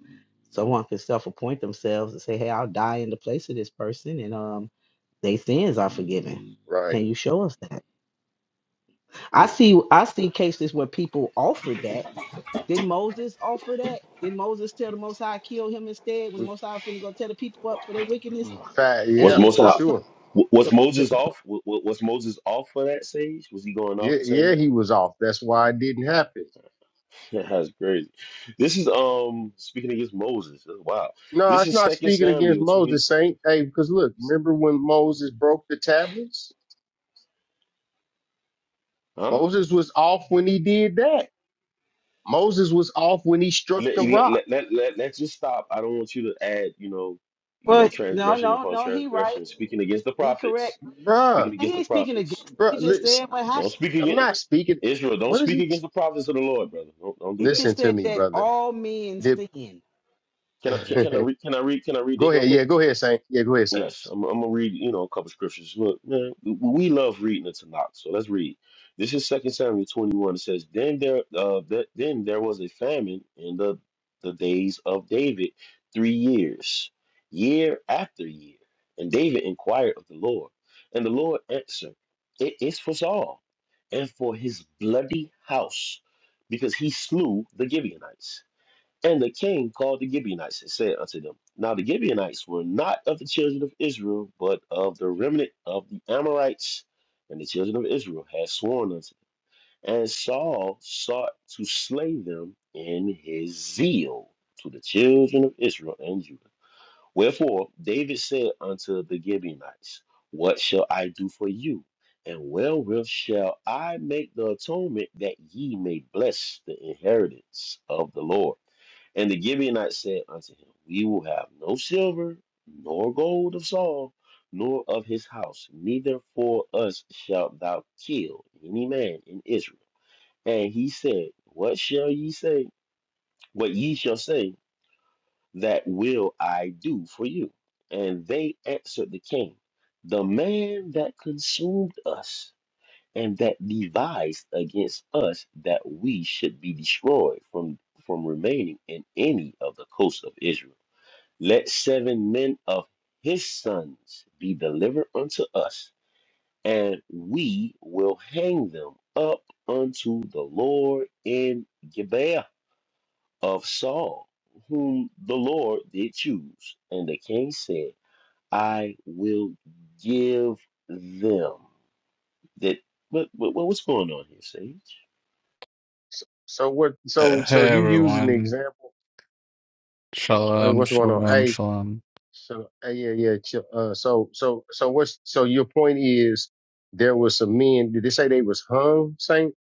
[SPEAKER 3] someone can self-appoint themselves and say, hey, I'll die in the place of this person and um their sins are forgiven.
[SPEAKER 12] Right.
[SPEAKER 3] Can you show us that? I
[SPEAKER 12] Yeah.
[SPEAKER 3] see I see cases where people offered that. Did Moses offer that? Did Moses tell the Most High kill him instead when the Most High finna go tell the people up for their wickedness?
[SPEAKER 12] In fact,
[SPEAKER 14] Was
[SPEAKER 12] yeah,
[SPEAKER 3] And
[SPEAKER 14] Moses
[SPEAKER 3] the
[SPEAKER 12] for
[SPEAKER 14] So
[SPEAKER 3] Most High,
[SPEAKER 12] sure.
[SPEAKER 14] was
[SPEAKER 3] the, the-
[SPEAKER 14] Moses off? wa- wa- Was Moses off for that stage? Was he going
[SPEAKER 12] Yeah,
[SPEAKER 14] off for saying
[SPEAKER 12] yeah,
[SPEAKER 14] that?
[SPEAKER 12] he was off. That's why it didn't happen.
[SPEAKER 14] That's crazy. This is um speaking against Moses. uh, Wow.
[SPEAKER 12] No,
[SPEAKER 14] This
[SPEAKER 12] it's
[SPEAKER 14] is
[SPEAKER 12] not
[SPEAKER 14] Second
[SPEAKER 12] speaking against
[SPEAKER 14] Samuel twenty.
[SPEAKER 12] Moses, Saint. Hey, because look, remember when Moses broke the tablets?
[SPEAKER 14] Huh?
[SPEAKER 12] Moses was off when he did that. Moses was off when he struck the
[SPEAKER 14] Let, let,
[SPEAKER 12] rock.
[SPEAKER 14] let, let, let, let's just stop. I don't want you to add, you know, you
[SPEAKER 3] Well,
[SPEAKER 14] know,
[SPEAKER 3] no,
[SPEAKER 14] transgression
[SPEAKER 3] no,
[SPEAKER 14] upon
[SPEAKER 3] no. He right.
[SPEAKER 14] transgression. Speaking against the
[SPEAKER 3] He
[SPEAKER 14] prophets.
[SPEAKER 3] correct.
[SPEAKER 12] Bruh,
[SPEAKER 14] Speaking
[SPEAKER 3] Man,
[SPEAKER 14] against
[SPEAKER 3] he
[SPEAKER 14] the
[SPEAKER 3] ain't speaking
[SPEAKER 14] prophets.
[SPEAKER 3] against.
[SPEAKER 12] bruh,
[SPEAKER 3] He just
[SPEAKER 12] lis-
[SPEAKER 3] said what
[SPEAKER 14] Don't
[SPEAKER 3] happened.
[SPEAKER 14] speak
[SPEAKER 12] I'm
[SPEAKER 14] against
[SPEAKER 12] not speaking.
[SPEAKER 14] Israel. Don't
[SPEAKER 12] What is
[SPEAKER 14] speak
[SPEAKER 12] it?
[SPEAKER 14] against the prophets of the Lord, brother. Don't, don't
[SPEAKER 3] He
[SPEAKER 14] do that.
[SPEAKER 12] Listen
[SPEAKER 3] just
[SPEAKER 12] to
[SPEAKER 3] said
[SPEAKER 12] me,
[SPEAKER 3] that
[SPEAKER 12] brother.
[SPEAKER 3] all men
[SPEAKER 12] Did,
[SPEAKER 3] sin.
[SPEAKER 14] Can I can, can I read can I read can I read
[SPEAKER 12] go
[SPEAKER 14] this real
[SPEAKER 12] ahead. Yeah,
[SPEAKER 14] quick?
[SPEAKER 12] go ahead, Saint. Yeah, go ahead, Saint.
[SPEAKER 14] Yes, I'm, I'm gonna read you know a couple scriptures. Look, man, we love reading the Tanakh, so let's read. This is Second Samuel 21. It says, "Then there uh that, then there was a famine in the the days of David, three years, year after year. And David inquired of the Lord, and the Lord answered, It is for Saul, and for his bloody house, because he slew the Gibeonites." And the king called the Gibeonites and said unto them, Now the Gibeonites were not of the children of Israel, but of the remnant of the Amorites. And the children of Israel had sworn unto them. And Saul sought to slay them in his zeal to the children of Israel and Judah. Wherefore David said unto the Gibeonites, What shall I do for you? And wherewith shall I make the atonement that ye may bless the inheritance of the Lord? And the Gibeonites said unto him, We will have no silver, nor gold of Saul, nor of his house, neither for us shalt thou kill any man in Israel. And he said, What shall ye say? What ye shall say, that will I do for you. And they answered the king, The man that consumed us, and that devised against us that we should be destroyed from, from remaining in any of the coasts of Israel let seven men of his sons be delivered unto us, and we will hang them up unto the Lord in Gibeah of Saul, whom the Lord did choose. And the king said, I will give them. That what, what what's going on here, Sage?
[SPEAKER 12] So, so what? So,
[SPEAKER 16] Uh,
[SPEAKER 12] so
[SPEAKER 16] hey
[SPEAKER 12] you using the
[SPEAKER 16] everyone,
[SPEAKER 12] example? Hey,
[SPEAKER 16] shalom,
[SPEAKER 12] what's going on?
[SPEAKER 16] shalom,
[SPEAKER 12] Hey,
[SPEAKER 16] shalom.
[SPEAKER 12] So uh, yeah, yeah. chill. Uh, so so so what's so your point is there was some men. Did they say they was hung? Saint?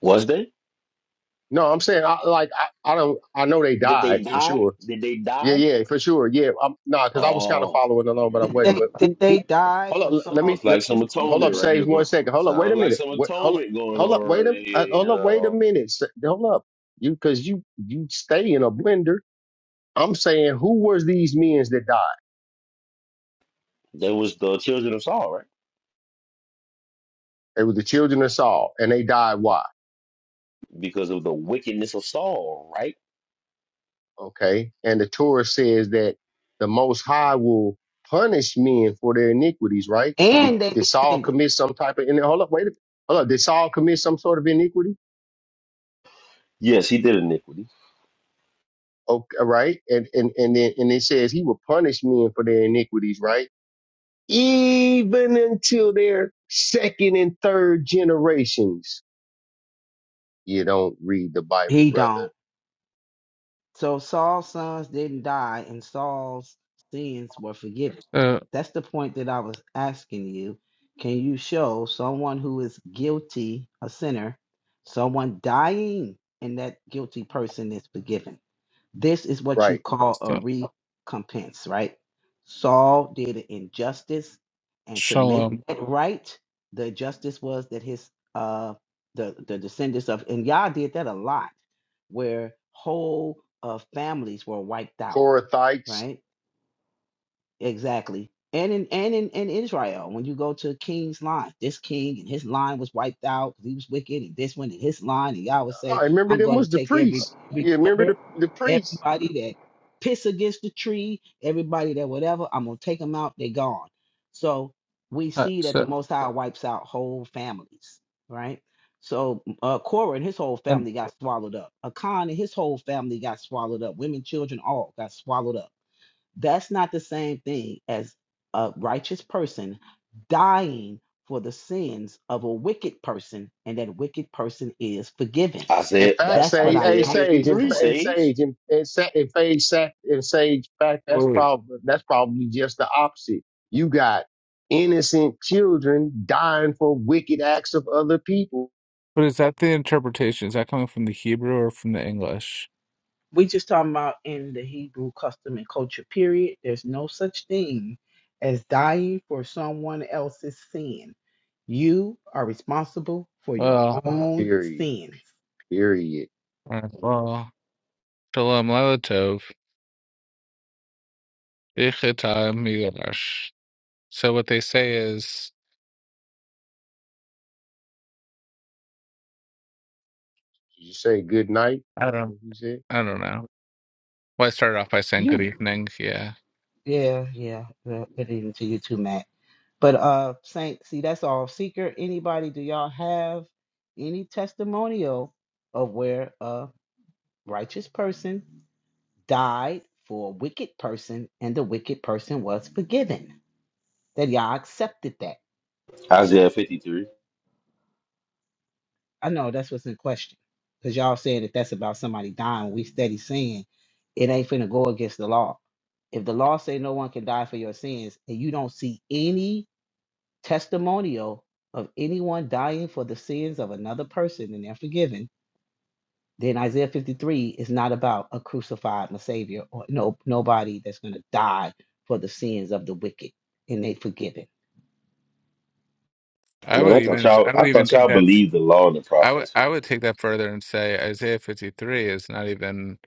[SPEAKER 14] Was they?
[SPEAKER 12] No, I'm saying I, like I, I don't. I know they
[SPEAKER 14] Did they
[SPEAKER 12] died for
[SPEAKER 14] die?
[SPEAKER 12] sure.
[SPEAKER 14] Did they
[SPEAKER 12] Yeah,
[SPEAKER 14] die?
[SPEAKER 12] yeah, for sure. Yeah, I'm, nah, because I was kind of
[SPEAKER 14] Oh,
[SPEAKER 12] following along, but I
[SPEAKER 3] That
[SPEAKER 12] wasn't.
[SPEAKER 3] they
[SPEAKER 12] But who
[SPEAKER 3] that they
[SPEAKER 12] who?
[SPEAKER 3] die
[SPEAKER 12] Hold up.
[SPEAKER 3] for
[SPEAKER 12] l- Let me
[SPEAKER 3] Saul's
[SPEAKER 14] Sounds
[SPEAKER 12] let,
[SPEAKER 14] like
[SPEAKER 3] sins
[SPEAKER 14] some
[SPEAKER 3] to be
[SPEAKER 12] hold up.
[SPEAKER 14] atonement
[SPEAKER 3] forgiven,
[SPEAKER 14] right
[SPEAKER 12] Sage
[SPEAKER 14] here
[SPEAKER 12] one
[SPEAKER 14] going.
[SPEAKER 12] second. Hold up. Wait
[SPEAKER 14] Sounds
[SPEAKER 12] a
[SPEAKER 14] like
[SPEAKER 12] minute.
[SPEAKER 14] some
[SPEAKER 12] What? Hold up.
[SPEAKER 14] atonement going
[SPEAKER 12] Hold up.
[SPEAKER 14] on
[SPEAKER 12] Wait a.
[SPEAKER 14] right
[SPEAKER 12] Uh,
[SPEAKER 14] here. You
[SPEAKER 12] hold up. Wait a
[SPEAKER 14] know,
[SPEAKER 12] minute. Sa- Hold up. You because you you stay in a blender. I'm saying who was these men that died?
[SPEAKER 14] there was the children of Saul, right?
[SPEAKER 12] They were the children of Saul, and they died why?
[SPEAKER 14] Because of the wickedness of Saul, right?
[SPEAKER 12] Okay. And the Torah says that the Most High will punish men for their iniquities, right? Did,
[SPEAKER 3] and they
[SPEAKER 12] did Saul
[SPEAKER 3] descended.
[SPEAKER 12] commit some type of, and hold up, wait a minute. Hold up. Did Saul commit some sort of iniquity?
[SPEAKER 14] Yes, he did iniquity.
[SPEAKER 12] Okay. Right. And, and, and then, and it says he will punish men for their iniquities, right? Even until their second and third generations. You don't read the Bible,
[SPEAKER 3] He
[SPEAKER 12] brother.
[SPEAKER 3] don't. So Saul's sons didn't die, and Saul's sins were forgiven.
[SPEAKER 16] Uh,
[SPEAKER 3] That's the point that I was asking you. Can you show someone who is guilty, a sinner, someone dying, and that guilty person is forgiven? This is what you
[SPEAKER 12] Right.
[SPEAKER 3] call a
[SPEAKER 16] so,
[SPEAKER 3] recompense, right? Saul did an injustice, and to make
[SPEAKER 16] shalom.
[SPEAKER 3] that right, the justice was that his uh the the descendants of and Yah did that a lot, where whole uh, families were wiped out,
[SPEAKER 12] Korathites.
[SPEAKER 3] right? Exactly. And in and in, in Israel, when you go to King's line, this king and his line was wiped out because he was wicked, and this one and his line, and Yah would
[SPEAKER 12] I
[SPEAKER 3] say,
[SPEAKER 12] remember
[SPEAKER 3] "I'm
[SPEAKER 12] them
[SPEAKER 3] going to
[SPEAKER 12] was the
[SPEAKER 3] take every
[SPEAKER 12] priests.
[SPEAKER 3] every
[SPEAKER 12] You remember
[SPEAKER 3] member."
[SPEAKER 12] the, the priests
[SPEAKER 3] Everybody that piss against the tree, everybody that whatever, I'm gonna take them out. They're gone. So we
[SPEAKER 16] Uh,
[SPEAKER 3] see that the
[SPEAKER 16] so,
[SPEAKER 3] Most High wipes out whole families, right? So uh, Korah and his whole
[SPEAKER 16] and
[SPEAKER 3] family got swallowed up. Akan and his whole family got swallowed up. Women, children, all got swallowed up. That's not the same thing as a righteous person dying for the sins of a wicked person, and that wicked person is forgiven.
[SPEAKER 12] In
[SPEAKER 14] Isaiah,
[SPEAKER 12] fact,
[SPEAKER 14] that's
[SPEAKER 3] That's what
[SPEAKER 12] Sage,
[SPEAKER 3] I
[SPEAKER 12] hey
[SPEAKER 14] Isaiah
[SPEAKER 3] asked
[SPEAKER 12] Sage,
[SPEAKER 3] you
[SPEAKER 12] in
[SPEAKER 14] fifty-three,
[SPEAKER 3] for.
[SPEAKER 12] and
[SPEAKER 14] Sage.
[SPEAKER 12] Sage, in and, Sa- and Sage, Sa- and Sage, fact,
[SPEAKER 16] wait,
[SPEAKER 12] that's
[SPEAKER 16] wait,
[SPEAKER 12] probably that's probably just the opposite. You got innocent children dying for wicked acts of other people.
[SPEAKER 16] but is that the interpretation? Is that coming from the Hebrew or from the English?
[SPEAKER 3] We just talking about in the Hebrew custom and culture period. There's no such thing as dying for someone else's sin. You are responsible for your
[SPEAKER 16] Well,
[SPEAKER 3] own
[SPEAKER 12] Period.
[SPEAKER 3] sins.
[SPEAKER 12] Period.
[SPEAKER 16] uh, well, shalom lelatov, ichita migodash. So what they say is,
[SPEAKER 12] Did you say good night?
[SPEAKER 16] I
[SPEAKER 12] I
[SPEAKER 16] don't,
[SPEAKER 12] think you said.
[SPEAKER 16] I don't know. Well, I started off by saying good
[SPEAKER 3] You,
[SPEAKER 16] evening. Yeah,
[SPEAKER 3] yeah, yeah. Well, good evening to you too, Matt. But uh, Saint, see, that's all. Seeker, anybody? Do y'all have any testimonial of where a righteous person died for a wicked person, and the wicked person was forgiven? That y'all accepted that?
[SPEAKER 14] Isaiah fifty-three.
[SPEAKER 3] I know that's what's in question. Because y'all saying that that's about somebody dying. We steady saying it ain't finna go against the law. If the law say no one can die for your sins, and you don't see any testimonial of anyone dying for the sins of another person and they're forgiven, then Isaiah 53 is not about a crucified my savior or no nobody that's gonna die for the sins of the wicked and they forgiven.
[SPEAKER 16] I
[SPEAKER 14] Man,
[SPEAKER 16] would
[SPEAKER 14] I thought
[SPEAKER 16] even,
[SPEAKER 14] y'all,
[SPEAKER 16] I would
[SPEAKER 14] I
[SPEAKER 16] even
[SPEAKER 14] thought
[SPEAKER 16] take
[SPEAKER 14] y'all
[SPEAKER 16] that
[SPEAKER 14] believed the law and the
[SPEAKER 16] I would
[SPEAKER 14] prophets. man.
[SPEAKER 16] I would take that further and say Isaiah 53 is not even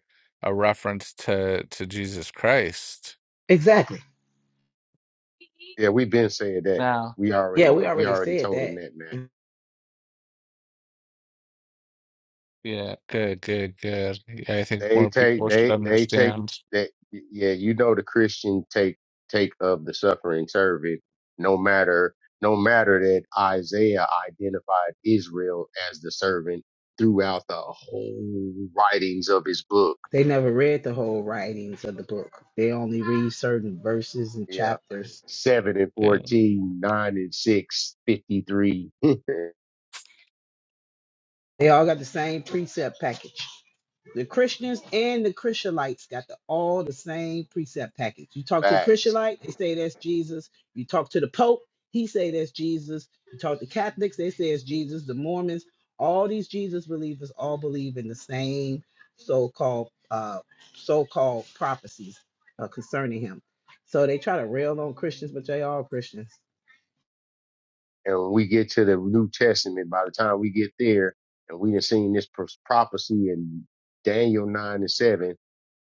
[SPEAKER 16] a reference to to Jesus Christ.
[SPEAKER 3] Exactly.
[SPEAKER 12] Yeah, we've been saying that.
[SPEAKER 16] Now,
[SPEAKER 12] We
[SPEAKER 3] Yeah,
[SPEAKER 12] already
[SPEAKER 3] we
[SPEAKER 12] we
[SPEAKER 3] already
[SPEAKER 12] already
[SPEAKER 3] said
[SPEAKER 12] told
[SPEAKER 3] that.
[SPEAKER 12] them that, man.
[SPEAKER 3] Mm,
[SPEAKER 16] Yeah, good, good, good. Yeah, I think
[SPEAKER 12] They
[SPEAKER 16] more
[SPEAKER 12] take
[SPEAKER 16] people should
[SPEAKER 12] they they take
[SPEAKER 16] understand.
[SPEAKER 12] that yeah, you know the Christian take take of the suffering servant, no matter no matter that Isaiah identified Israel as the servant throughout the whole writings of his book.
[SPEAKER 3] They never read the whole writings of the book. They only read certain verses and
[SPEAKER 12] Yeah.
[SPEAKER 3] chapters.
[SPEAKER 12] Seven and
[SPEAKER 16] Yeah,
[SPEAKER 12] fourteen, nine and six, fifty-three
[SPEAKER 3] They all got the same precept package. The Christians and the Christianites got the, all the same precept package. You talk to a
[SPEAKER 12] facts.
[SPEAKER 3] Christianite, they say that's Jesus. You talk to the Pope, he say that's Jesus. You talk to Catholics, they say it's Jesus. The Mormons, all these Jesus believers all believe in the same so-called uh, so-called prophecies uh, concerning him. So they try to rail on Christians, but they are Christians.
[SPEAKER 12] And when we get to the New Testament, by the time we get there, and we have seen this pro- prophecy in Daniel nine and seven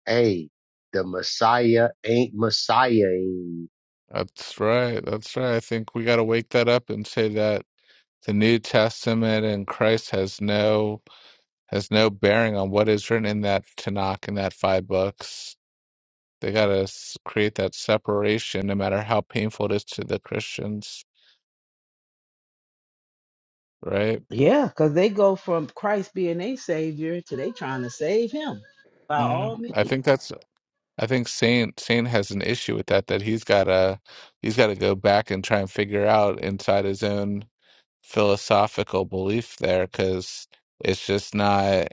[SPEAKER 12] Hey, the Messiah ain't Messiahing.
[SPEAKER 16] that's right. That's right. I think we got to wake that up and say that the New Testament and Christ has no has no bearing on what is written in that Tanakh in that five books. They got to create that separation, no matter how painful it is to the Christians, right?
[SPEAKER 3] Yeah, because they go from Christ being a savior to they trying to save him by all
[SPEAKER 16] Mm, I
[SPEAKER 3] means.
[SPEAKER 16] think that's I think Saint Saint has an issue with that that he's gotta he's gotta go back and try and figure out inside his own philosophical belief there because it's just not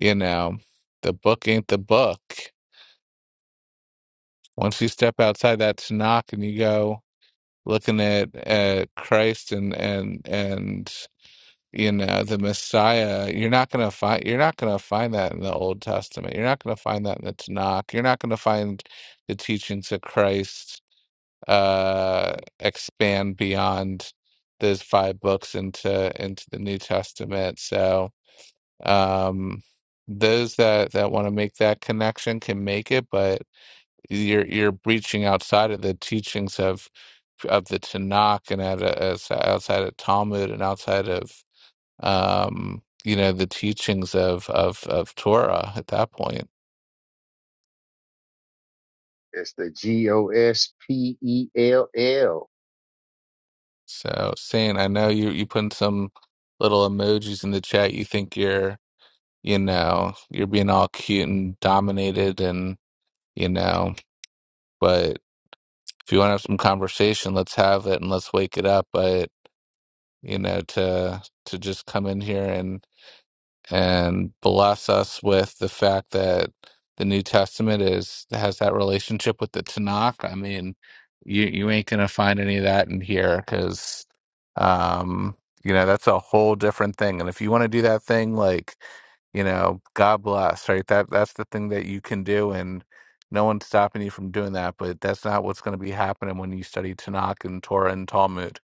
[SPEAKER 16] you know the book ain't the book. Once you step outside that Tanakh and you go looking at at Christ and and and You know, the Messiah, you're not gonna find you're not gonna find that in the Old Testament. You're not gonna find that in the Tanakh. You're not gonna find the teachings of Christ uh expand beyond those five books into into the New Testament. So um those that that want to make that connection can make it, but you're you're breaching outside of the teachings of of the Tanakh and out of, outside of Talmud and outside of um, you know, the teachings of of of Torah at that point.
[SPEAKER 12] It's the G O S P E L L.
[SPEAKER 16] So, Saint, I know you you put some little emojis in the chat. You think you're, you know, you're being all cute and dominated, and you know, but if you want to have some conversation, let's have it and let's wake it up. But you know, to to just come in here and. and bless us with the fact that the New Testament is has that relationship with the Tanakh. I mean, you you ain't gonna find any of that in here because, um, you know, that's a whole different thing. And if you want to do that thing, like you know, God bless, right? That that's the thing that you can do, and no one's stopping you from doing that. But that's not what's going to be happening when you study Tanakh and Torah and Talmud.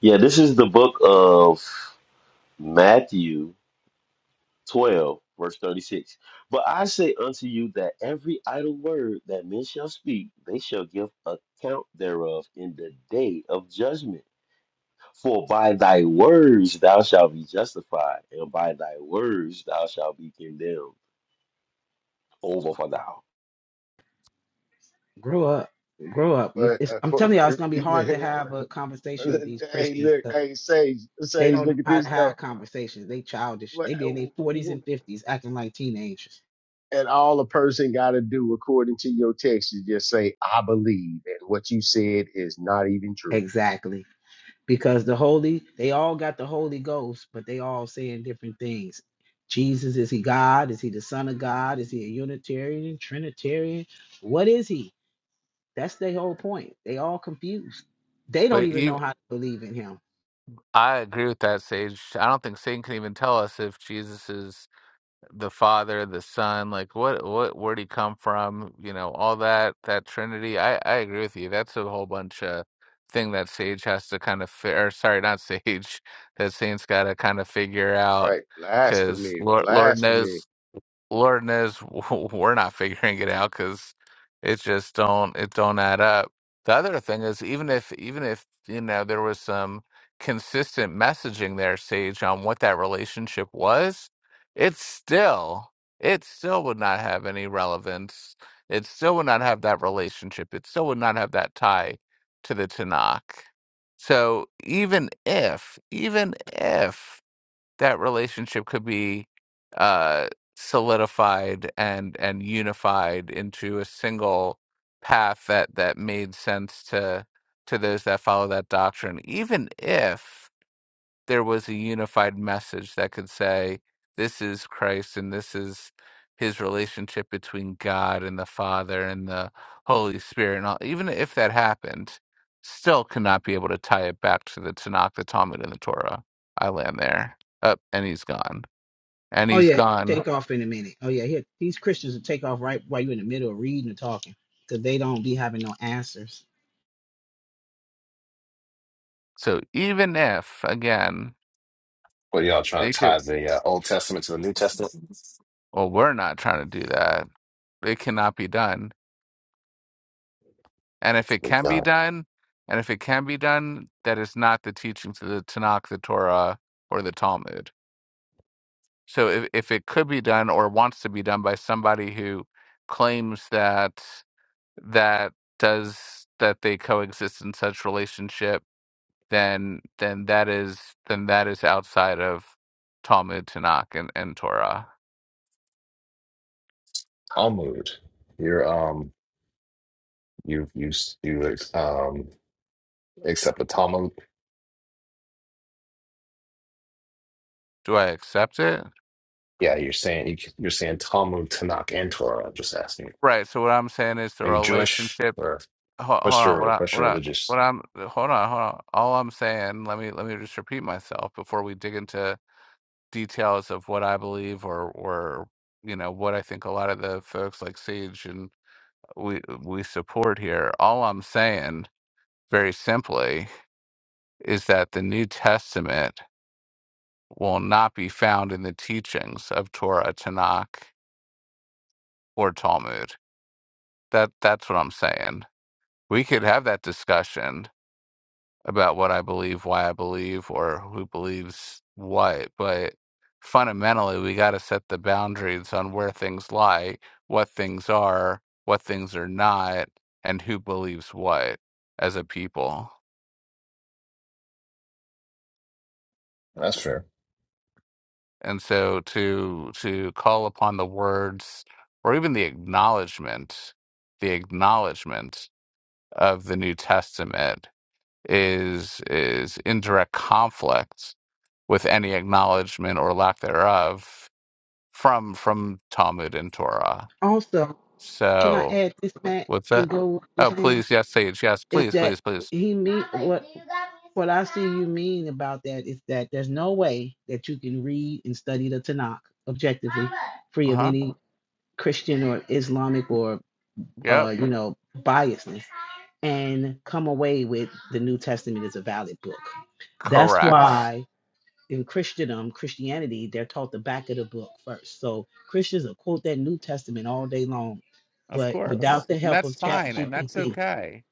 [SPEAKER 14] Yeah, this is the book of Matthew, 12, verse 36. But I say unto you that every idle word that men shall speak, they shall give account thereof in the day of judgment. For by thy words thou shalt be justified, and by thy words thou shalt be condemned. Over for thou.
[SPEAKER 3] grow up, grow up. You-
[SPEAKER 12] But
[SPEAKER 3] It's,
[SPEAKER 12] of
[SPEAKER 3] I'm
[SPEAKER 12] course,
[SPEAKER 3] telling y'all, it's gonna be hard to have a conversation with these
[SPEAKER 12] hey,
[SPEAKER 3] Christians
[SPEAKER 12] look,
[SPEAKER 3] because
[SPEAKER 12] hey, Sage,
[SPEAKER 3] they
[SPEAKER 12] Sage,
[SPEAKER 3] don't know
[SPEAKER 12] look at
[SPEAKER 3] how to
[SPEAKER 12] this though.
[SPEAKER 3] have conversations. They childish.
[SPEAKER 12] What-
[SPEAKER 3] They be in their 40s
[SPEAKER 12] what-
[SPEAKER 3] and 50s, acting like teenagers.
[SPEAKER 12] And all a person got to do, according to your text, is just say, "I believe," and what you said is not even true.
[SPEAKER 3] Exactly, because the holy, they all got the Holy Ghost, but they all saying different things. Jesus is he God? Is he the Son of God? Is he a Unitarian, Trinitarian? What is he? That's their whole point. They all confused. They don't
[SPEAKER 16] But
[SPEAKER 3] even know
[SPEAKER 16] even,
[SPEAKER 3] how to believe in him.
[SPEAKER 16] I agree with that, Sage. I don't think Satan can even tell us if Jesus is. the Father, the Son, like what what where'd he come from? You know, all that that Trinity. I I agree with you. That's a whole bunch of thing that Sage has to kind of fi- or sorry, not Sage, that Saint's got to kind of figure out
[SPEAKER 12] Right?
[SPEAKER 16] because
[SPEAKER 12] Blasphemy,
[SPEAKER 16] Lord Lord
[SPEAKER 12] blasphemy.
[SPEAKER 16] knows Lord knows we're not figuring it out because it just don't it don't add up. The other thing is even if even if you know there was some consistent messaging there, Sage, on what that relationship was, it still it still would not have any relevance. It still would not have that relationship. It still would not have that tie to the Tanakh. So even if, even if that relationship could be uh, solidified and and unified into a single path that that made sense to to those that follow that doctrine, even if there was a unified message that could say, this is Christ and this is his relationship between God and the Father and the Holy Spirit. And all, even if that happened, still could not be able to tie it back to the Tanakh, the Talmud, and the Torah. I land there. Up, and he's gone. And
[SPEAKER 3] Oh
[SPEAKER 16] he's
[SPEAKER 3] yeah,
[SPEAKER 16] gone.
[SPEAKER 3] take off in a minute. Oh yeah, here these Christians will take off right while you're in the middle of reading and talking, because they don't be having no answers.
[SPEAKER 16] So even if, again,
[SPEAKER 7] What y'all trying
[SPEAKER 16] they
[SPEAKER 7] to
[SPEAKER 16] could,
[SPEAKER 7] tie the uh, Old Testament to the New Testament?
[SPEAKER 16] well, we're not trying to do that. It cannot be done And if it can be
[SPEAKER 7] Uh,
[SPEAKER 16] done, and if it can be done, that is not the teachings of the Tanakh, the Torah, or the Talmud. So if, if it could be done or wants to be done by somebody who claims that that does that they coexist in such relationship, then then that is then that is outside of Talmud, Tanakh, and, and Torah.
[SPEAKER 7] Talmud. You're um you you you um accept the Talmud.
[SPEAKER 16] Do I accept it?
[SPEAKER 7] Yeah, you're saying you're saying Talmud, Tanakh, and Torah. I'm just asking.
[SPEAKER 16] Right. So what I'm saying is the
[SPEAKER 7] Are you Jewish
[SPEAKER 16] relationship
[SPEAKER 7] or
[SPEAKER 16] Hold, hold
[SPEAKER 7] what's
[SPEAKER 16] on. What
[SPEAKER 7] your
[SPEAKER 16] I
[SPEAKER 7] what's
[SPEAKER 16] what
[SPEAKER 7] your
[SPEAKER 16] I
[SPEAKER 7] religious?
[SPEAKER 16] what I'm hold on, hold on. All I'm saying, let me let me just repeat myself before we dig into details of what I believe or or you know what I think a lot of the folks like Sage and we we support here. All I'm saying, very simply, is that the New Testament will not be found in the teachings of Torah, Tanakh, or Talmud. That that's what I'm saying. We could have that discussion about what I believe, why I believe, or who believes what. But fundamentally, we got to set the boundaries on where things lie, what things are, what things are not, and who believes what as a people.
[SPEAKER 7] That's fair.
[SPEAKER 16] And so to to call upon the words or even the acknowledgement, the acknowledgement of the New Testament is is in direct conflict with any acknowledgement or lack thereof from from Talmud and Torah.
[SPEAKER 3] Also, can I
[SPEAKER 16] So
[SPEAKER 3] add this back
[SPEAKER 16] what's
[SPEAKER 3] to
[SPEAKER 16] that?
[SPEAKER 3] go what you're
[SPEAKER 16] Oh,
[SPEAKER 3] saying?
[SPEAKER 16] please, yes, Sage, yes,
[SPEAKER 3] Is
[SPEAKER 16] please,
[SPEAKER 3] that
[SPEAKER 16] please, please.
[SPEAKER 3] he mean what what I see you mean about that is that there's no way that you can read and study the Tanakh objectively, free
[SPEAKER 16] Uh
[SPEAKER 3] of
[SPEAKER 16] huh.
[SPEAKER 3] any Christian or Islamic or
[SPEAKER 16] Yep.
[SPEAKER 3] uh, you know biasness, and come away with the New Testament is a valid book. That's
[SPEAKER 16] Correct.
[SPEAKER 3] why. in Christian um Christianity, they're taught the back of the book first. So Christians will quote that New Testament all day long,
[SPEAKER 16] Of
[SPEAKER 3] but
[SPEAKER 16] course,
[SPEAKER 3] without the
[SPEAKER 16] and
[SPEAKER 3] help
[SPEAKER 16] that's
[SPEAKER 3] of Chat
[SPEAKER 16] fine, and that's
[SPEAKER 3] GPT,
[SPEAKER 16] okay.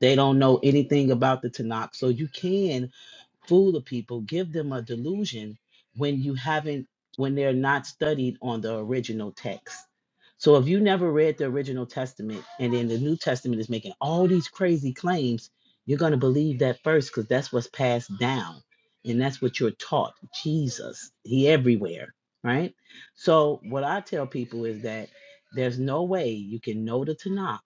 [SPEAKER 3] they don't know anything about the Tanakh. So you can fool the people, give them a delusion when you haven't, when they're not studied on the original text. So if you never read the original testament and then the New Testament is making all these crazy claims, you're going to believe that first because that's what's passed down and that's what you're taught. Jesus, he everywhere, right? So what I tell people is that there's no way you can know the Tanakh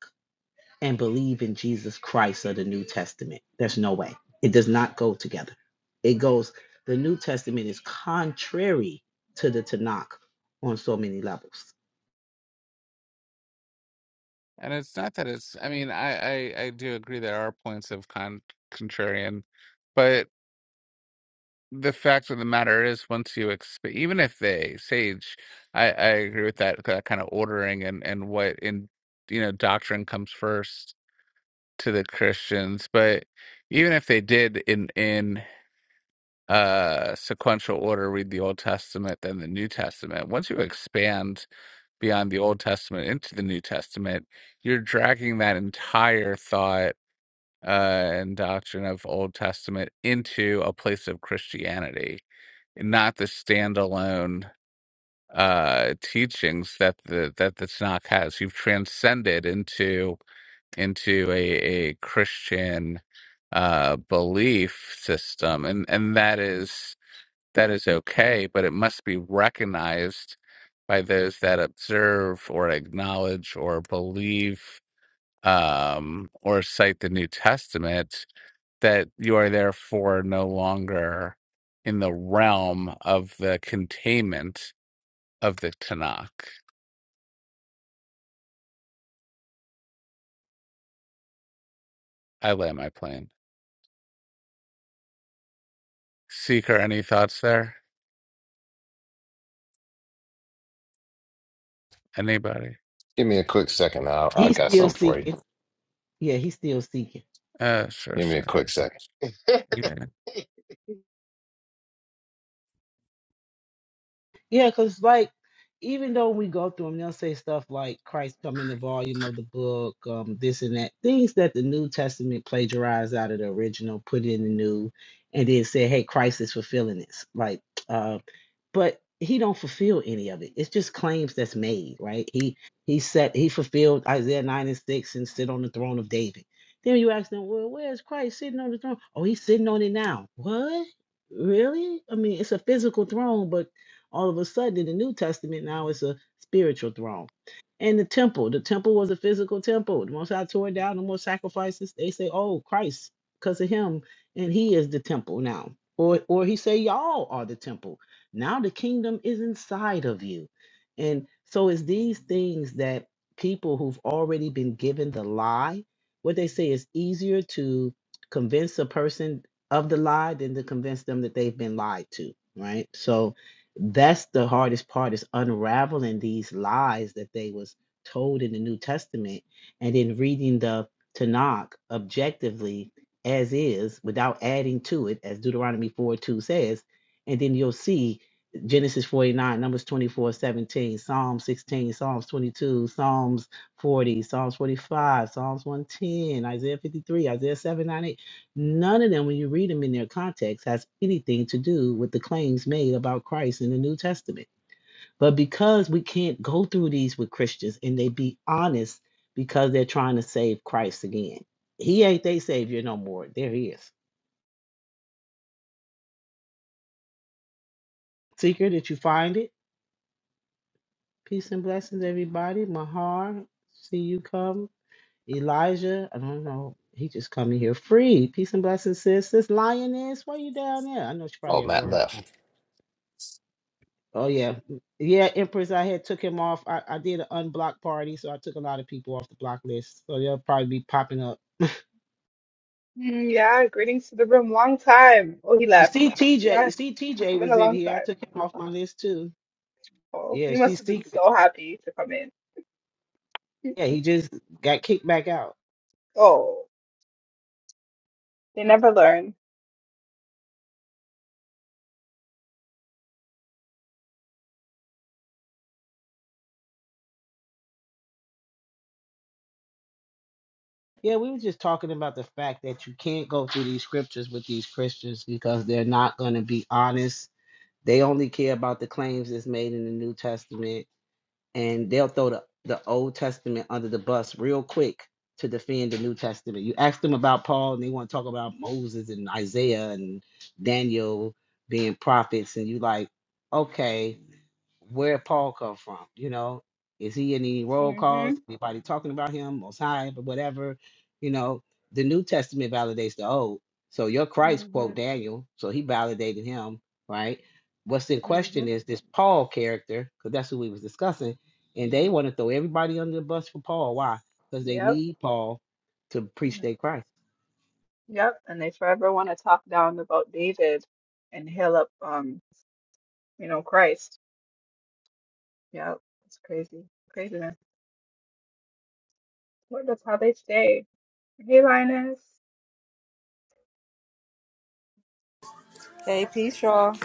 [SPEAKER 3] and believe in Jesus Christ of the New Testament. There's no way. It does not go together. It goes, the New Testament is contrary to the Tanakh on so many levels.
[SPEAKER 16] And it's not that it's. I mean, I I, I do agree there are points of con- contrarian, but the fact of the matter is, once you exp- even if they Sage, I I agree with that that kind of ordering and and what in you know doctrine comes first to the Christians, but even if they did in in uh sequential order read the Old Testament then the New Testament, once you expand beyond the Old Testament into the New Testament, you're dragging that entire thought uh and doctrine of Old Testament into a place of Christianity, not the standalone uh teachings that the that the Tanakh has. You've transcended into into a, a Christian uh, belief system, and and that is that is okay, but it must be recognized by those that observe or acknowledge or believe um, or cite the New Testament that you are therefore no longer in the realm of the containment of the Tanakh. I land my plane. Seeker, any thoughts there? Anybody?
[SPEAKER 7] Give me a quick second. I I
[SPEAKER 3] He's
[SPEAKER 7] got
[SPEAKER 3] still
[SPEAKER 7] something for you.
[SPEAKER 3] seeking. Yeah, he's still seeking.
[SPEAKER 16] Uh, sure,
[SPEAKER 7] Give me a
[SPEAKER 16] sure.
[SPEAKER 7] quick second.
[SPEAKER 16] Yeah.
[SPEAKER 3] Yeah, because, like, even though we go through them, they'll say stuff like Christ come in the volume of the book, um, this and that, things that the New Testament plagiarized out of the original, put in the new, and then say, hey, Christ is fulfilling this. Like, uh, but he don't fulfill any of it. It's just claims that's made, right? He he said he fulfilled Isaiah nine and six and sit on the throne of David. Then you ask them, well, where's Christ sitting on the throne? Oh, he's sitting on it now. What? Really? I mean, it's a physical throne, but all of a sudden in the New Testament now it's a spiritual throne. And the temple, the temple was a physical temple. The most I tore it down, no more sacrifices. They say, oh, Christ, because of him, and he is the temple now. Or or he say, y'all are the temple now the kingdom is inside of you. And so it's these things that people who've already been given the lie, what they say is easier to convince a person of the lie than to convince them that they've been lied to, right? So that's the hardest part is unraveling these lies that they was told in the New Testament and then reading the Tanakh objectively as is without adding to it, as Deuteronomy 4 2 says, and then you'll see Genesis 49, Numbers 24 17, Psalms 16, Psalms 22, Psalms 40, Psalms 45, Psalms 110, Isaiah 53, Isaiah 7 9 8. None of them, when you read them in their context, has anything to do with the claims made about Christ in the New Testament. But because we can't go through these with Christians and they be honest because they're trying to save Christ again, he ain't their savior no more. There he is. Seeker, did you find it? Peace and blessings, everybody. Mahar, see you come. Elijah, I don't know. He just coming here free. Peace and blessings, sis. This lioness, why you down there? I know she's
[SPEAKER 7] Oh,
[SPEAKER 3] probably at
[SPEAKER 7] Matt
[SPEAKER 3] work.
[SPEAKER 7] left.
[SPEAKER 3] Oh yeah, yeah, Empress. I had took him off. I, I did an unblock party, so I took a lot of people off the block list. So they'll probably be popping up.
[SPEAKER 17] Mm, yeah, greetings to the room. Long time. Oh, he
[SPEAKER 3] You
[SPEAKER 17] left.
[SPEAKER 3] see TJ.
[SPEAKER 17] Yeah,
[SPEAKER 3] You
[SPEAKER 17] it's
[SPEAKER 3] see TJ
[SPEAKER 17] been a
[SPEAKER 3] was in
[SPEAKER 17] long
[SPEAKER 3] here. I
[SPEAKER 17] time.
[SPEAKER 3] took him off my list too.
[SPEAKER 17] Oh,
[SPEAKER 3] Yeah,
[SPEAKER 17] he must
[SPEAKER 3] she's
[SPEAKER 17] have been
[SPEAKER 3] secret.
[SPEAKER 17] so happy to come in.
[SPEAKER 3] Yeah, he just got kicked back out.
[SPEAKER 17] Oh, they never learn.
[SPEAKER 3] Yeah, we were just talking about the fact that you can't go through these scriptures with these Christians because they're not going to be honest. They only care about the claims that's made in the New Testament and they'll throw the, the Old Testament under the bus real quick to defend the New Testament. You ask them about Paul, and they want to talk about Moses and Isaiah and Daniel being prophets, and you like, okay, where Paul come from? You know, is he in any roll
[SPEAKER 17] Mm-hmm.
[SPEAKER 3] calls? Anybody talking about him? Most High, but whatever. You know, the New Testament validates the Old. So your Christ quote
[SPEAKER 17] Mm-hmm.
[SPEAKER 3] Daniel, so he validated him, right? What's in
[SPEAKER 17] Mm-hmm.
[SPEAKER 3] question is this Paul character, because that's who we was discussing and they want to throw everybody under the bus for Paul. Why? Because they
[SPEAKER 17] Yep.
[SPEAKER 3] need Paul to preach their Christ.
[SPEAKER 17] Yep. And they forever want to talk down about David and hail up, um, you know, Christ. Yep. It's crazy. Craziness. Well, that's how they stay. Hey, Linus.
[SPEAKER 18] Hey, peace, y'all.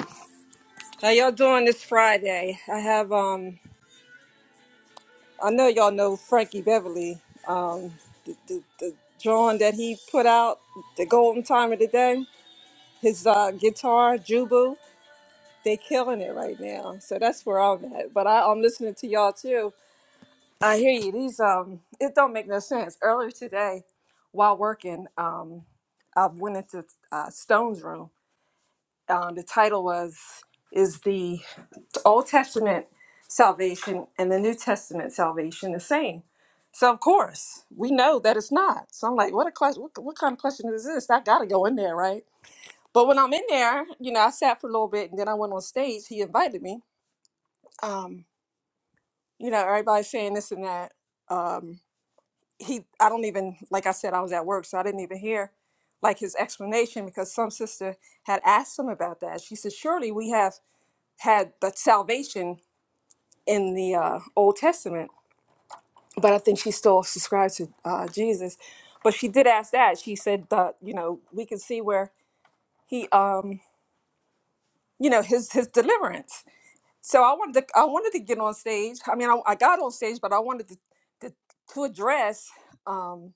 [SPEAKER 18] How y'all doing this Friday? I have um, I know y'all know Frankie Beverly. Um, the, the, the drawing that he put out, the golden time of the day, his uh, guitar, Jubu, they killing it right now. So that's where I'm at. But I, I'm listening to y'all too. I hear you. These um, it don't make no sense. Earlier today, while working, um, I went into uh, Stone's room. Um, the title was is the Old Testament salvation and the New Testament salvation the same. So of course we know that it's not. So I'm like, what a question! What, what kind of question is this? I got to go in there, right? But when I'm in there, you know, I sat for a little bit and then I went on stage. He invited me. Um, you know, everybody's saying this and that. Um, he, I don't even like I said, I was at work, so I didn't even hear like his explanation because some sister had asked him about that. She said, surely we have had the salvation in the uh, Old Testament. but I think she still subscribed to uh, Jesus. But she did ask that. She said that you know we can see where he, um, you know, his his deliverance. So I wanted to I wanted to get on stage. I mean, I, I got on stage, but I wanted to to, to address um,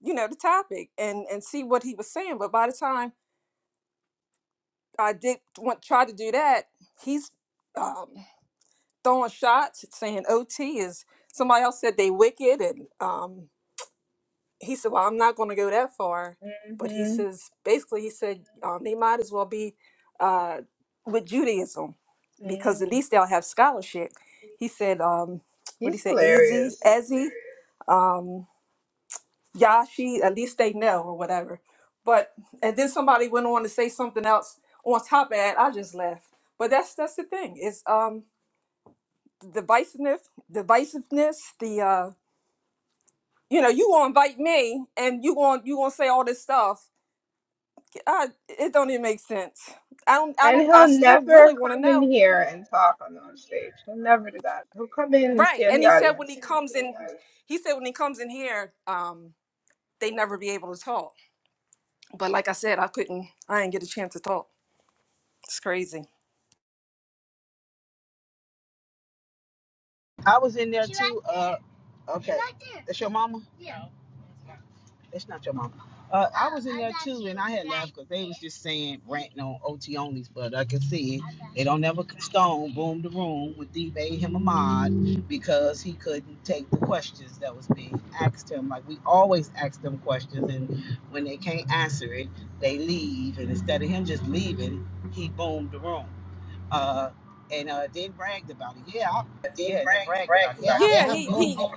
[SPEAKER 18] you know the topic and and see what he was saying. But by the time I did want try to do that, he's um, throwing shots, saying OT is somebody else said they wicked and um, he said, "Well, I'm not going to go that far," but he
[SPEAKER 17] Mm-hmm.
[SPEAKER 18] says basically he said um, they might as well be uh, with Judaism because at
[SPEAKER 17] Mm.
[SPEAKER 18] least they'll have scholarship. He said, um, "What he
[SPEAKER 17] He's
[SPEAKER 18] said, easy,
[SPEAKER 17] hilarious.
[SPEAKER 18] ezzy, um, Yashi. At least they know or whatever." But and then somebody went on to say something else on top of that. I just laughed. But that's that's the thing It's um, divisiveness, divisiveness, the uh, you know, you gonna invite me and you gonna you gonna say all this stuff I, it don't even make sense. I don't, I
[SPEAKER 17] And
[SPEAKER 18] don't, I
[SPEAKER 17] he'll
[SPEAKER 18] still
[SPEAKER 17] never
[SPEAKER 18] really want to
[SPEAKER 17] come in
[SPEAKER 18] know.
[SPEAKER 17] here and talk on on stage. He'll never do that. He'll come in and
[SPEAKER 18] Right.
[SPEAKER 17] stay in
[SPEAKER 18] And
[SPEAKER 17] the
[SPEAKER 18] he said when he
[SPEAKER 17] audience.
[SPEAKER 18] comes in, he said when he comes in here, um, they never be able to talk. But like I said, I couldn't, I didn't get a chance to talk. It's crazy.
[SPEAKER 3] I was in there too. Uh, okay. That's your mama. That's not your mama. Uh, I was in there too, and I had laughed because they was just saying ranting on OT onlys, but I can see it. They don't ever stone boom the room with D made him a mod because he couldn't take the questions that was being asked him. Like we always ask them questions, and when they can't answer it, they leave. And instead of him just leaving, he boomed the room. Uh, and uh, then bragged about it. Yeah, I,
[SPEAKER 18] Did
[SPEAKER 3] yeah, and then
[SPEAKER 18] brag
[SPEAKER 3] bragged
[SPEAKER 18] brag
[SPEAKER 3] about it. Yeah,
[SPEAKER 18] about
[SPEAKER 3] I
[SPEAKER 18] that. Yeah, that. he,
[SPEAKER 3] boomed
[SPEAKER 18] he,
[SPEAKER 3] them.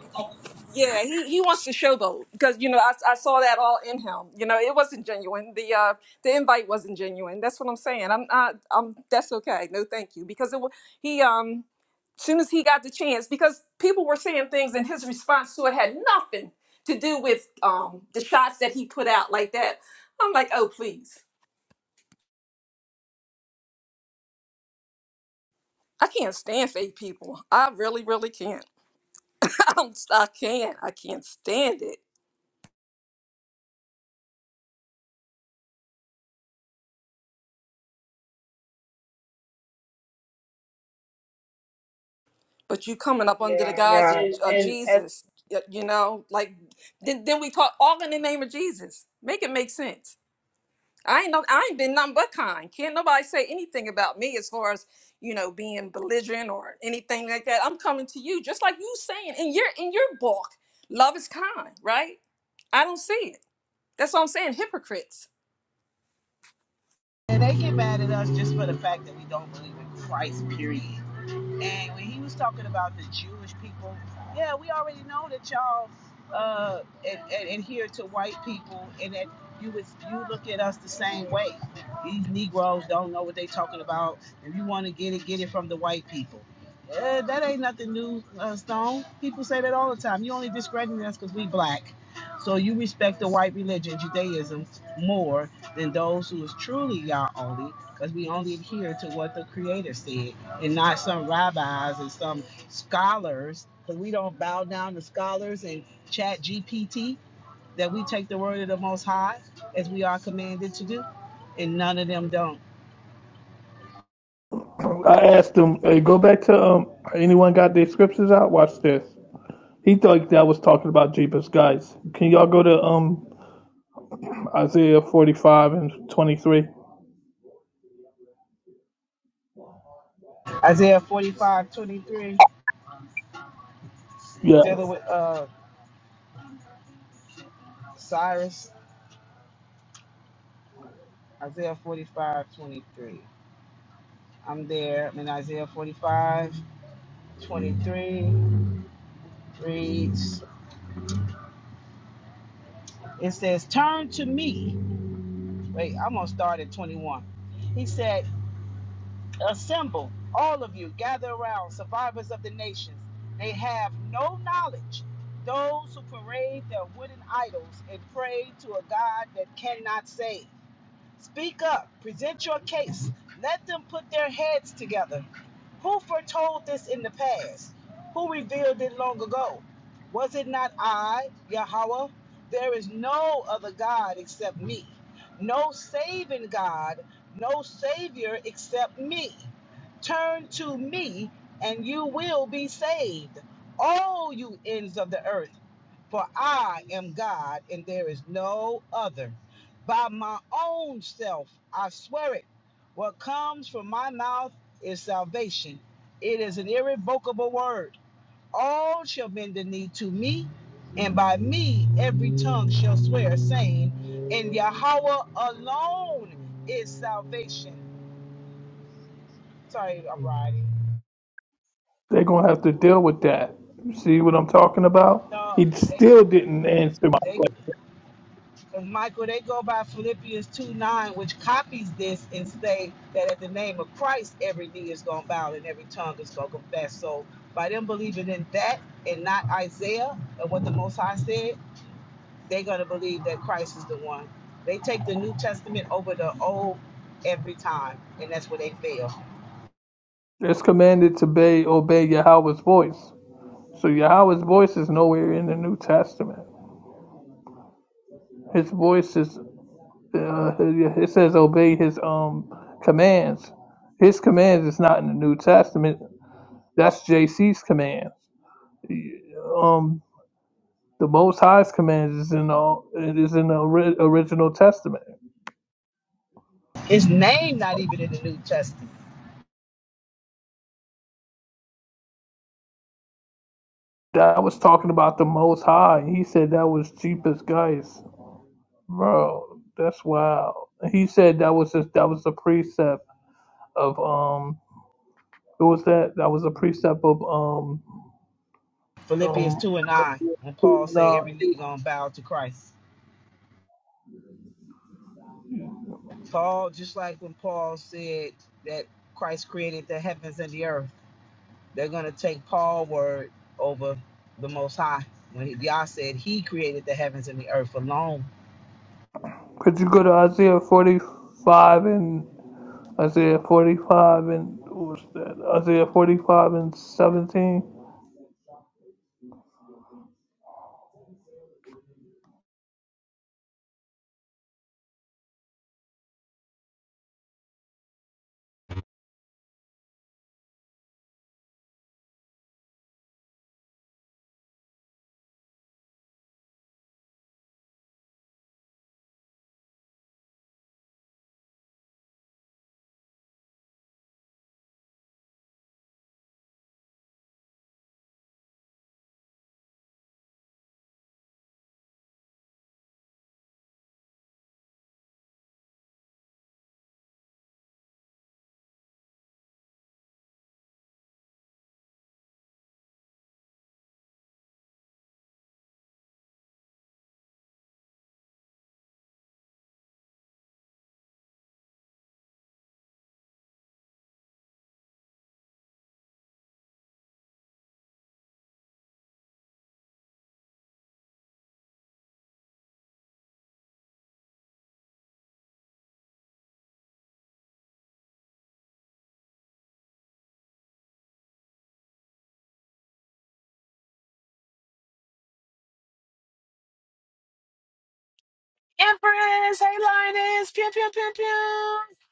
[SPEAKER 18] Yeah, he, he wants to showboat because you know I, I saw that all in him. You know, it wasn't genuine. The uh the invite wasn't genuine. That's what I'm saying. I'm not. I'm that's okay. No, thank you. Because it wa- he um soon as he got the chance, because people were saying things and his response to it had nothing to do with um the shots that he put out like that. I'm like, oh please, I can't stand fake people. I really, really can't. I'm, I can't. I can't stand it. but you coming up under the Yeah. guise of,
[SPEAKER 17] Yeah,
[SPEAKER 18] And, of and
[SPEAKER 17] and as
[SPEAKER 18] Jesus, y- you know, like then, then we talk all in the name of Jesus. Make it make sense. I ain't no, I ain't been nothing but kind. Can't nobody say anything about me as far as you know being belligerent or anything like that. I'm coming to you just like you saying in your in your book, love is kind, right? I don't see it. That's what I'm saying. Hypocrites.
[SPEAKER 3] And they get mad at us just for the fact that we don't believe in Christ, period. And when he was talking about the Jewish people, yeah, we already know that y'all uh, ad- ad- adhere to white people and that you would, you look at us the same way. These Negroes don't know what they talking about. If you want to get it, get it from the white people. Uh, that ain't nothing new, uh, Stone. People say that all the time. You only discrediting us because we black. So you respect the white religion, Judaism, more than those who is truly Yah only, because we only adhere to what the Creator said, and not some rabbis and some scholars, because we don't bow down to scholars and chat GPT, that we take the word of the Most High as we are commanded to do, and none of them don't.
[SPEAKER 5] I asked him. Hey, go back to um. Anyone got their scriptures out? Watch this. He thought that was talking about Jeepers guys. Can y'all go to um Isaiah forty five and twenty three?
[SPEAKER 3] Isaiah 45:23 23,
[SPEAKER 5] Yeah.
[SPEAKER 3] dealing with uh, Cyrus, Isaiah 45:23. I'm there I'm in Isaiah 45:23 reads, It says, Turn to me wait, I'm gonna start at 21. He said, Assemble, all of you, gather around, survivors of the nations. They have no knowledge, those who parade their wooden idols and pray to a God that cannot save. Speak up, present your case, let them put their heads together. Who foretold this in the past? Who revealed it long ago? Was it not I, Yahweh? There is no other God except me. No saving God, no Savior except me. Turn to me, and you will be saved, all you ends of the earth. For I am God, and there is no other. By my own self, I swear it. What comes from my mouth is salvation. It is an irrevocable word. All shall bend the knee to me, and by me every tongue shall swear, saying, In Yahweh alone is salvation. Sorry, I'm riding.
[SPEAKER 5] They're gonna have to deal with that. See what I'm talking about?
[SPEAKER 3] No,
[SPEAKER 5] He
[SPEAKER 3] they,
[SPEAKER 5] still didn't answer my
[SPEAKER 3] they,
[SPEAKER 5] question.
[SPEAKER 3] Michael, they go by Philippians 2 9, which copies this and say that at the name of Christ, every knee is going to bow and every tongue is going to confess. So by them believing in that and not Isaiah and what the Most High said, they're going to believe that Christ is the one. They take the New Testament over the Old every time, and that's where they fail.
[SPEAKER 5] It's commanded to obey, obey Yahweh's voice. So Yahweh's voice is nowhere in the New Testament. His voice is. Uh, it says obey his um commands. His commands is not in the New Testament. That's JC's commands. Um, the Most High's commands is in all. It is in the ori- original Testament.
[SPEAKER 3] His name not even in the New Testament.
[SPEAKER 5] That was talking about the Most High. and He said that was cheapest guys, bro. That's wild. He said that was just that was a precept of um. What was that? That was a precept of um
[SPEAKER 3] Philippians
[SPEAKER 5] um.
[SPEAKER 3] 2 and 9, when Paul said
[SPEAKER 5] Nah.
[SPEAKER 3] every knee going to bow to Christ. Paul, just like when Paul said that Christ created the heavens and the earth, they're going to take Paul's word over the Most High. When he, Yah said he created the heavens and the earth alone
[SPEAKER 5] Could you go to Isaiah forty five and Isaiah forty five and what was that? Isaiah forty five and seventeen.
[SPEAKER 1] Empress, hey lioness, pew pew pew pew. I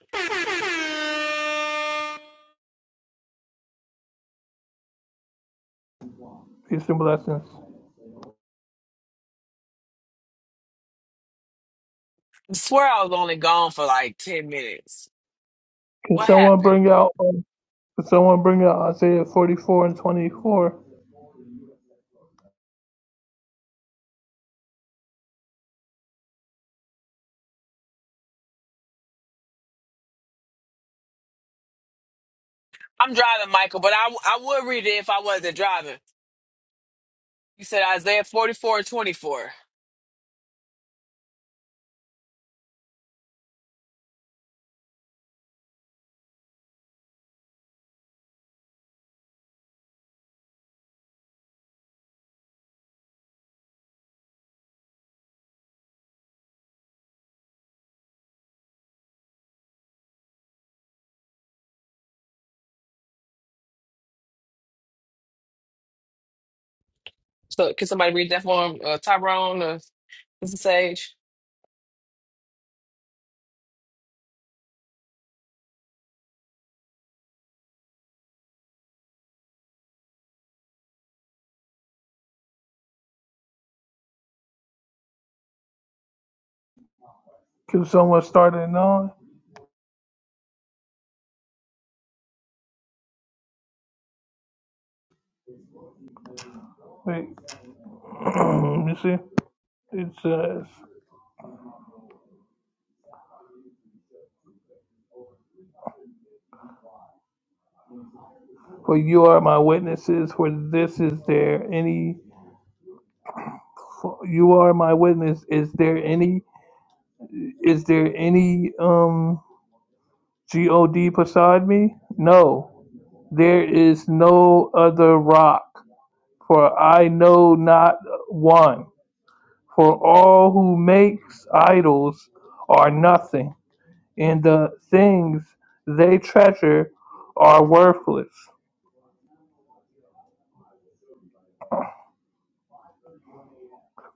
[SPEAKER 5] Peace and blessings.
[SPEAKER 1] swear I was only gone for like ten minutes.
[SPEAKER 5] Can
[SPEAKER 1] What
[SPEAKER 5] someone bring
[SPEAKER 1] happened?
[SPEAKER 5] out? Um, can someone bring out Isaiah forty four and twenty four?
[SPEAKER 1] I'm driving, Michael, but I I would read it if I wasn't driving. You said Isaiah 44 and 24. So can somebody read that for him? Uh, Tyrone or Mr. Sage?
[SPEAKER 5] Can someone start at nine? Wait, you see, it says, "For you are my witnesses. For this is there any? For you are my witness. Is there any? Is there any um God beside me? No, there is no other rock. For I know not one. For all who makes idols are nothing, and the things they treasure are worthless.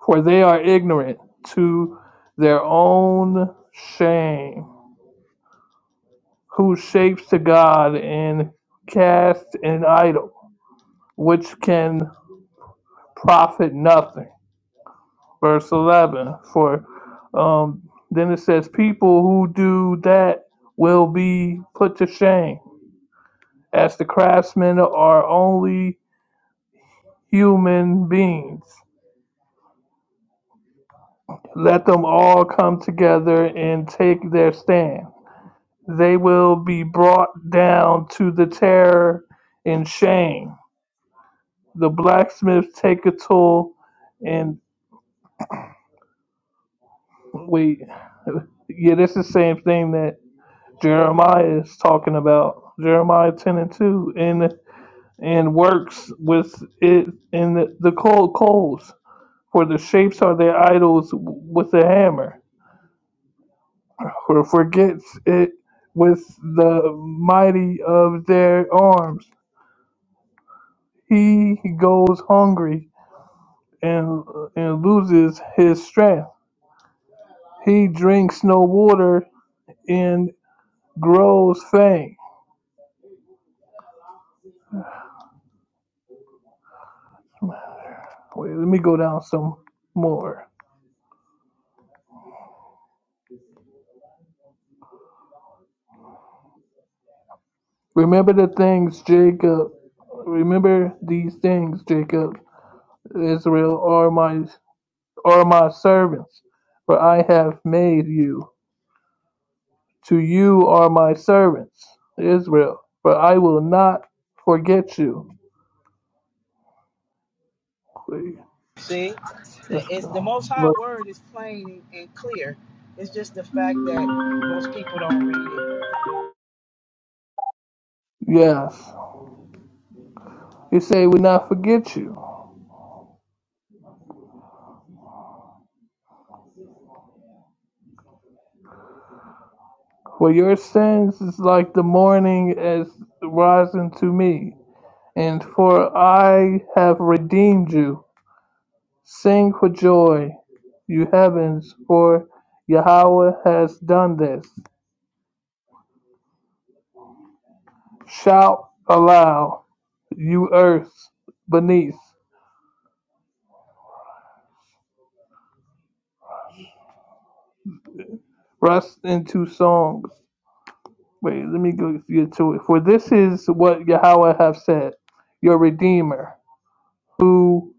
[SPEAKER 5] for they are ignorant to their own shame, who shapes to God and cast an idol, which can profit nothing. Verse 11, for um, then it says, People who do that will be put to shame, as the craftsmen are only human beings. Let them all come together and take their stand They will be brought down to the terror and shame. The blacksmiths take a tool and wait. Yeah, that's the same thing that Jeremiah is talking about. Jeremiah 10 and 2. And, and works with it in the, the cold coals. For the shapes are their idols with the hammer. For forgets it with the mighty of their arms. He goes hungry and, and loses his strength. He drinks no water and grows faint. Wait, let me go down some more. Remember the things, Jacob. Remember these things, Jacob. Israel are my are my servants, for I have made you. To you are my servants, Israel, for I will not forget you. Wait,
[SPEAKER 3] See,
[SPEAKER 5] Let's
[SPEAKER 3] it's
[SPEAKER 5] go.
[SPEAKER 3] the Most High word is plain and clear. It's just the fact that most people don't read it.
[SPEAKER 5] Yes, he said, "Will not forget you." For your sins is like the morning as rising to me, and for I have redeemed you. Sing for joy, you heavens, for Yahweh has done this. Shout aloud, you earth beneath. Rust into songs. Wait, let me go get to it. For this is what Yahweh have said, your Redeemer, who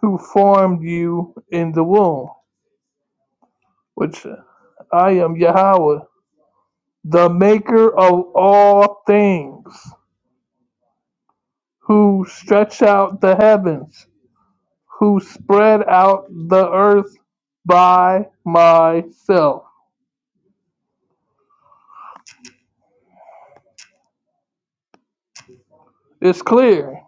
[SPEAKER 5] who formed you in the womb which I am Yahweh, the maker of all things, who stretch out the heavens, who spread out the earth by myself. It's clear.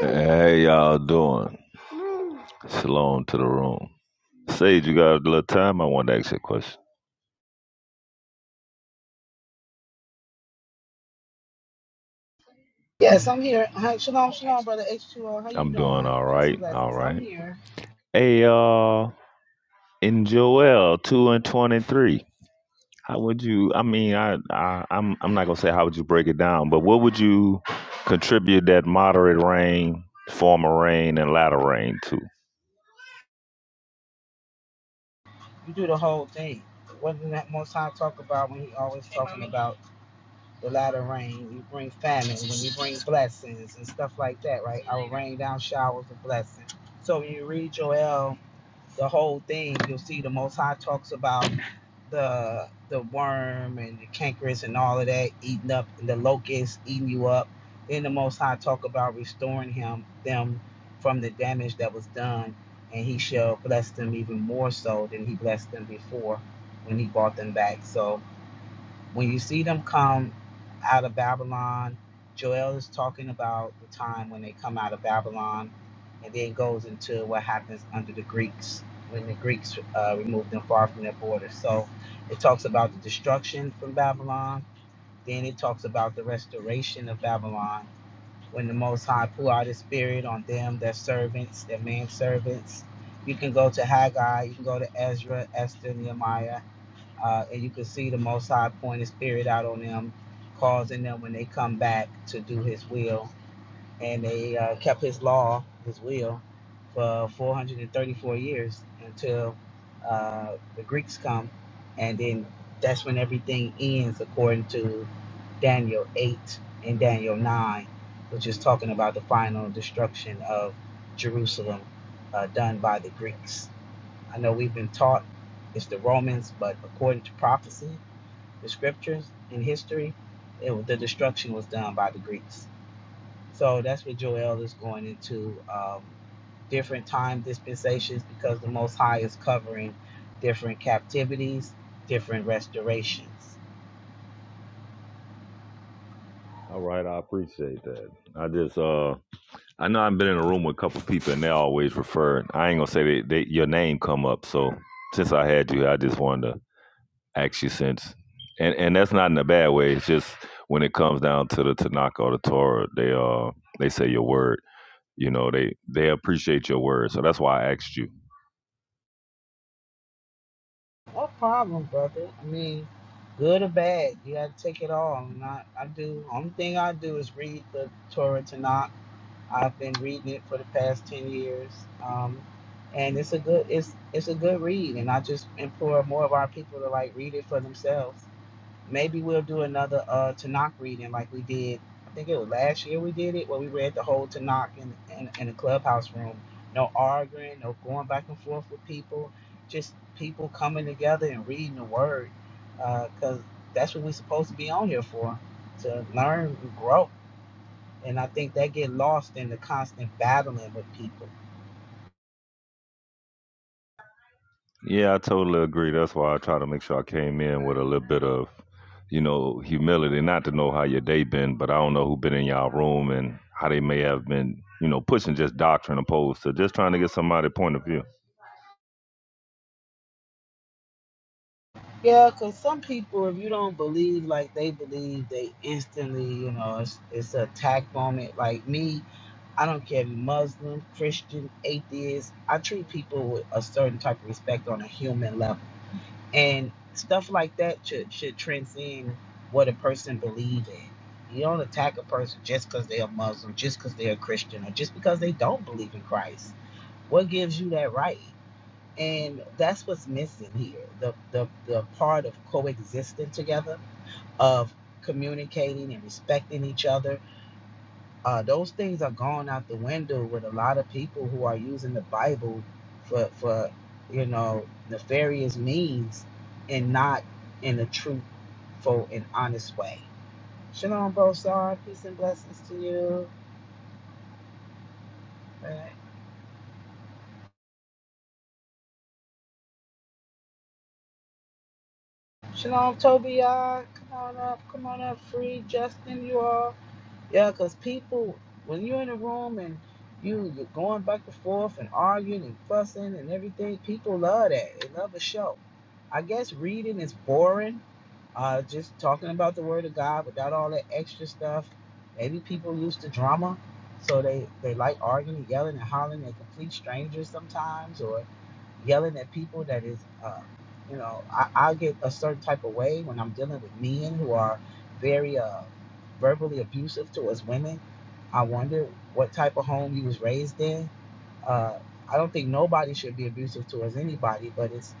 [SPEAKER 19] Hey, y'all doing? Shalom to the room. Sage, you got a little time? I want to ask you a question.
[SPEAKER 3] Yes, I'm here. Hi, shalom, shalom, brother H2O. How you
[SPEAKER 19] I'm doing
[SPEAKER 3] doing?
[SPEAKER 19] all
[SPEAKER 3] Peace and
[SPEAKER 19] right. All
[SPEAKER 3] blessings. I'm
[SPEAKER 19] right.
[SPEAKER 3] here.
[SPEAKER 19] Hey, y'all. In Joel two and twenty three, how would you? I mean, I, I, I'm, I'm not gonna say how would you break it down, but what would you contribute that moderate rain, former rain, and latter rain to?
[SPEAKER 3] You do the whole thing. What did that Most High talk about when he always talking about? the latter rain. You bring famine when you bring blessings and stuff like that, right? I will rain down showers of blessing. So when you read Joel, the whole thing, you'll see the Most High talks about the the worm and the cankerous and all of that eating up and the locust eating you up. Then the Most High talk about restoring him them from the damage that was done, and He shall bless them even more so than He blessed them before when He brought them back. So when you see them come out of Babylon, Joel is talking about the time when they come out of Babylon, and then goes into what happens under the Greeks when the Greeks uh, removed them far from their borders. So it talks about the destruction from Babylon. Then it talks about the restoration of Babylon when the Most High poured out His Spirit on them, their servants, their manservants. You can go to Haggai, you can go to Ezra, Esther, Nehemiah uh, and you can see the Most High point His Spirit out on them, causing them when they come back to do His will. And they uh, kept His law, His will, for 434 years until uh, the Greeks come, and then that's when everything ends according to Daniel 8 and Daniel 9, which is talking about the final destruction of Jerusalem uh, done by the Greeks I know we've been taught it's the Romans, but according to prophecy, the scriptures, and history, it was, the destruction was done by the Greeks. So that's what Joel is going into um, different time dispensations because the Most High is covering different captivities, different restorations.
[SPEAKER 19] All right, I appreciate that. I just, uh, I know I've been in a room with a couple people and they always refer. I ain't gonna say they, they your name come up. So since I had you, I just wanted to ask you since, and and that's not in a bad way. It's just when it comes down to the Tanaka or the Torah, they uh they say your word. You know they they appreciate your word. So that's why I asked you.
[SPEAKER 3] No problem, brother. I mean, good or bad, you got to take it all. I'm not, I do. Only thing I do is read the Torah Tanakh I've been reading it for the past ten years, um, and it's a good it's it's a good read. And I just implore more of our people to like read it for themselves. Maybe we'll do another uh, Tanakh reading like we did. I think it was last year we did it where we read the whole Tanakh in in, in a clubhouse room. No arguing, no going back and forth with people. Just people coming together and reading the word, because that's what we're supposed to be on here for—to learn, and grow and I think that get lost in the constant battling with people.
[SPEAKER 19] Yeah, I totally agree. That's why I try to make sure I came in with a little bit of, you know, humility. Not to know how your day been, but I don't know who been in y'all room and how they may have been, you know, pushing just doctrine opposed to just trying to get somebody point of view.
[SPEAKER 3] Yeah, because some people, if you don't believe like they believe, they instantly, you know, it's, it's an attack on it. Like me, I don't care if you're Muslim, Christian, atheist. I treat people with a certain type of respect on a human level. And stuff like that should, should transcend what a person believes in. You don't attack a person just because they're a Muslim, just because they're a Christian, or just because they don't believe in Christ. What gives you that right? And that's what's missing here. The the the part of coexisting together, of communicating and respecting each other. Uh, those things are gone out the window with a lot of people who are using the Bible for for you know nefarious means and not in a truthful and honest way. Shalom, Bosar. Peace and blessings to you. All right. Shalom, Tobiah. Come on up. Come on up. Free Justin. You all. Yeah, because people, when you're in a room and you, you're going back and forth and arguing and fussing and everything, people love that. They love a show. I guess reading is boring. Uh, just talking about the Word of God without all that extra stuff. Maybe people used to drama, so they, they like arguing, yelling, and hollering at complete strangers sometimes, or yelling at people that is, uh, you know, I, I get a certain type of way when I'm dealing with men who are very uh, verbally abusive towards women. I wonder what type of home you was raised in. Uh, I don't think nobody should be abusive towards anybody, but it's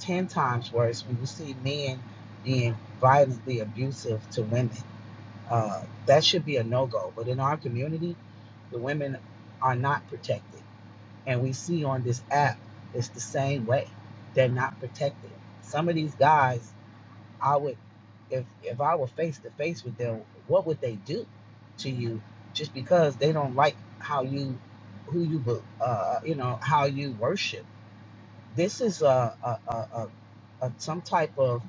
[SPEAKER 3] 10 times worse when you see men being violently abusive to women. Uh, that should be a no go. But in our community, the women are not protected. And we see on this app, it's the same way. They're not protected. Some of these guys, I would, if if I were face to face with them, what would they do to you just because they don't like how you, who you, uh, uh, you know, how you worship? This is a a a, a, a some type of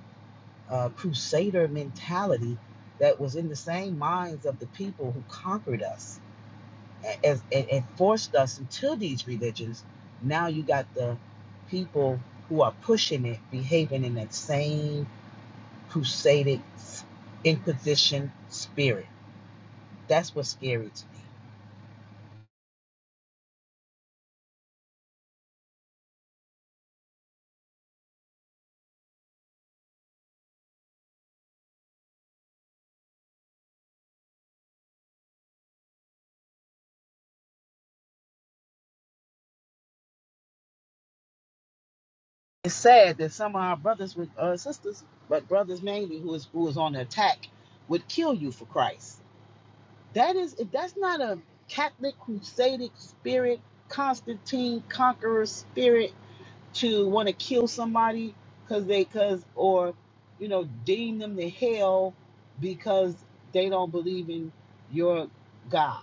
[SPEAKER 3] uh, crusader mentality that was in the same minds of the people who conquered us and, and, and forced us into these religions. Now you got the people who are pushing it, behaving in that same crusaded inquisition spirit. That's what's scary to me. It's sad that some of our brothers with uh, sisters, but brothers mainly who is who is on the attack, would kill you for Christ. That is, if that's not a Catholic crusaded spirit, Constantine conqueror spirit to want to kill somebody because they because or you know deem them to hell because they don't believe in your God.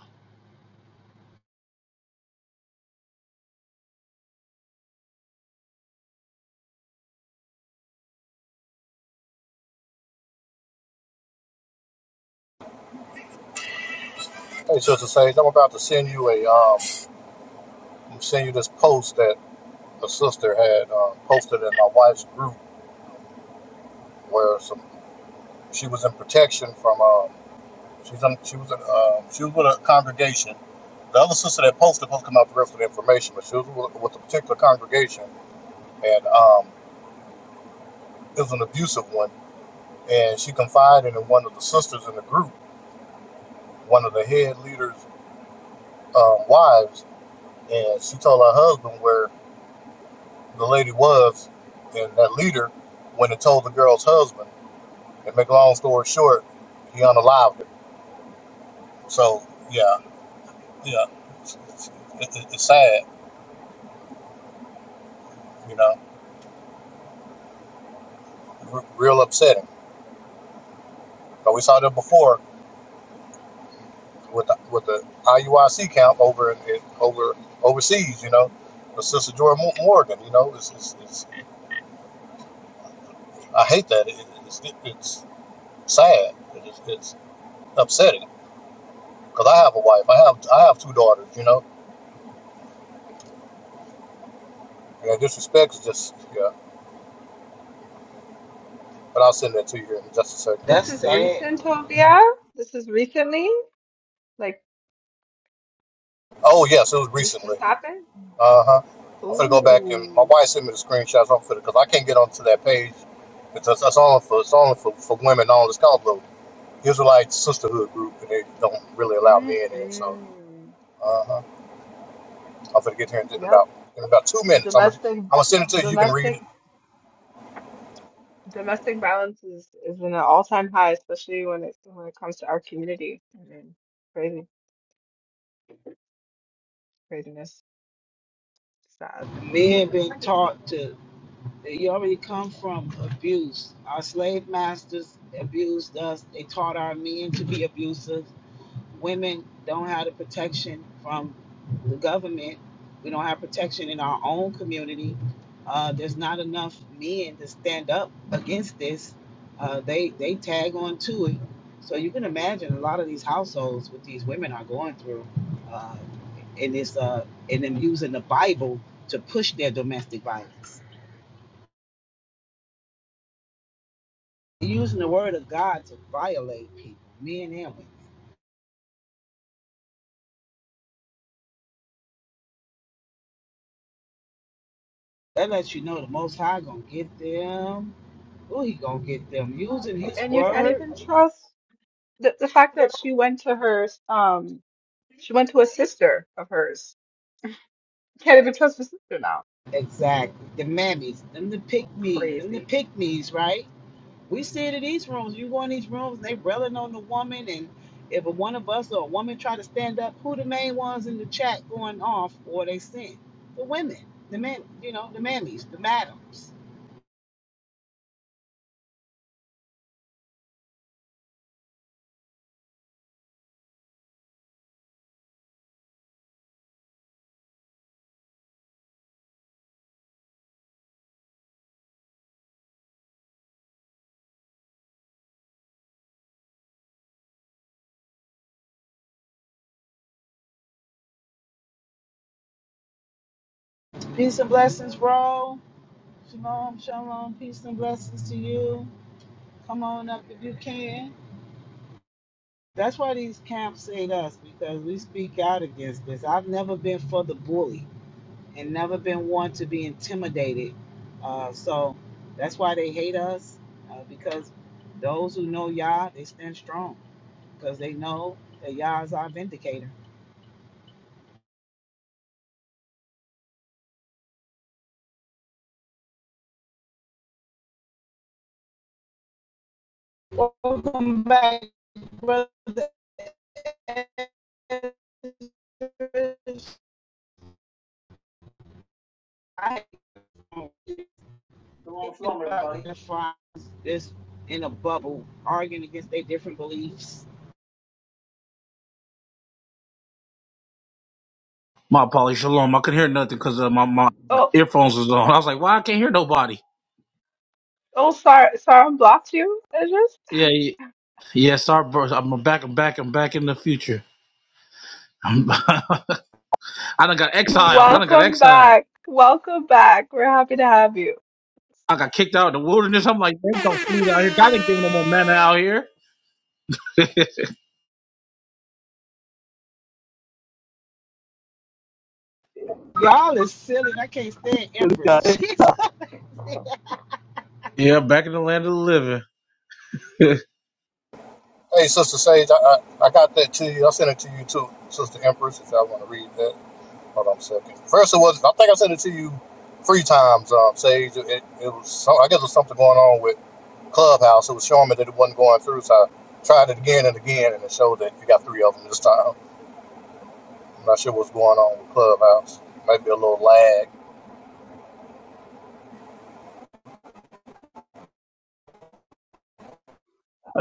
[SPEAKER 20] Hey, Sister Sage, I'm about to send you a um, am send you this post that a sister had uh, posted in my wife's group where some she was in protection from uh, she was in, she was in, uh, she was with a congregation. The other sister that posted posted come out the rest of the information, but she was with, with a particular congregation and um, it was an abusive one. And she confided in one of the sisters in the group, one of the head leaders' um, wives, and she told her husband where the lady was, and that leader went and told the girl's husband. And make a long story short, he unalived her. So yeah, yeah, it's, it's, it, it's sad, you know, r- real upsetting. But we saw that before with the, with the IUIC count over in, over overseas, you know, with Sister Jordan Morgan. You know, it's, it's, it's I hate that. It, it's, it, it's sad. It is, it's upsetting because I have a wife. I have I have two daughters. You know, and disrespect is just yeah. but I'll send that to you here in just a second.
[SPEAKER 17] this
[SPEAKER 3] That's
[SPEAKER 17] is
[SPEAKER 3] sad.
[SPEAKER 17] recent, Tovia, this is recently, like
[SPEAKER 20] Oh yes, it was
[SPEAKER 17] this
[SPEAKER 20] recently.
[SPEAKER 17] just happened.
[SPEAKER 20] Uh huh. I'm gonna go back and my
[SPEAKER 17] Ooh,
[SPEAKER 20] wife sent me the screenshots. I'm finna because I can't get onto that page because that's only for it's only for, for women on this combo. Israelite sisterhood group and they don't really allow men in. So
[SPEAKER 17] mm-mm.
[SPEAKER 20] uh huh. I'm gonna get here in about
[SPEAKER 17] Yep.
[SPEAKER 20] in about two minutes. I'm going I'm
[SPEAKER 17] Domestic,
[SPEAKER 20] gonna send it to you. You can read it.
[SPEAKER 17] domestic, domestic violence is is in an all-time high, especially when it when it comes to our community. I mean, crazy, craziness, sad.
[SPEAKER 3] Men been taught to. You already come from abuse. Our slave masters abused us. They taught our men to be abusive. women don't have the protection from the government. We don't have protection in our own community. Uh, there's not enough men to stand up against this. Uh, they they tag on to it. So you can imagine a lot of these households what these women are going through, uh, and it's uh, and them using the Bible to push their domestic violence, using the word of God to violate people, men and women. That lets you know the Most High gonna get them Who he gonna get them? Using his
[SPEAKER 17] And you can't
[SPEAKER 3] word?
[SPEAKER 17] even trust the, the fact that she went to her um she went to a sister of hers. Can't even trust her sister now.
[SPEAKER 3] Exactly. The mammies, them the pick me, them the
[SPEAKER 17] Crazy.
[SPEAKER 3] pick me's, right? We see it in these rooms. You go in these rooms, they railing on the woman, and if a one of us or a woman try to stand up, who the main ones in the chat going off or they sin? The women, the men, you know, the mammies, the madams. Peace and blessings, bro. Shalom, shalom. Peace and blessings to you. Come on up if you can. That's why these camps hate us because we speak out against this. I've never been for the bully and never been one to be intimidated. Uh, so that's why they hate us uh, because those who know Yah, they stand strong because they know that Yah is our vindicator. Welcome back, brother. I-
[SPEAKER 8] Shalom,
[SPEAKER 3] in
[SPEAKER 8] shalom, everybody.
[SPEAKER 3] fries that's in a bubble arguing against their different beliefs.
[SPEAKER 8] My apologies, shalom. I couldn't hear nothing because uh, my my uh,
[SPEAKER 17] Oh
[SPEAKER 8] earphones was on. I was like, "Why I can't hear nobody?"
[SPEAKER 17] oh sorry sorry blocked you,
[SPEAKER 8] Yeah,
[SPEAKER 17] Idris.
[SPEAKER 8] yeah. yeah sorry, bro. I'm back. I'm back. I'm back in the future. I'm, I done got exiled. I done got
[SPEAKER 17] Welcome
[SPEAKER 8] exiled.
[SPEAKER 17] back. Welcome back. We're happy to have you.
[SPEAKER 8] I got kicked out of the wilderness. I'm like, "There's no food out here. God ain't giving no more manna out here."
[SPEAKER 3] Y'all is silly and I can't stand
[SPEAKER 5] How
[SPEAKER 3] Empress. Jesus.
[SPEAKER 8] yeah, back in the land of the living.
[SPEAKER 20] Hey, Sister Sage, I, I, I got that to you. I'll send it to you too, Sister Empress, if y'all want to read that. Hold on a second. First, it was. I think I sent it to you three times, um, Sage. It, it, it was. some- I guess it was something going on with Clubhouse. It was showing me that it wasn't going through, so I tried it again and again, and it showed that you got three of them this time. I'm not sure what's going on with Clubhouse. Maybe a little lag.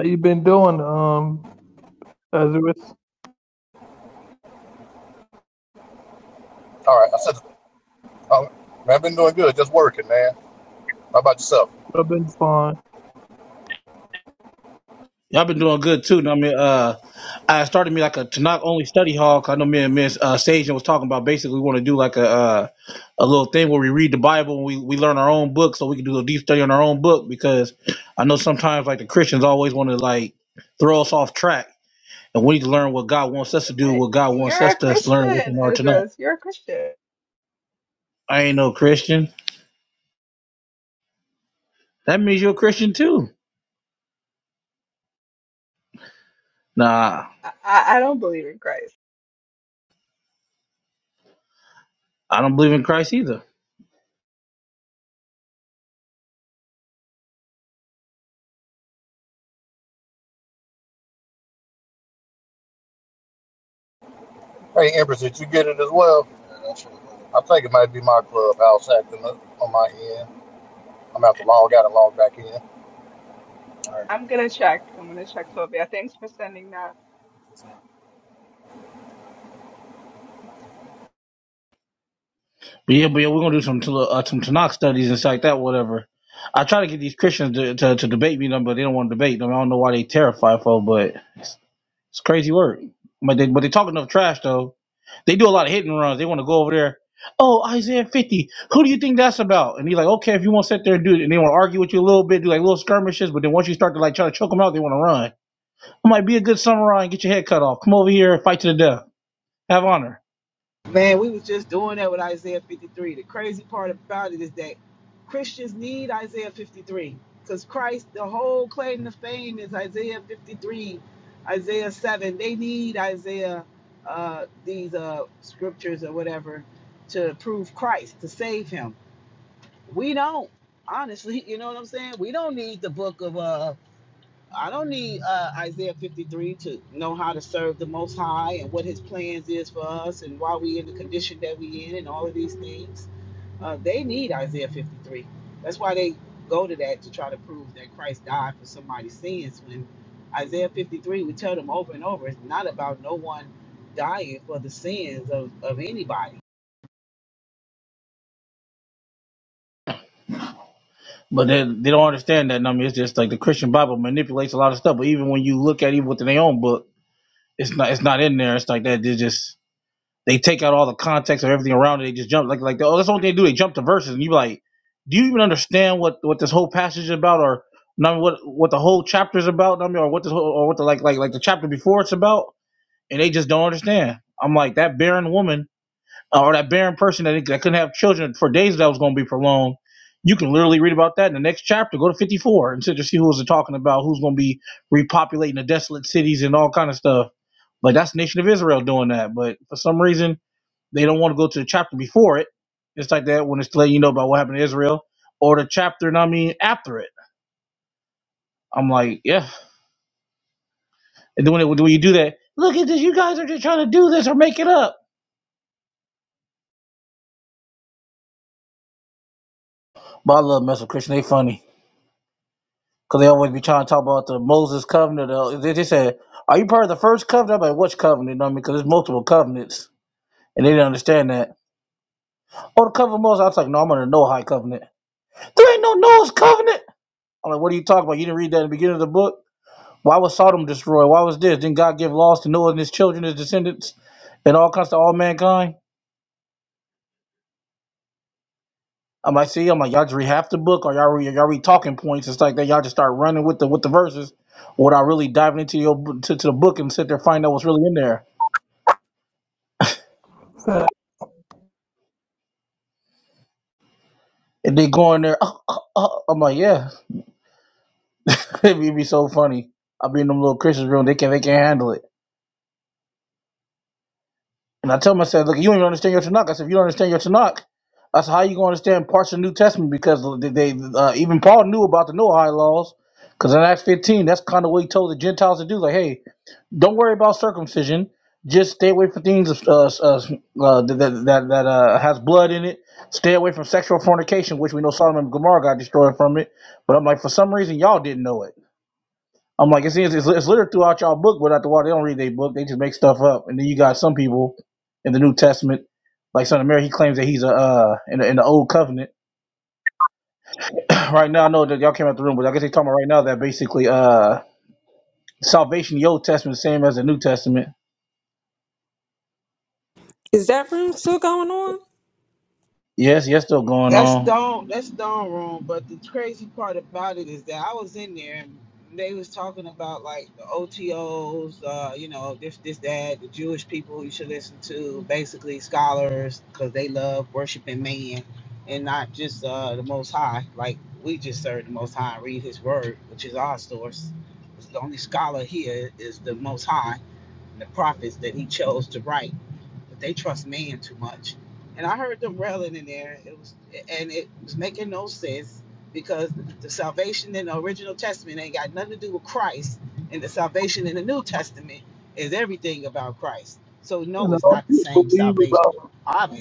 [SPEAKER 5] you been doing, um, Lazarus?
[SPEAKER 20] All right, I said. Um, man, I've been doing good, just working, man. How about yourself?
[SPEAKER 5] I've been fine.
[SPEAKER 8] Y'all been doing good too. I mean, uh, I started me like a to not only study hall. 'cause I know me and Miss uh, Sage was talking about basically we want to do like a uh, a little thing where we read the Bible and we, we learn our own book, so we can do a deep study on our own book because I know sometimes like the Christians always want to like throw us off track, and we need to learn what God wants us to do,
[SPEAKER 17] But
[SPEAKER 8] what God wants
[SPEAKER 17] you're
[SPEAKER 8] us
[SPEAKER 17] a
[SPEAKER 8] to learn
[SPEAKER 17] Christian,
[SPEAKER 8] within our Tanakh?
[SPEAKER 17] Idris. You're a Christian.
[SPEAKER 8] I ain't no Christian. That means you're a Christian too. Nah,
[SPEAKER 17] I, I, I don't believe in Christ.
[SPEAKER 8] I don't believe in Christ either.
[SPEAKER 20] Hey, Empress, did you get it as well? I think it might be my clubhouse acting up on my end. I'm gonna have to log out and log back in.
[SPEAKER 17] I'm gonna check. I'm gonna check Tobia. Thanks for sending that.
[SPEAKER 8] But yeah, but yeah, we're gonna do some uh, some Tanakh studies and stuff like that, whatever. I try to get these Christians to, to, to debate me, you but they don't want to debate them. I don't know why they terrified for, but it's, it's crazy work. But they but they talk enough trash though. They do a lot of hit and runs. They want to go over there. Oh, Isaiah 50. Who do you think that's about? And he's like, okay, if you want to sit there and do it, and they want to argue with you a little bit, do like little skirmishes, but then once you start to like try to choke them out, they want to run. I might be a good samurai and get your head cut off. Come over here and fight to the death. Have honor.
[SPEAKER 3] Man, we was just doing that with Isaiah 53. The crazy part about it is that Christians need Isaiah 53 because Christ, the whole claim to fame is Isaiah 53, Isaiah 7. They need Isaiah, uh, these uh, scriptures or whatever to prove Christ, to save him we don't honestly you know what i'm saying we don't need the book of uh i don't need uh isaiah 53 to know how to serve the most high and what his plans is for us and why we in the condition that we in and all of these things uh they need isaiah 53 that's why they go to that to try to prove that christ died for somebody's sins when isaiah 53 we tell them over and over it's not about no one dying for the sins of of anybody
[SPEAKER 8] But they, they don't understand that number. It's just like the Christian Bible manipulates a lot of stuff. But even when you look at even within their own book, it's not it's not in there. It's like that. They just they take out all the context of everything around it. They just jump like like oh that's what they do. They jump to verses and you be like, do you even understand what what this whole passage is about or not what what the whole chapter is about? I mean, or what this whole or what the like like like the chapter before it's about? And they just don't understand. I'm like that barren woman uh, or that barren person that, that couldn't have children for days that was going to be prolonged. You can literally read about that in the next chapter. Go to 54 and just see who was talking about who's going to be repopulating the desolate cities and all kind of stuff. Like that's the nation of Israel doing that. But for some reason, they don't want to go to the chapter before it. It's like that when it's letting you know about what happened to Israel or the chapter, and I mean, after it. I'm like, yeah. And then when, it, when you do that, look at this. You guys are just trying to do this or make it up. But I love messing with Christian. They funny. Cause they always be trying to talk about the Moses covenant. uh, They just said, "Are you part of the first covenant?" I'm like, "Which covenant?" You know what I mean? Because there's multiple covenants, and they didn't understand that. Oh, the covenant of Moses. I was like, "No, I'm under no high covenant. There ain't no Noah's covenant." I'm like, "What are you talking about? You didn't read that in the beginning of the book. Why was Sodom destroyed? Why was this? Didn't God give laws to Noah and his children, his descendants, and all kinds to all mankind?" I'm like, "See, I'm like, y'all just read half the book, or y'all read, y'all read talking points. It's like that. Y'all just start running with the with the verses, without really diving into your to, to the book and sit there and find out what's really in there."
[SPEAKER 5] And
[SPEAKER 8] And they go in there, oh, oh, oh. I'm like, yeah. It'd be it'd be so funny. I'll be in them little Christian room. They can't, they can't handle it. And I tell them, I said, look, you don't even understand your Tanakh. I said, if you don't understand your Tanakh, I said, how you going to understand parts of the New Testament? Because they, they uh, even Paul knew about the Noahide laws. Because in Acts 15, that's kind of what he told the Gentiles to do. Like, hey, don't worry about circumcision. Just stay away from things uh, uh, uh, that that, that uh, has blood in it. Stay away from sexual fornication, which we know Solomon and Gomorrah got destroyed from it. But I'm like, for some reason, y'all didn't know it. I'm like, it's, it's, it's littered throughout y'all book, but at the water, they don't read their book. They just make stuff up. And then you got some people in the New Testament, like Son of Mary, he claims that he's a uh, in, the, in the Old Covenant. right now, I know that y'all came out the room, but I guess they talking about right now that basically uh, salvation, in the Old Testament, is the same as the New Testament.
[SPEAKER 18] Is that room still going on?
[SPEAKER 8] Yes, yes, still going
[SPEAKER 3] That's
[SPEAKER 8] on.
[SPEAKER 3] done. That's done wrong. But the crazy part about it is that I was in there and they was talking about like the OTOs, uh, you know, this, this, that, the Jewish people you should listen to, basically scholars, because they love worshiping man and not just uh, the Most High. Like we just serve the Most High and read His Word, which is our source. The only scholar here is the Most High the prophets that he chose to write. But they trust man too much. And I heard them railing in there. It was and it was making no sense because the salvation in the original testament ain't got nothing to do with Christ. And the salvation in the New Testament is everything about Christ. So no,
[SPEAKER 5] I
[SPEAKER 3] it's
[SPEAKER 5] don't
[SPEAKER 3] not the same
[SPEAKER 5] believe
[SPEAKER 3] salvation,
[SPEAKER 5] about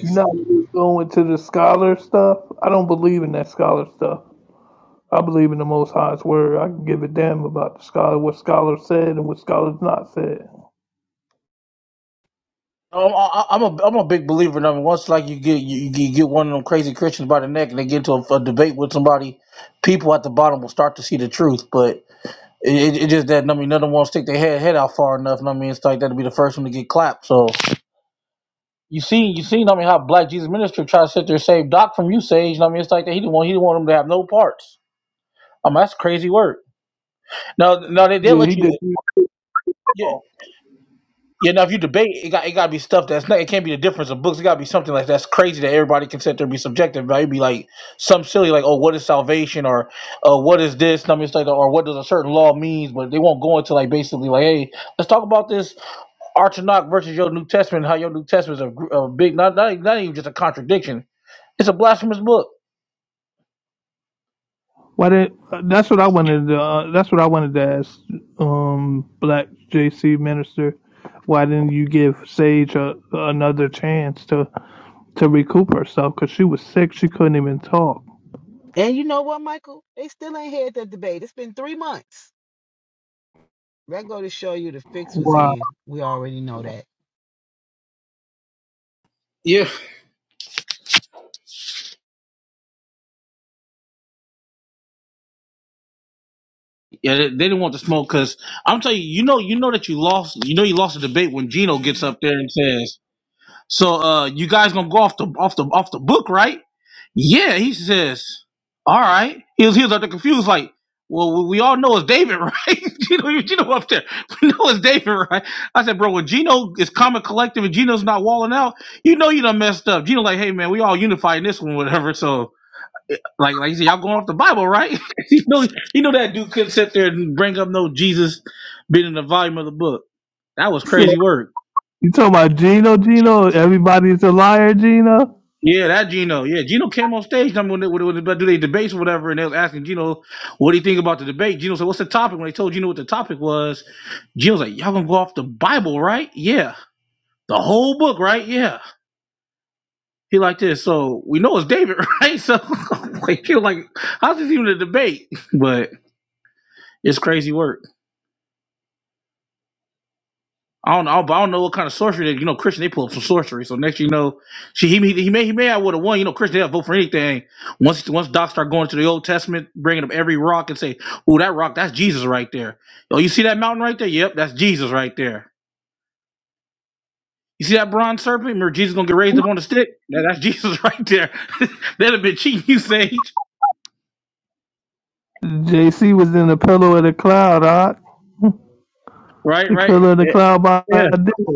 [SPEAKER 5] you not really going to the scholar stuff. I don't believe in that scholar stuff. I believe in the Most High's word. I can give a damn about the scholar, what scholars said and what scholars not said.
[SPEAKER 8] Um, I, I- I'm a I'm a big believer in them. Once like you get you, you get one of them crazy Christians by the neck and they get into a, a debate with somebody, people at the bottom will start to see the truth. But It, it, it just that I mean, none of them won't stick their head head out far enough. And I mean, it's like that'd be the first one to get clapped. So you see, you seen I mean how Black Jesus Minister tried to sit there and save Doc from you, Sage. And I mean, it's like that he didn't want he didn't want him to have no parts. I mean, that's crazy work. No, no, they did
[SPEAKER 5] Yeah, he
[SPEAKER 8] let
[SPEAKER 5] did.
[SPEAKER 8] you. Yeah, yeah. Now if you debate, it got it got to be stuff that's not. It can't be the difference of books. It got to be something like that's crazy that everybody can sit there and be subjective. But it'd be like some silly like, oh, what is salvation or uh, what is this? And I mean, it's like or what does a certain law means? But they won't go into like basically like, hey, let's talk about this Archonok versus your New Testament, how your New Testament is a, gr- a big, not, not, not even just a contradiction. It's a blasphemous book.
[SPEAKER 5] Why did? That's what I wanted. To, uh, that's what I wanted to ask, um, Black JC Minister. Why didn't you give Sage a, another chance to to recoup herself? Cause she was sick. She couldn't even talk.
[SPEAKER 3] And you know what, Michael? They still ain't had that debate. It's been three months. That go to show you the fix was
[SPEAKER 5] Wow.
[SPEAKER 3] in. We already know that.
[SPEAKER 8] Yeah, yeah, they, they didn't want the smoke because I'm telling you, you know, you know that you lost. You know, you lost the debate when Gino gets up there and says, "So, uh, you guys gonna go off the off the off the book, right?" Yeah, he says, all right. He was, he was up there confused, like, well, we all know it's David, right? Gino, Gino up there. We know it's David, right? I said, bro, when Gino is common collective and Gino's not walling out, you know you done messed up. Gino like, hey, man, we all unified in this one, whatever. So, eh, like, like you said, y'all going off the Bible, right? you, know, you know that dude couldn't sit there and bring up no Jesus being in the volume of the book. That was
[SPEAKER 5] So,
[SPEAKER 8] crazy work.
[SPEAKER 5] you talking about Gino? Gino? Everybody's a liar, Gino.
[SPEAKER 8] Yeah, that Gino. Yeah, Gino came on stage. I mean, when they, when they, do they debates or whatever, and they was asking Gino, "What do you think about the debate?" Gino said, "What's the topic?" When they told Gino what the topic was, Gino was like, "Y'all gonna go off the Bible, right? Yeah, the whole book, right? Yeah." He like this, so we know it's David, right? So like, he was like, how's this even a debate? But it's crazy work. I don't know, but I don't know what kind of sorcery that you know. Christian, they pull up some sorcery. So next, you know, she he he, he may he may have would have won. You know, Christian, they'll vote for anything. Once once Doc start going to the Old Testament, bringing up every rock and say, "Oh, that rock, that's Jesus right there." Oh, you see that mountain right there? Yep, that's Jesus right there. You see that bronze serpent? Remember, Jesus gonna get raised up on the stick? Yeah, that's Jesus right there. That'd have been cheating, you sage.
[SPEAKER 5] JC was in the pillow of the cloud, huh?
[SPEAKER 8] Right,
[SPEAKER 5] The
[SPEAKER 8] right.
[SPEAKER 5] pillow of the
[SPEAKER 8] Yeah,
[SPEAKER 5] cloud by
[SPEAKER 8] yeah.
[SPEAKER 5] day.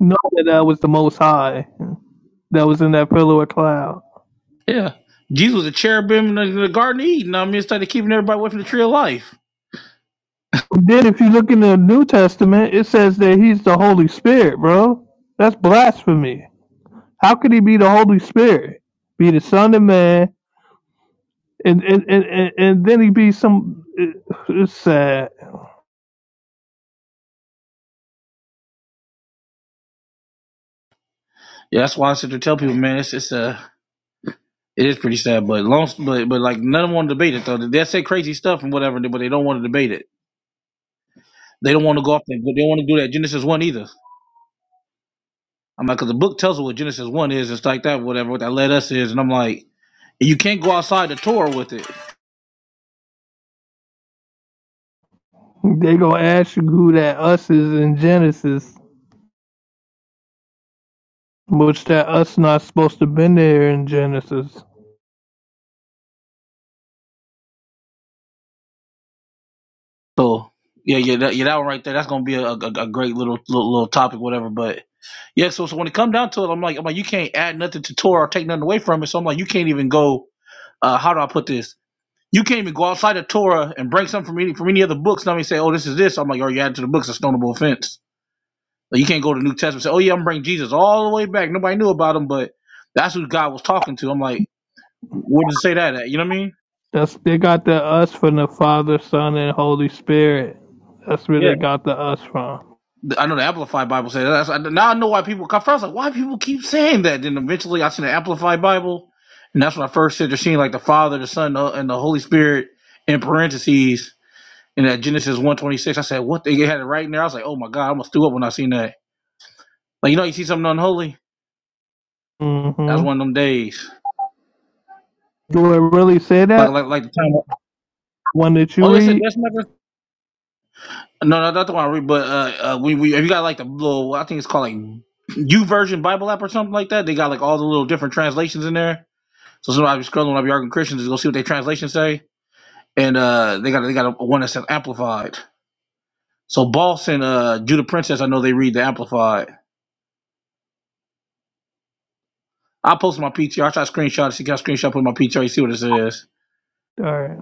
[SPEAKER 5] know that I was the Most High that was in that pillar of cloud.
[SPEAKER 8] yeah. Jesus was a cherubim in the, the Garden of Eden. I mean, it's like they're keeping everybody away from the tree of life.
[SPEAKER 5] Then, if you look in the New Testament, it says that he's the Holy Spirit, bro. That's blasphemy. How could he be the Holy Spirit? Be the Son of Man, and and and, and, and then he be some. it- It's sad.
[SPEAKER 8] Yeah, that's why I said to tell people, man, it's it's a It is pretty sad, but long, but but like none of them want to debate it though. They say crazy stuff and whatever, but they don't want to debate it. They don't want to go off. That, they don't want to do that Genesis one either. I'm like, 'cause the book tells us what Genesis one is and stuff like that, whatever. What that led us is, and I'm like, you can't go outside the Torah with it.
[SPEAKER 5] They gonna ask you who that us is in Genesis, which that us not supposed to been there in Genesis.
[SPEAKER 8] So yeah, yeah, that, yeah, that one right there. That's gonna be a, a, a great little, little little topic, whatever. But yeah, so so when it come down to it, I'm like, I'm like, you can't add nothing to Torah or take nothing away from it. So I'm like, you can't even go. Uh, how do I put this? You can't even go outside the Torah and break something from any from any other books. Somebody say, "Oh, this is this." I'm like, "Oh, you added to the books a stonable offense." Like, you can't go to the New Testament and say, "Oh yeah, I'm bringing Jesus all the way back." Nobody knew about him, but that's who God was talking to. I'm like, "Where does it say that at?" You know what I mean?
[SPEAKER 5] That's they got the us from the Father, Son, and Holy Spirit. That's where
[SPEAKER 8] Yeah,
[SPEAKER 5] they got the us from.
[SPEAKER 8] I know the Amplified Bible says that. That's, now I know why people. Cause first, I was like, why people keep saying that? Then eventually, I seen the Amplified Bible, and that's when I first said they're seeing like the Father, the Son, uh, and the Holy Spirit in parentheses in that Genesis 126. I said, "What?" They had it right in there. I was like, "Oh my God!" I almost threw up when I seen that. Like you know, you see something unholy. That's
[SPEAKER 5] Mm-hmm.
[SPEAKER 8] one of them days.
[SPEAKER 5] Do it really say
[SPEAKER 8] Like
[SPEAKER 5] that?
[SPEAKER 8] like like the time.
[SPEAKER 5] One that you
[SPEAKER 8] Oh, yeah, said
[SPEAKER 5] read?
[SPEAKER 8] that's not. No, no, that's the one I read. But uh, uh we we if you got like the little, I think it's called like U version Bible app or something like that. They got like all the little different translations in there. So sometimes I be scrolling, when I be arguing Christians, just go see what their translations say. And uh, they got they got a, one that says amplified. So Boss and uh Judah Princess, I know they read the amplified. I posted my P T R. I try to screenshot. it, See, can I screenshot put my PTR. You see what it says.
[SPEAKER 5] Alright.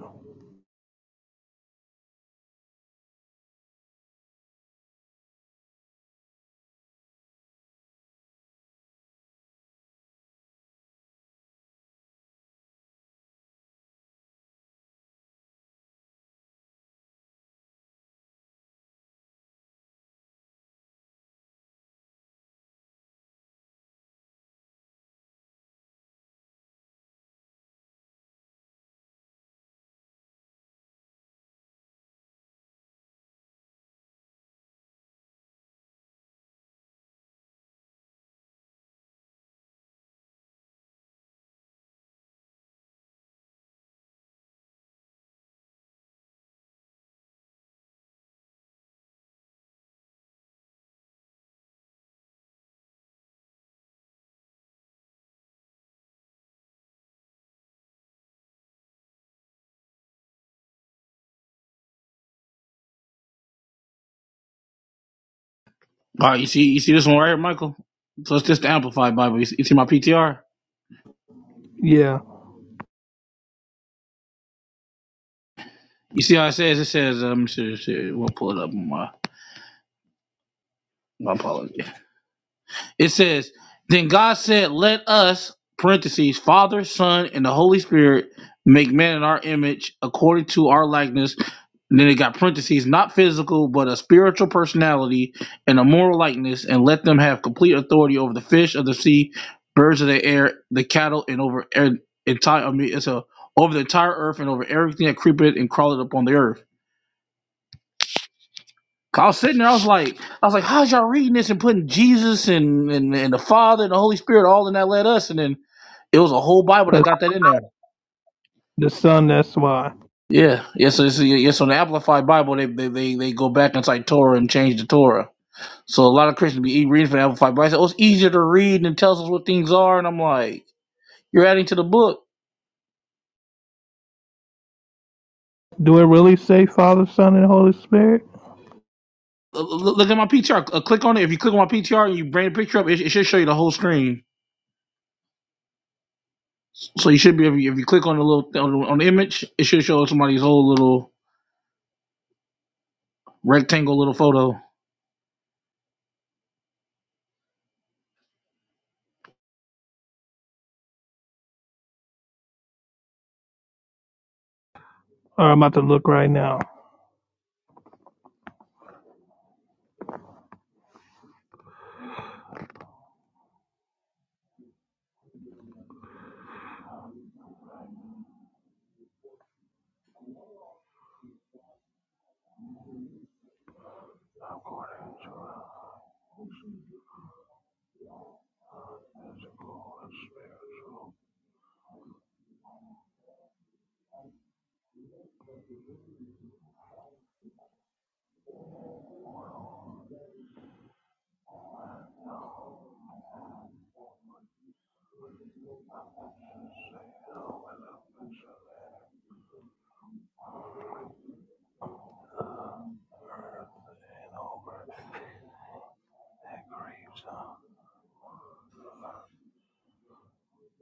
[SPEAKER 8] All right, you see, you see this one right here, Michael. So it's just the Amplified Bible. You see, you see my PTR.
[SPEAKER 5] Yeah.
[SPEAKER 8] You see how it says? It says, um, shit, shit, we'll pull it up. On my, my apology. It says, then God said, "Let us (parentheses Father, Son, and the Holy Spirit) make man in our image, according to our likeness." And then it got parentheses, not physical, but a spiritual personality and a moral likeness, and let them have complete authority over the fish of the sea, birds of the air, the cattle, and over air, entire. I mean, it's a over the entire earth and over everything that creepeth and crawleth upon the earth. I was sitting there, I was like, I was like, how's y'all reading this and putting Jesus and, and and the Father and the Holy Spirit all in that let us, and then it was a whole Bible that
[SPEAKER 5] Cause
[SPEAKER 8] got that in there.
[SPEAKER 5] the Son, that's why.
[SPEAKER 8] Yeah, yes, yeah, so, it's- yeah, yeah, so in the Amplified Bible, they, they they they go back and cite Torah and change the Torah. So a lot of Christians be e-, reading from the Amplified Bible. I said Oh, it's easier to read and it tells us what things are. And I'm like, you're adding to the book.
[SPEAKER 5] Do it really say Father, Son, and Holy Spirit?
[SPEAKER 8] Look at my PTR. Uh, Click on it. If you click on my PTR and you bring the picture up, it, it should show you the whole screen. So you should be if you, if you click on the little on the, image, it should show somebody's whole little rectangle little photo.
[SPEAKER 5] Or I'm about to look right now.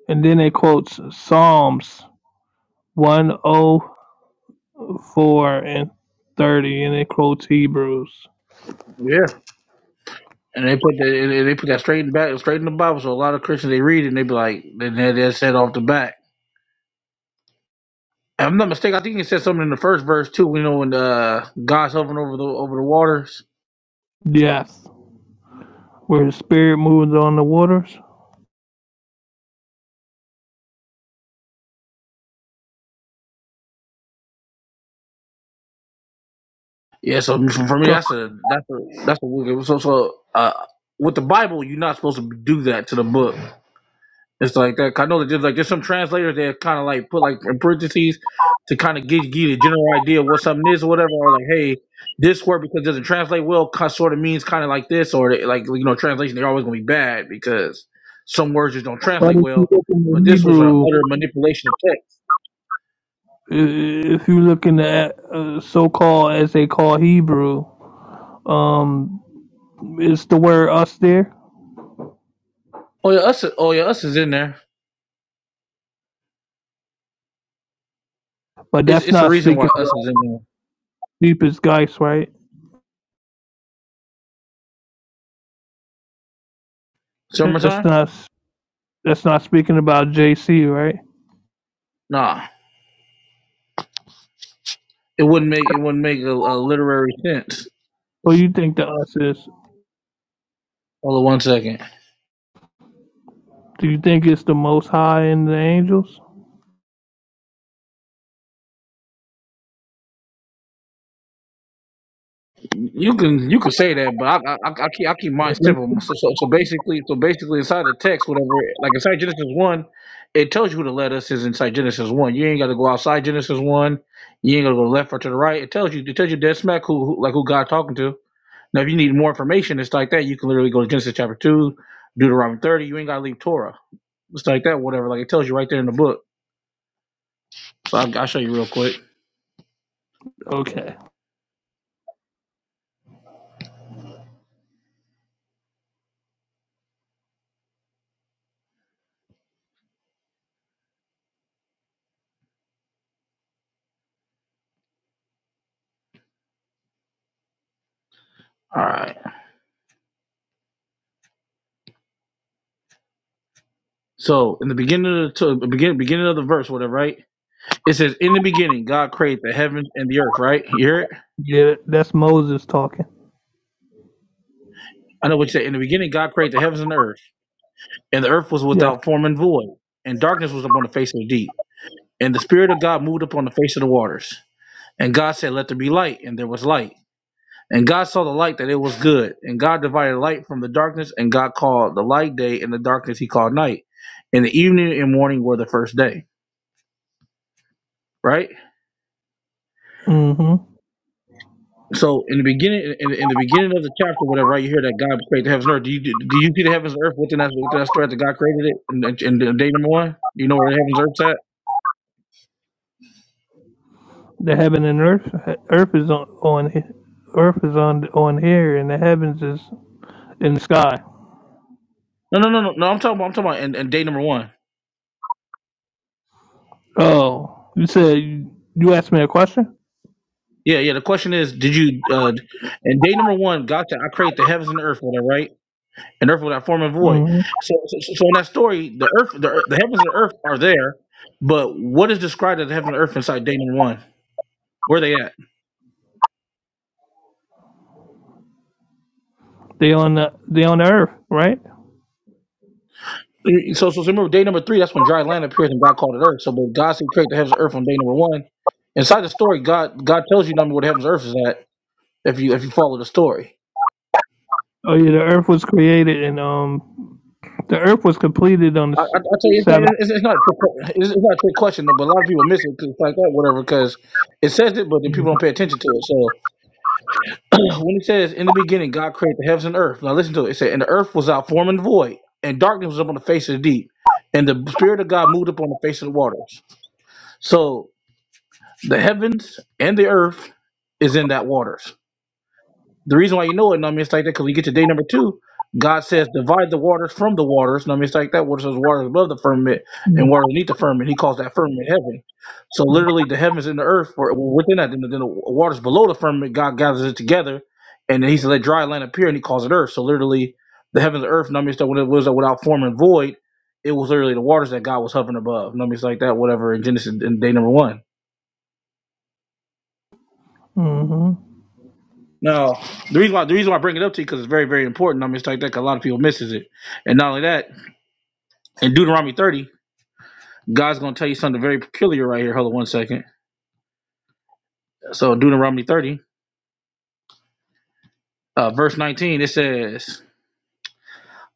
[SPEAKER 5] And then it quotes Psalms 104 and 30, and it quotes Hebrews.
[SPEAKER 8] Yeah. And they put that they put that straight in the back, straight in the Bible. So a lot of Christians they read it and they be like, they they they said off the back. If I'm not mistaken. I think it said something in the first verse too. You know when uh, God's hovering over the over the waters
[SPEAKER 5] Yes. Where the Spirit moves on the waters.
[SPEAKER 8] Yeah, so for for me,
[SPEAKER 5] So
[SPEAKER 8] that's a that's a that's a wicked. So so uh, with the Bible, you're not supposed to do that to the book. It's like that. I know that there's like there's some translators that kind of like put like in parentheses to kind of give you the general idea of what something is or whatever, or like hey, this word because it doesn't translate well, sort of means kind of like this, or they- like you know, translation they're always gonna be bad because some words just don't
[SPEAKER 5] why
[SPEAKER 8] translate
[SPEAKER 5] did you
[SPEAKER 8] well.
[SPEAKER 5] open
[SPEAKER 8] But
[SPEAKER 5] the
[SPEAKER 8] this was an
[SPEAKER 5] Hebrew
[SPEAKER 8] utter manipulation of text.
[SPEAKER 5] if you looking at uh, so-called as they call Hebrew, um, it's the word us there,
[SPEAKER 8] Oh yeah, us. Oh yeah, us is in there.
[SPEAKER 5] but
[SPEAKER 8] It's
[SPEAKER 5] that's
[SPEAKER 8] it's a
[SPEAKER 5] not
[SPEAKER 8] reason why
[SPEAKER 5] speaking
[SPEAKER 8] us
[SPEAKER 5] about
[SPEAKER 8] is in there.
[SPEAKER 5] deepest guys, right? That's
[SPEAKER 8] Summertime?
[SPEAKER 5] not that's not speaking about JC, right?
[SPEAKER 8] Nah. It wouldn't make it wouldn't make a, a literary sense.
[SPEAKER 5] What do you think the us is?
[SPEAKER 8] Hold on one second.
[SPEAKER 5] Do you think it's the Most High and the angels?
[SPEAKER 8] You can you can say that, but I I, I keep I keep mine simple. So, so so basically so basically inside the text, whatever, like inside Genesis one, it tells you who the letters is inside Genesis one. You ain't got to go outside Genesis one. You ain't got to go left or to the right. It tells you it tells you dead smack who, who like who God talking to. Now, if you need more information, it's like that. You can literally go to Genesis chapter two, Deuteronomy thirty. You ain't got to leave Torah. It's like that, whatever. Like it tells you right there in the book. So I, I'll show you real quick.
[SPEAKER 5] Okay,
[SPEAKER 8] All right. So in the beginning of the to, beginning beginning of the verse, whatever, right? It says, "In the beginning, God created the heavens and the earth." Right? You hear it?
[SPEAKER 5] yeah, that's Moses talking.
[SPEAKER 8] I know what you said. In the beginning, God created the heavens and the earth, and the earth was
[SPEAKER 5] Yes.
[SPEAKER 8] without form and void, and darkness was upon the face of the deep. And the Spirit of God moved upon the face of the waters. And God said, "Let there be light," and there was light. And God saw the light that it was good. And God divided light from the darkness, and God called the light day, and the darkness He called night. And the evening and morning were the first day. Right?
[SPEAKER 5] hmm
[SPEAKER 8] So in the beginning, in, in the beginning of the chapter, whatever, right? You hear that God created the heavens and earth. Do you do you see the heavens and earth within that within that story that God created it in, in, in day number one? Do you know where the heavens and earth's at?
[SPEAKER 5] The heaven and earth, earth is on on, earth is on on here, and the heavens is in the sky.
[SPEAKER 8] No, no, no, no, no. I'm talking about I'm talking about in, in day number one.
[SPEAKER 5] Oh, you said you, you asked me a question.
[SPEAKER 8] Yeah, yeah. The question is, did you uh in day number one, God said, "I create the heavens and the earth," whatever, right? And earth without form and void.
[SPEAKER 5] hmm
[SPEAKER 8] So, so, so so in that story, the earth, the, earth- the heavens and the earth are there, but what is described as the heavens and earth inside day number one? Where they at?
[SPEAKER 5] They on the they on the Earth, right?
[SPEAKER 8] So, so so remember, day number three, that's when dry land appears and God called it earth. So, but God said create the heavens and earth on day number one. Inside the story, God God tells you number what heavens and earth is at if you if you follow the story.
[SPEAKER 5] Oh yeah, the Earth was created and um the Earth was completed on the
[SPEAKER 8] I,
[SPEAKER 5] s-
[SPEAKER 8] I, I tell you,
[SPEAKER 5] Sabbath.
[SPEAKER 8] it's, it's, not a trick que- it's, it's not a trick question, though, but a lot of people miss it 'cause it's like that, whatever, because it says it, but then people don't
[SPEAKER 5] Mhm.
[SPEAKER 8] pay attention to it. So when it says in the beginning, God created the heavens and earth. Now listen to it. It said, and the earth was out form and void, and darkness was upon the face of the deep, and the spirit of God moved upon the face of the waters. So The heavens and the earth is in that waters. The reason why you know it, know what I mean, it's like that because we get to day number two. God says, divide the waters from the waters. know what I mean, it's like that. What says waters above the firmament and waters beneath the firmament. He calls that firmament heaven. So
[SPEAKER 5] Mhm.
[SPEAKER 8] literally, the heavens and the earth were were within that. Then the, then the waters below the firmament, God gathers it together, and then He said, let dry land appear, and He calls it earth. So literally, the heavens and earth. know what I mean, it's like when it was like, without form and void, it was literally the waters that God was hovering above. know what I mean, it's like that. Whatever in Genesis in day number one.
[SPEAKER 5] Mhm.
[SPEAKER 8] No, the reason why the reason why I bring it up to you because it's very very important. I mean, it's like that 'cause a lot of people misses it, and not only that, in Deuteronomy thirty, God's gonna tell you something very peculiar right here. Hold on one second. So Deuteronomy thirty, uh, verse nineteen, it says,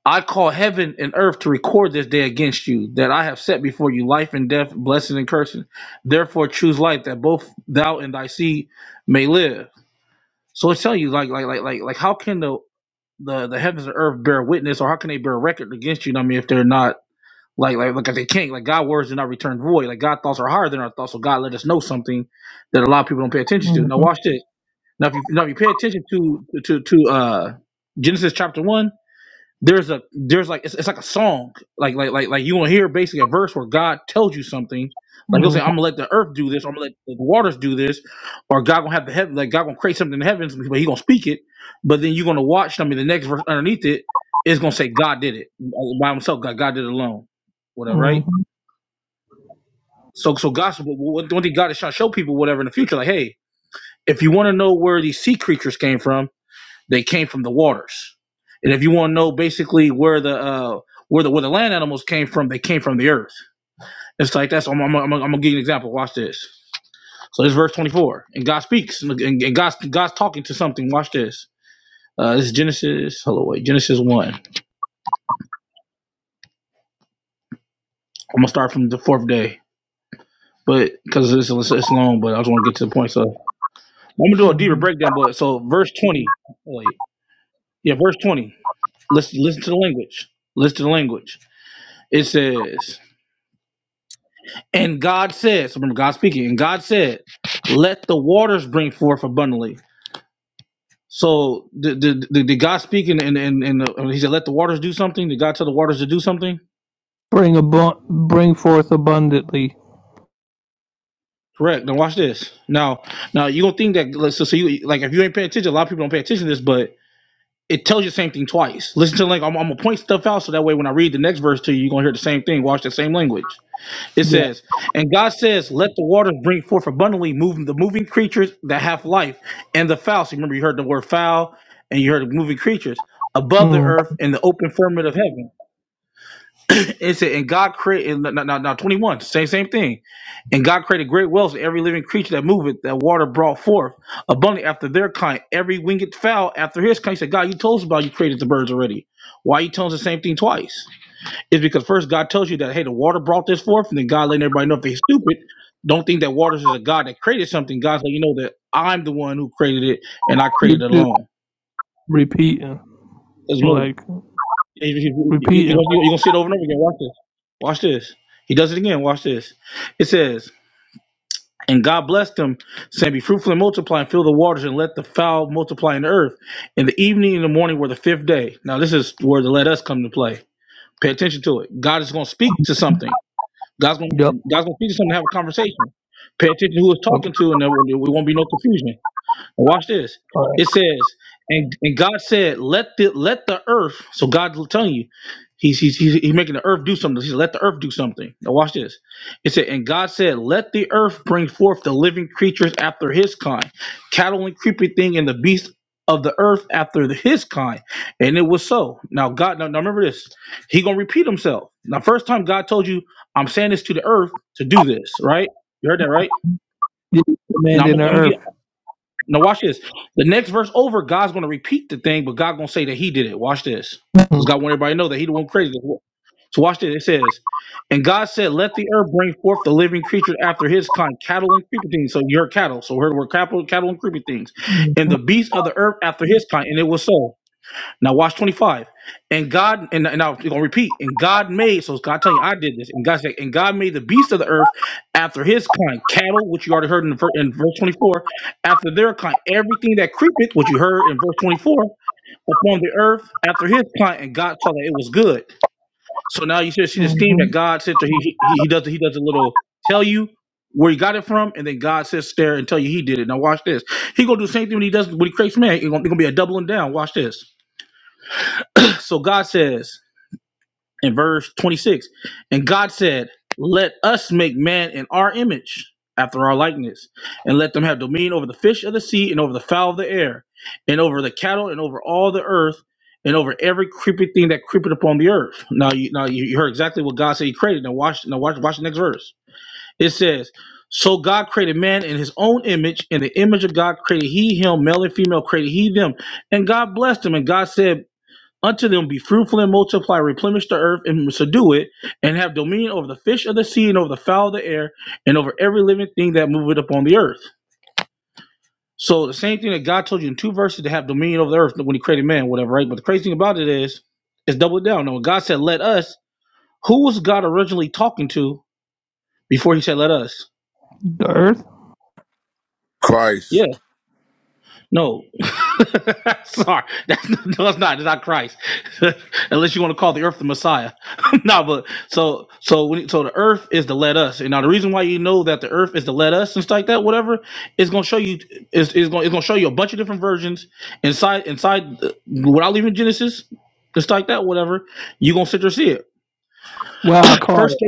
[SPEAKER 8] "I call heaven and earth to record this day against you that I have set before you life and death, blessing and cursing. Therefore choose life that both thou and thy seed may live." So it's telling you like like like like like how can the the, the heavens and earth bear witness or how can they bear record against you? You know what I mean, if they're not Like, like, like they can't. like God words do not return void. Like God thoughts are higher than our thoughts. So God let us know something that a lot of people don't pay attention to. Now
[SPEAKER 5] Mhm.
[SPEAKER 8] watch this. Now if you now if you pay attention to to to uh Genesis chapter one, there's a there's like it's, it's like a song like like like like you want to hear basically a verse where god tells you something like he'll say i'm gonna let the earth do this or i'm gonna let the waters do this or god gonna have the heaven like god gonna create something in the heavens but he gonna speak it but then you're gonna watch i mean the next verse underneath it is gonna say god did it by himself god god did it alone whatever right
[SPEAKER 5] Mhm.
[SPEAKER 8] so so gospel one one thing god is trying to show people whatever in the future like hey if you want to know where these sea creatures came from they came from the waters. And if you want to know basically where the uh, where the where the land animals came from, they came from the earth. It's like that's I'm, I'm, I'm, I'm gonna give you an example. Watch this. So this is verse 24, and God speaks, and, and, God's God's talking to something. Watch this. Uh, this is Genesis. Hello, wait, Genesis one. I'm gonna start from the fourth day, but because it's, it's it's long, but I just want to get to the point. So I'm gonna do a deeper
[SPEAKER 5] Mhm.
[SPEAKER 8] breakdown. But so verse 20. Wait, yeah, verse 20. Listen, listen to the language. Listen to the language. It says. And God said, so remember God speaking, and God said, let the waters bring forth abundantly. So did, did, did did God speak and, and, and, and uh, he said, let the waters do something? Did God tell the waters to do something?
[SPEAKER 5] Bring abu- bring forth abundantly.
[SPEAKER 8] Correct. Now watch this. Now, now you don't think that, like, so, so you, like, if you ain't paying attention, a lot of people don't pay attention to this, but it tells you the same thing twice. Listen to, like, I'm, I'm going to point stuff out so that way when I read the next verse to you, you're going to hear the same thing. Watch the same language. It
[SPEAKER 5] Yeah.
[SPEAKER 8] says, and God says, Let the waters bring forth abundantly, moving the moving creatures that have life, and the fowl. So remember, you heard the word fowl, and you heard moving creatures above the
[SPEAKER 5] Mm.
[SPEAKER 8] earth and the open firmament of heaven. it said, and God created now, twenty one, same same thing. And God created great whales and every living creature that moveth, that water brought forth abundantly after their kind, every winged fowl after his kind. He said, God, you told us about you created the birds already. Why you telling us the same thing twice? is because first God tells you that hey, the water brought this forth, and then God letting everybody know if they're stupid. Don't think that waters is a God that created something. God's like, you know that I'm the one who created it, and I
[SPEAKER 5] It's
[SPEAKER 8] created it
[SPEAKER 5] just
[SPEAKER 8] alone.
[SPEAKER 5] repeating,
[SPEAKER 8] There's no
[SPEAKER 5] like
[SPEAKER 8] you you you you're
[SPEAKER 5] repeating.
[SPEAKER 8] gonna you gonna see it over and over again. Watch this. Watch this. He does it again. Watch this. It says, and God blessed them, saying, Be fruitful and multiply and fill the waters and let the fowl multiply in the earth. In the evening and the morning were the fifth day. Now, this is where the let us come to play. Pay attention to it. God is going to speak to something. God's gonna
[SPEAKER 5] Yep.
[SPEAKER 8] God's gonna teach us something to have a conversation. Pay attention to who it's
[SPEAKER 5] Okay.
[SPEAKER 8] talking to, and there, will- there won't be no confusion. Watch this.
[SPEAKER 5] All right.
[SPEAKER 8] It says, and, and God said, let the let the earth. So God telling you, he's he's he's, he's making the earth do something. He said, let the earth do something. Now watch this. It said, and God said, let the earth bring forth the living creatures after his kind, cattle and creeping thing, and the beast of the earth after the- his kind. And it was so. Now God, now, now remember this. He gonna repeat himself. Now first time God told you, I'm saying this to the earth to do this. Right? You heard that right?
[SPEAKER 5] Yeah,
[SPEAKER 8] Now
[SPEAKER 5] commanding the
[SPEAKER 8] I'm
[SPEAKER 5] Earth.
[SPEAKER 8] now watch this. The next verse over, God's gonna repeat the thing, but God gonna say that He did it. Watch this,
[SPEAKER 5] Mhm.
[SPEAKER 8] because God want everybody to know that He the one crazy. So watch this. It says, "And God said, Let the earth bring forth the living creatures after His kind, cattle and creeping things." So you heard cattle. So we heard were cattle, cattle and creeping things,
[SPEAKER 5] Mhm.
[SPEAKER 8] and the beasts of the earth after His kind, and it was so. Now watch 25. And God, and, and I'm gonna repeat, and God made, so it's God telling you I did this, and God said, and God made the beasts of the earth after his kind, cattle, which you already heard in, the ver- in verse 24, after their kind, everything that creepeth, which you heard in verse 24, upon the earth after his kind, and God saw that it was good. So now you should see this theme
[SPEAKER 5] Mhm.
[SPEAKER 8] that God said to he he, he does he does a little tell you where he got it from, and then God sits there and tell you he did it. Now watch this. He gonna do the same thing when he does when he creates man. He gonna, he gonna be a doubling down. Watch this. So God says in verse 26, and God said, Let us make man in our image, after our likeness, and let them have dominion over the fish of the sea, and over the fowl of the air, and over the cattle, and over all the earth, and over every creeping thing that creepeth upon the earth. Now you now you you heard exactly what God said he created. Now watch now watch watch the next verse. It says, So God created man in his own image, in the image of God created he him, male and female created he them. And God blessed them, and God said, Unto them be fruitful and multiply, replenish the earth and subdue it, and have dominion over the fish of the sea and over the fowl of the air and over every living thing that moveth upon the earth. So the same thing that God told you in two verses to have dominion over the earth when He created man, whatever, right? But the crazy thing about it is, it's double down. Now, when God said, "Let us," who was God originally talking to before He said, "Let us"?
[SPEAKER 5] The Earth.
[SPEAKER 8] Yeah.
[SPEAKER 21] Christ.
[SPEAKER 8] No, sorry, that's, no, it's not. It's not Christ, unless you want to call the earth the Messiah. no, but so so when so the earth is to let us, and now the reason why you know that the earth is to let us and stuff like that, whatever, is gonna show you is is gonna it's gonna show you a bunch of different versions inside inside uh, without leaving Genesis, just like that, whatever. You are gonna sit there and see it.
[SPEAKER 5] Well, I caught
[SPEAKER 8] First
[SPEAKER 5] it.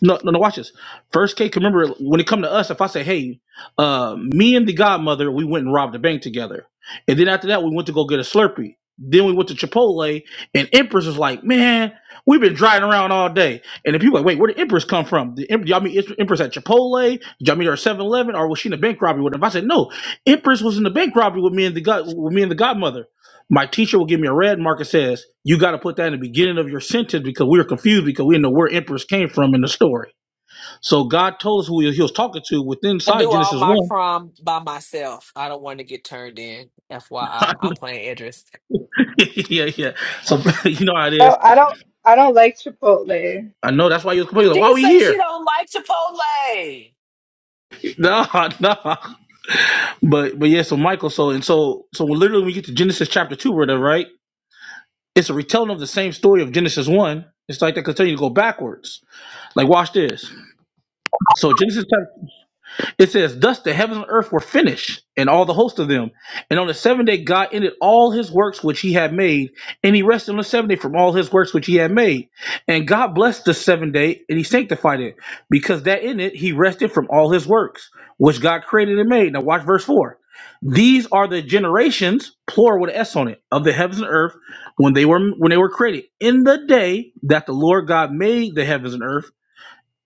[SPEAKER 8] no, no, no. Watch this. First K, remember when it come to us, if I say, "Hey, uh, me and the Godmother, we went and robbed a bank together," and then after that, we went to go get a Slurpee. Then we went to Chipotle, and Empress was like, "Man, we've been driving around all day." And the people like, "Wait, where did Empress come from? Did Em- y'all meet Empress at Chipotle? Did y'all meet her at 7 or was she in a bank robbery with him?" I said, "No, Empress was in the bank robbery with me and the God, with me and the Godmother." My teacher will give me a red mark and says, You got to put that in the beginning of your sentence because we were confused because we didn't know where emperors came from in the story. So God told us who he he was talking to within
[SPEAKER 1] I
[SPEAKER 8] inside
[SPEAKER 1] do all
[SPEAKER 8] Genesis
[SPEAKER 1] my
[SPEAKER 8] 1.
[SPEAKER 1] crime by myself. I don't want to get turned in. FYI, I'm playing Idris.
[SPEAKER 8] yeah, yeah. So you know how it
[SPEAKER 17] Oh,
[SPEAKER 8] is.
[SPEAKER 17] I don't I don't like Chipotle.
[SPEAKER 8] I know that's why you was complaining. Like, why
[SPEAKER 1] She
[SPEAKER 8] we
[SPEAKER 1] say she
[SPEAKER 8] here?
[SPEAKER 1] don't like Chipotle.
[SPEAKER 8] No, no. But but yeah, so Michael, so and so so literally when you get to Genesis chapter two, or whatever, right? It's a retelling of the same story of Genesis one. It's like they continue to go backwards. Like watch this. So Genesis chapter It says, Thus the heavens and earth were finished, and all the host of them. And on the seventh day, God ended all his works which he had made, and he rested on the seventh day from all his works which he had made. And God blessed the seventh day, and he sanctified it, because that in it he rested from all his works which God created and made. Now, watch verse 4. These are the generations, plural with an S on it, of the heavens and earth when they were when they were created. In the day that the Lord God made the heavens and earth,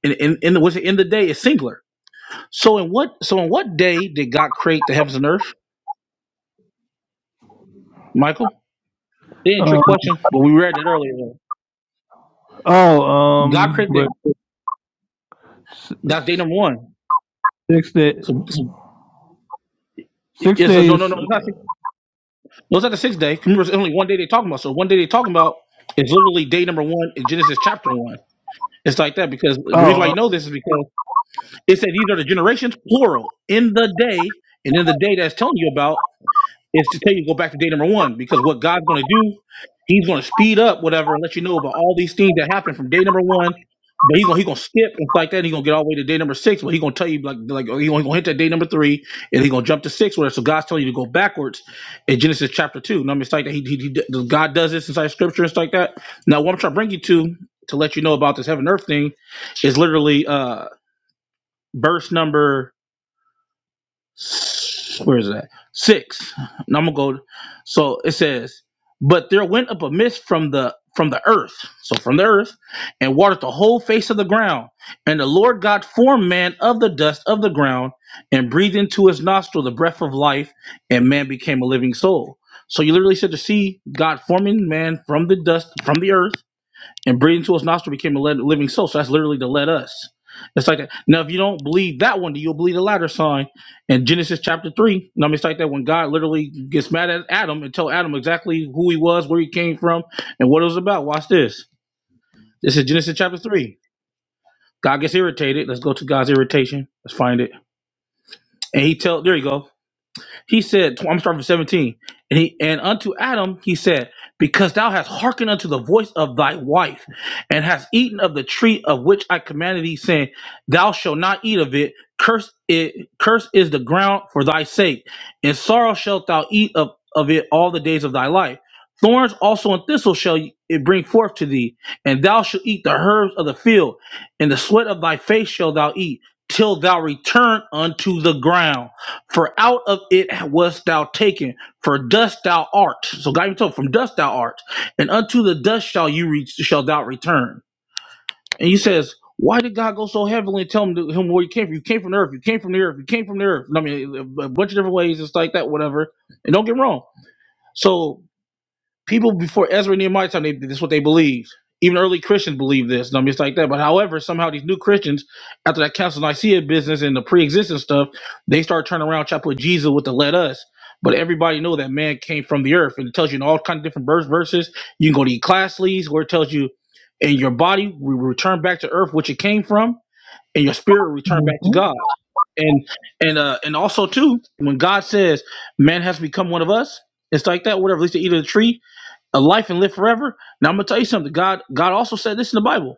[SPEAKER 8] and in, in, in, the- what's it, in the day is singular so in what so in what day did God create the heavens and earth, Michael? They didn't
[SPEAKER 5] Um,
[SPEAKER 8] trick question, but we read it earlier.
[SPEAKER 5] oh,
[SPEAKER 8] God
[SPEAKER 5] um,
[SPEAKER 8] created
[SPEAKER 5] but s-
[SPEAKER 8] that's day
[SPEAKER 5] s-
[SPEAKER 8] number one.
[SPEAKER 5] six day,
[SPEAKER 8] So, so
[SPEAKER 5] six
[SPEAKER 8] it's a, no no
[SPEAKER 5] days.
[SPEAKER 8] no it's not six, no, it's not the sixth day. Remember, it's only one day they're talking about. So one day they're talking about is literally day number one in Genesis chapter one. It's like that because the reason why
[SPEAKER 5] Oh, uh,
[SPEAKER 8] you know this is because it said these are the generations plural in the day, and in the day that's telling you about is to tell you go back to day number one because what God's going to do, He's going to speed up whatever and let you know about all these things that happened from day number one. But he's gonna he gonna skip and stuff like that. He's gonna get all the way to day number six, but he's gonna tell you like like he's gonna, he gonna hit that day number three, and he's gonna jump to six. Where so God's telling you to go backwards in Genesis chapter two. Now, I mean, it's like that. He, he, he- God does this inside Scripture and stuff like that. Now, what I'm trying to bring you to to let you know about this heaven and earth thing is literally uh verse number where is that? Six. Now I'm gonna go. So it says, but there went up a mist from the from the earth, so from the earth, and watered the whole face of the ground. And the Lord God formed man of the dust of the ground, and breathed into his nostril the breath of life, and man became a living soul. So you literally said to see God forming man from the dust, from the earth and breathing through his nostril became a led, living soul. So that's literally to let us. It's like now, if you don't believe that one, do you believe the latter sign in Genesis chapter three? No, I mean, it's like that when God literally gets mad at Adam and tell Adam exactly who he was, where he came from, and what it was about. Watch this. This is Genesis chapter three. God gets irritated. Let's go to God's irritation. Let's find it. And he tell there you go. He said, tw- I'm starting from 17. And he and unto Adam he said, Because thou hast hearkened unto the voice of thy wife, and hast eaten of the tree of which I commanded thee, saying, Thou shalt not eat of it, curse it, curse is the ground for thy sake, and sorrow shalt thou eat of, of it all the days of thy life. Thorns also and thistles shall it bring forth to thee, and thou shalt eat the herbs of the field, and the sweat of thy face shalt thou eat, till thou return unto the ground for out of it wast thou taken, for dust thou art. So God even told, from dust thou art, and unto the dust shall you reach, shall thou return. And he says, why did God go so heavily and tell him, to, him where he came from? You came from the earth. You came from the earth. You came from the earth. I mean, a bunch of different ways. It's like that, whatever. And don't get me wrong. So people before Ezra and Nehemiah's time, they, this is what they believed. Even early Christians believed this, and I mean, it's like that. But however, somehow these new Christians, after that Council of Nicaea business and the pre-existing stuff, they start turning around trying to put Jesus with the "let us." But everybody know that man came from the earth, and it tells you in all kind of different verse verses. You can go to Ecclesiastes, where it tells you, "And your body will return back to earth, which it came from, and your spirit will return back to
[SPEAKER 5] mhm,
[SPEAKER 8] God." And and uh and also too, when God says, "Man has become one of us," it's like that. Whatever, at least to eat of the tree a life and live forever. Now I'm gonna tell you something. God, God also said this in the Bible.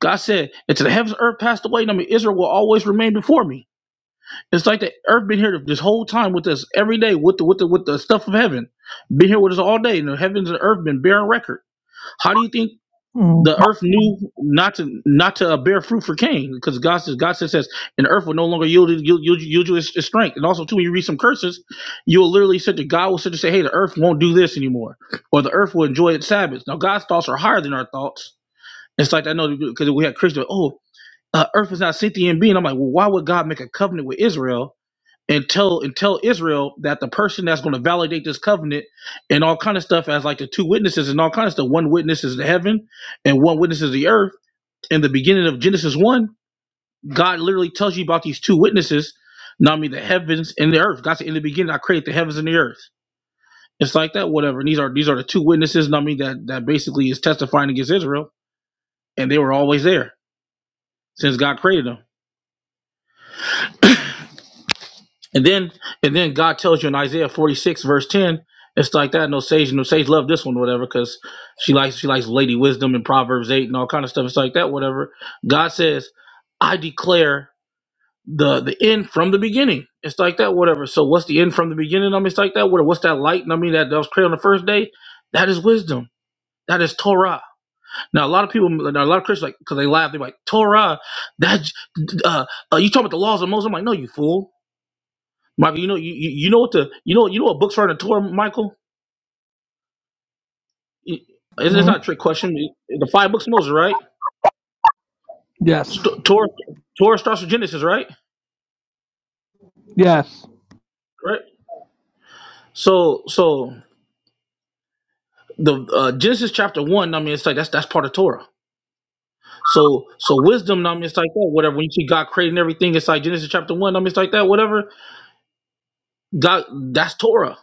[SPEAKER 8] God said, "Until the heavens and earth passed away, I mean Israel will always remain before me." It's like the earth been here this whole time with us every day with the with the with the stuff of heaven, been here with us all day, and the heavens and earth been bearing record. How do you think?
[SPEAKER 5] mhm,
[SPEAKER 8] the earth knew not to not to uh, bear fruit for Cain because God says God says says and earth will no longer yield yield, yield, yield you its, its strength and also too when you read some curses you'll literally sit that God will sit to say hey the earth won't do this anymore or the earth will enjoy its Sabbath now God's thoughts are higher than our thoughts it's like I know because we had Christians oh uh, earth is not sentient being I'm like well why would God make a covenant with Israel and tell and tell Israel that the person that's going to validate this covenant and all kind of stuff as like the two witnesses and all kind of stuff. One witness is the heaven and one witness is the earth. In the beginning of Genesis one, God literally tells you about these two witnesses. Now I mean the heavens and the earth. God said, "In the beginning, I created the heavens and the earth." It's like that, whatever. And these are these are the two witnesses. Now I mean that that basically is testifying against Israel, and they were always there since God created them. And then and then God tells you in Isaiah 46 verse 10, it's like that. No sage, no sage love this one, whatever, because she likes she likes Lady Wisdom and Proverbs 8 and all kind of stuff. It's like that, whatever. God says, I declare the the end from the beginning. It's like that, whatever. So what's the end from the beginning? I mean, it's like that, whatever. What's that light? And I mean, that, that was created on the first day. That is wisdom. That is Torah. Now a lot of people, now, a lot of Christians, like, because they laugh, they're like, Torah. That uh, uh, you talking about the laws of Moses? I'm like, no, you fool. Michael, you know, you, you you know what the you know you know what books are in the Torah, Michael. It- It's, it's not
[SPEAKER 5] mhm.
[SPEAKER 8] a trick question. The five books of Moses, right?
[SPEAKER 5] yes,
[SPEAKER 8] St- Torah, Torah starts with Genesis, right?
[SPEAKER 5] yes.
[SPEAKER 8] Right. So so the uh, Genesis chapter one. I mean, it's like that's that's part of Torah. So so wisdom. I mean, it's like that. Whatever. When you see God creating everything, it's like Genesis chapter one. I mean, it's like that. Whatever. God, that's Torah.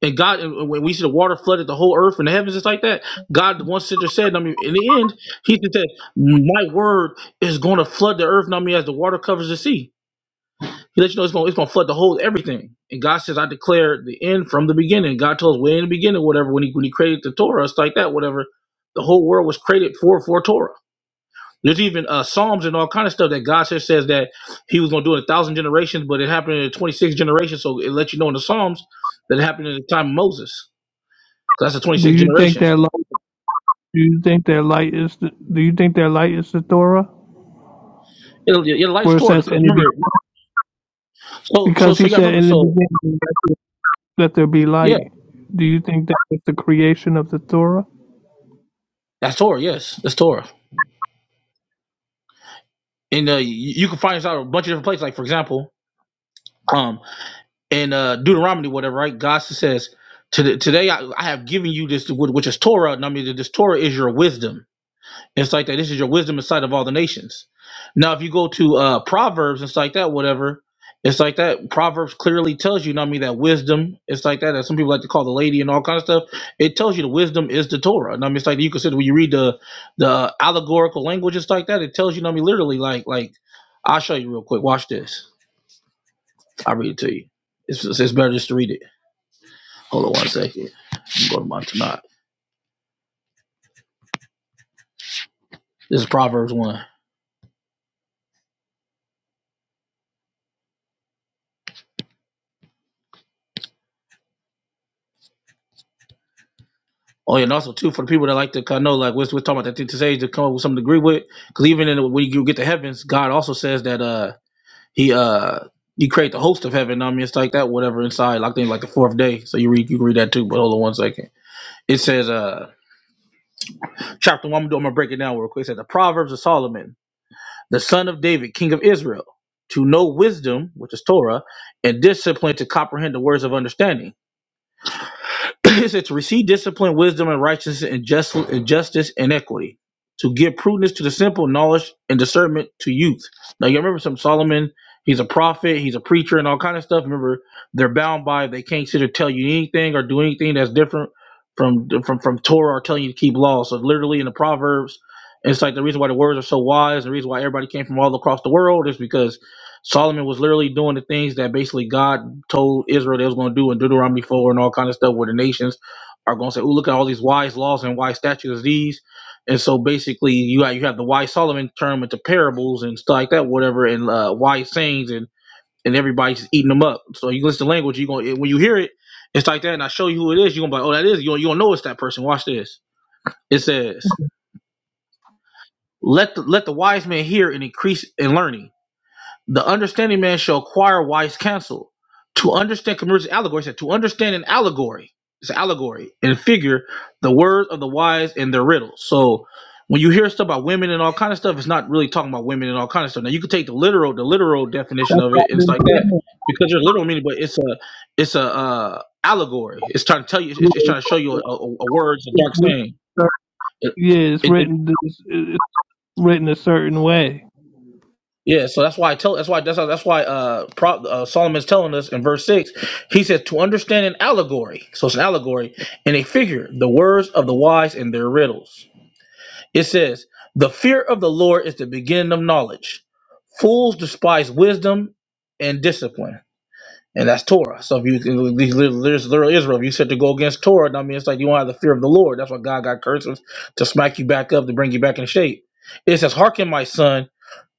[SPEAKER 8] And God, and when we see the water flooded the whole earth and the heavens, it's like that. God once said or said, I mean, in the end, He said, that, "My word is going to flood the earth." I mean, as the water covers the sea, He lets you know it's going, it's going to flood the whole everything. And God says, "I declare the end from the beginning." God told us way in the beginning, whatever when He when He created the Torah, it's like that. Whatever, the whole world was created for for Torah. There's even uh, Psalms and all kind of stuff that God says says that He was going to do in a thousand generations, but it happened in 26 generations. So it lets you know in the Psalms that it happened in the time of Moses. That's the
[SPEAKER 5] Do
[SPEAKER 8] 26th
[SPEAKER 5] you think
[SPEAKER 8] generation.
[SPEAKER 5] that light? Do you think that light is the? Do you think that light is the Torah,
[SPEAKER 8] Your, your your life's
[SPEAKER 5] where it
[SPEAKER 8] Torah.
[SPEAKER 5] says
[SPEAKER 8] Because
[SPEAKER 5] in the be-
[SPEAKER 8] remember, so so
[SPEAKER 5] because
[SPEAKER 8] so
[SPEAKER 5] he
[SPEAKER 8] yeah,
[SPEAKER 5] said
[SPEAKER 8] remember.
[SPEAKER 5] in the
[SPEAKER 8] So
[SPEAKER 5] beginning that there that there be
[SPEAKER 8] yeah,
[SPEAKER 5] light. Do you think that is the creation of the Torah?
[SPEAKER 8] that's Torah. Yes, that's Torah. And uh, you, you can find this out a bunch of different places. Like for example, um, in uh, Deuteronomy, whatever, right? God says, "Today, today I, I have given you this, which is Torah. And I mean, this Torah is your wisdom." It's like that. This is your wisdom in sight of all the nations. Now, if you go to uh, Proverbs, it's like that. Whatever, it's like that. Proverbs clearly tells you, you know what I mean, that wisdom. It's like that. That some people like to call the lady and all kind of stuff. It tells you the wisdom is the Torah. And I mean, it's like you consider when you read the the allegorical language. It's like that. It tells you, you know what I mean, literally, like like I'll show you real quick. Watch this. I'll read it to you. It's, it's better just to read it. Hold on one second. Go to my tonight. This is Proverbs one. Oh, yeah, and also too for the people that like to kind of know, like we're, we're talking about that thing today to come up with something to agree with. Because even in the, when you get to heavens, God also says that uh he uh he create the host of heaven. I mean, it's like that, whatever inside. Like I think like the fourth day. So you read you can read that too. But hold on one second. It says uh chapter one. I'm gonna, I'm gonna break it down real quick. It says the Proverbs of Solomon, the son of David, king of Israel, to know wisdom, which is Torah, and discipline to comprehend the words of understanding it said to receive discipline, wisdom, and righteousness, and, just, and justice and equity, to give prudence to the simple, knowledge and discernment to youth. Now you remember some Solomon. He's a prophet. He's a preacher and all kind of stuff. Remember, they're bound by they can't sit or tell you anything or do anything that's different from from from Torah or telling you to keep law. So literally in the Proverbs, it's like the reason why the words are so wise. The reason why everybody came from all across the world is because Solomon was literally doing the things that basically God told Israel they was going to do in Deuteronomy 4 and all kind of stuff where the nations are going to say, oh, look at all these wise laws and wise statutes these. And so basically you got, you have the wise Solomon turn them into parables and stuff like that, whatever, and uh, wise sayings and, and everybody's eating them up. So you listen to language, you going to, when you hear it, it's like that. And I show you who it is. You're going to be like, oh, that is, you don't, you don't know it's that person. Watch this. It says, let the, let the wise man hear and increase in learning the understanding man shall acquire wise counsel. To understand commercial allegory, he said, to understand an allegory, it's an allegory and figure, the words of the wise and their riddles. So when you hear stuff about women and all kind of stuff, it's not really talking about women and all kind of stuff. Now you could take the literal, the literal
[SPEAKER 5] That's
[SPEAKER 8] definition of
[SPEAKER 5] what
[SPEAKER 8] it,
[SPEAKER 5] I've
[SPEAKER 8] and it's
[SPEAKER 5] been
[SPEAKER 8] like that
[SPEAKER 5] saying.
[SPEAKER 8] because there's literal meaning, but it's a, it's a uh, allegory. It's trying to tell you, it's, it's trying to show you a, a, a words, a dark saying. It,
[SPEAKER 5] Yeah, it's
[SPEAKER 8] it,
[SPEAKER 5] written. It's written a certain way.
[SPEAKER 8] Yeah, so that's why I tell. That's why that's why, that's why uh, Pro, uh Solomon's telling us in verse six. He says to understand an allegory. So it's an allegory and a figure. The words of the wise and their riddles. It says the fear of the Lord is the beginning of knowledge. Fools despise wisdom and discipline, and that's Torah. So if you these little there's little Israel, if you said to go against Torah, I mean it's like you want to have the fear of the Lord. That's why God got curses to smack you back up to bring you back in shape. It says, "Hearken, my son."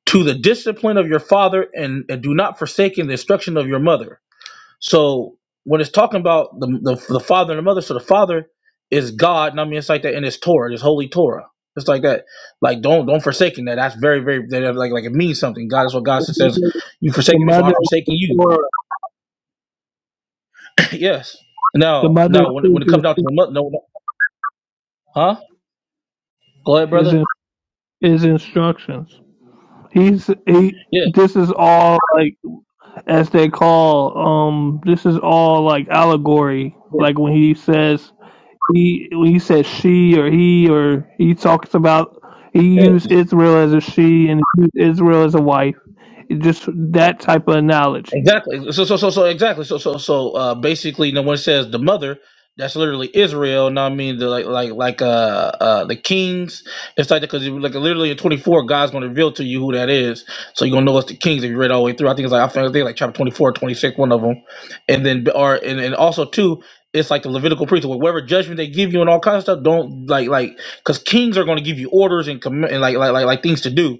[SPEAKER 8] to the discipline of your father and, and do not forsake in the instruction of your mother. So when it's talking about the, the, the father and the mother, so the father is God, and I mean it's like that in his Torah, his holy Torah. It's like that. Like don't don't forsaken that. That's very, very that like like it means something. God is what God says, you
[SPEAKER 5] The
[SPEAKER 8] forsaken me, so
[SPEAKER 5] mother
[SPEAKER 8] I'm
[SPEAKER 5] of
[SPEAKER 8] forsaking
[SPEAKER 5] the
[SPEAKER 8] you.
[SPEAKER 5] Torah,
[SPEAKER 8] yes.
[SPEAKER 5] the
[SPEAKER 8] No,
[SPEAKER 5] mother
[SPEAKER 8] no,
[SPEAKER 5] of
[SPEAKER 8] when it when it
[SPEAKER 5] his
[SPEAKER 8] comes down to the mother no, no huh? Go ahead,
[SPEAKER 5] his,
[SPEAKER 8] brother.
[SPEAKER 5] his instructions. He's he.
[SPEAKER 8] Yeah,
[SPEAKER 5] This is all like as they call um. This is all like allegory.
[SPEAKER 8] yeah,
[SPEAKER 5] Like when he says he when he says she or he or he talks about he
[SPEAKER 8] yeah.
[SPEAKER 5] used Israel as a she and he used Israel as a wife. It just that type of analogy.
[SPEAKER 8] Exactly. So so so so exactly. So so so uh basically no one says the mother, that's literally Israel. Now I mean the like like like uh uh the kings. It's like because like literally in 24 God's gonna reveal to you who that is. So you're gonna know it's the kings if you read all the way through. I think it's like I think like chapter 24, 26, one of them. And then or and, and also too it's like the Levitical priesthood. Whatever judgment they give you and all kinds of stuff, don't like like because kings are gonna give you orders and comm- and like like like like things to do,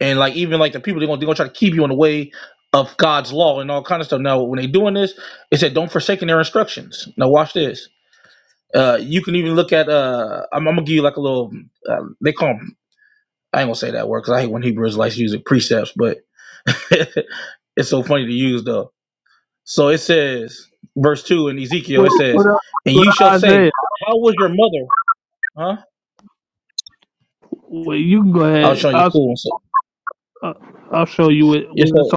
[SPEAKER 8] and like even like the people they're gonna they're gonna try to keep you in the way of God's law and all kind of stuff. Now, when they doing this, it said don't forsaken their instructions. Now, watch this. Uh, you can even look at. Uh, I'm, I'm gonna give you like a little. Uh, they call 'em- I ain't gonna say that word because I hate when Hebrew Israelites use it precepts, but it's so funny to use though. So it says, verse two in Ezekiel,
[SPEAKER 5] What,
[SPEAKER 8] it
[SPEAKER 5] what,
[SPEAKER 8] says, "And
[SPEAKER 5] what
[SPEAKER 8] you shall say,
[SPEAKER 5] Isaiah?
[SPEAKER 8] How was your mother?" Huh?
[SPEAKER 5] Well, you can go
[SPEAKER 8] I will
[SPEAKER 5] ahead.
[SPEAKER 8] show you a
[SPEAKER 5] I'll
[SPEAKER 8] cool. one. So,
[SPEAKER 5] I'll I'll show you it
[SPEAKER 8] yeah,
[SPEAKER 5] when it's
[SPEAKER 8] so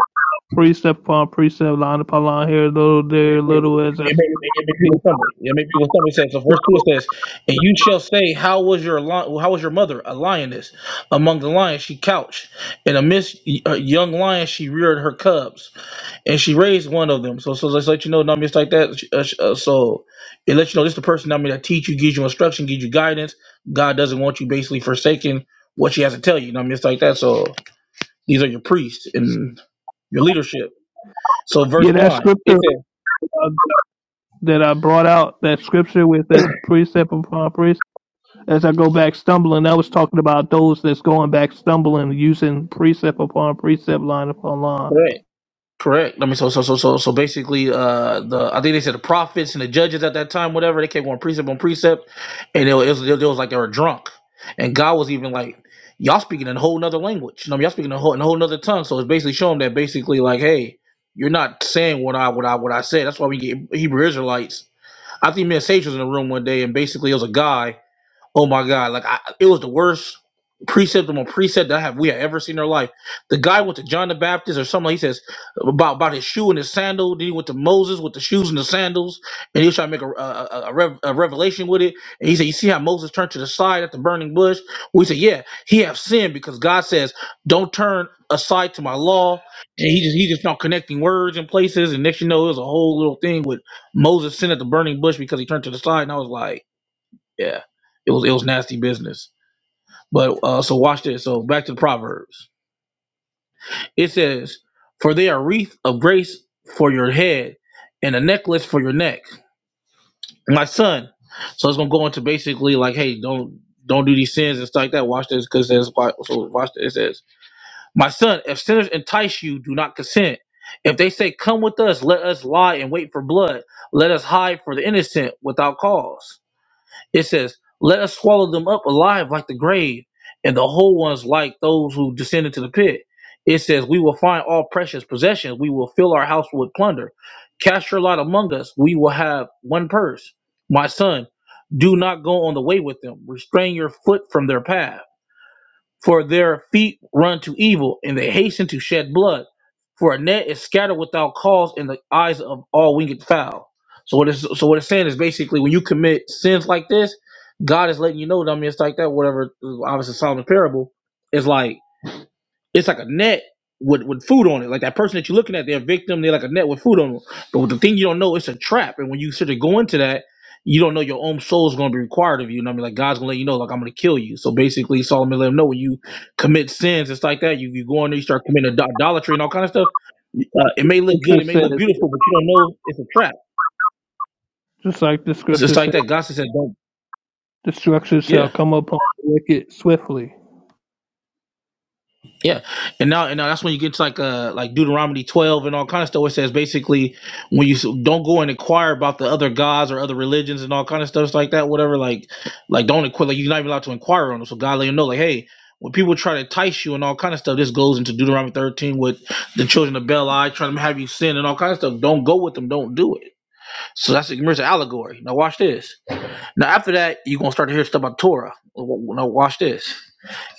[SPEAKER 5] precept upon precept, line upon line, here little, there
[SPEAKER 8] It
[SPEAKER 5] little, as I
[SPEAKER 8] it
[SPEAKER 5] speak.
[SPEAKER 8] made, it made people stumble. It made people stumble. It says, so verse 2 it says, And you shall say, How was your lion, how was your mother, a lioness? Among the lions she couched, and amidst y- uh, young lions she reared her cubs, and she raised one of them. So, so let's let you know, Nami, it's like that. Uh, sh- uh, so it lets you know this the person, I mean that teach you, gives you instruction, gives you guidance. God doesn't want you basically forsaking what she has to tell you. you Nami, it's like that. So these are your priests and your leadership. So verse
[SPEAKER 5] Yeah, that
[SPEAKER 8] 9, it
[SPEAKER 5] scripture
[SPEAKER 8] says,
[SPEAKER 5] uh, that I brought out, that scripture with this precept upon precept, as I go back stumbling, that was talking about those that's going back stumbling, using precept upon precept, line upon line.
[SPEAKER 8] right. Correct. I mean, so so so so so basically, uh, the I think they said the prophets and the judges at that time, whatever, they kept going precept on precept, and it was, it was, it was like they were drunk, and God was even like, y'all speaking in a whole nother language, you know, y'all speaking in a whole, in a whole nother tongue. So it's basically showing that basically like, hey, you're not saying what I what I what I said. That's why we get Hebrew Israelites. I think me and Sage was in the room one day, and basically it was a guy. Oh my God! Like I, it was the worst precept on precept that I have we have ever seen in our life. The guy went to John the Baptist or something. He says about about his shoe and his sandal. Then he went to Moses with the shoes and the sandals, and he was trying to make a a, a, a rev, a revelation with it. And he said, "You see how Moses turned to the side at the burning bush?" We said, "Yeah, he have sinned because God says don't turn aside to my law." And he just he just found connecting words and places. And next you know, it was a whole little thing with Moses sin at the burning bush because he turned to the side. And I was like. Yeah, it was it was nasty business. But uh, so watch this. So back to the proverbs. It says, "For they are wreath of grace for your head, and a necklace for your neck, my son." So it's gonna go into basically like, hey, don't don't do these sins and stuff like that. Watch this because there's so watch this. It says, "My son, if sinners entice you, do not consent." If they say, 'Come with us, let us lie and wait for blood. Let us hide for the innocent without cause. It says, Let us swallow them up alive like the grave, and the whole ones like those who descended to the pit. It says, We will find all precious possessions. We will fill our house with plunder. Cast your lot among us. We will have one purse. My son, do not go on the way with them. Restrain your foot from their path. For their feet run to evil, and they hasten to shed blood. For a net is scattered without cause in the eyes of all winged fowl. So what it's so what it's saying is basically when you commit sins like this, God is letting you know. I mean, it's like that. Whatever, obviously Solomon's parable is like. It's like a net with with food on it. Like that person that you're looking at, they're a victim. They're like a net with food on them. But with the thing you don't know, it's a trap. And when you sort of go into that, you don't know your own soul is going to be required of you. And I mean, like God's going to let you know, like I'm going to kill you. So basically, Solomon let him know when you commit sins, it's like that. You you go in there, you start committing ad- idolatry and all kind of stuff. Uh,
[SPEAKER 5] Like
[SPEAKER 8] it
[SPEAKER 5] the
[SPEAKER 8] may look good,
[SPEAKER 5] scripture
[SPEAKER 8] it may look
[SPEAKER 5] says,
[SPEAKER 8] beautiful, but you don't know it's a trap.
[SPEAKER 5] just like the
[SPEAKER 8] It's
[SPEAKER 5] scripture
[SPEAKER 8] just
[SPEAKER 5] says,
[SPEAKER 8] like that. God said, "Don't."
[SPEAKER 5] destruction
[SPEAKER 8] Yeah.
[SPEAKER 5] shall come upon the wicked swiftly.
[SPEAKER 8] Yeah, and now and now that's when you get to like uh like Deuteronomy twelve and all kind of stuff. Where it says basically when you s- don't go and inquire about the other gods or other religions and all kind of stuff like that. Whatever, like like don't inquire. Like you're not even allowed to inquire on them. So God let you know, like hey, when people try to entice you and all kind of stuff, this goes into Deuteronomy thirteen with the children of Beli trying to have you sin and all kind of stuff. Don't go with them. Don't do it. So that's a mercy allegory. Now watch this. Now after that, you're gonna start to hear stuff about Torah. W- w- Now watch this.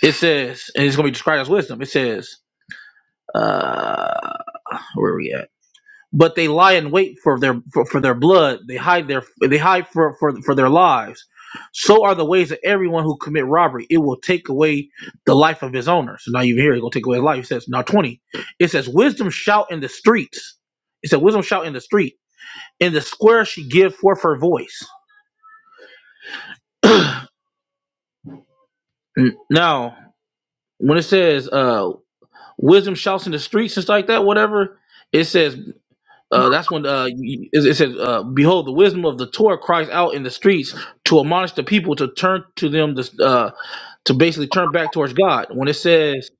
[SPEAKER 8] It says, and it's gonna be described as wisdom. It says uh where are we at but they lie in wait for their for, for their blood they hide their they hide for, for for their lives so are the ways of everyone who commit robbery it will take away the life of his owner so now you hear it's going to take away his life it says now 20 it says wisdom shout in the streets it said wisdom shout in the street in the square she give forth her voice N- now when it says uh wisdom shouts in the streets and stuff like that whatever it says Uh, that's when uh, you- it it says, uh, "Behold, the wisdom of the Torah cries out in the streets to admonish the people to turn to them to, uh, to basically turn back towards God." When it says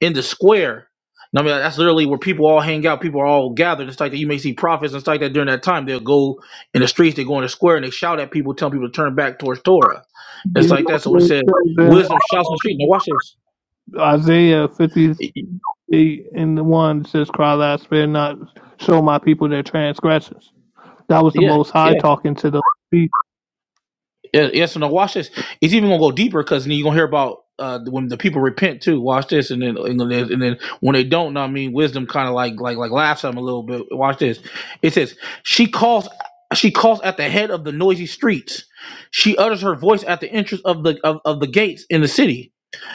[SPEAKER 8] in the square, I mean that's literally where people all hang out, people are all gathered. It's like that you may see prophets and stuff like that during that time. They'll go in the streets, they go in the square, and they shout at people, telling people to turn back towards Torah.
[SPEAKER 5] Yeah,
[SPEAKER 8] It's
[SPEAKER 5] that's
[SPEAKER 8] like that. So when it
[SPEAKER 5] what
[SPEAKER 8] says
[SPEAKER 5] it says in
[SPEAKER 8] wisdom shouts in the street, now watch this.
[SPEAKER 5] uh, Isaiah 53 eight and the one says, "Cry loud, spare not, show my people their transgressions." That was the
[SPEAKER 8] Yeah,
[SPEAKER 5] Most
[SPEAKER 8] yeah.
[SPEAKER 5] High talking to the people
[SPEAKER 8] Yeah, yes, no. Watch this. It's even gonna go deeper because then you're gonna hear about uh, when the people repent too. Watch this, and then and then, and then when they don't, know what I mean, wisdom kind of like like like laughs at them a little bit. Watch this. It says she calls. She calls at the head of the noisy streets. She utters her voice at the entrance of the of, of the gates in the city.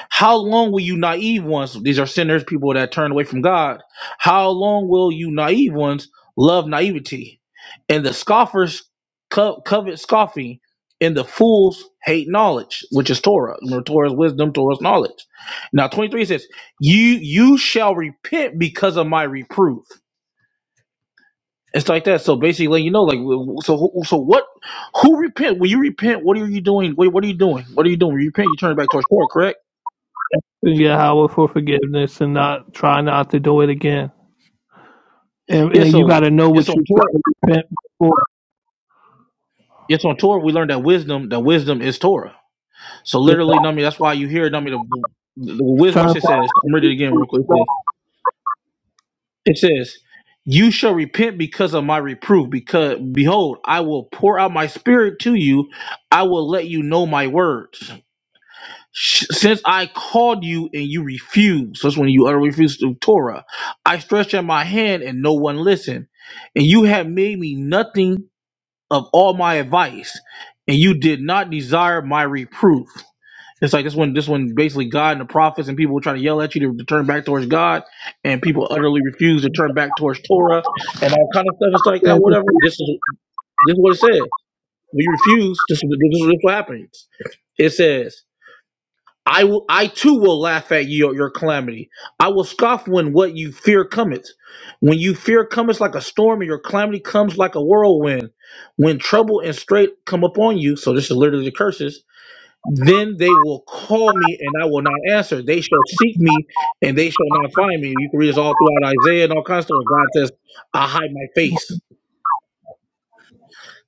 [SPEAKER 8] How long will you naive ones? These are sinners, people that turn away from God. How long will you naive ones love naivety? And the scoffers co- covet scoffing, and the fools hate knowledge, which is Torah. Remember, Torah's wisdom, Torah's knowledge. Now, twenty three says, "You you shall repent because of my reproof." It's like that. So basically, letting you know, like, w- so who- so what? Who repent? When you repent, what are you doing? What, what are you doing? What are you doing? When you repent, you turn it back towards Torah, correct?
[SPEAKER 5] in Yahweh for forgiveness and not try not to do it again. And,
[SPEAKER 8] Yeah.
[SPEAKER 5] and you got
[SPEAKER 8] So
[SPEAKER 5] to know
[SPEAKER 8] yeah.
[SPEAKER 5] what
[SPEAKER 8] So
[SPEAKER 5] you've
[SPEAKER 8] Torah.
[SPEAKER 5] got to repent before.
[SPEAKER 8] Yes, on Torah we learned that wisdom, that wisdom is Torah. So
[SPEAKER 5] You know,
[SPEAKER 8] literally, I mean, that's why you hear, I mean, the, the wisdom.
[SPEAKER 5] turn
[SPEAKER 8] Watch it
[SPEAKER 5] from
[SPEAKER 8] says. I'm reading
[SPEAKER 5] your
[SPEAKER 8] it again real quick. It
[SPEAKER 5] wicked
[SPEAKER 8] says, it says, "You shall repent because of my reproof. Because behold, I will pour out my spirit to you. I will let you know my words. Sh- Since I called you and you refused, so that's when you utter refuse to Torah. I stretched out my hand and no one listened, and you have made me nothing." of all my advice, and you did not desire my reproof. It's like this one, this one basically God and the prophets and people were trying to yell at you to, to turn back towards God, and people utterly refuse to turn back towards Torah and all kind of stuff. It's like that, whatever. This is this is what it said. When you refuse, this is this is what happens. It says. I will, I too will laugh at your, your calamity. I will scoff when what you fear cometh. When you fear cometh like a storm, and your calamity comes like a whirlwind. When trouble and strait come upon you, so this is literally the curses. Then they will call me, and I will not answer. They shall seek me, and they shall not find me. You can read this all throughout Isaiah and all kinds of stuff. God says, "I hide my face."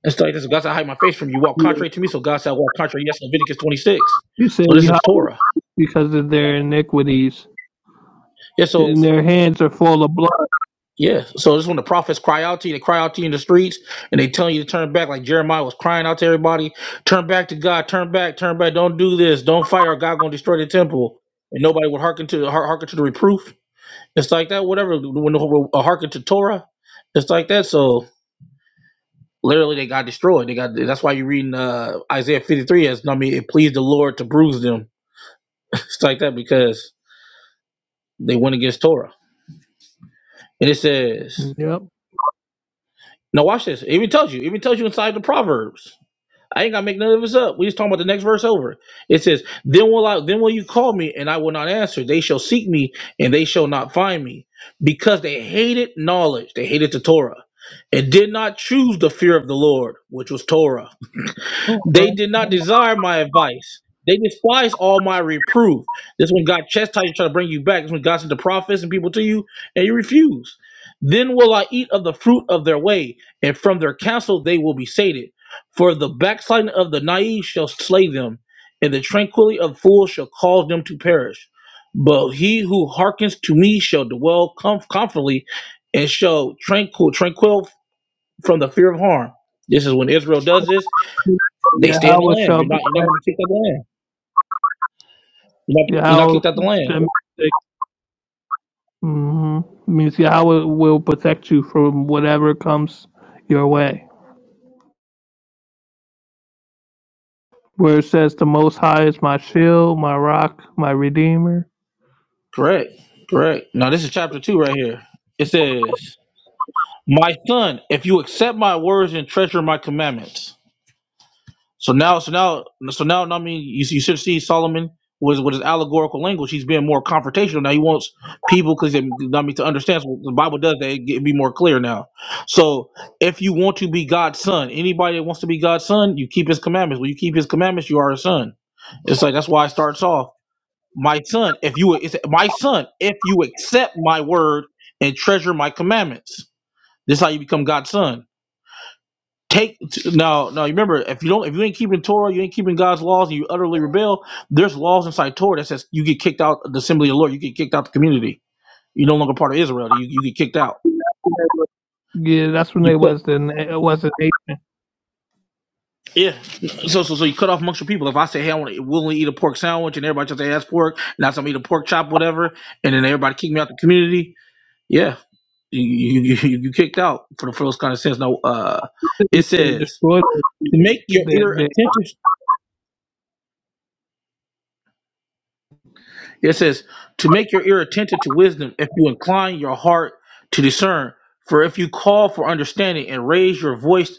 [SPEAKER 8] And stuff like this. God said, "I hide my face from you." Walk contrary to me, so God said, "I walk contrary." Yes, Leviticus twenty-six.
[SPEAKER 5] You say
[SPEAKER 8] So this
[SPEAKER 5] Yahweh
[SPEAKER 8] is Torah.
[SPEAKER 5] because of their iniquities,
[SPEAKER 8] Yeah, so
[SPEAKER 5] and their hands are full of blood.
[SPEAKER 8] Yeah. So it's when the prophets cry out to you, they cry out to you in the streets, and they tell you to turn back, like Jeremiah was crying out to everybody, turn back to God, turn back, turn back, don't do this, don't fight, or God gonna destroy the temple. And nobody would hearken to hear- hearken to the reproof. It's like that, whatever. When the whole- uh, hearken to Torah, it's like that. So literally, they got destroyed. They got. That's why you're reading uh, Isaiah 53 as I mean, it pleased the Lord to bruise them. it's like that because they went against Torah. And it says,
[SPEAKER 5] Yep.
[SPEAKER 8] now watch this. It even tells you. It even tells you inside the Proverbs. I ain't gotta make none of this up. We just talking about the next verse over. It says, "Then will I? Then will you call me, and I will not answer? They shall seek me, and they shall not find me, because they hated knowledge. They hated the Torah, and did not choose the fear of the Lord, which was Torah." They did not desire my advice. They despise all my reproof. This one God chastised you, try to bring you back. This one God sent the prophets and people to you, and you refuse. Then will I eat of the fruit of their way, and from their counsel they will be sated. For the backsliding of the naive shall slay them, and the tranquility of fools shall cause them to perish. But he who hearkens to me shall dwell comf- comfortably, and shall tranquil tranquil from the fear of harm. This is when Israel does this they stay in the
[SPEAKER 5] Yahweh
[SPEAKER 8] land.
[SPEAKER 5] shall
[SPEAKER 8] You're not you're not gonna
[SPEAKER 5] protect
[SPEAKER 8] be kicked out the land. You're not you're not
[SPEAKER 5] Yahweh
[SPEAKER 8] kicked out the land.
[SPEAKER 5] hmm Means Yahweh will protect you from whatever comes your way. Where it says the Most High is my shield, my rock, my redeemer.
[SPEAKER 8] Correct. Correct. Now this is chapter two right here. It says, My son, if you accept my words and treasure my commandments. So now, so now, so now, I mean, you, you should see Solomon with with his allegorical language. He's being more confrontational now. He wants people because I mean to understand. So the Bible does that; it, it be more clear now. So if you want to be God's son, anybody that wants to be God's son, you keep His commandments. When you keep His commandments, you are His son. It's like that's why it starts off, my son. If you, it's my son, if you accept my word and treasure my commandments, this is how you become God's son. Take no, no. You remember, if you don't, if you ain't keeping Torah, you ain't keeping God's laws, and you utterly rebel. There's laws inside Torah that says you get kicked out of the assembly of the Lord. You get kicked out the community. You're no longer part of Israel. You, you get kicked out.
[SPEAKER 5] Yeah, that's when
[SPEAKER 8] You
[SPEAKER 5] they was
[SPEAKER 8] cut,
[SPEAKER 5] the it was an eight
[SPEAKER 8] yeah. So so so you cut off amongst your people. If I say, hey, I want to willingly eat a pork sandwich, and everybody just say "Hey, that's pork, and I tell me eat a pork chop, whatever, and then everybody kick me out the community. Yeah, you you you, you kicked out for the for those kind of sins. No, uh, it
[SPEAKER 5] and
[SPEAKER 8] says
[SPEAKER 5] destroyed.
[SPEAKER 8] make your ear
[SPEAKER 5] That
[SPEAKER 8] attentive. It says, To make your ear attentive to wisdom, if you incline your heart to discern. For if you call for understanding and raise your voice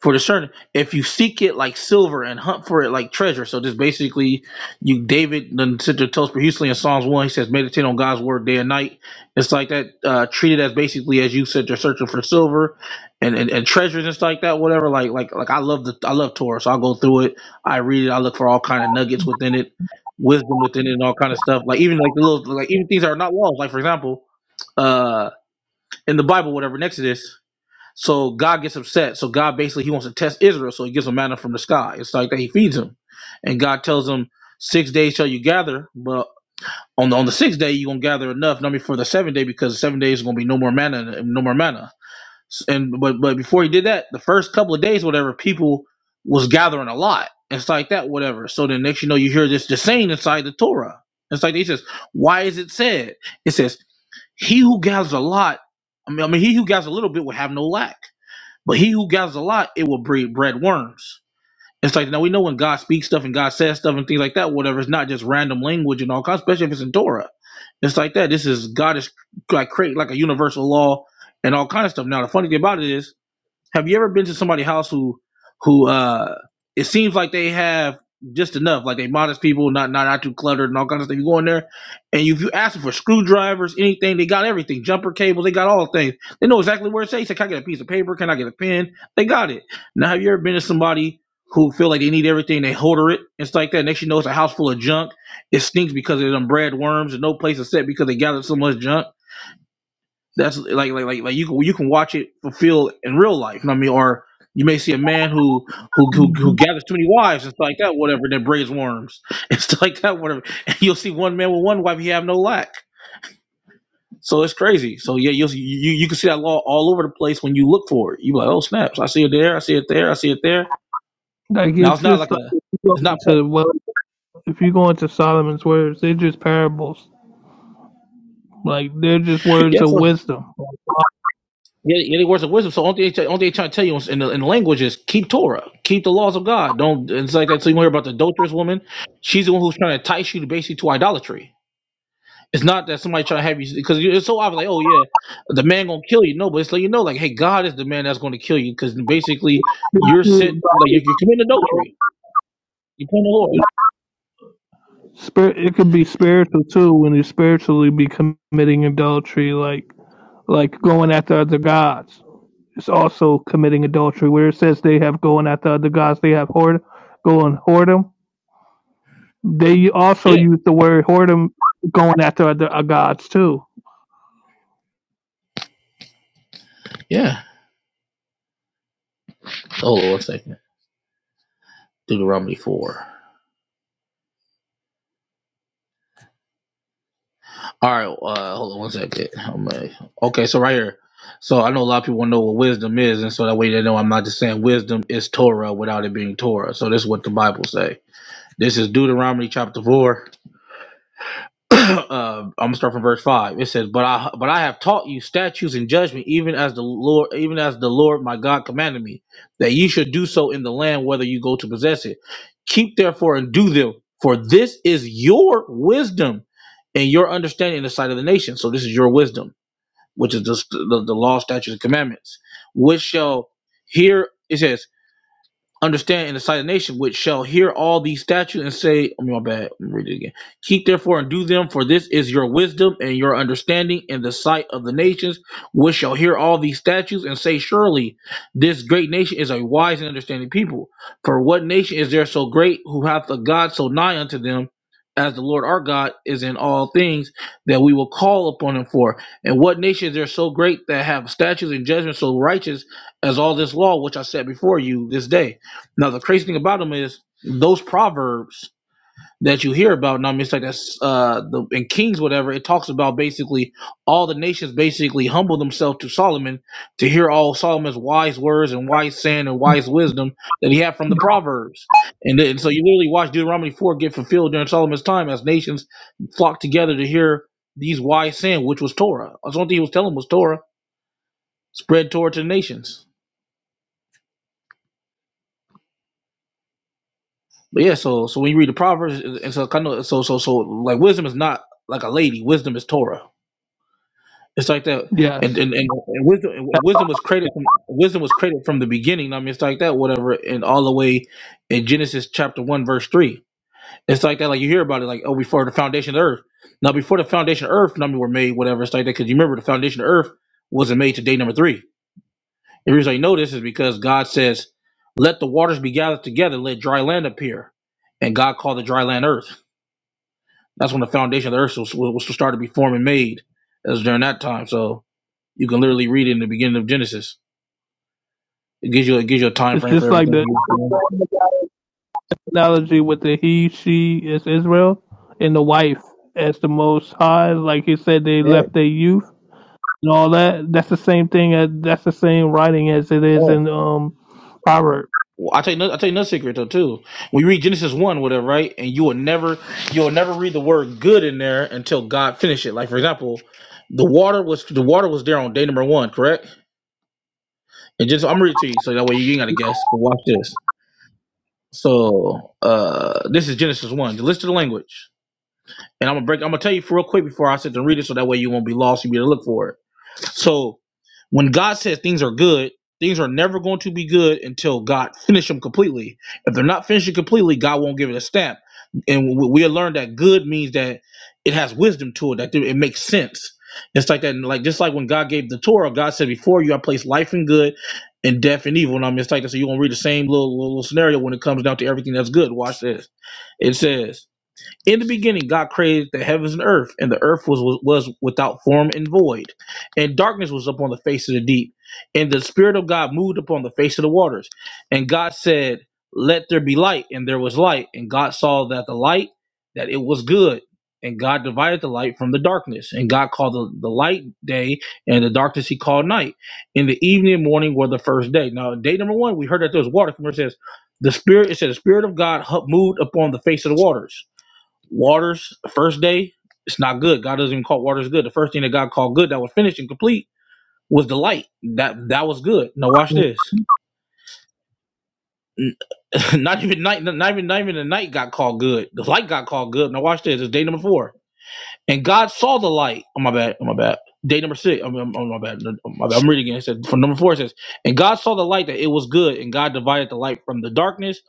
[SPEAKER 8] for discernment. If you seek it like silver and hunt for it like treasure. So just basically, you David then sent to Tosper Houston in Psalms one. He says, meditate on God's word day and night. It's like that. Uh, treated as basically as you said, you're searching for silver and, and and treasures and stuff like that. Whatever. Like like like I love the I love Torah, so I go through it. I read it. I look for all kind of nuggets within it, wisdom within it, and all kind of stuff. Like even like the little like even things that are not laws. Like for example, uh, in the Bible, whatever in Exodus. So God gets upset. So God basically he wants to test Israel. So he gives him manna from the sky. It's like that he feeds him, and God tells him, six days shall you gather, but on the on the sixth day you gonna gather enough, not before the seventh day, because the seven days is gonna be no more manna, no more manna. S- And but but before he did that, the first couple of days, whatever, people was gathering a lot. It's like that, whatever. So then next you know you hear this the saying inside the Torah. It's like he says, why is it said? It says, he who gathers a lot, I mean, I mean he who gathers a little bit will have no lack. But he who gathers a lot, it will breed bread worms. It's like now we know when God speaks stuff and God says stuff and things like that, whatever. It's not just random language and all kinds, especially if it's in Torah. It's like that. This is God is like creating like a universal law and all kind of stuff. Now the funny thing about it is have you ever been to somebody's house who who uh it seems like they have just enough, like they modest people, not not not too cluttered and all kinds of stuff. You go in there and you, if you ask them for screwdrivers, anything, they got everything, jumper cables, they got all the things. They know exactly where it's at. You say, Can I get a piece of paper? Can I get a pen? They got it. Now have you ever been to somebody who feel like they need everything, they hoarder it, it's like that. Next you know it's a house full of junk. It stinks because of them bread worms and no place is set because they gathered so much junk that's like like like like you can you can watch it fulfilled in real life. You know what I mean? Or you may see a man who who who, who
[SPEAKER 5] that
[SPEAKER 8] gathers too many wives and stuff like that, whatever, that braids worms and stuff like that, whatever. And you'll see one man with one wife, he have no lack. So it's crazy. So yeah, you'll see, you you can see that law all over the place when you look for it. You like, oh snaps, I see it there, I see it there, I see it there.
[SPEAKER 5] like
[SPEAKER 8] Now it's
[SPEAKER 5] it's
[SPEAKER 8] not like
[SPEAKER 5] just like
[SPEAKER 8] a
[SPEAKER 5] if you go
[SPEAKER 8] it's not
[SPEAKER 5] into well, if you go into Solomon's words, they're just parables. Like they're just words of
[SPEAKER 8] yes
[SPEAKER 5] wisdom.
[SPEAKER 8] Yeah, yeah, they worship wisdom. So only they, only they trying to tell you in the, in the language is keep Torah, keep the laws of God. Don't it's like that. So you hear about the adulterous woman. She's the one who's trying to entice you to basically to idolatry. It's not that somebody trying to have you because it's so obvious. Like, oh yeah, the man gonna kill you. No, but it's like you know, like hey, God is the man that's going to kill you because basically you're sit like you're, you're committing adultery. You're playing the Lord.
[SPEAKER 5] Spirit, it could be spiritual too when you spiritually be committing adultery, like like going after other gods. It's also committing adultery where it says they have going after other gods. They have whore, going whoredom. They also
[SPEAKER 8] Yeah,
[SPEAKER 5] use the word whoredom going after other uh, gods too.
[SPEAKER 8] yeah. Hold on one second. Deuteronomy four. All right, uh, hold on one second. I'm like- Okay, so right here. So I know a lot of people want to know what wisdom is, and so that way they know I'm not just saying wisdom is Torah without it being Torah. So this is what the Bible say. This is Deuteronomy chapter four. uh, I'm gonna start from verse five. It says, "But I but I have taught you statutes and judgment, even as the Lord, even as the Lord my God commanded me, that you should do so in the land whether you go to possess it. Keep therefore and do them, for this is your wisdom and your understanding in the sight of the nation. So this is your wisdom, which is the the, the law, statutes, and commandments, which shall hear." It says understand in the sight of the nation which shall hear all these statutes and say, oh, my bad, let me read it again. Keep therefore and do them, for this is your wisdom and your understanding in the sight of the nations, which shall hear all these statutes and say, surely this great nation is a wise and understanding people. For what nation is there so great who hath a God so nigh unto them? As the Lord our God is in all things that we will call upon him for. And what nations are so great that have statutes and judgments so righteous as all this law which I set before you this day? Now the crazy thing about them is those proverbs that you hear about. Now I mean, it's like that's uh, the in Kings whatever. It talks about basically all the nations basically humble themselves to Solomon to hear all Solomon's wise words and wise saying and wise wisdom that he had from the proverbs. And then so you literally watch Deuteronomy four get fulfilled during Solomon's time as nations flocked together to hear these wise saying, which was Torah. That's one thing he was telling was Torah. Spread Torah to the nations. But yeah, so so when you read the proverbs, and so kind of so so so like wisdom is not like a lady. Wisdom is Torah. It's like that, and
[SPEAKER 5] Yes,
[SPEAKER 8] and, and, and wisdom and wisdom was created from wisdom was created from the beginning. I mean, it's like that, whatever, and all the way in Genesis chapter one verse three. It's like that, like you hear about it, like oh, before the foundation of the earth. Now, before the foundation of earth, I mean, were made, whatever. It's like that because you remember the foundation of earth wasn't made to day number three. The reason I know this is because God says, "Let the waters be gathered together, let dry land appear," and God called the dry land earth. That's when the foundation of the earth was, was to start to be formed and made. As during that time. So you can literally read it in the beginning of Genesis. It gives you it gives you a time
[SPEAKER 5] it's
[SPEAKER 8] frame for
[SPEAKER 5] just like
[SPEAKER 8] everything.
[SPEAKER 5] the
[SPEAKER 8] You
[SPEAKER 5] analogy with the he, she is Israel, and the wife as the Most High. Like he said, they
[SPEAKER 8] yeah.
[SPEAKER 5] left their youth. and all that. That's the same thing. As, that's the same writing as it is
[SPEAKER 8] Oh.
[SPEAKER 5] in um Proverbs.
[SPEAKER 8] Well, I tell you, no- I tell you another secret though too. When you read Genesis one, whatever, right, and you will never, you will never read the word good in there until God finished it. Like for example, the water was the water was there on day number one, correct? And just I'm reading it to you, so that way you ain't got to guess. But watch this. So uh this is Genesis one. Listen to the language. And I'm gonna break. I'm gonna tell you real quick before I sit and read it, so that way you won't be lost. You'll be able to look for it. So when God says things are good, things are never going to be good until God finishes them completely. If they're not finishing completely, God won't give it a stamp. And we we learned that good means that it has wisdom to it, that it makes sense. It's like that, like just like when God gave the Torah, God said, "Before you, I placed life and good, and death and evil." And I'm just like that. So you're gonna read the same little, little little scenario when it comes down to everything that's good. Watch this. It says. In the beginning, God created the heavens and earth, and the earth was was without form and void, and darkness was upon the face of the deep, and the spirit of God moved upon the face of the waters. And God said, "Let there be light," and there was light. And God saw that the light that it was good, and God divided the light from the darkness. And God called the, the light day, and the darkness He called night. In the evening and morning were the first day. Now, day number one, we heard that there was water. From where it says, "The spirit," it said, "The spirit of God hu- moved upon the face of the waters." Waters, the first day, it's not good. God doesn't even call waters good. The first thing that God called good that was finished and complete was the light. That that was good. Now watch this. not even night, not even not even the night got called good. The light got called good. Now watch this. It's day number four, and God saw the light. Oh my bad. Oh my bad. Day number six. I'm, I'm, oh my bad. No, oh, my bad. I'm reading again. It said from number four. It says, and God saw the light that it was good, and God divided the light from the darkness.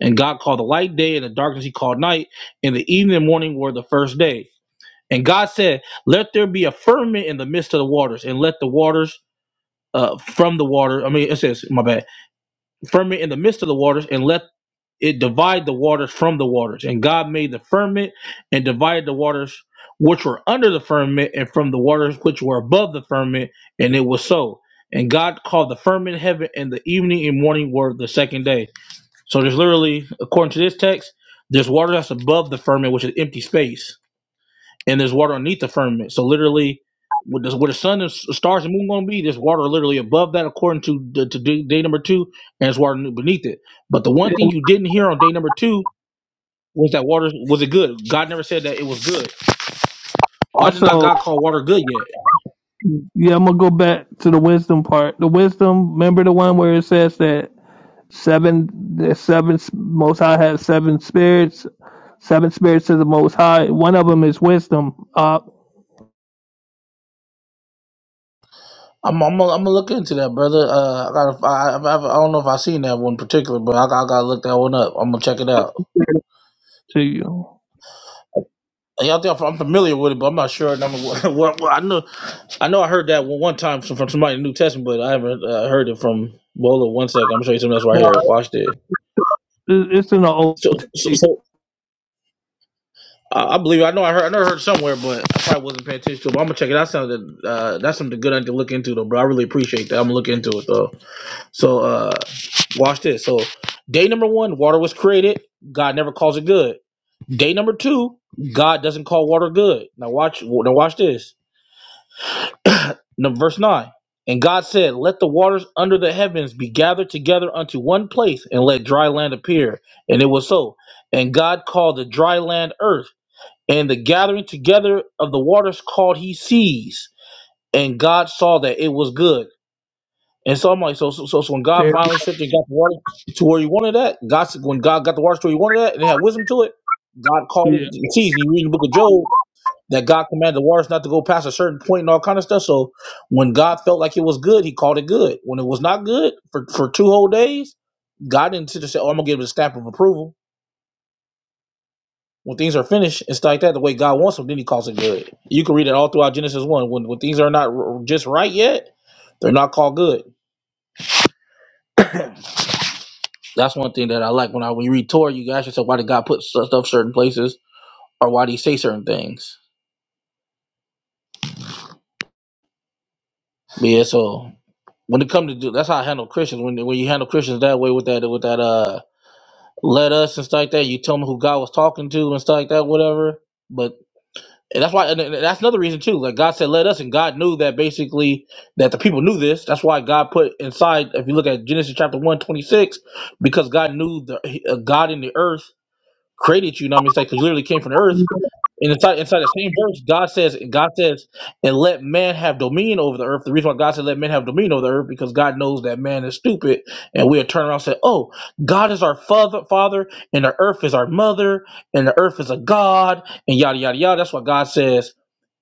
[SPEAKER 8] And God called the light day, and the darkness He called night. And the evening and morning were the first day. And God said, Let there be a firmament in the midst of the waters, and let the waters uh, from the water, I mean, it says, my bad, firmament in the midst of the waters, and let it divide the waters from the waters. And God made the firmament and divided the waters which were under the firmament and from the waters which were above the firmament, and it was so. And God called the firmament heaven, and the evening and morning were the second day. So there's literally, according to this text, there's water that's above the firmament, which is empty space and there's water underneath the firmament. So literally, with the, where the sun and s- stars and moon going to be, there's water literally above that, according to the, to day, day number two, and there's water beneath it. But the one thing
[SPEAKER 5] And
[SPEAKER 8] you didn't hear on day number two was that water was it good? God never said that it was good. Why did not
[SPEAKER 5] Also,
[SPEAKER 8] God call water good yet?
[SPEAKER 5] yeah, I'm gonna go back to the wisdom part. The wisdom. Remember the one where it says that seven, the seven Most High has seven spirits. Seven spirits of the Most High. One of them is wisdom. Up
[SPEAKER 8] I'm I'm gonna, I'm gonna look into that, brother. Uh, I gotta, I, I, I don't know if I seen that one particular, but I, I gotta look that one up. I'm gonna check it out.
[SPEAKER 5] to you.
[SPEAKER 8] Yeah, I think I'm I'm familiar with it, but I'm not sure. Number one, well, well, I know, I know, I heard that one one time from, from somebody in the New Testament, but I haven't uh, heard it from. Well, one second, I'm gonna show you something else right
[SPEAKER 5] No,
[SPEAKER 8] here. Watch this.
[SPEAKER 5] it- it's in the old.
[SPEAKER 8] So, so,
[SPEAKER 5] T-
[SPEAKER 8] so I, I believe I know I heard I know I heard it somewhere, but I probably wasn't paying attention to. it, But I'm gonna check it. That sounded uh, that's something good I need to look into though, bro. I really appreciate that. I'm gonna look into it though. So, uh, watch this. So, day number one, water was created. God never calls it good. Day number two, God doesn't call water good. Now watch. Now watch this No, verse 9. And God said, Let the waters under the heavens be gathered together unto one place, and let dry land appear. And it was so. And God called the dry land earth, and the gathering together of the waters called he seas. And God saw that it was good. And so I'm like, so, so, so, so when God finally said and got the water to where he wanted that, God said, when God got the waters to where he wanted that, and it had wisdom to it, God called
[SPEAKER 5] Yeah.
[SPEAKER 8] it seas. And you read the book of Job, that God commanded the waters not to go past a certain point and all kind of stuff. So when God felt like it was good, he called it good. When it was not good for, for two whole days, God didn't sit there and say, Oh, I'm gonna give it a stamp of approval. When things are finished and stuff like that, the way God wants them, then he calls it good. You can read it all throughout Genesis 1. When, when things are not r- just right yet, they're not called good. That's one thing that I like when I when you read Torah, you ask yourself why did God put stu- stuff certain places or why did He say certain things? But yeah, so when it comes to do, that's how I handle Christians. When when you handle Christians that way with that with that uh led us and stuff like that. You tell them who God was talking to and stuff like that, whatever. But and that's why and that's another reason too. Like God said, let us, and God knew that basically that the people knew this. That's why God put inside. If you look at Genesis chapter one 26, because God knew the uh, God in the earth created you. You know what I mean? It's like 'cause you literally came from the earth. And inside inside the same verse, God says, God says, and let man have dominion over the earth. The reason why God said let man have dominion over the earth because God knows that man is stupid, and we'll turn around and say, oh, God is our father, father, and the earth is our mother, and the earth is a god, and yada yada yada. That's what God says.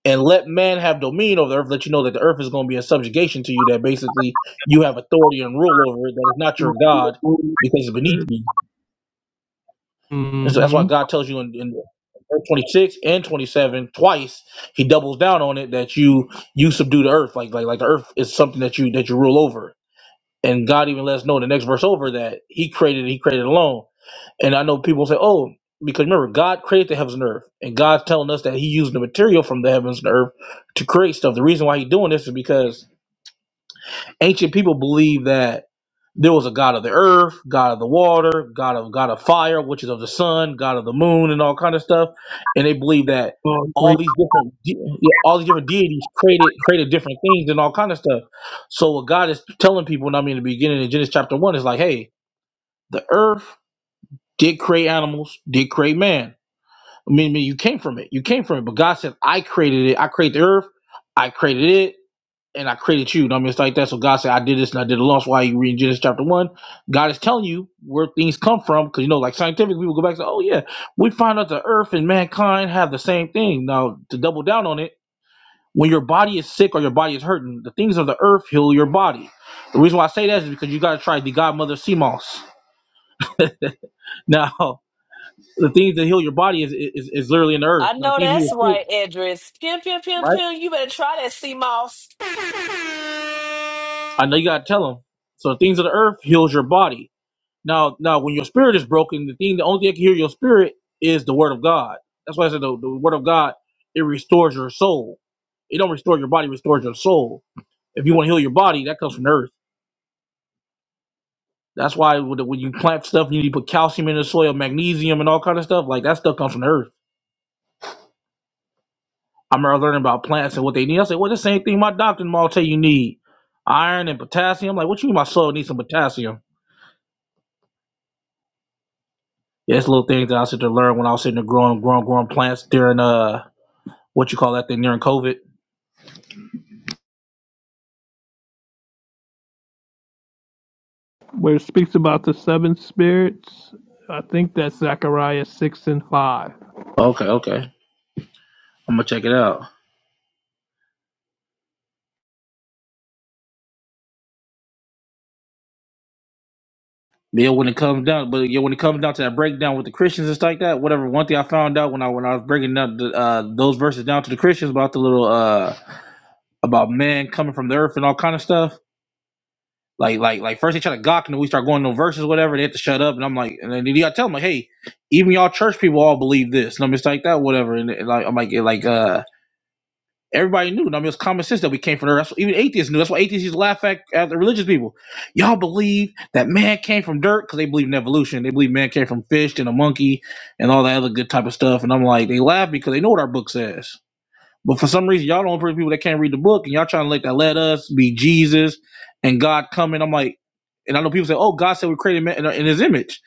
[SPEAKER 8] And let man have dominion over the earth. Let you know that the earth is going to be in subjugation to you. That basically you have authority and rule over it. That is not your God because it's beneath you. And so that's why
[SPEAKER 5] Mm-hmm.
[SPEAKER 8] God tells you in, in verse 26 and 27 twice, he doubles down on it that you you subdue the earth. Like like like the earth is something that you that you rule over. And God even lets us know in the next verse over that he created he created alone. And I know people say, Oh, because remember, God created the heavens and earth, and God's telling us that He used the material from the heavens and earth to create stuff. The reason why He's doing this is because ancient people believe that there was a god of the earth, god of the water, god of god of fire, which is of the sun, god of the moon, and all kind of stuff. And they believe that all these different de- yeah, all these different deities created created different things and all kind of stuff. So what God is telling people, and I mean in the beginning in Genesis chapter one, is like, hey, the earth did create animals, did create man. I mean, I mean, you came from it. You came from it. But God said, I created it. I created the earth. I created it and I created you. And I mean, it's like that. So God said, I did this and I did a loss. Why are you reading Genesis chapter one? God is telling you where things come from. Cause you know, like scientific people go back and say, oh yeah, we find out the earth and mankind have the same thing. Now to double down on it, when your body is sick or your body is hurting, the things of the earth heal your body. The reason why I say that is because you got to try the godmother of sea moss. Now, the things that heal your body is, is, is literally in the earth.
[SPEAKER 1] I
[SPEAKER 8] Now, the
[SPEAKER 1] know
[SPEAKER 8] things
[SPEAKER 1] that's
[SPEAKER 8] you
[SPEAKER 1] right, Edris. Pew pew pew
[SPEAKER 8] right?
[SPEAKER 1] pew. You better try that sea moss.
[SPEAKER 8] I know you got to tell them. So the things of the earth heals your body Now, now, when your spirit is broken, the thing, the only thing that can heal your spirit is the word of God. That's why I said the, the word of God it restores your soul. It don't restore your body, it restores your soul. If you want to heal your body, that comes from the earth. That's why when when you plant stuff, you need to put calcium in the soil, magnesium, and all kind of stuff. Like that stuff comes from the earth. I remember learning about plants and what they need. I said, well, the same thing my doctor and all tell you need iron and potassium. I'm like, what you mean my soul needs some potassium? Yeah, it's little things that I sit to learn when I was sitting there growing, growing, growing plants during uh what you call that thing during COVID.
[SPEAKER 5] where it speaks about the seven spirits. I think that's Zechariah six and five.
[SPEAKER 8] Okay, okay. I'm gonna check it out. Yeah, when it comes down, but yeah, when it comes down to that breakdown with the Christians and stuff like that, whatever. One thing I found out when I when I was breaking down the, uh, those verses down to the Christians about the little uh about man coming from the earth and all kind of stuff. Like like like first they try to gawk and then we start going to verses whatever. They have to shut up and I'm like and then you gotta tell them like hey, even y'all church people all believe this. And I'm just like that whatever. And, and like I'm like it, like uh Everybody knew. I mean, it was common sense that we came from there. That's, what, even atheists knew. That's why atheists used to laugh at, at the religious people. Y'all believe that man came from dirt because they believe in evolution. They believe man came from fish and a monkey and all that other good type of stuff. And I'm like, they laugh because they know what our book says. But for some reason, y'all don't only people that can't read the book, and y'all trying to like that let us be Jesus and God coming. I'm like, and I know people say, "Oh, God said we created man in, in His image,"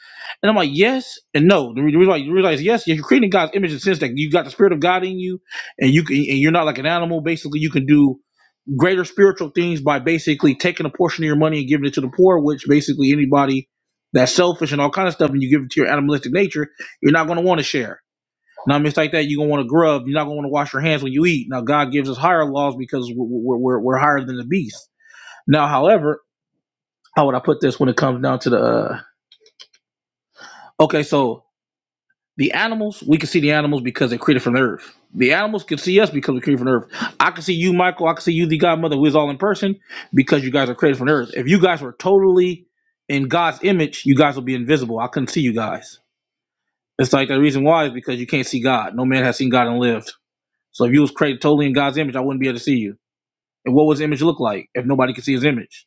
[SPEAKER 8] and I'm like, "Yes and no." The re- the reason why you realize yes, you're creating God's image in the sense that you got the Spirit of God in you, and you can, and you're not like an animal. Basically, you can do greater spiritual things by basically taking a portion of your money and giving it to the poor, which basically anybody that's selfish and all kind of stuff, and you give it to your animalistic nature, you're not going to want to share. Now, it's like that. You're gonna want to grub. You're not gonna want to wash your hands when you eat. Now, God gives us higher laws because we're, we're, we're higher than the beast. Now, however, how would I put this when it comes down to the? Uh, okay, so the animals, we can see the animals because they're created from the earth. The animals can see us because we're created from the earth. I can see you, Michael. I can see you, the Godmother, who is all in person, because you guys are created from the earth. If you guys were totally in God's image, you guys would be invisible. I couldn't see you guys. It's like the reason why is because you can't see God. No man has seen God and lived. So if you was created totally in God's image, I wouldn't be able to see you. And what was image look like if nobody could see his image?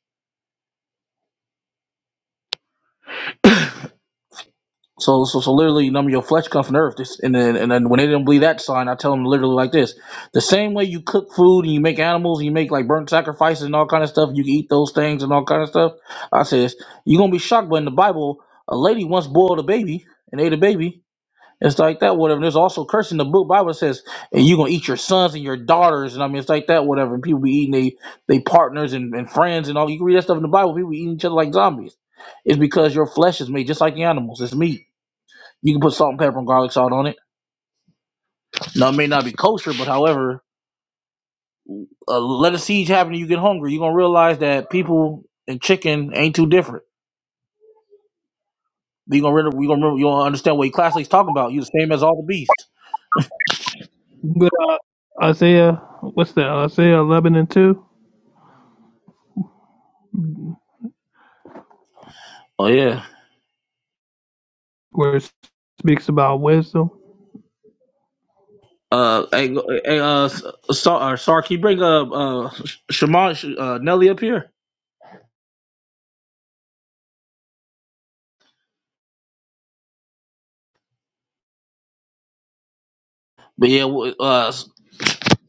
[SPEAKER 8] So so so literally, none of your flesh comes from the earth. This, and then and then when they didn't believe that sign, I tell them literally like this: the same way you cook food and you make animals and you make like burnt sacrifices and all kind of stuff, you can eat those things and all kind of stuff. I says you're gonna be shocked, but in the Bible, a lady once boiled a baby and ate a baby It's like that, whatever. There's also curse in the book. Bible says, and you're gonna eat your sons and your daughters, and I mean it's like that, whatever. people be eating they they partners and, and friends and all you can read that stuff in the Bible, people be eating each other like zombies. It's because your flesh is made just like the animals, it's meat. You can put salt and pepper and garlic salt on it. Now it may not be kosher, but however, uh, let a siege happen and you get hungry, you're gonna realize that people and chicken ain't too different. You're gonna re- you gonna remember you gonna understand what your classmates talking about. You're the same as all the beasts.
[SPEAKER 5] But, uh, Isaiah, what's that? Isaiah eleven and two,
[SPEAKER 8] Oh yeah.
[SPEAKER 5] where it speaks about wisdom,
[SPEAKER 8] Uh, hey, go- hey, uh, S- Sar, uh, Sar, can you bring uh, uh, Shimon, uh, Nelly up here? But yeah, we- uh,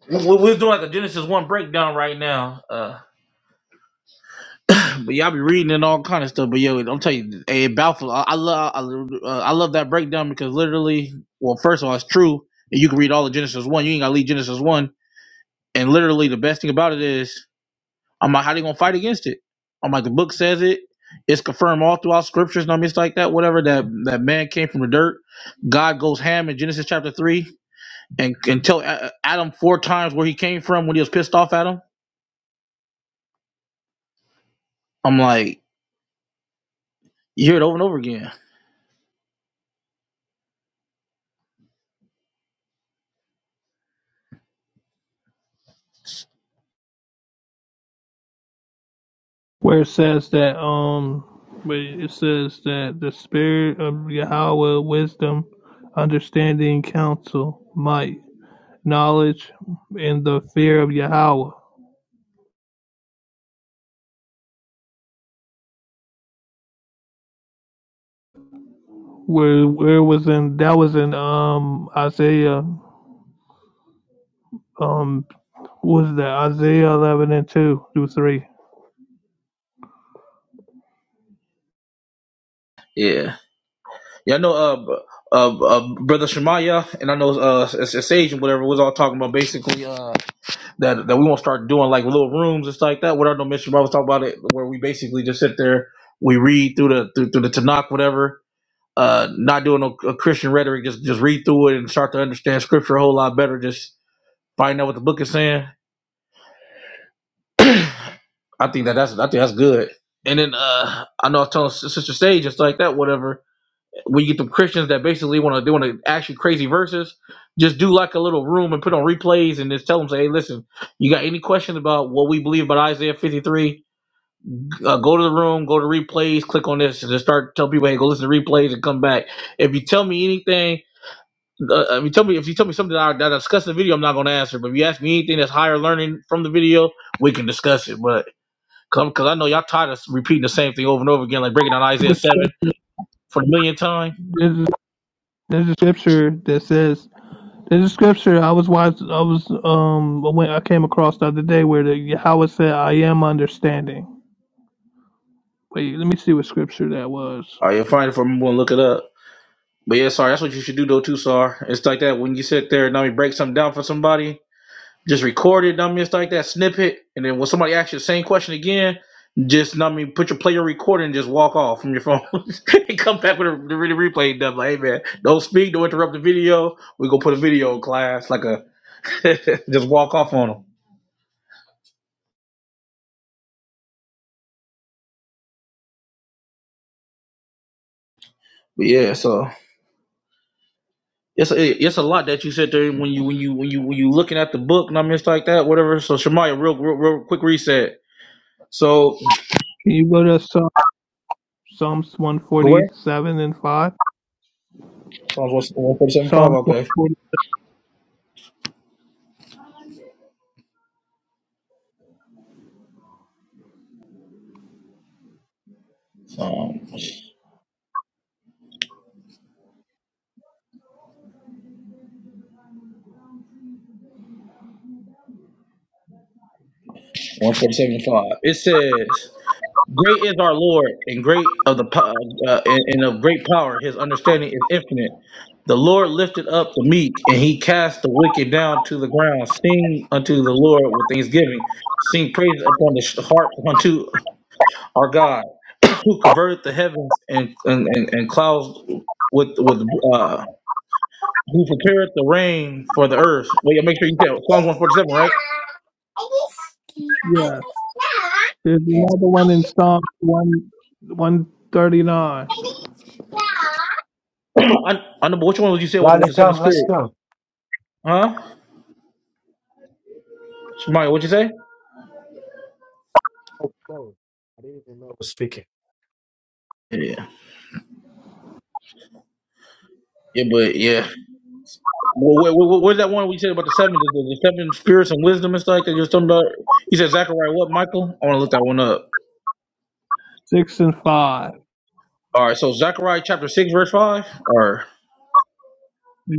[SPEAKER 8] we- we're doing like a Genesis one breakdown right now. Uh, but y'all be reading and all kind of stuff. But yo, I'm telling you, hey, Balfour, I, I love, I, uh, I love that breakdown because literally, well, first of all, it's true, and you can read all of Genesis one. You ain't gotta leave Genesis one. And literally, the best thing about it is I'm like, how they gonna fight against it? I'm like, the book says it. It's confirmed all throughout scriptures, no it's like that, whatever. That that man came from the dirt. God goes ham in Genesis chapter three and and tell A- Adam four times where he came from when he was pissed off at him. I'm like, you hear it over and over again.
[SPEAKER 5] where it says that um, where it says that the spirit of Yahweh, wisdom, understanding, counsel, might, knowledge, and the fear of Yahweh. Where where was in that was in um Isaiah um was that Isaiah 11 and 2 through 3.
[SPEAKER 8] Yeah, yeah. I know, uh, b- uh, uh brother Shemaiah, and I know uh S- S- Sage and whatever was all talking about basically. uh. that that we won't start doing like little rooms and stuff like that. What our no mission brothers talk about it, where we basically just sit there, we read through the through, through the Tanakh, whatever. Uh, not doing no uh, Christian rhetoric, just just read through it and start to understand scripture a whole lot better. Just find out what the book is saying. I think that that's I think that's good. And then uh, I know I was telling Sis- Sister Sage just like that, whatever. When you get them Christians that basically want to do want to actually crazy verses, just do like a little room and put on replays and just tell them, say, hey, listen, you got any questions about what we believe about Isaiah 53? uh, go to the room, go to replays, click on this, and just start tell people, hey, go listen to replays and come back. If you tell me anything, uh, if you tell me if you tell me something that I, that I discuss in the video, I'm not going to answer. But if you ask me anything that's higher learning from the video, we can discuss it. But come because I know y'all tired of repeating the same thing over and over again, like breaking down Isaiah
[SPEAKER 5] There's a
[SPEAKER 8] seven
[SPEAKER 5] scripture
[SPEAKER 8] for the millionth time.
[SPEAKER 5] there's- a scripture that says, there's a scripture I was watching, I was, um, when I came across the other day where the, how it said, I am understanding. Wait, let me see what scripture that was.
[SPEAKER 8] All right, you'll find it for me. I'm going to look it up. But yeah, sorry, that's what you should do though too, Sar. It's like that when you sit there and now you break something down for somebody. Just record it, know what I mean? It's like that snippet. And then when somebody asks you the same question again, just, know what I mean, put your player recorder and just walk off from your phone. and come back with a, the really replay done. Like, hey, man, don't speak, don't interrupt the video. we going to put a video in class. Like a, just walk off on them. But yeah, so it's a, it's a lot that you sit there when you when you when you when you looking at the book, know what I mean? It's like that, whatever. So Shemaya, real, real real quick reset. So
[SPEAKER 5] Can you go to Psalm, Psalms
[SPEAKER 8] go where?
[SPEAKER 5] 147 and 5?
[SPEAKER 8] Psalms one forty seven five.
[SPEAKER 5] Psalms
[SPEAKER 8] Okay.
[SPEAKER 5] 140,
[SPEAKER 8] Um, one forty seven five. It says. Great is our Lord, and great of the po- uh, uh, and, and of great power. His understanding is infinite. The Lord lifted up the meek, and He cast the wicked down to the ground. Sing unto the Lord with thanksgiving. Sing praise upon the sh- harp unto our God, who converted the heavens and and, and, and clouds with with uh, who prepared the rain for the earth. Wait, make sure you tell Psalms one forty seven, right?
[SPEAKER 5] yeah. There's another
[SPEAKER 8] Oh.
[SPEAKER 5] one in
[SPEAKER 22] I
[SPEAKER 5] Psalms 1, 139,
[SPEAKER 8] I, I know, but which one would you say with, with the seven spirit? Huh? Shemaya, what'd you say? Yeah. Yeah, but yeah. Well, what, what, what's that one we said about the seven, the, the seven spirits and wisdom and stuff like that you was talking about? You said Zechariah what, Michael? I want to look that one up.
[SPEAKER 5] 6 and 5.
[SPEAKER 8] All right, so Zechariah chapter 6, verse 5? Or,
[SPEAKER 5] Yeah.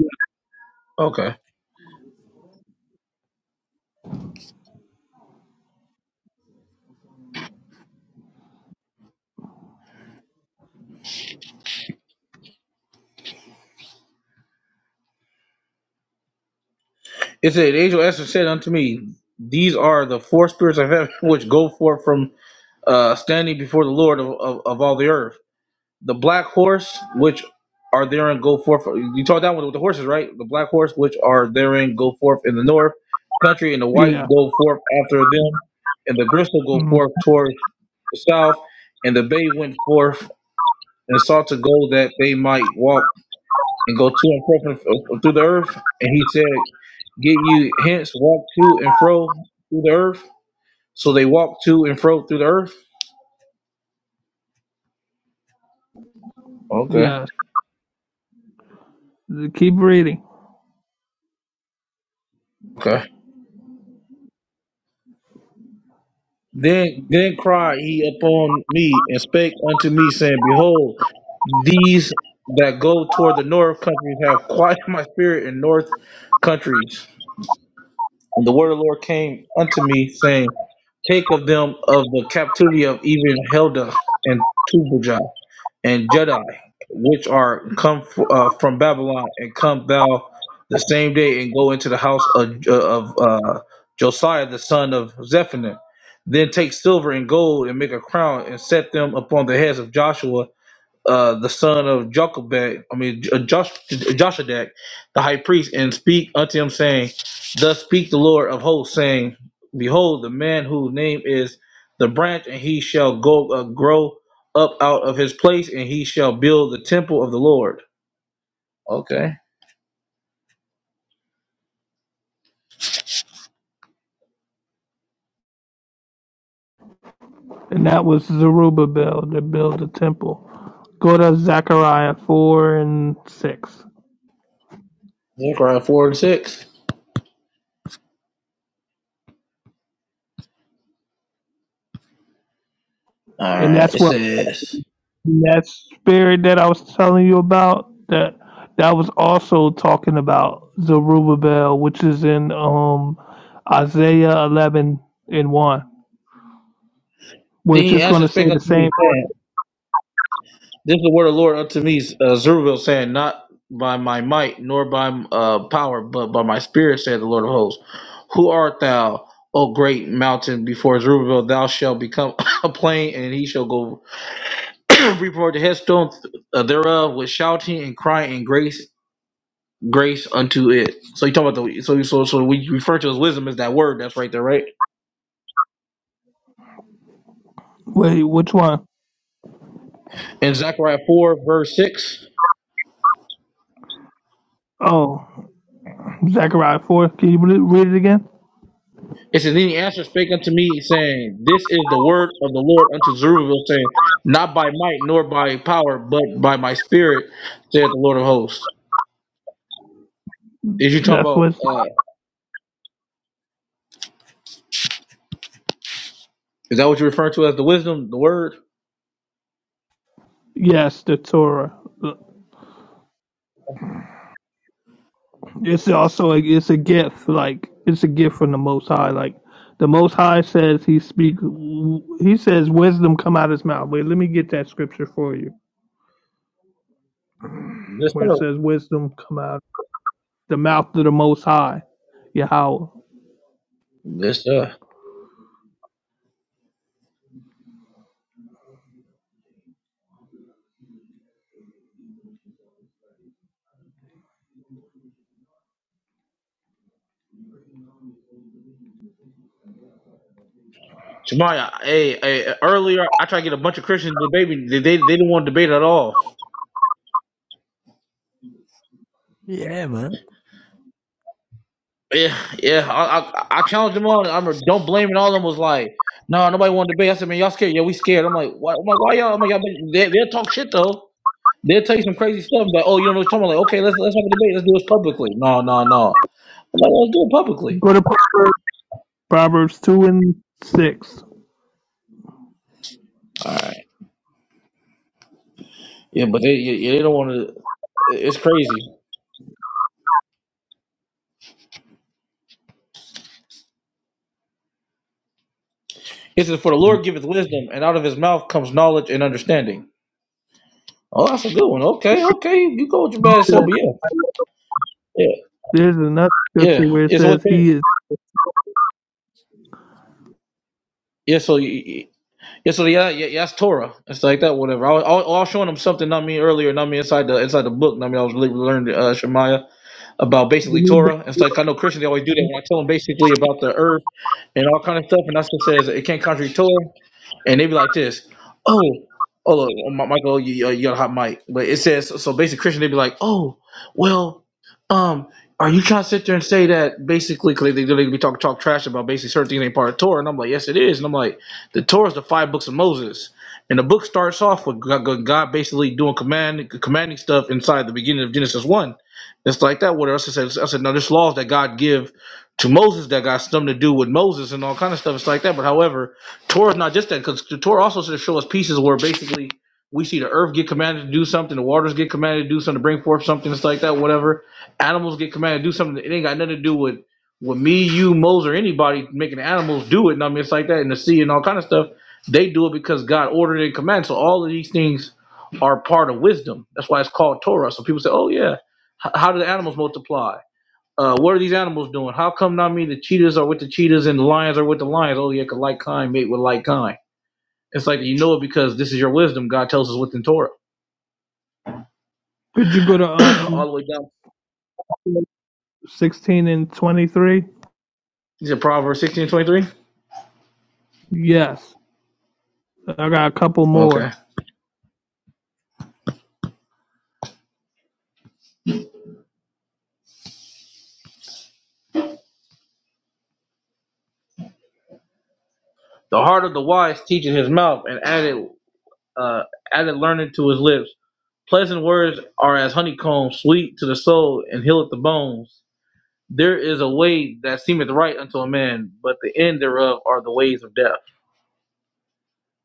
[SPEAKER 8] okay. It said, The angel Esther said unto me, These are the four spirits of heaven which go forth from uh, standing before the Lord of, of, of all the earth. the black horse which are therein go forth. You talk down one with the horses, right? The black horse which are therein go forth in the north country, and the
[SPEAKER 5] yeah.
[SPEAKER 8] white go forth after them, and the gristle go
[SPEAKER 5] Mm,
[SPEAKER 8] forth towards the south, and the bay went forth and sought to go that they might walk and go to and fro from- uh, through the earth. And he said, Get you hence, walk to and fro through the earth. So they walked to and fro through the earth. Okay.
[SPEAKER 5] yes. Keep reading.
[SPEAKER 8] Okay. Then then cried he upon me and spake unto me, saying, Behold, these that go toward the north countries have quieted my spirit in north countries. And the word of the Lord came unto me, saying, Take of them of the captivity of even Helda and Tubijah and Jedi, which are come f- uh, from Babylon, and come thou the same day and go into the house of, uh, of uh, Josiah the son of Zephaniah. Then take silver and gold and make a crown and set them upon the heads of Joshua uh, the son of Jochebed, I mean J- uh, Josh, Joshadak, the high priest, and speak unto him, saying, Thus speak the Lord of hosts, saying, Behold, the man whose name is the branch, and he shall go uh, grow up out of his place, and he shall build the temple of the Lord. Okay.
[SPEAKER 5] And that was Zerubbabel to build the temple. Go to Zechariah 4 and 6.
[SPEAKER 8] Zechariah four and six. All
[SPEAKER 5] And
[SPEAKER 8] right.
[SPEAKER 5] that's
[SPEAKER 8] It
[SPEAKER 5] what
[SPEAKER 8] says,
[SPEAKER 5] that spirit that I was telling you about that that was also talking about Zerubbabel, which is in um Isaiah 11 and 1. We're
[SPEAKER 8] Then he
[SPEAKER 5] just going to
[SPEAKER 8] answered,
[SPEAKER 5] say
[SPEAKER 8] spake
[SPEAKER 5] the
[SPEAKER 8] unto
[SPEAKER 5] same.
[SPEAKER 8] me, saying. This is the word of the Lord unto me, uh, Zerubbabel, saying, Not by my might, nor by uh, power, but by my spirit, said the Lord of hosts. Who art thou, O great mountain? Before Zerubbabel, thou shalt become a plain, and he shall go report the headstone uh, thereof with shouting and crying and grace grace unto it. So you talking about the so so so we refer to as wisdom as that word that's right there, right?
[SPEAKER 5] Wait, which one?
[SPEAKER 8] In Zechariah four verse six.
[SPEAKER 5] Oh, Zechariah 4. Can you re- read it again?
[SPEAKER 8] It says, Then he answered, spake unto me, saying, This is the word of the Lord unto Zerubbabel, saying, Not by might nor by power, but by my spirit, saith the Lord of hosts. Is you talking
[SPEAKER 5] That's
[SPEAKER 8] about,
[SPEAKER 5] what's,
[SPEAKER 8] uh, is that what you refer to as the wisdom, the word?
[SPEAKER 5] yes, the Torah. It's also like it's a gift, like it's a gift from the Most High. Like the Most High says, He speak. He says, "Wisdom come out His mouth." Wait, let me get that scripture for you,
[SPEAKER 8] This
[SPEAKER 5] where it
[SPEAKER 8] stuff.
[SPEAKER 5] says, "Wisdom come out the mouth of the Most High." Yahweh. Go
[SPEAKER 8] This stuff. Shemaya, hey, hey, earlier I tried to get a bunch of Christians to debate. me. They, they, they didn't want to debate at all. Yeah, yeah. I, I, I challenged them all. I'm don't blame it. All of them was like, no, nobody want to debate. I said, man, y'all scared? Yeah, we scared. I'm like, why? I'm like, why y'all? I'm like, y'all, they, they'll talk shit though. They'll tell you some crazy stuff like, oh, you don't know what you're talking about. Like, okay, let's let's have a debate. Let's do this publicly. No, no, no. I'm like, let's do it publicly.
[SPEAKER 5] to Proverbs, Proverbs two and six.
[SPEAKER 8] All right. Yeah, but they yeah, yeah, they don't want to. It's crazy. It says, for the Lord giveth wisdom, and out of his mouth comes knowledge and understanding. Oh, that's a good one. Okay, okay. You go with your bad self, but yeah. Yeah,
[SPEAKER 5] There's another scripture
[SPEAKER 8] yeah.
[SPEAKER 5] where it
[SPEAKER 8] It's what
[SPEAKER 5] says,
[SPEAKER 8] they,
[SPEAKER 5] "He is."
[SPEAKER 8] yeah, so y- y- yeah, so yeah, yeah, yeah, that's Torah. It's like that, whatever. I was, I was I was showing them something, not me earlier, not me inside the inside the book. Not me, I was really learning uh, Shemaiah. about
[SPEAKER 5] let
[SPEAKER 8] basically
[SPEAKER 5] me
[SPEAKER 8] Torah and stuff. I know Christians they always do that when I tell them basically about the earth and all kind of stuff, and that's what it says it can't contradict Torah and they be like this. Oh, oh, look, um, Mi- Michael, you, you got a hot mic. But it says so. Basically, Christian, they be like, oh, well, um, are you trying to sit there and say that basically because they, they be talking talk trash about basically certain things ain't part of Torah? And I'm like, yes, it is. And I'm like, the Torah is the five books of Moses, and the book starts off with God God- God basically doing command commanding stuff inside the beginning of Genesis one. It's like that. What else? I said, I said, no, there's laws that God give to Moses that got something to do with Moses and all kind of stuff. It's like that. But however, Torah is not just that, because the Torah also sort of shows us pieces where basically we see the earth get commanded to do something, the waters get commanded to do something, to bring forth something, it's like that, whatever. Animals get commanded to do something. It ain't got nothing to do with with me, you, Moses, or anybody making animals do it. And I mean, it's like that in the sea and all kind of stuff. They do it because God ordered it and commanded. So all of these things are part of wisdom. That's why it's called Torah. So people say, "Oh yeah, how do the animals multiply? Uh, what are these animals doing? How come not me? The cheetahs are with the cheetahs and the lions are with the lions. Oh yeah, 'cause like kind mate with like kind. It's like you know it because this is your wisdom. God tells us within Torah,
[SPEAKER 5] Could you go to
[SPEAKER 8] all
[SPEAKER 5] um
[SPEAKER 8] the way down.
[SPEAKER 5] sixteen and twenty three?
[SPEAKER 8] Is it Proverbs sixteen twenty three?
[SPEAKER 5] Yes, I got a couple more.
[SPEAKER 8] Okay. The heart of the wise teaches his mouth, and added uh, added learning to his lips. Pleasant words are as honeycomb, sweet to the soul, and healeth the bones. There is a way that seemeth right unto a man, but the end thereof are the ways of death.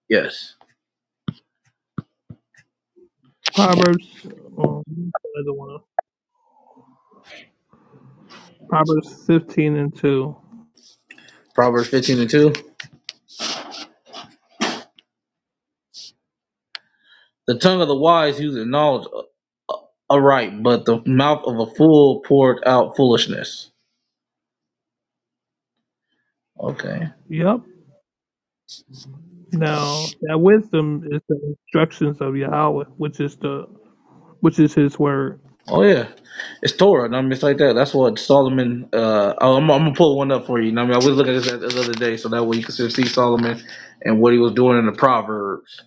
[SPEAKER 8] Yes.
[SPEAKER 5] Proverbs. Um, another one. Proverbs 15 and 2.
[SPEAKER 8] Proverbs fifteen and two. The tongue of the wise useth knowledge aright, but the mouth of a fool poured out foolishness. Okay.
[SPEAKER 5] Yep. Now, that wisdom is the instructions of Yahweh, which is the which is his word.
[SPEAKER 8] Oh yeah, it's Torah. and I mean, it's like that. That's what Solomon. Uh, oh, I'm, I'm gonna pull one up for you. You know what I mean, I was looking at this the other day, so that way you can see Solomon and what he was doing in the Proverbs.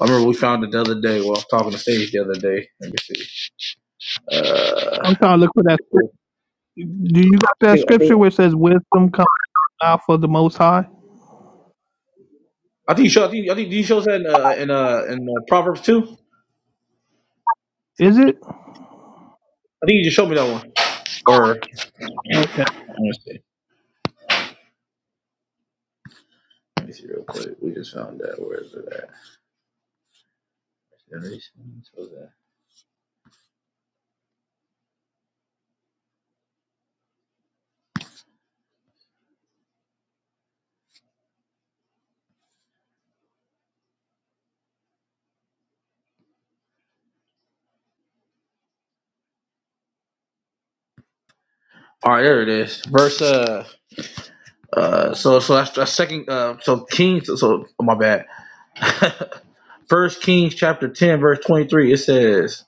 [SPEAKER 8] I remember we found it the other day. while I was talking to Sage the other day. Let me see. Uh,
[SPEAKER 5] I'm trying to look for that
[SPEAKER 8] I
[SPEAKER 5] scripture. Do you got that
[SPEAKER 8] think
[SPEAKER 5] scripture where it
[SPEAKER 8] I
[SPEAKER 5] says wisdom comes out of the most high?
[SPEAKER 8] think you showed. I think, I think you showed that in uh, in, uh, in uh, Proverbs two. I
[SPEAKER 5] Is it?
[SPEAKER 8] think you just showed me that one. Or
[SPEAKER 5] Okay.
[SPEAKER 8] all right, there it is. Verse uh. Uh, so so that's that's second. Uh, so Kings. So oh, my bad. First Kings chapter ten verse twenty three. It says,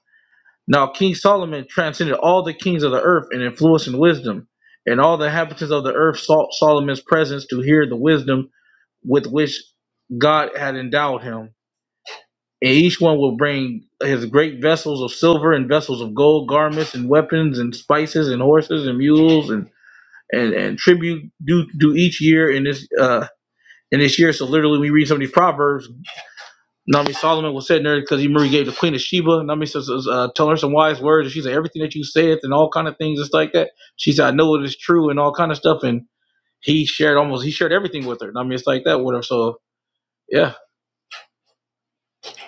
[SPEAKER 8] "Now King Solomon transcended all the kings of the earth in influence and wisdom, and all the inhabitants of the earth sought Solomon's presence to hear the wisdom with which God had endowed him. And each one will bring his great vessels of silver and vessels of gold, garments and weapons and spices and horses and mules and." And, and tribute due, due each year in this. Uh, in this year. So literally, we read some of these proverbs. Nami Solomon was sitting there because he Murray gave the Queen of Sheba. Nami says, uh, telling her some wise words." And she said, "Everything that you said, and all kind of things, just like that." She said, "I know it is true and all kind of stuff." And he shared almost he shared everything with her. Nami, it's like that with her. So yeah.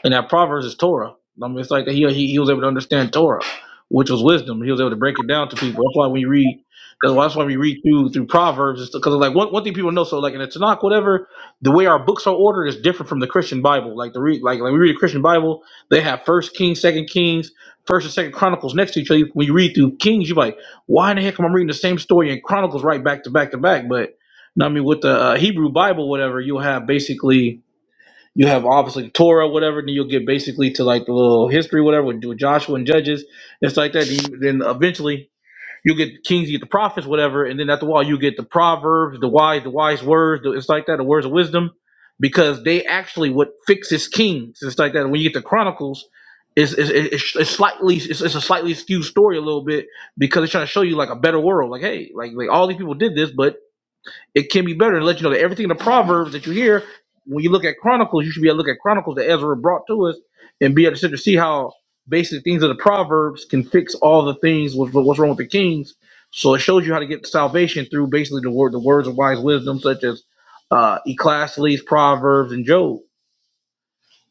[SPEAKER 8] And that Proverbs is Torah. I mean, it's like he, he he was able to understand Torah, which was wisdom. He was able to break it down to people. That's why we read. That's why, that's why we read through through Proverbs, because like one, one thing people know. So like in the Tanakh, whatever, the way our books are ordered is different from the Christian Bible. Like the read like like we read the Christian Bible, they have First Kings, Second Kings, First and Second Chronicles next to each other. When you read through Kings, you're like, why in the heck am I reading the same story in Chronicles right back to back to back? But no, I mean with the uh, Hebrew Bible, whatever, you'll have basically you have obviously Torah, whatever, and then you'll get basically to like the little history, whatever, with with Joshua and Judges, and stuff like that. Then, then eventually you get Kings, you get the prophets, whatever, and then after a while you get the Proverbs, the wise, the wise words, the, it's like that, the words of wisdom, because they actually what fixes Kings. It's like that. When you get the Chronicles, it's, it's, it's, it's slightly it's, it's a slightly skewed story a little bit because it's trying to show you like a better world. Like hey, like like all these people did this, but it can be better and let you know that everything in the Proverbs that you hear, when you look at Chronicles, you should be able to look at Chronicles that Ezra brought to us and be able to sit to see how basic things of the Proverbs can fix all the things with with what's wrong with the Kings. So it shows you how to get salvation through basically the word, the words of wise wisdom, such as uh, Ecclesiastes, Proverbs, and Job.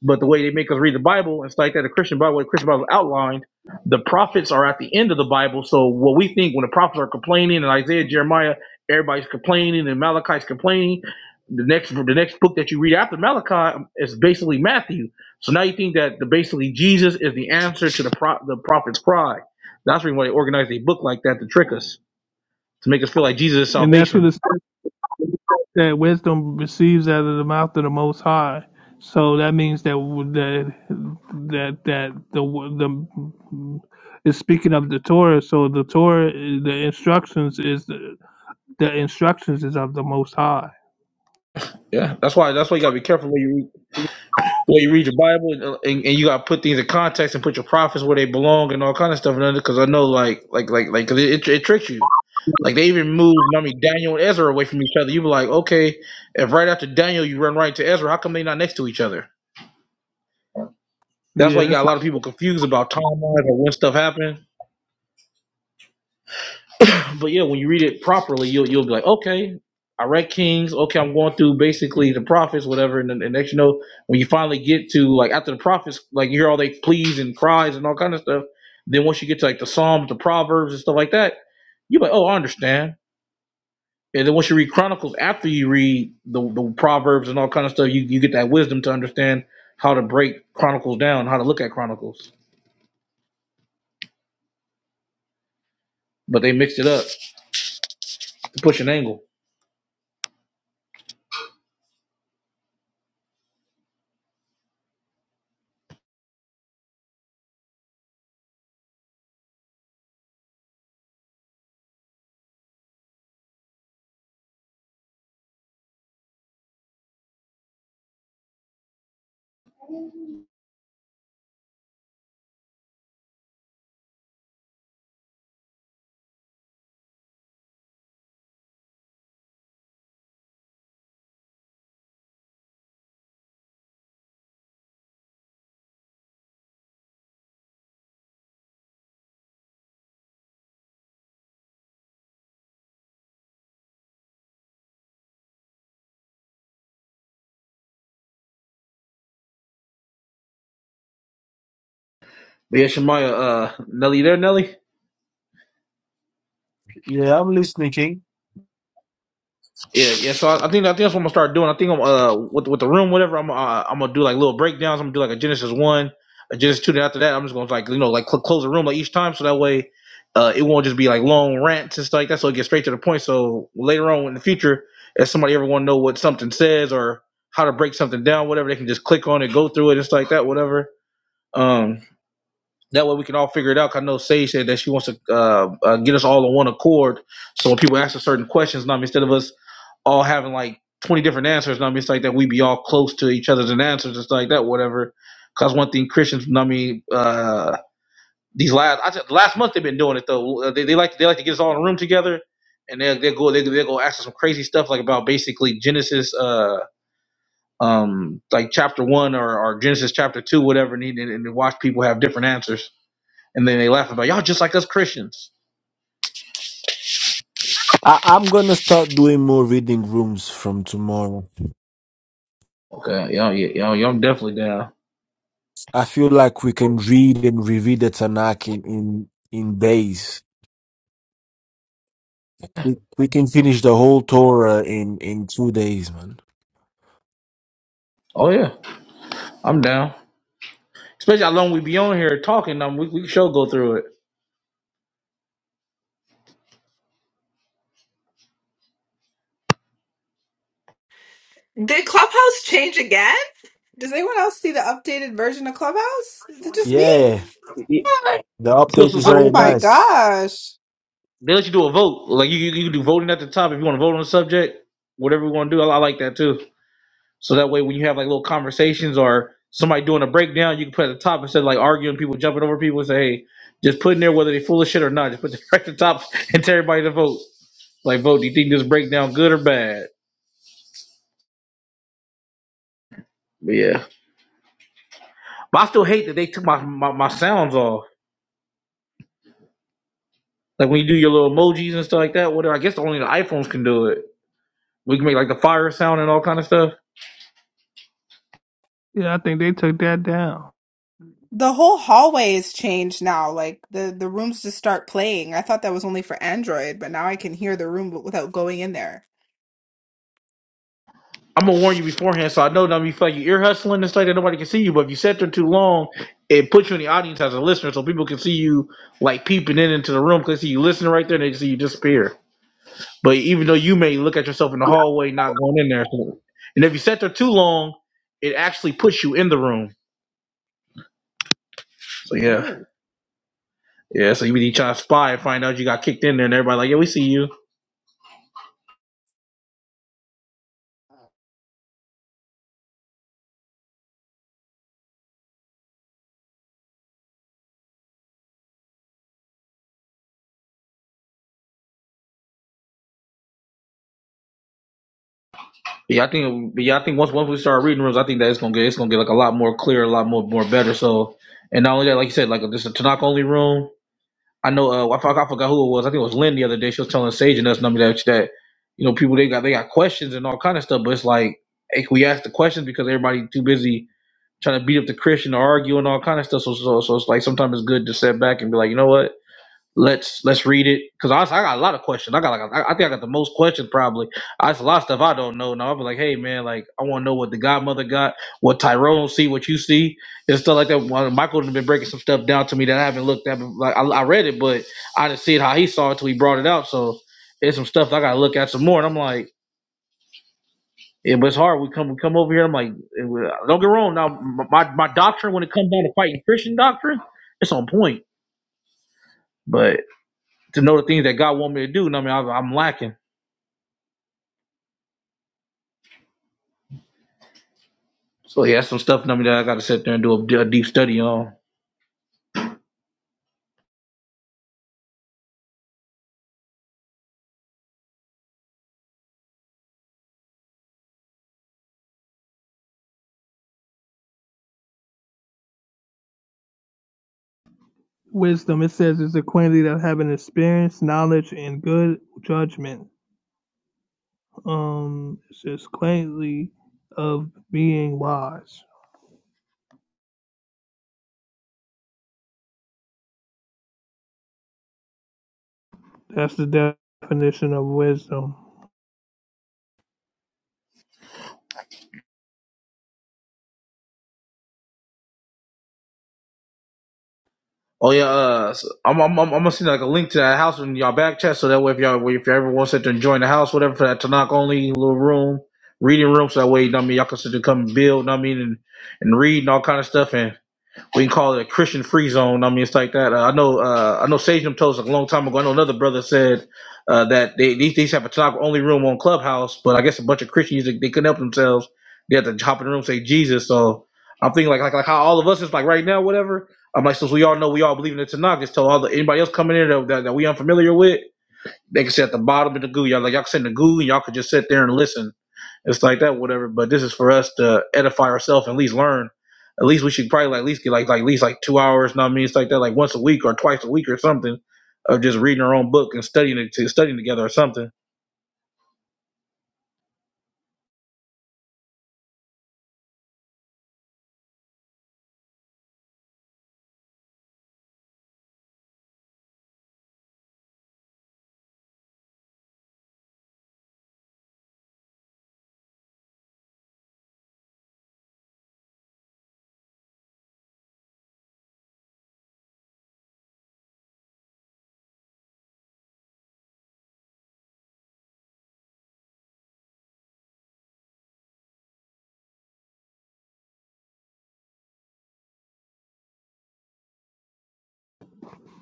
[SPEAKER 8] But the way they make us read the Bible it's like that, the Christian Bible, the Christian Bible outlined, the prophets are at the end of the Bible. So what we think when the prophets are complaining and Isaiah, Jeremiah, everybody's complaining and Malachi's complaining, the next the next book that you read after Malachi is basically Matthew. So now you think that the basically Jesus is the answer to the pro, the prophet's cry. That's the why they organize a book like that to trick us to make us feel like Jesus is
[SPEAKER 5] And that's what it
[SPEAKER 8] salvation.
[SPEAKER 5] says that wisdom receives out of the mouth of the most high. So that means that that that that the the is speaking of the Torah. So the Torah, the instructions is The instructions is of the Most High.
[SPEAKER 8] Yeah, that's why that's why you gotta be careful when you read Well, you read your Bible and, uh, and, and you got to put things in context and put your prophets where they belong and all kind of stuff. And because I know, like, like, like, like, 'cause it, it, it tricks you. Like they even moved, I mean, Daniel and Ezra away from each other. You be like, okay, if right after Daniel you run right to Ezra, how come they not next to each other? That's
[SPEAKER 5] Yeah,
[SPEAKER 8] why you got
[SPEAKER 5] that's
[SPEAKER 8] a
[SPEAKER 5] what,
[SPEAKER 8] lot of people confused about timelines and when stuff happened. but yeah, when you read it properly, you'll you'll be like, okay, I read Kings. Okay, I'm going through basically the prophets, whatever. And then and next, you know, when you finally get to like after the prophets, like you hear all they pleas and cries and all kind of stuff. Then once you get to like the Psalms, the Proverbs, and stuff like that, you're like, oh, I understand. And then once you read Chronicles, after you read the, the Proverbs and all kind of stuff, you, you get that wisdom to understand how to break Chronicles down, how to look at Chronicles. But they mixed it up to push an angle. But yeah, Shemaya, uh, Nelly, you there, Nelly? Yeah, yeah. So I, I think I think that's what I'm gonna start doing. I think I'm uh with with the room, whatever. I'm uh, I'm gonna do like little breakdowns. I'm gonna do like a Genesis one, a Genesis two. Then after that, I'm just gonna like you know like cl- close the room like each time, so that way, uh, it won't just be like long rants and stuff like that. So it gets straight to the point. So later on in the future, if somebody ever want to know what something says or how to break something down, whatever, they can just click on it, go through it, and stuff like that, whatever. Um, that way we can all figure it out. 'Cause I know Sage said that she wants to uh, uh get us all on one accord. So when people ask us certain questions, now instead of us all having like 20 different answers. And I mean, it's like that we be all close to each other's and answers. It's like that, whatever. Because one thing Christians, I mean, uh, these last I said, last month they've been doing it though. Uh, They, they like they like to get us all in a room together, and they they go they they go ask us some crazy stuff like about basically Genesis, uh, um, like chapter one or, or Genesis chapter two, whatever. And, and, and watch people have different answers, and then they laugh about y'all just like us Christians. Okay, y'all, yeah, y'all, y'all, I'm definitely down. Oh yeah, I'm down. Especially how long we be on here talking, um, we we can sure go through it.
[SPEAKER 17] Did Clubhouse change again? Does anyone else see the updated version of Clubhouse? Is it just me?
[SPEAKER 8] So so so they
[SPEAKER 17] Oh
[SPEAKER 8] let
[SPEAKER 17] my
[SPEAKER 8] you
[SPEAKER 17] gosh.
[SPEAKER 8] they let you do a vote. Like you you you can do voting at the top if you want to vote on the subject, whatever you want to do. I, I like that too. So that way when you have like little conversations or somebody doing a breakdown, you can put at the top instead of like arguing people jumping over people and say, hey, just put in there whether they full of shit or not. Just put it right at the top and tell everybody to vote. Like vote, do you think this breakdown good or bad? Yeah. But I still hate that they took my my, my sounds off. Like when you do your little emojis and stuff like that, whatever. I guess only the iPhones can do it. We can make like the fire sound and all kind of stuff.
[SPEAKER 5] yeah. I think they took that down.
[SPEAKER 17] The whole hallway is changed now. Like the the rooms just start playing. I thought that was only for Android, but now I can hear the room w- without going in there.
[SPEAKER 8] I'm gonna warn you beforehand, so I know don't be feel like you ear hustling and stuff that nobody can see you. But if you sit there too long, it puts you in the audience as a listener, so people can see you like peeping in into the room because see you listening right there, and they see you disappear. But even though you may look at yourself in the hallway, not going in there, so- and if you sit there too long, it actually puts you in the room. So yeah,
[SPEAKER 17] Oh.
[SPEAKER 8] yeah. So you be trying to spy and find out you got kicked in there, and everybody like, yeah, we see you. Yeah, I think. Yeah, I think once once we start reading rooms, I think that it's gonna get it's gonna get like a lot more clear, a lot more more better. So, and not only that, like you said, like this a Tanakh only room. I know. Uh, I, forgot, I forgot who it was. I think it was Lynn the other day. She was telling Sage and us and I mean, that that you know people they got they got questions and all kind of stuff, but it's like hey, can we ask the questions because everybody too busy trying to beat up the Christian or argue and all kind of stuff. So, so, so it's like sometimes it's good to step back and be like, you know what? Let's let's read it because honestly, I got a lot of questions. I got like I I think I got the most questions probably. I it's a lot of stuff I don't know. Now I'll be like, hey man, like I want to know what the Godmother got, what Tyrone see, what you see, and stuff like that. Well, Michael's been breaking some stuff down to me that I haven't looked at. But like I, I read it, but I didn't see it how he saw it till he brought it out. So there's some stuff I got to look at some more. And I'm like. It was hard. We come we come over here. I'm like, it was- don't get wrong. Now my my doctrine when it comes down to fighting Christian doctrine, it's on point. But to know the things that God want me to do, and I mean, I, I'm lacking. So yeah, that's some stuff. I mean, that I got to sit there and do a, d- a deep study on.
[SPEAKER 5] Wisdom. It says it's a quality that having experience, knowledge, and good judgment. Um, it's just quaintly of being wise. That's the definition of wisdom.
[SPEAKER 8] Oh yeah, uh, so I'm, I'm I'm I'm gonna send like a link to that house in y'all back chat, so that way if y'all if you ever want to sit there and join the house, whatever for that Tanakh only little room, reading room, so that way you know what I mean y'all can sit there and come and build, you know what I mean, and and read and all kind of stuff and. we can call it a Christian free zone. I mean, it's like that. Uh, I know. Uh, I know. Sagem told us a long time ago. I know another brother said uh, that they these these have a talk only room on Clubhouse, but I guess a bunch of Christians they, they couldn't help themselves. They had to hop in the room and say Jesus. So I'm thinking like like like how all of us is like right now, whatever. I'm like, since we all know we all believe in the Tanakh, just tell all the anybody else coming in that, that, that we unfamiliar with. They can sit at the bottom of the goo. Y'all like y'all can sit in the goo and y'all could just sit there and listen. It's like that, whatever. But this is for us to edify ourselves, and at least learn. At least we should probably like at least get like like at least like two hours. Know what I mean, it's like that, like once a week or twice a week or something, of just reading our own book and studying it, to studying together or something.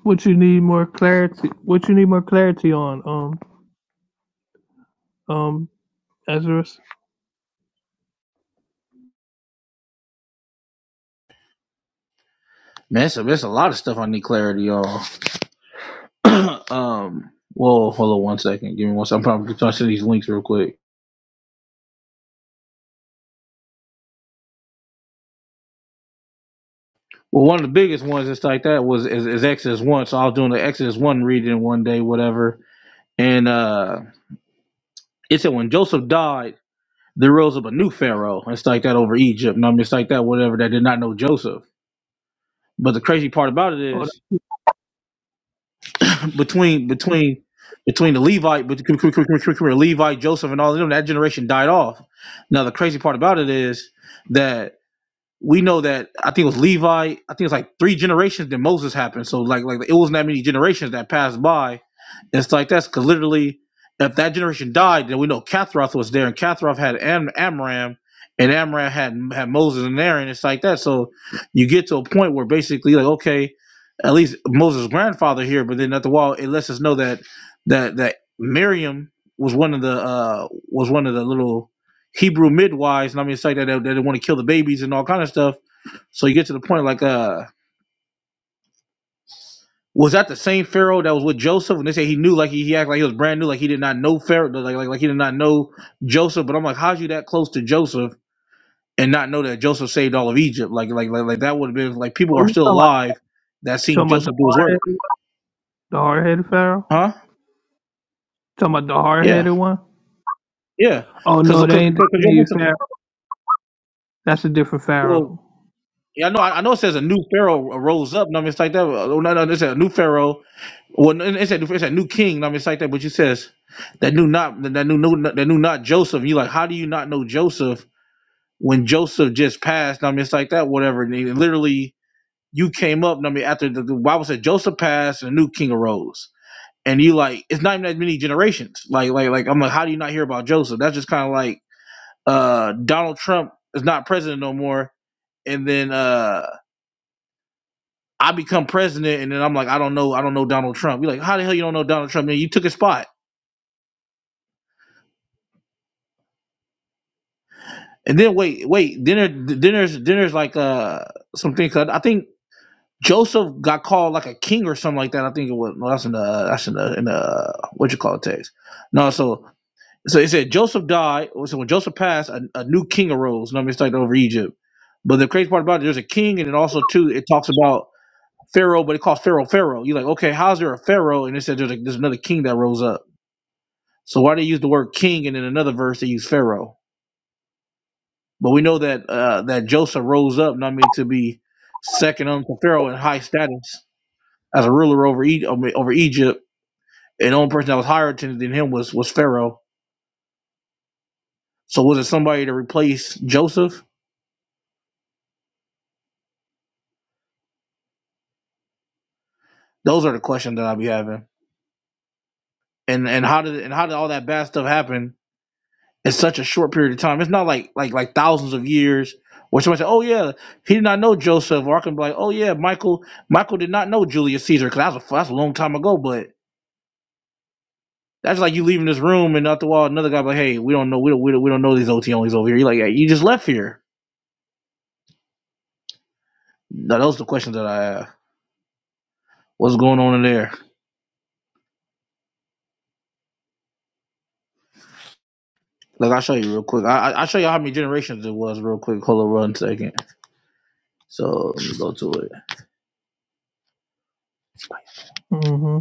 [SPEAKER 5] What you need more clarity? What you need more clarity on? Um, um, Ezra.
[SPEAKER 8] Man, it's a, it's a lot of stuff I need clarity, y'all. um, well, hold on one second. Give me one second. I'm probably going to send these links real quick. Well, one of the biggest ones that's like that was is, is Exodus one. So I was doing the Exodus one reading one day, whatever, and uh It said when Joseph died, there rose up a new pharaoh. It's like that over Egypt. And I mean, it's like that whatever that did not know Joseph. But the crazy part about it
[SPEAKER 5] Oh, that-
[SPEAKER 8] is between between between the Levite, but Levite, Joseph, and all of them, that generation died off. Now the crazy part about it is that we know that I think it was Levi. I think it's like three generations that Moses happened. So like like it wasn't that many generations that passed by. It's like that's because literally, if that generation died, then we know Kathroth was there, and Kathroth had Am- Amram, and Amram had had Moses and Aaron. It's like that. So you get to a point where basically like okay, at least Moses' grandfather here, but then at the wall it lets us know that that that Miriam was one of the uh was one of the little Hebrew midwives, and I mean, it's like that they, they want to kill the babies and all kind of stuff. So you get to the point like, uh, was that the same Pharaoh that was with Joseph? And they say he knew, like he, he acted like he was brand new, like he did not know Pharaoh, like, like like he did not know Joseph. But I'm like, how's you that close to Joseph and not know that Joseph saved all of Egypt? Like like like, like that would have been like people
[SPEAKER 5] oh,
[SPEAKER 8] are
[SPEAKER 5] you
[SPEAKER 8] still
[SPEAKER 5] talking about,
[SPEAKER 8] alive that seen
[SPEAKER 5] talking about the
[SPEAKER 8] Joseph do his
[SPEAKER 5] hard
[SPEAKER 8] work,
[SPEAKER 5] headed, the hard headed pharaoh?
[SPEAKER 8] huh?
[SPEAKER 5] Talking about the hard headed
[SPEAKER 8] Yeah,
[SPEAKER 5] one?
[SPEAKER 8] yeah,
[SPEAKER 5] Oh
[SPEAKER 8] because
[SPEAKER 5] no, they
[SPEAKER 8] because
[SPEAKER 5] ain't
[SPEAKER 8] because
[SPEAKER 5] the
[SPEAKER 8] you're
[SPEAKER 5] same
[SPEAKER 8] missing
[SPEAKER 5] pharaoh.
[SPEAKER 8] it.
[SPEAKER 5] That's a different
[SPEAKER 8] Well,
[SPEAKER 5] pharaoh.
[SPEAKER 8] Yeah, I know. I I know. It says a new pharaoh rose up. No, I mean, it's like that. Oh, no, no, no, it said a new pharaoh. Well, no, it said it said new king. No, I mean, it's like that. But you says that new not that new new that new not Joseph. You like, how do you not know Joseph when Joseph just passed? No, I mean, it's like that. Whatever. And then literally, you came up. No, I mean, after the, the Bible said Joseph passed, and a new king arose. And you like, it's not even that many generations. Like, like, like, I'm like, how do you not hear about Joseph? That's just kind of like uh Donald Trump is not president no more. And then. uh I become president, and then I'm like, I don't know, I don't know Donald Trump. You're like, how the hell you don't know Donald Trump? Man, you took his spot. And then wait, wait, dinner, dinner's, dinner's like uh something. I think Joseph got called like a king or something like that. I think it was. No, that's in the that's in the in the what you call it text. No, so so it said Joseph died. So when Joseph passed, a, a new king arose. And I'm just like over Egypt. But the crazy part about it, there's a king, and then also too, it talks about Pharaoh, but it calls Pharaoh Pharaoh. You're like, okay, how's there a Pharaoh? And it said there's, a, there's another king that rose up. So why they use the word king and in another verse they use Pharaoh? But we know that uh, that Joseph rose up, not mean to be second unto Pharaoh in high status as a ruler over e- I mean, over Egypt, and the only person that was higher to- than him was was Pharaoh. So was it somebody to replace Joseph? Those are the questions that I'll be having. And and how did and how did all that bad stuff happen? in such a short period of time. It's not like like like thousands of years. Where somebody said, "Oh yeah, he did not know Joseph," or I can be like, "Oh yeah, Michael Michael did not know Julius Caesar because that's a that's a long time ago." But that's like you leaving this room and after a while another guy be like, "Hey, we don't know we don't we don't, we don't know these OT OTOs over here." You're like, "Yeah, you just left here." Now those are the questions that I have. What's going on in there? Like I'll show you real quick. I I- will show you how many generations it was real quick. Hold on one second. So let me go to it.
[SPEAKER 5] hmm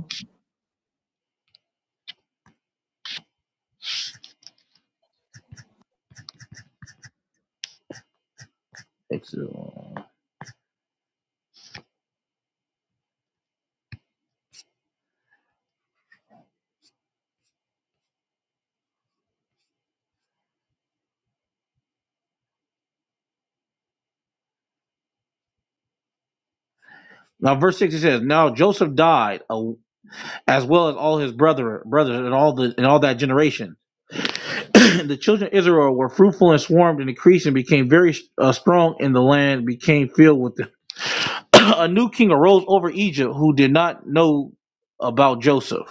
[SPEAKER 8] Exodus. Now, verse 6 it says, Now Joseph died, a, as well as all his brother brothers and all the and all that generation. the children of Israel were fruitful and swarmed and increased and became very uh, strong and the land, became filled with them. a new king arose over Egypt who did not know about Joseph,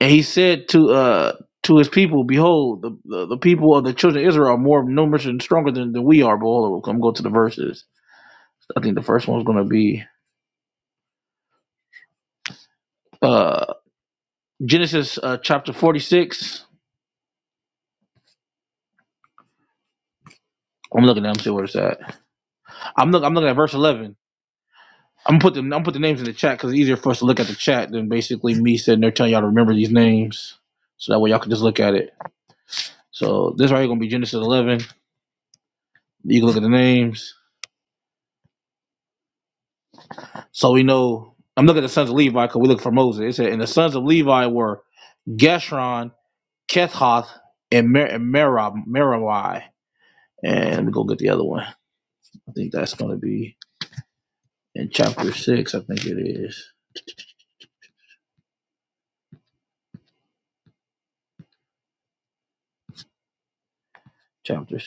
[SPEAKER 8] and he said to uh to his people, behold, the, the, the people of the children of Israel are more numerous and stronger than, than we are. But hold on, I'm going to the verses. I think the first one's going to be uh, Genesis uh, chapter 46. I'm looking at, I'm see where it's at. I'm, looking I'm looking at verse 11. I'm gonna put them. I'm gonna put the names in the chat because it's easier for us to look at the chat than basically me sitting there telling y'all to remember these names, so that way y'all can just look at it. So this right here gonna be Genesis 11. You can look at the names, so we know. I'm looking at the sons of Levi because we look for Moses. It said, and the sons of Levi were Geshron, Kethoth, and Mer- and Merab Merari. And we go get the other one. I think that's gonna be in chapter six. I think it is chapters.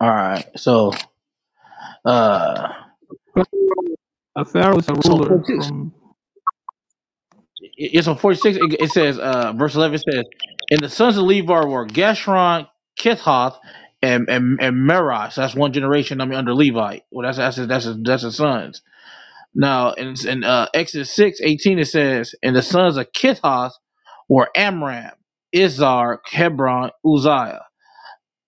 [SPEAKER 8] All right. So uh,
[SPEAKER 5] Pharaoh- A pharaoh is a
[SPEAKER 8] so
[SPEAKER 5] ruler
[SPEAKER 8] 46.
[SPEAKER 5] from
[SPEAKER 8] it's on 46 it, it says uh verse 11 says and the sons of levi were geshron kithoth and and, and merosh that's one generation i mean under levi well that's that's his, that's his, that's his sons now in, in uh exodus 6 18, it says and the sons of kithoth were amram izhar hebron uzziah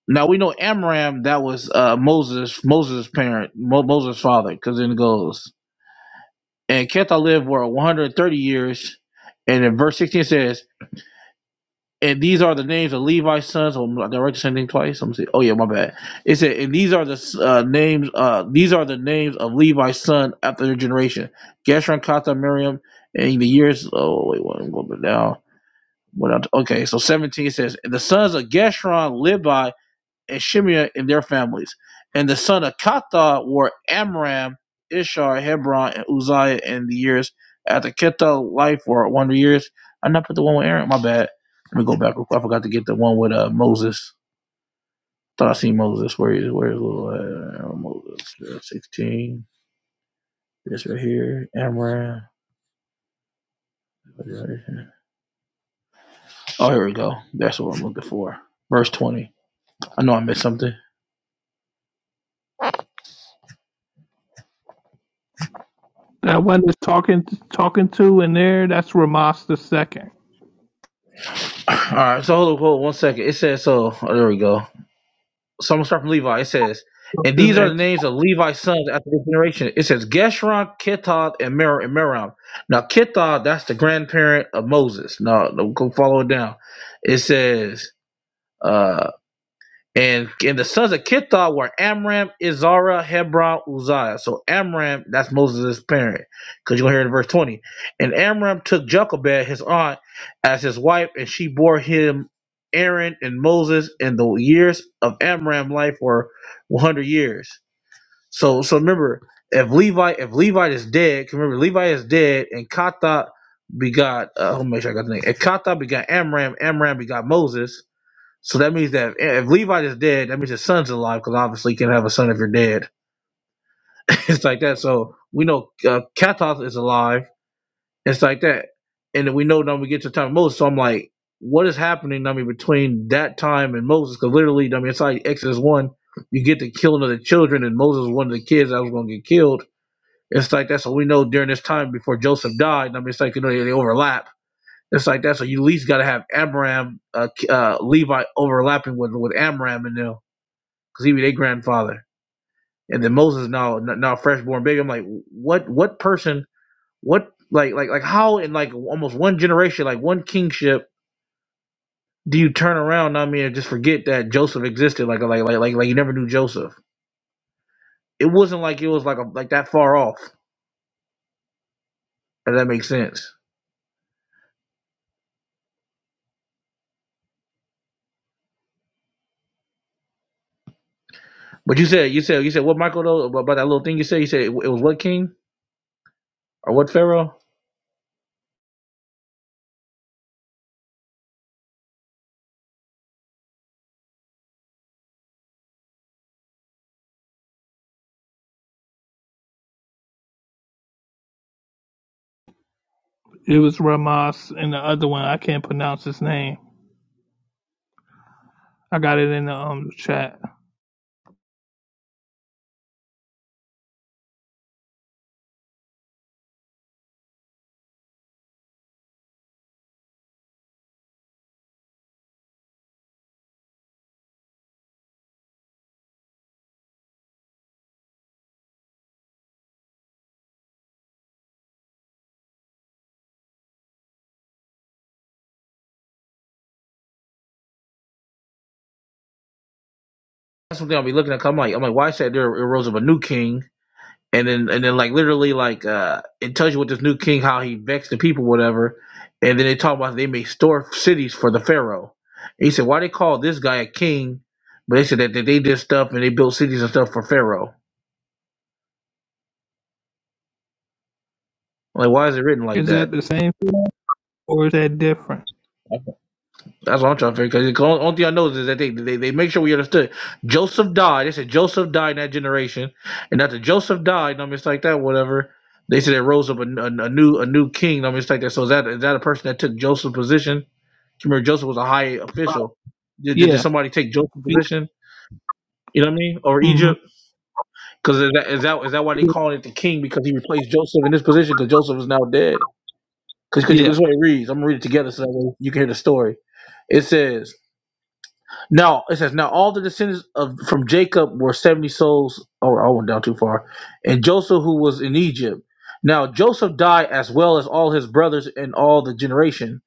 [SPEAKER 8] now we know amram that was uh moses moses parent Mo, moses father because then it goes and kithoth lived for 130 years and in verse 16 it says And these are the names of Levi's sons. Oh, did I write the same thing twice? Let me see. Oh yeah, my bad. It said, and these are the uh, names. Uh, these are the names of Levi's son after their generation: Gershon, Kata, Miriam, and the years. Oh wait, what, I'm going down. What okay, so 17 says, and the sons of Gershon lived by and Shimea in their families. And the son of Katha were Amram, Ishar, Hebron, and Uzziah in the years after Ketha life were 100 years. I not put the one with Aaron. My bad. Let me go back real quick. I forgot to get the one with uh, Moses. Thought I seen Moses. Where is where is little uh, Moses? Uh, 16. This right here. Amram. Oh, here we go. That's what I'm looking for. Verse 20. I know I missed something.
[SPEAKER 5] that one that's talking talking to in there. That's Ramas the second.
[SPEAKER 8] All right, so hold on, hold on one second. It says so. Oh, there we go. So I'm gonna start from Levi. It says, and these are the names of Levi's sons after this generation. It says Geshron, Kittab, and Mer and Meram. Now Kittab, that's the grandparent of Moses. Now no, go follow it down. It says. uh, and and the sons of Kithah were Amram, Izara, Hebron, Uzziah. So Amram, that's Moses' parent. Because you're going to hear in verse 20. And Amram took Jochebed, his aunt, as his wife, and she bore him Aaron and Moses, and the years of Amram life were 100 years. So so remember, if Levi if Levi is dead, 'cause remember Levi is dead, and Kata begot, uh, let me make sure I got the name. If Kata begot Amram, Amram begot Moses so that means that if Levi is dead, that means his son's alive because obviously you can have a son if you're dead. it's like that. So we know uh, Katos is alive. It's like that, and then we know now we get to the time of Moses. So I'm like, what is happening? I mean, between that time and Moses, because literally, I mean, it's like Exodus one, you get the killing of the children, and Moses was one of the kids that was going to get killed. It's like that. So we know during this time before Joseph died, I mean, it's like you know they, they overlap. It's like that. So you at least got to have Amram, uh, uh, Levi overlapping with with Amram and them. because he be their grandfather. And then Moses now now freshborn baby. I'm like, what what person what like like like how in like almost one generation like one kingship do you turn around? I mean, and just forget that Joseph existed. Like like like like like you never knew Joseph. It wasn't like it was like a, like that far off. If that makes sense. But you said you said you said what Michael though about, that little thing you said you said it, it was what king or what pharaoh?
[SPEAKER 5] It was Ramas and the other one. I can't pronounce his name. I got it in the um chat.
[SPEAKER 8] That's something I'll be looking at. 'cause I'm like I'm like why well, said there arose of a new king and then and then like literally like uh it tells you what this new king how he vexed the people whatever and then they talk about they may store cities for the pharaoh and he said why they call this guy a king but they said that, that they did stuff and they built cities and stuff for pharaoh like why is it written like
[SPEAKER 5] Is that
[SPEAKER 8] that
[SPEAKER 5] the same pharaoh or is that different?
[SPEAKER 8] that's what I'm trying to figure. Because the only only thing I know is that they, they they make sure we understood. Joseph died. They said Joseph died in that generation, and after Joseph died, I mean it's like that, whatever. They said it rose up a, a, a new a new king. I mean it's like that. So is that is that a person that took Joseph's position? Remember, Joseph was a high official. Did, did, did
[SPEAKER 5] Yeah,
[SPEAKER 8] somebody take Joseph's position? You know what I mean? Or
[SPEAKER 5] hmm
[SPEAKER 8] Egypt? Because is that, is that is that why they calling it the king? Because he replaced Joseph in this position because Joseph is now dead. Because because
[SPEAKER 5] yeah.
[SPEAKER 8] this is what it reads. I'm gonna read it together so that way you can hear the story. It says now. It says now all the descendants of from Jacob were seventy souls. Oh, I went down too far. And Joseph, who was in Egypt, now Joseph died as well as all his brothers and all the generation.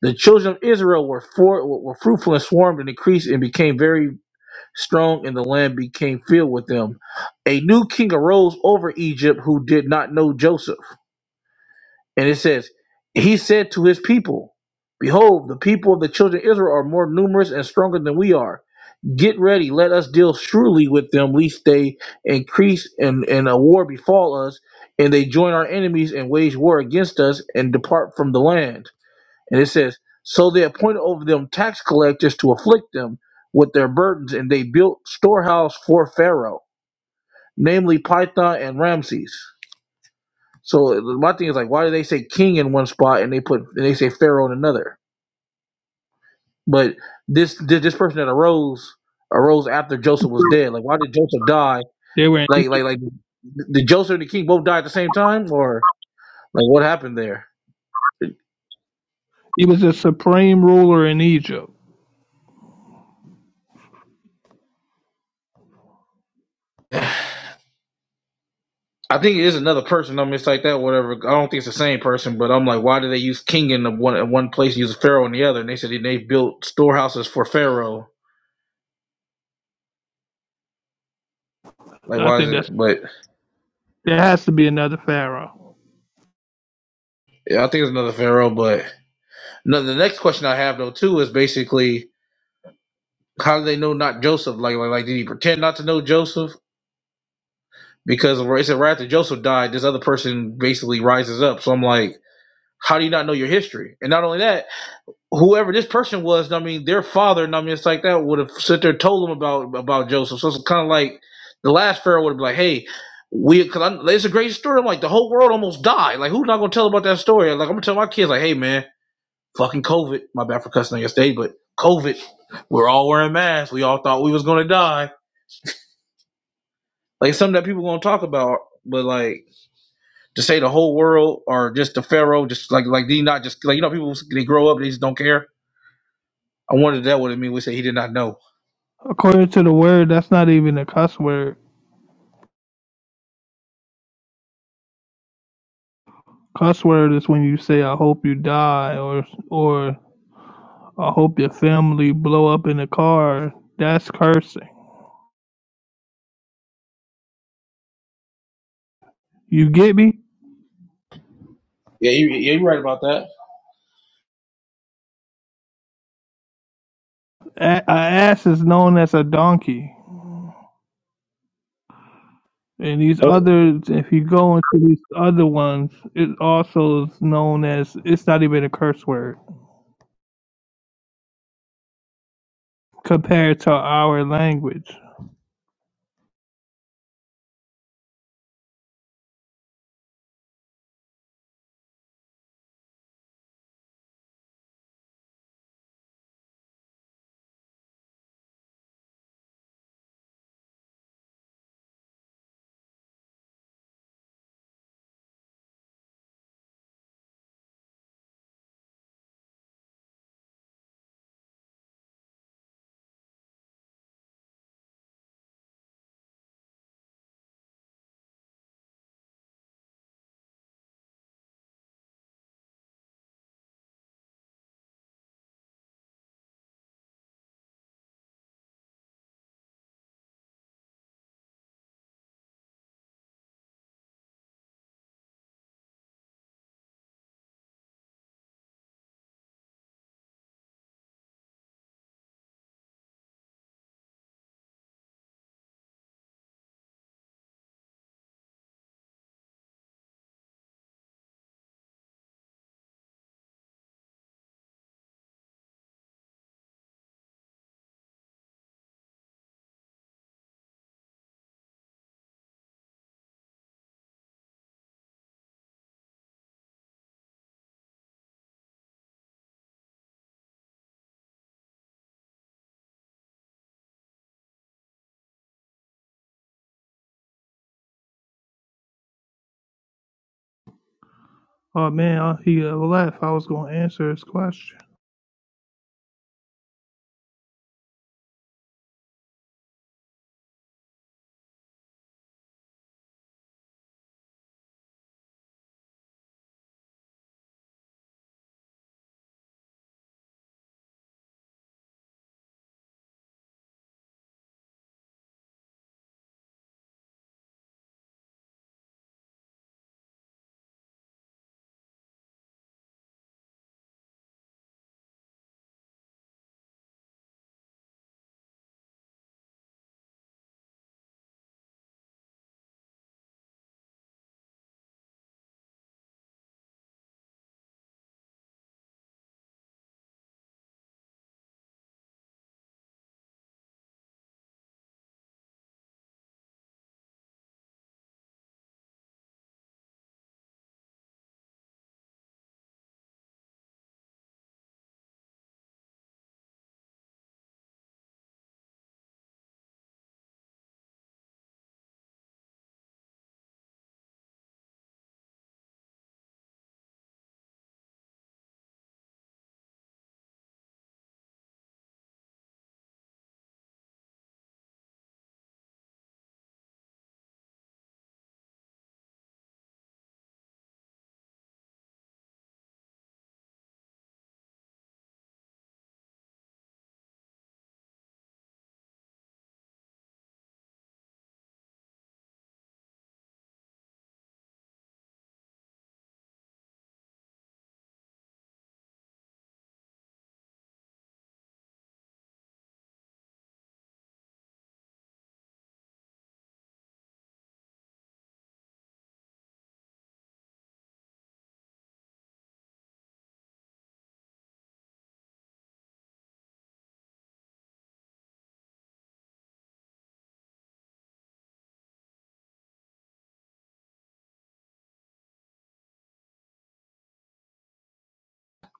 [SPEAKER 8] The children of Israel were for, were fruitful and swarmed and increased and became very strong, and the land became filled with them. A new king arose over Egypt who did not know Joseph. And it says, He said to his people, Behold, the people of the children of Israel are more numerous and stronger than we are. Get ready, let us deal shrewdly with them, lest they increase and, and a war befall us, and they join our enemies and wage war against us and depart from the land. And it says, So they appointed over them tax collectors to afflict them with their burdens, and they built storehouse for Pharaoh, namely Python and Ramses. So my thing is like, why do they say king in one spot and they put and they say Pharaoh in another? But this this, this person that arose arose after Joseph was dead. Like, why did Joseph die?
[SPEAKER 5] They were. In,
[SPEAKER 8] Like like like did Joseph and the king both die at the same time, or like what happened there?
[SPEAKER 5] he was a supreme ruler in Egypt.
[SPEAKER 8] I think it is another person on this like that, whatever. I don't think it's the same person, but I'm like, why do they use king in the one in one place, and use pharaoh in the other? And they said they built storehouses for pharaoh. Like,
[SPEAKER 5] I
[SPEAKER 8] why is
[SPEAKER 5] think
[SPEAKER 8] it?
[SPEAKER 5] that's
[SPEAKER 8] But
[SPEAKER 5] there has to be another pharaoh.
[SPEAKER 8] yeah, I think it's another pharaoh. But no, the next question I have though too is basically, how do they know not Joseph? Like, like, like did he pretend not to know Joseph? Because right, it said right after Joseph died, this other person basically rises up. So I'm like, how do you not know your history? And not only that, whoever this person was, I mean, their father, I mean, it's like that would have sit there and told them about about Joseph. So it's kind of like the last pharaoh would have been like, hey, we, cause I, it's a great story. I'm like, the whole world almost died. Like, who's not gonna tell about that story? Like, I'm gonna tell my kids, like, hey, man, fucking COVID. My bad for cussing yesterday, but COVID. We're all wearing masks. We all thought we was gonna die. Like it's something that people gonna talk about, but like to say the whole world or just the pharaoh, just like like they not just like you know people they grow up they just don't care I wondered that What it mean we say he did not know.
[SPEAKER 5] According to the word, that's not even a cuss word. Cuss word is when you say "I hope you die" or or "I hope your family blow up in a car." That's cursing. You get me?
[SPEAKER 8] Yeah, you, yeah, you're right about that.
[SPEAKER 5] A, a ass is known as a donkey, and these
[SPEAKER 8] Oh,
[SPEAKER 5] others, if you go into these other ones, it also is known as. It's not even a curse word compared to our language. Oh man, uh, he uh, left. I was gonna answer his question.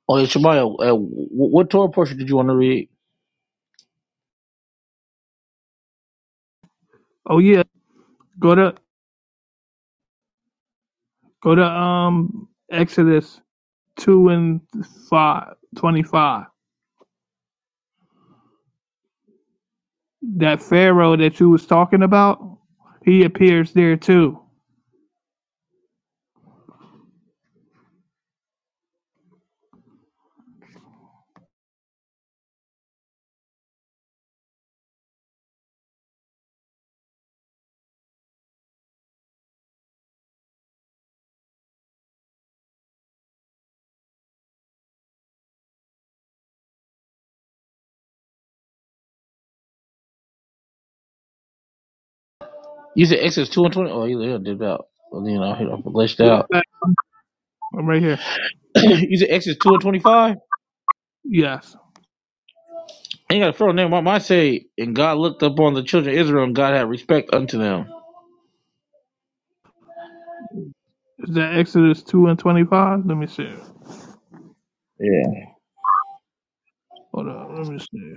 [SPEAKER 8] oh yeah, Shemaiah, uh, wh- what Torah portion did you want to read?
[SPEAKER 5] Oh yeah, go to go to um Exodus two and five, twenty-five. That Pharaoh that you was talking about, he appears there too.
[SPEAKER 8] You said Exodus 2 and 20. Oh, you yeah, did out. Well, you know, he done glitched out.
[SPEAKER 5] Okay. I'm right here.
[SPEAKER 8] you said Exodus 2 and 25?
[SPEAKER 5] Yes.
[SPEAKER 8] Ain't got a furrow name. Why might say, and God looked upon the children of Israel and God had respect unto them.
[SPEAKER 5] Is that Exodus 2 and 25? Let me see. Hold on. Let me see.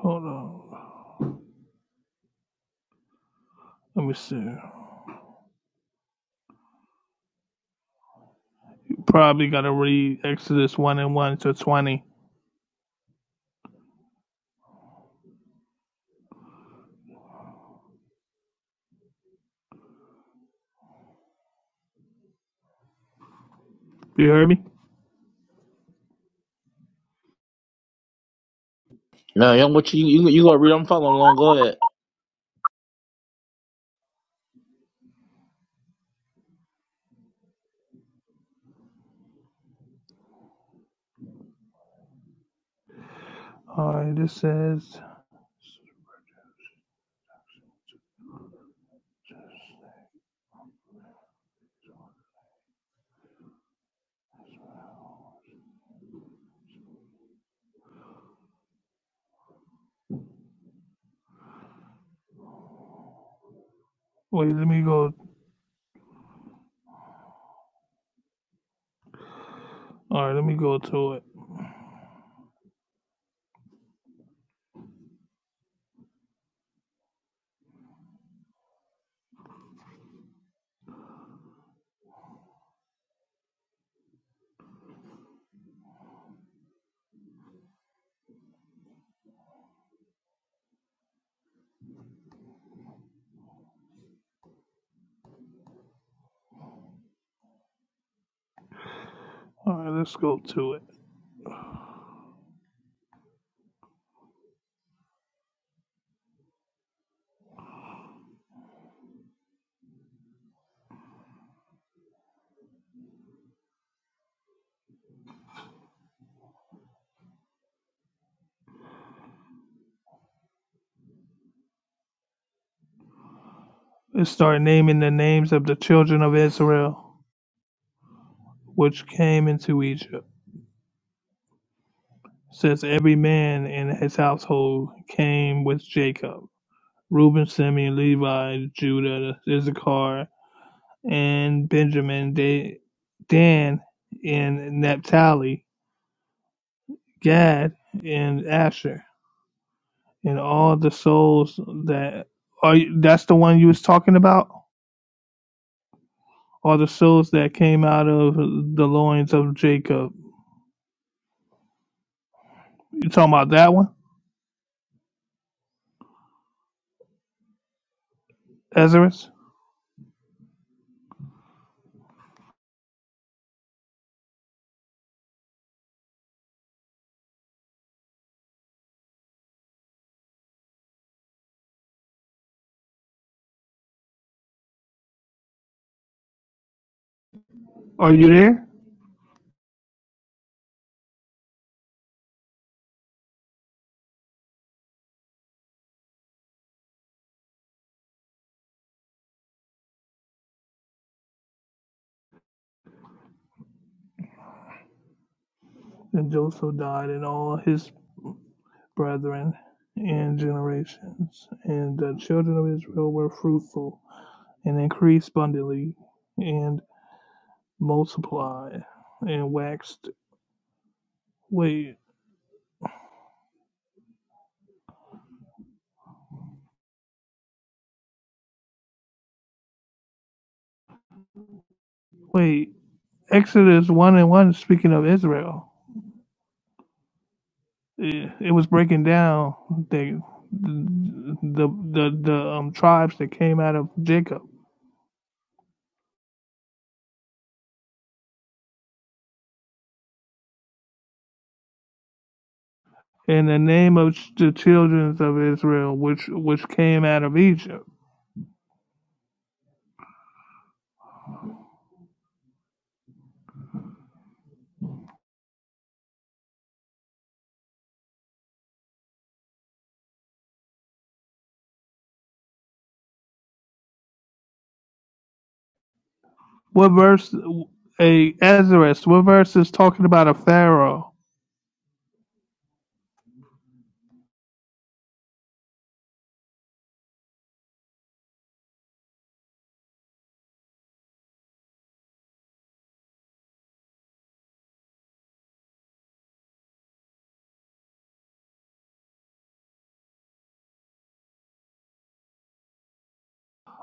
[SPEAKER 5] Hold on. Let me see. Probably got to read Exodus 1 and 1 to 20. You heard me?
[SPEAKER 8] No, young, what you you, you gonna read? I'm following along. Go ahead.
[SPEAKER 5] All right. This says, wait, let me go. All right. Let me go to it. All right. Let's go to it. Let's start naming the names of the children of Israel. which came into Egypt, since every man in his household came with Jacob Reuben, Simeon, Levi, Judah, Issachar, and Benjamin, Dan, and Naphtali, Gad, and Asher, and all the souls that are that's the one you was talking about, are the souls that came out of the loins of Jacob. You talking about that one, Ezra? Are you there? And Joseph died, and all his brethren and generations. And the children of Israel were fruitful and increased abundantly and multiplied and waxed. Wait, wait. Exodus 1 and 1, speaking of Israel, it, it was breaking down the, the, the, the um, tribes that came out of Jacob. and the name of the children of Israel, which which came out of Egypt What verse? A Ezra's. What verse is talking about a pharaoh?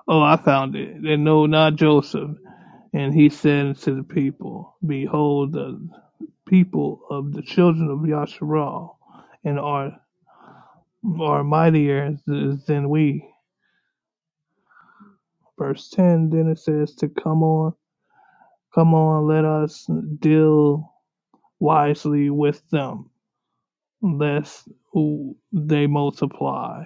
[SPEAKER 5] Oh, I found it. And no, not Joseph. And he said unto the people, Behold, the people of the children of Yasharal, and are are mightier than we. verse 10, then it says to come on, come on, let us deal wisely with them, lest they multiply.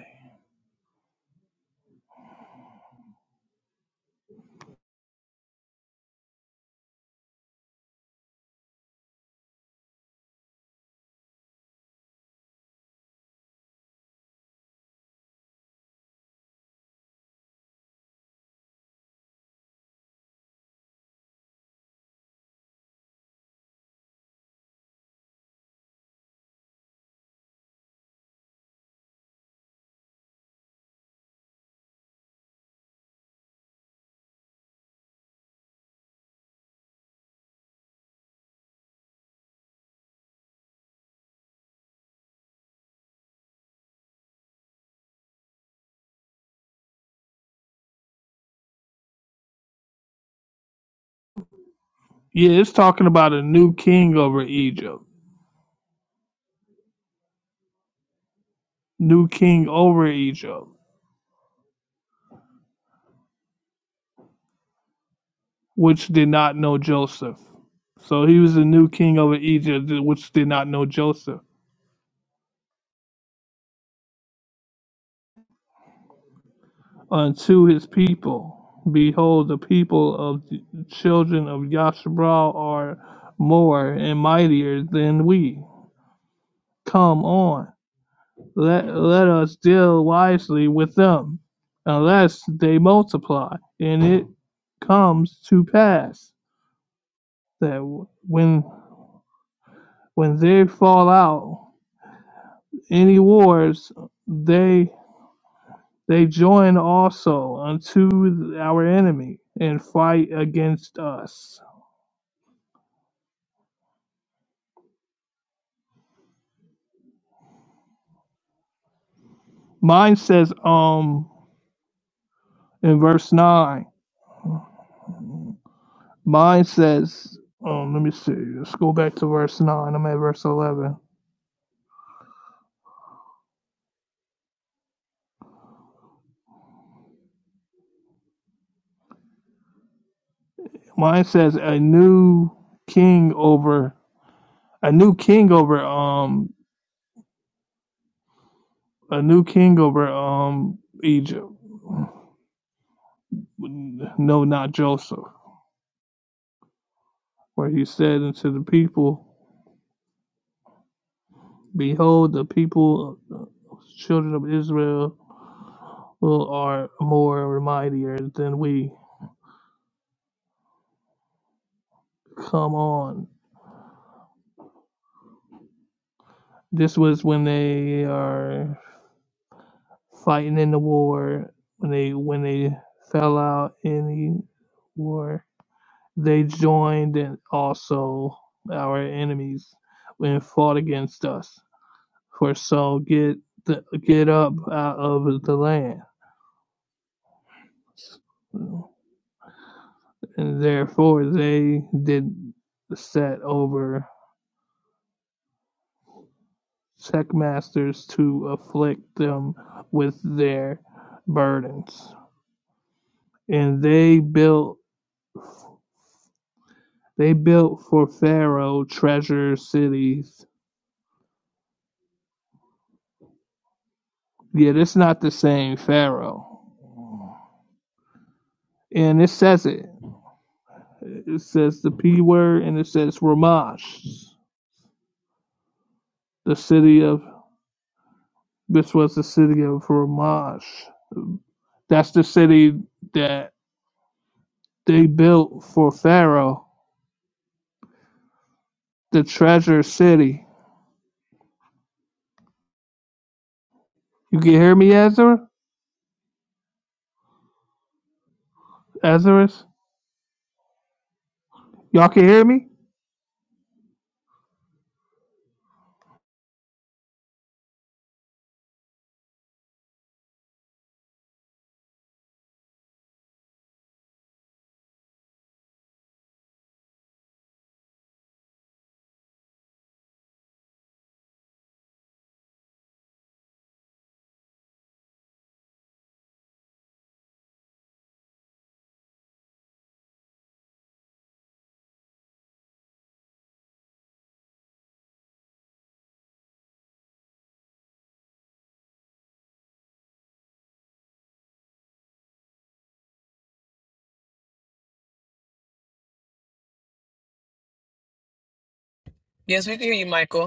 [SPEAKER 5] Yeah, it's talking about a new king over Egypt, new king over Egypt, which did not know Joseph. So he was a new king over Egypt, which did not know Joseph, unto his people. Behold, the people of the children of Yashabal are more and mightier than we Come on, let, let us deal wisely with them, unless they multiply. And it comes to pass that when when they fall out any wars, they they join also unto our enemy and fight against us. Mine says um in verse nine. Mine says um let me see. Let's go back to verse nine. I'm at verse eleven. Mine says a new king over a new king over um a new king over um Egypt. No, not Joseph, where he said unto the people, Behold, the people, uh, children of Israel, will- are more mightier than we. Come on. This was when they are fighting in the war, when they when they fell out in the war They joined and also our enemies and fought against us. For so get the, get up out of the land. And therefore they did set over checkmasters to afflict them with their burdens. And they built they built for Pharaoh treasure cities. Yet it's not the same Pharaoh. And it says it. It says the P word and it says Ramash. The city of this was the city of Ramash. That's the city that they built for Pharaoh, the treasure city. You can hear me, Ezra? Ezra? Y'all can hear me?
[SPEAKER 1] Yes, we can hear you, Michael.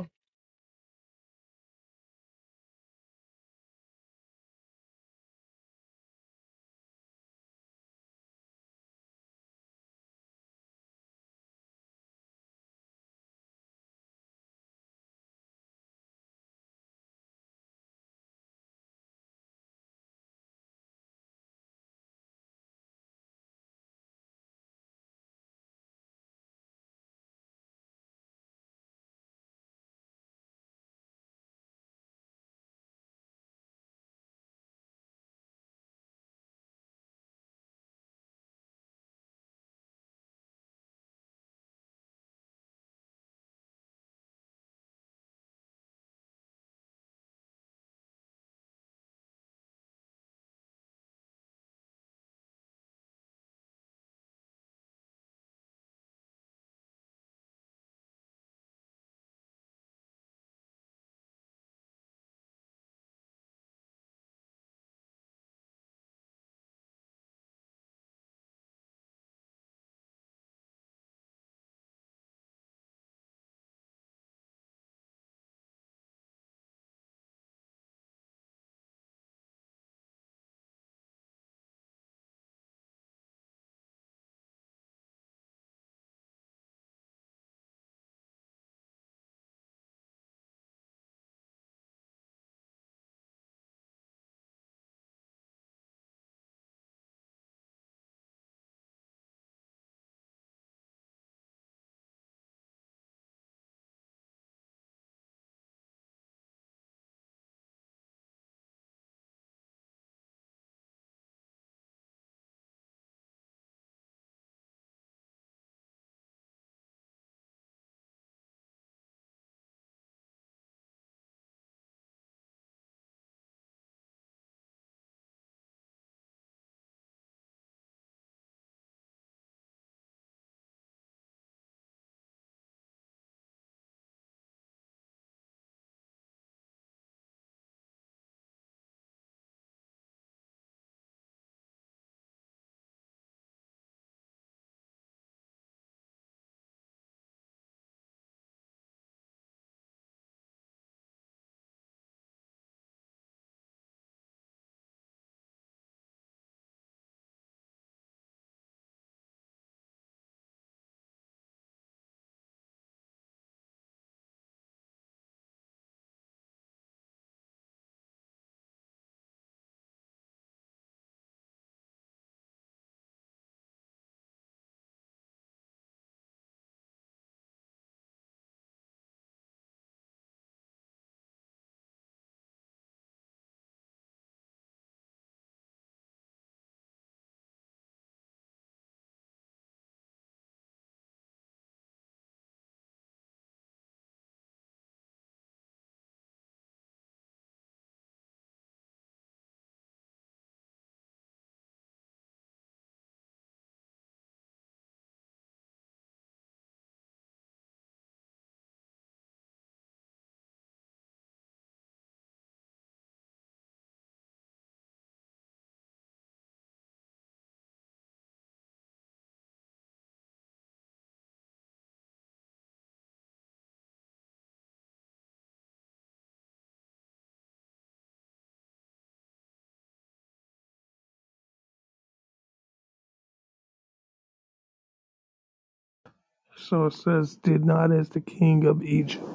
[SPEAKER 5] So it says, did not as the king of Egypt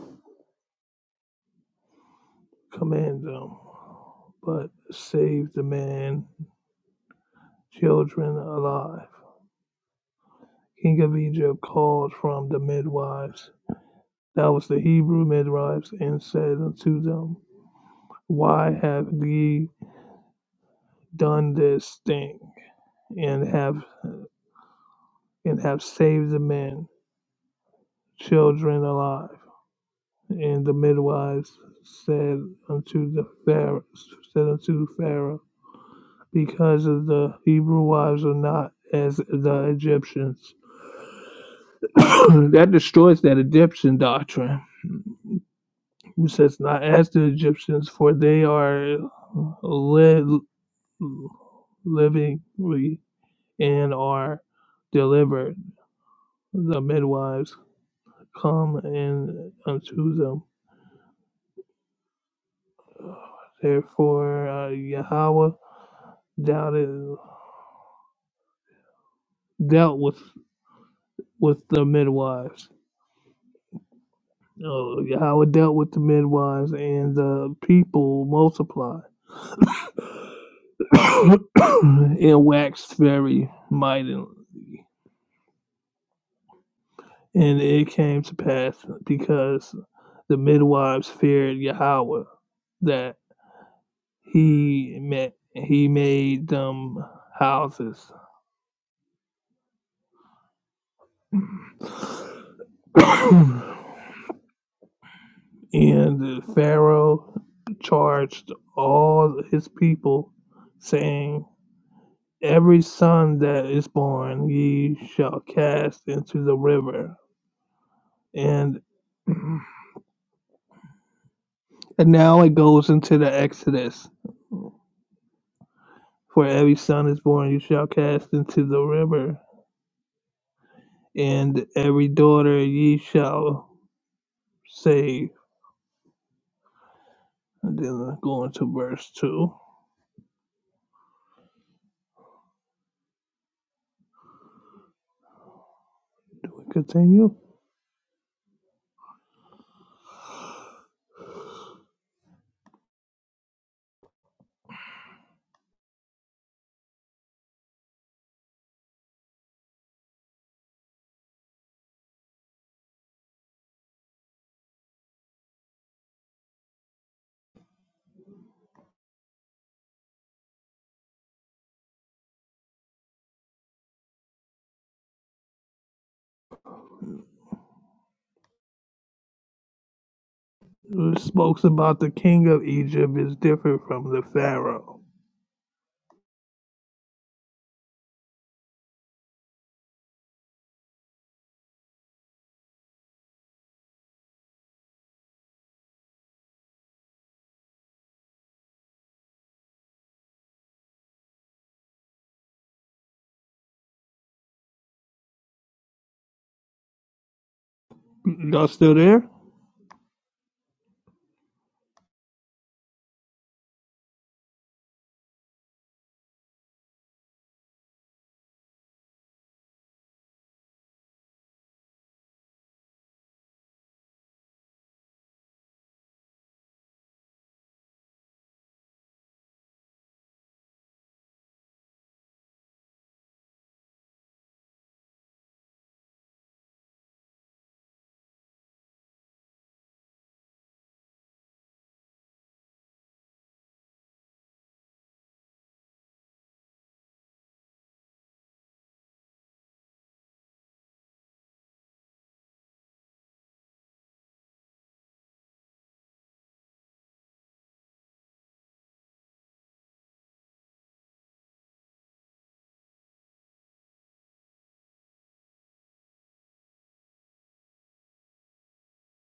[SPEAKER 5] command them, but saved the man, children alive. King of Egypt called from the midwives Now was the Hebrew midwives, and said unto them, Why have ye done this thing, and have and have saved the men, children alive? And the midwives said unto the Pharaoh, said unto Pharaoh, Because of the Hebrew wives are not as the Egyptians. that destroys that Egyptian doctrine. Who says not as the Egyptians, for they are led. livingly and are delivered. The midwives come in unto them. Therefore, uh, Yahweh doubted, dealt with with the midwives. Uh, Yahweh dealt with the midwives, and the people multiplied and waxed very mightily. And it came to pass because the midwives feared Yahweh that. He met, he made them houses, and Pharaoh charged all his people, saying, "Every son that is born, ye shall cast into the river." And and now it goes into the Exodus. For every son is born, you shall cast into the river, and every daughter ye shall save. And then going to verse 2. Continue. It speaks about the king of Egypt is different from the pharaoh. Y'all still there?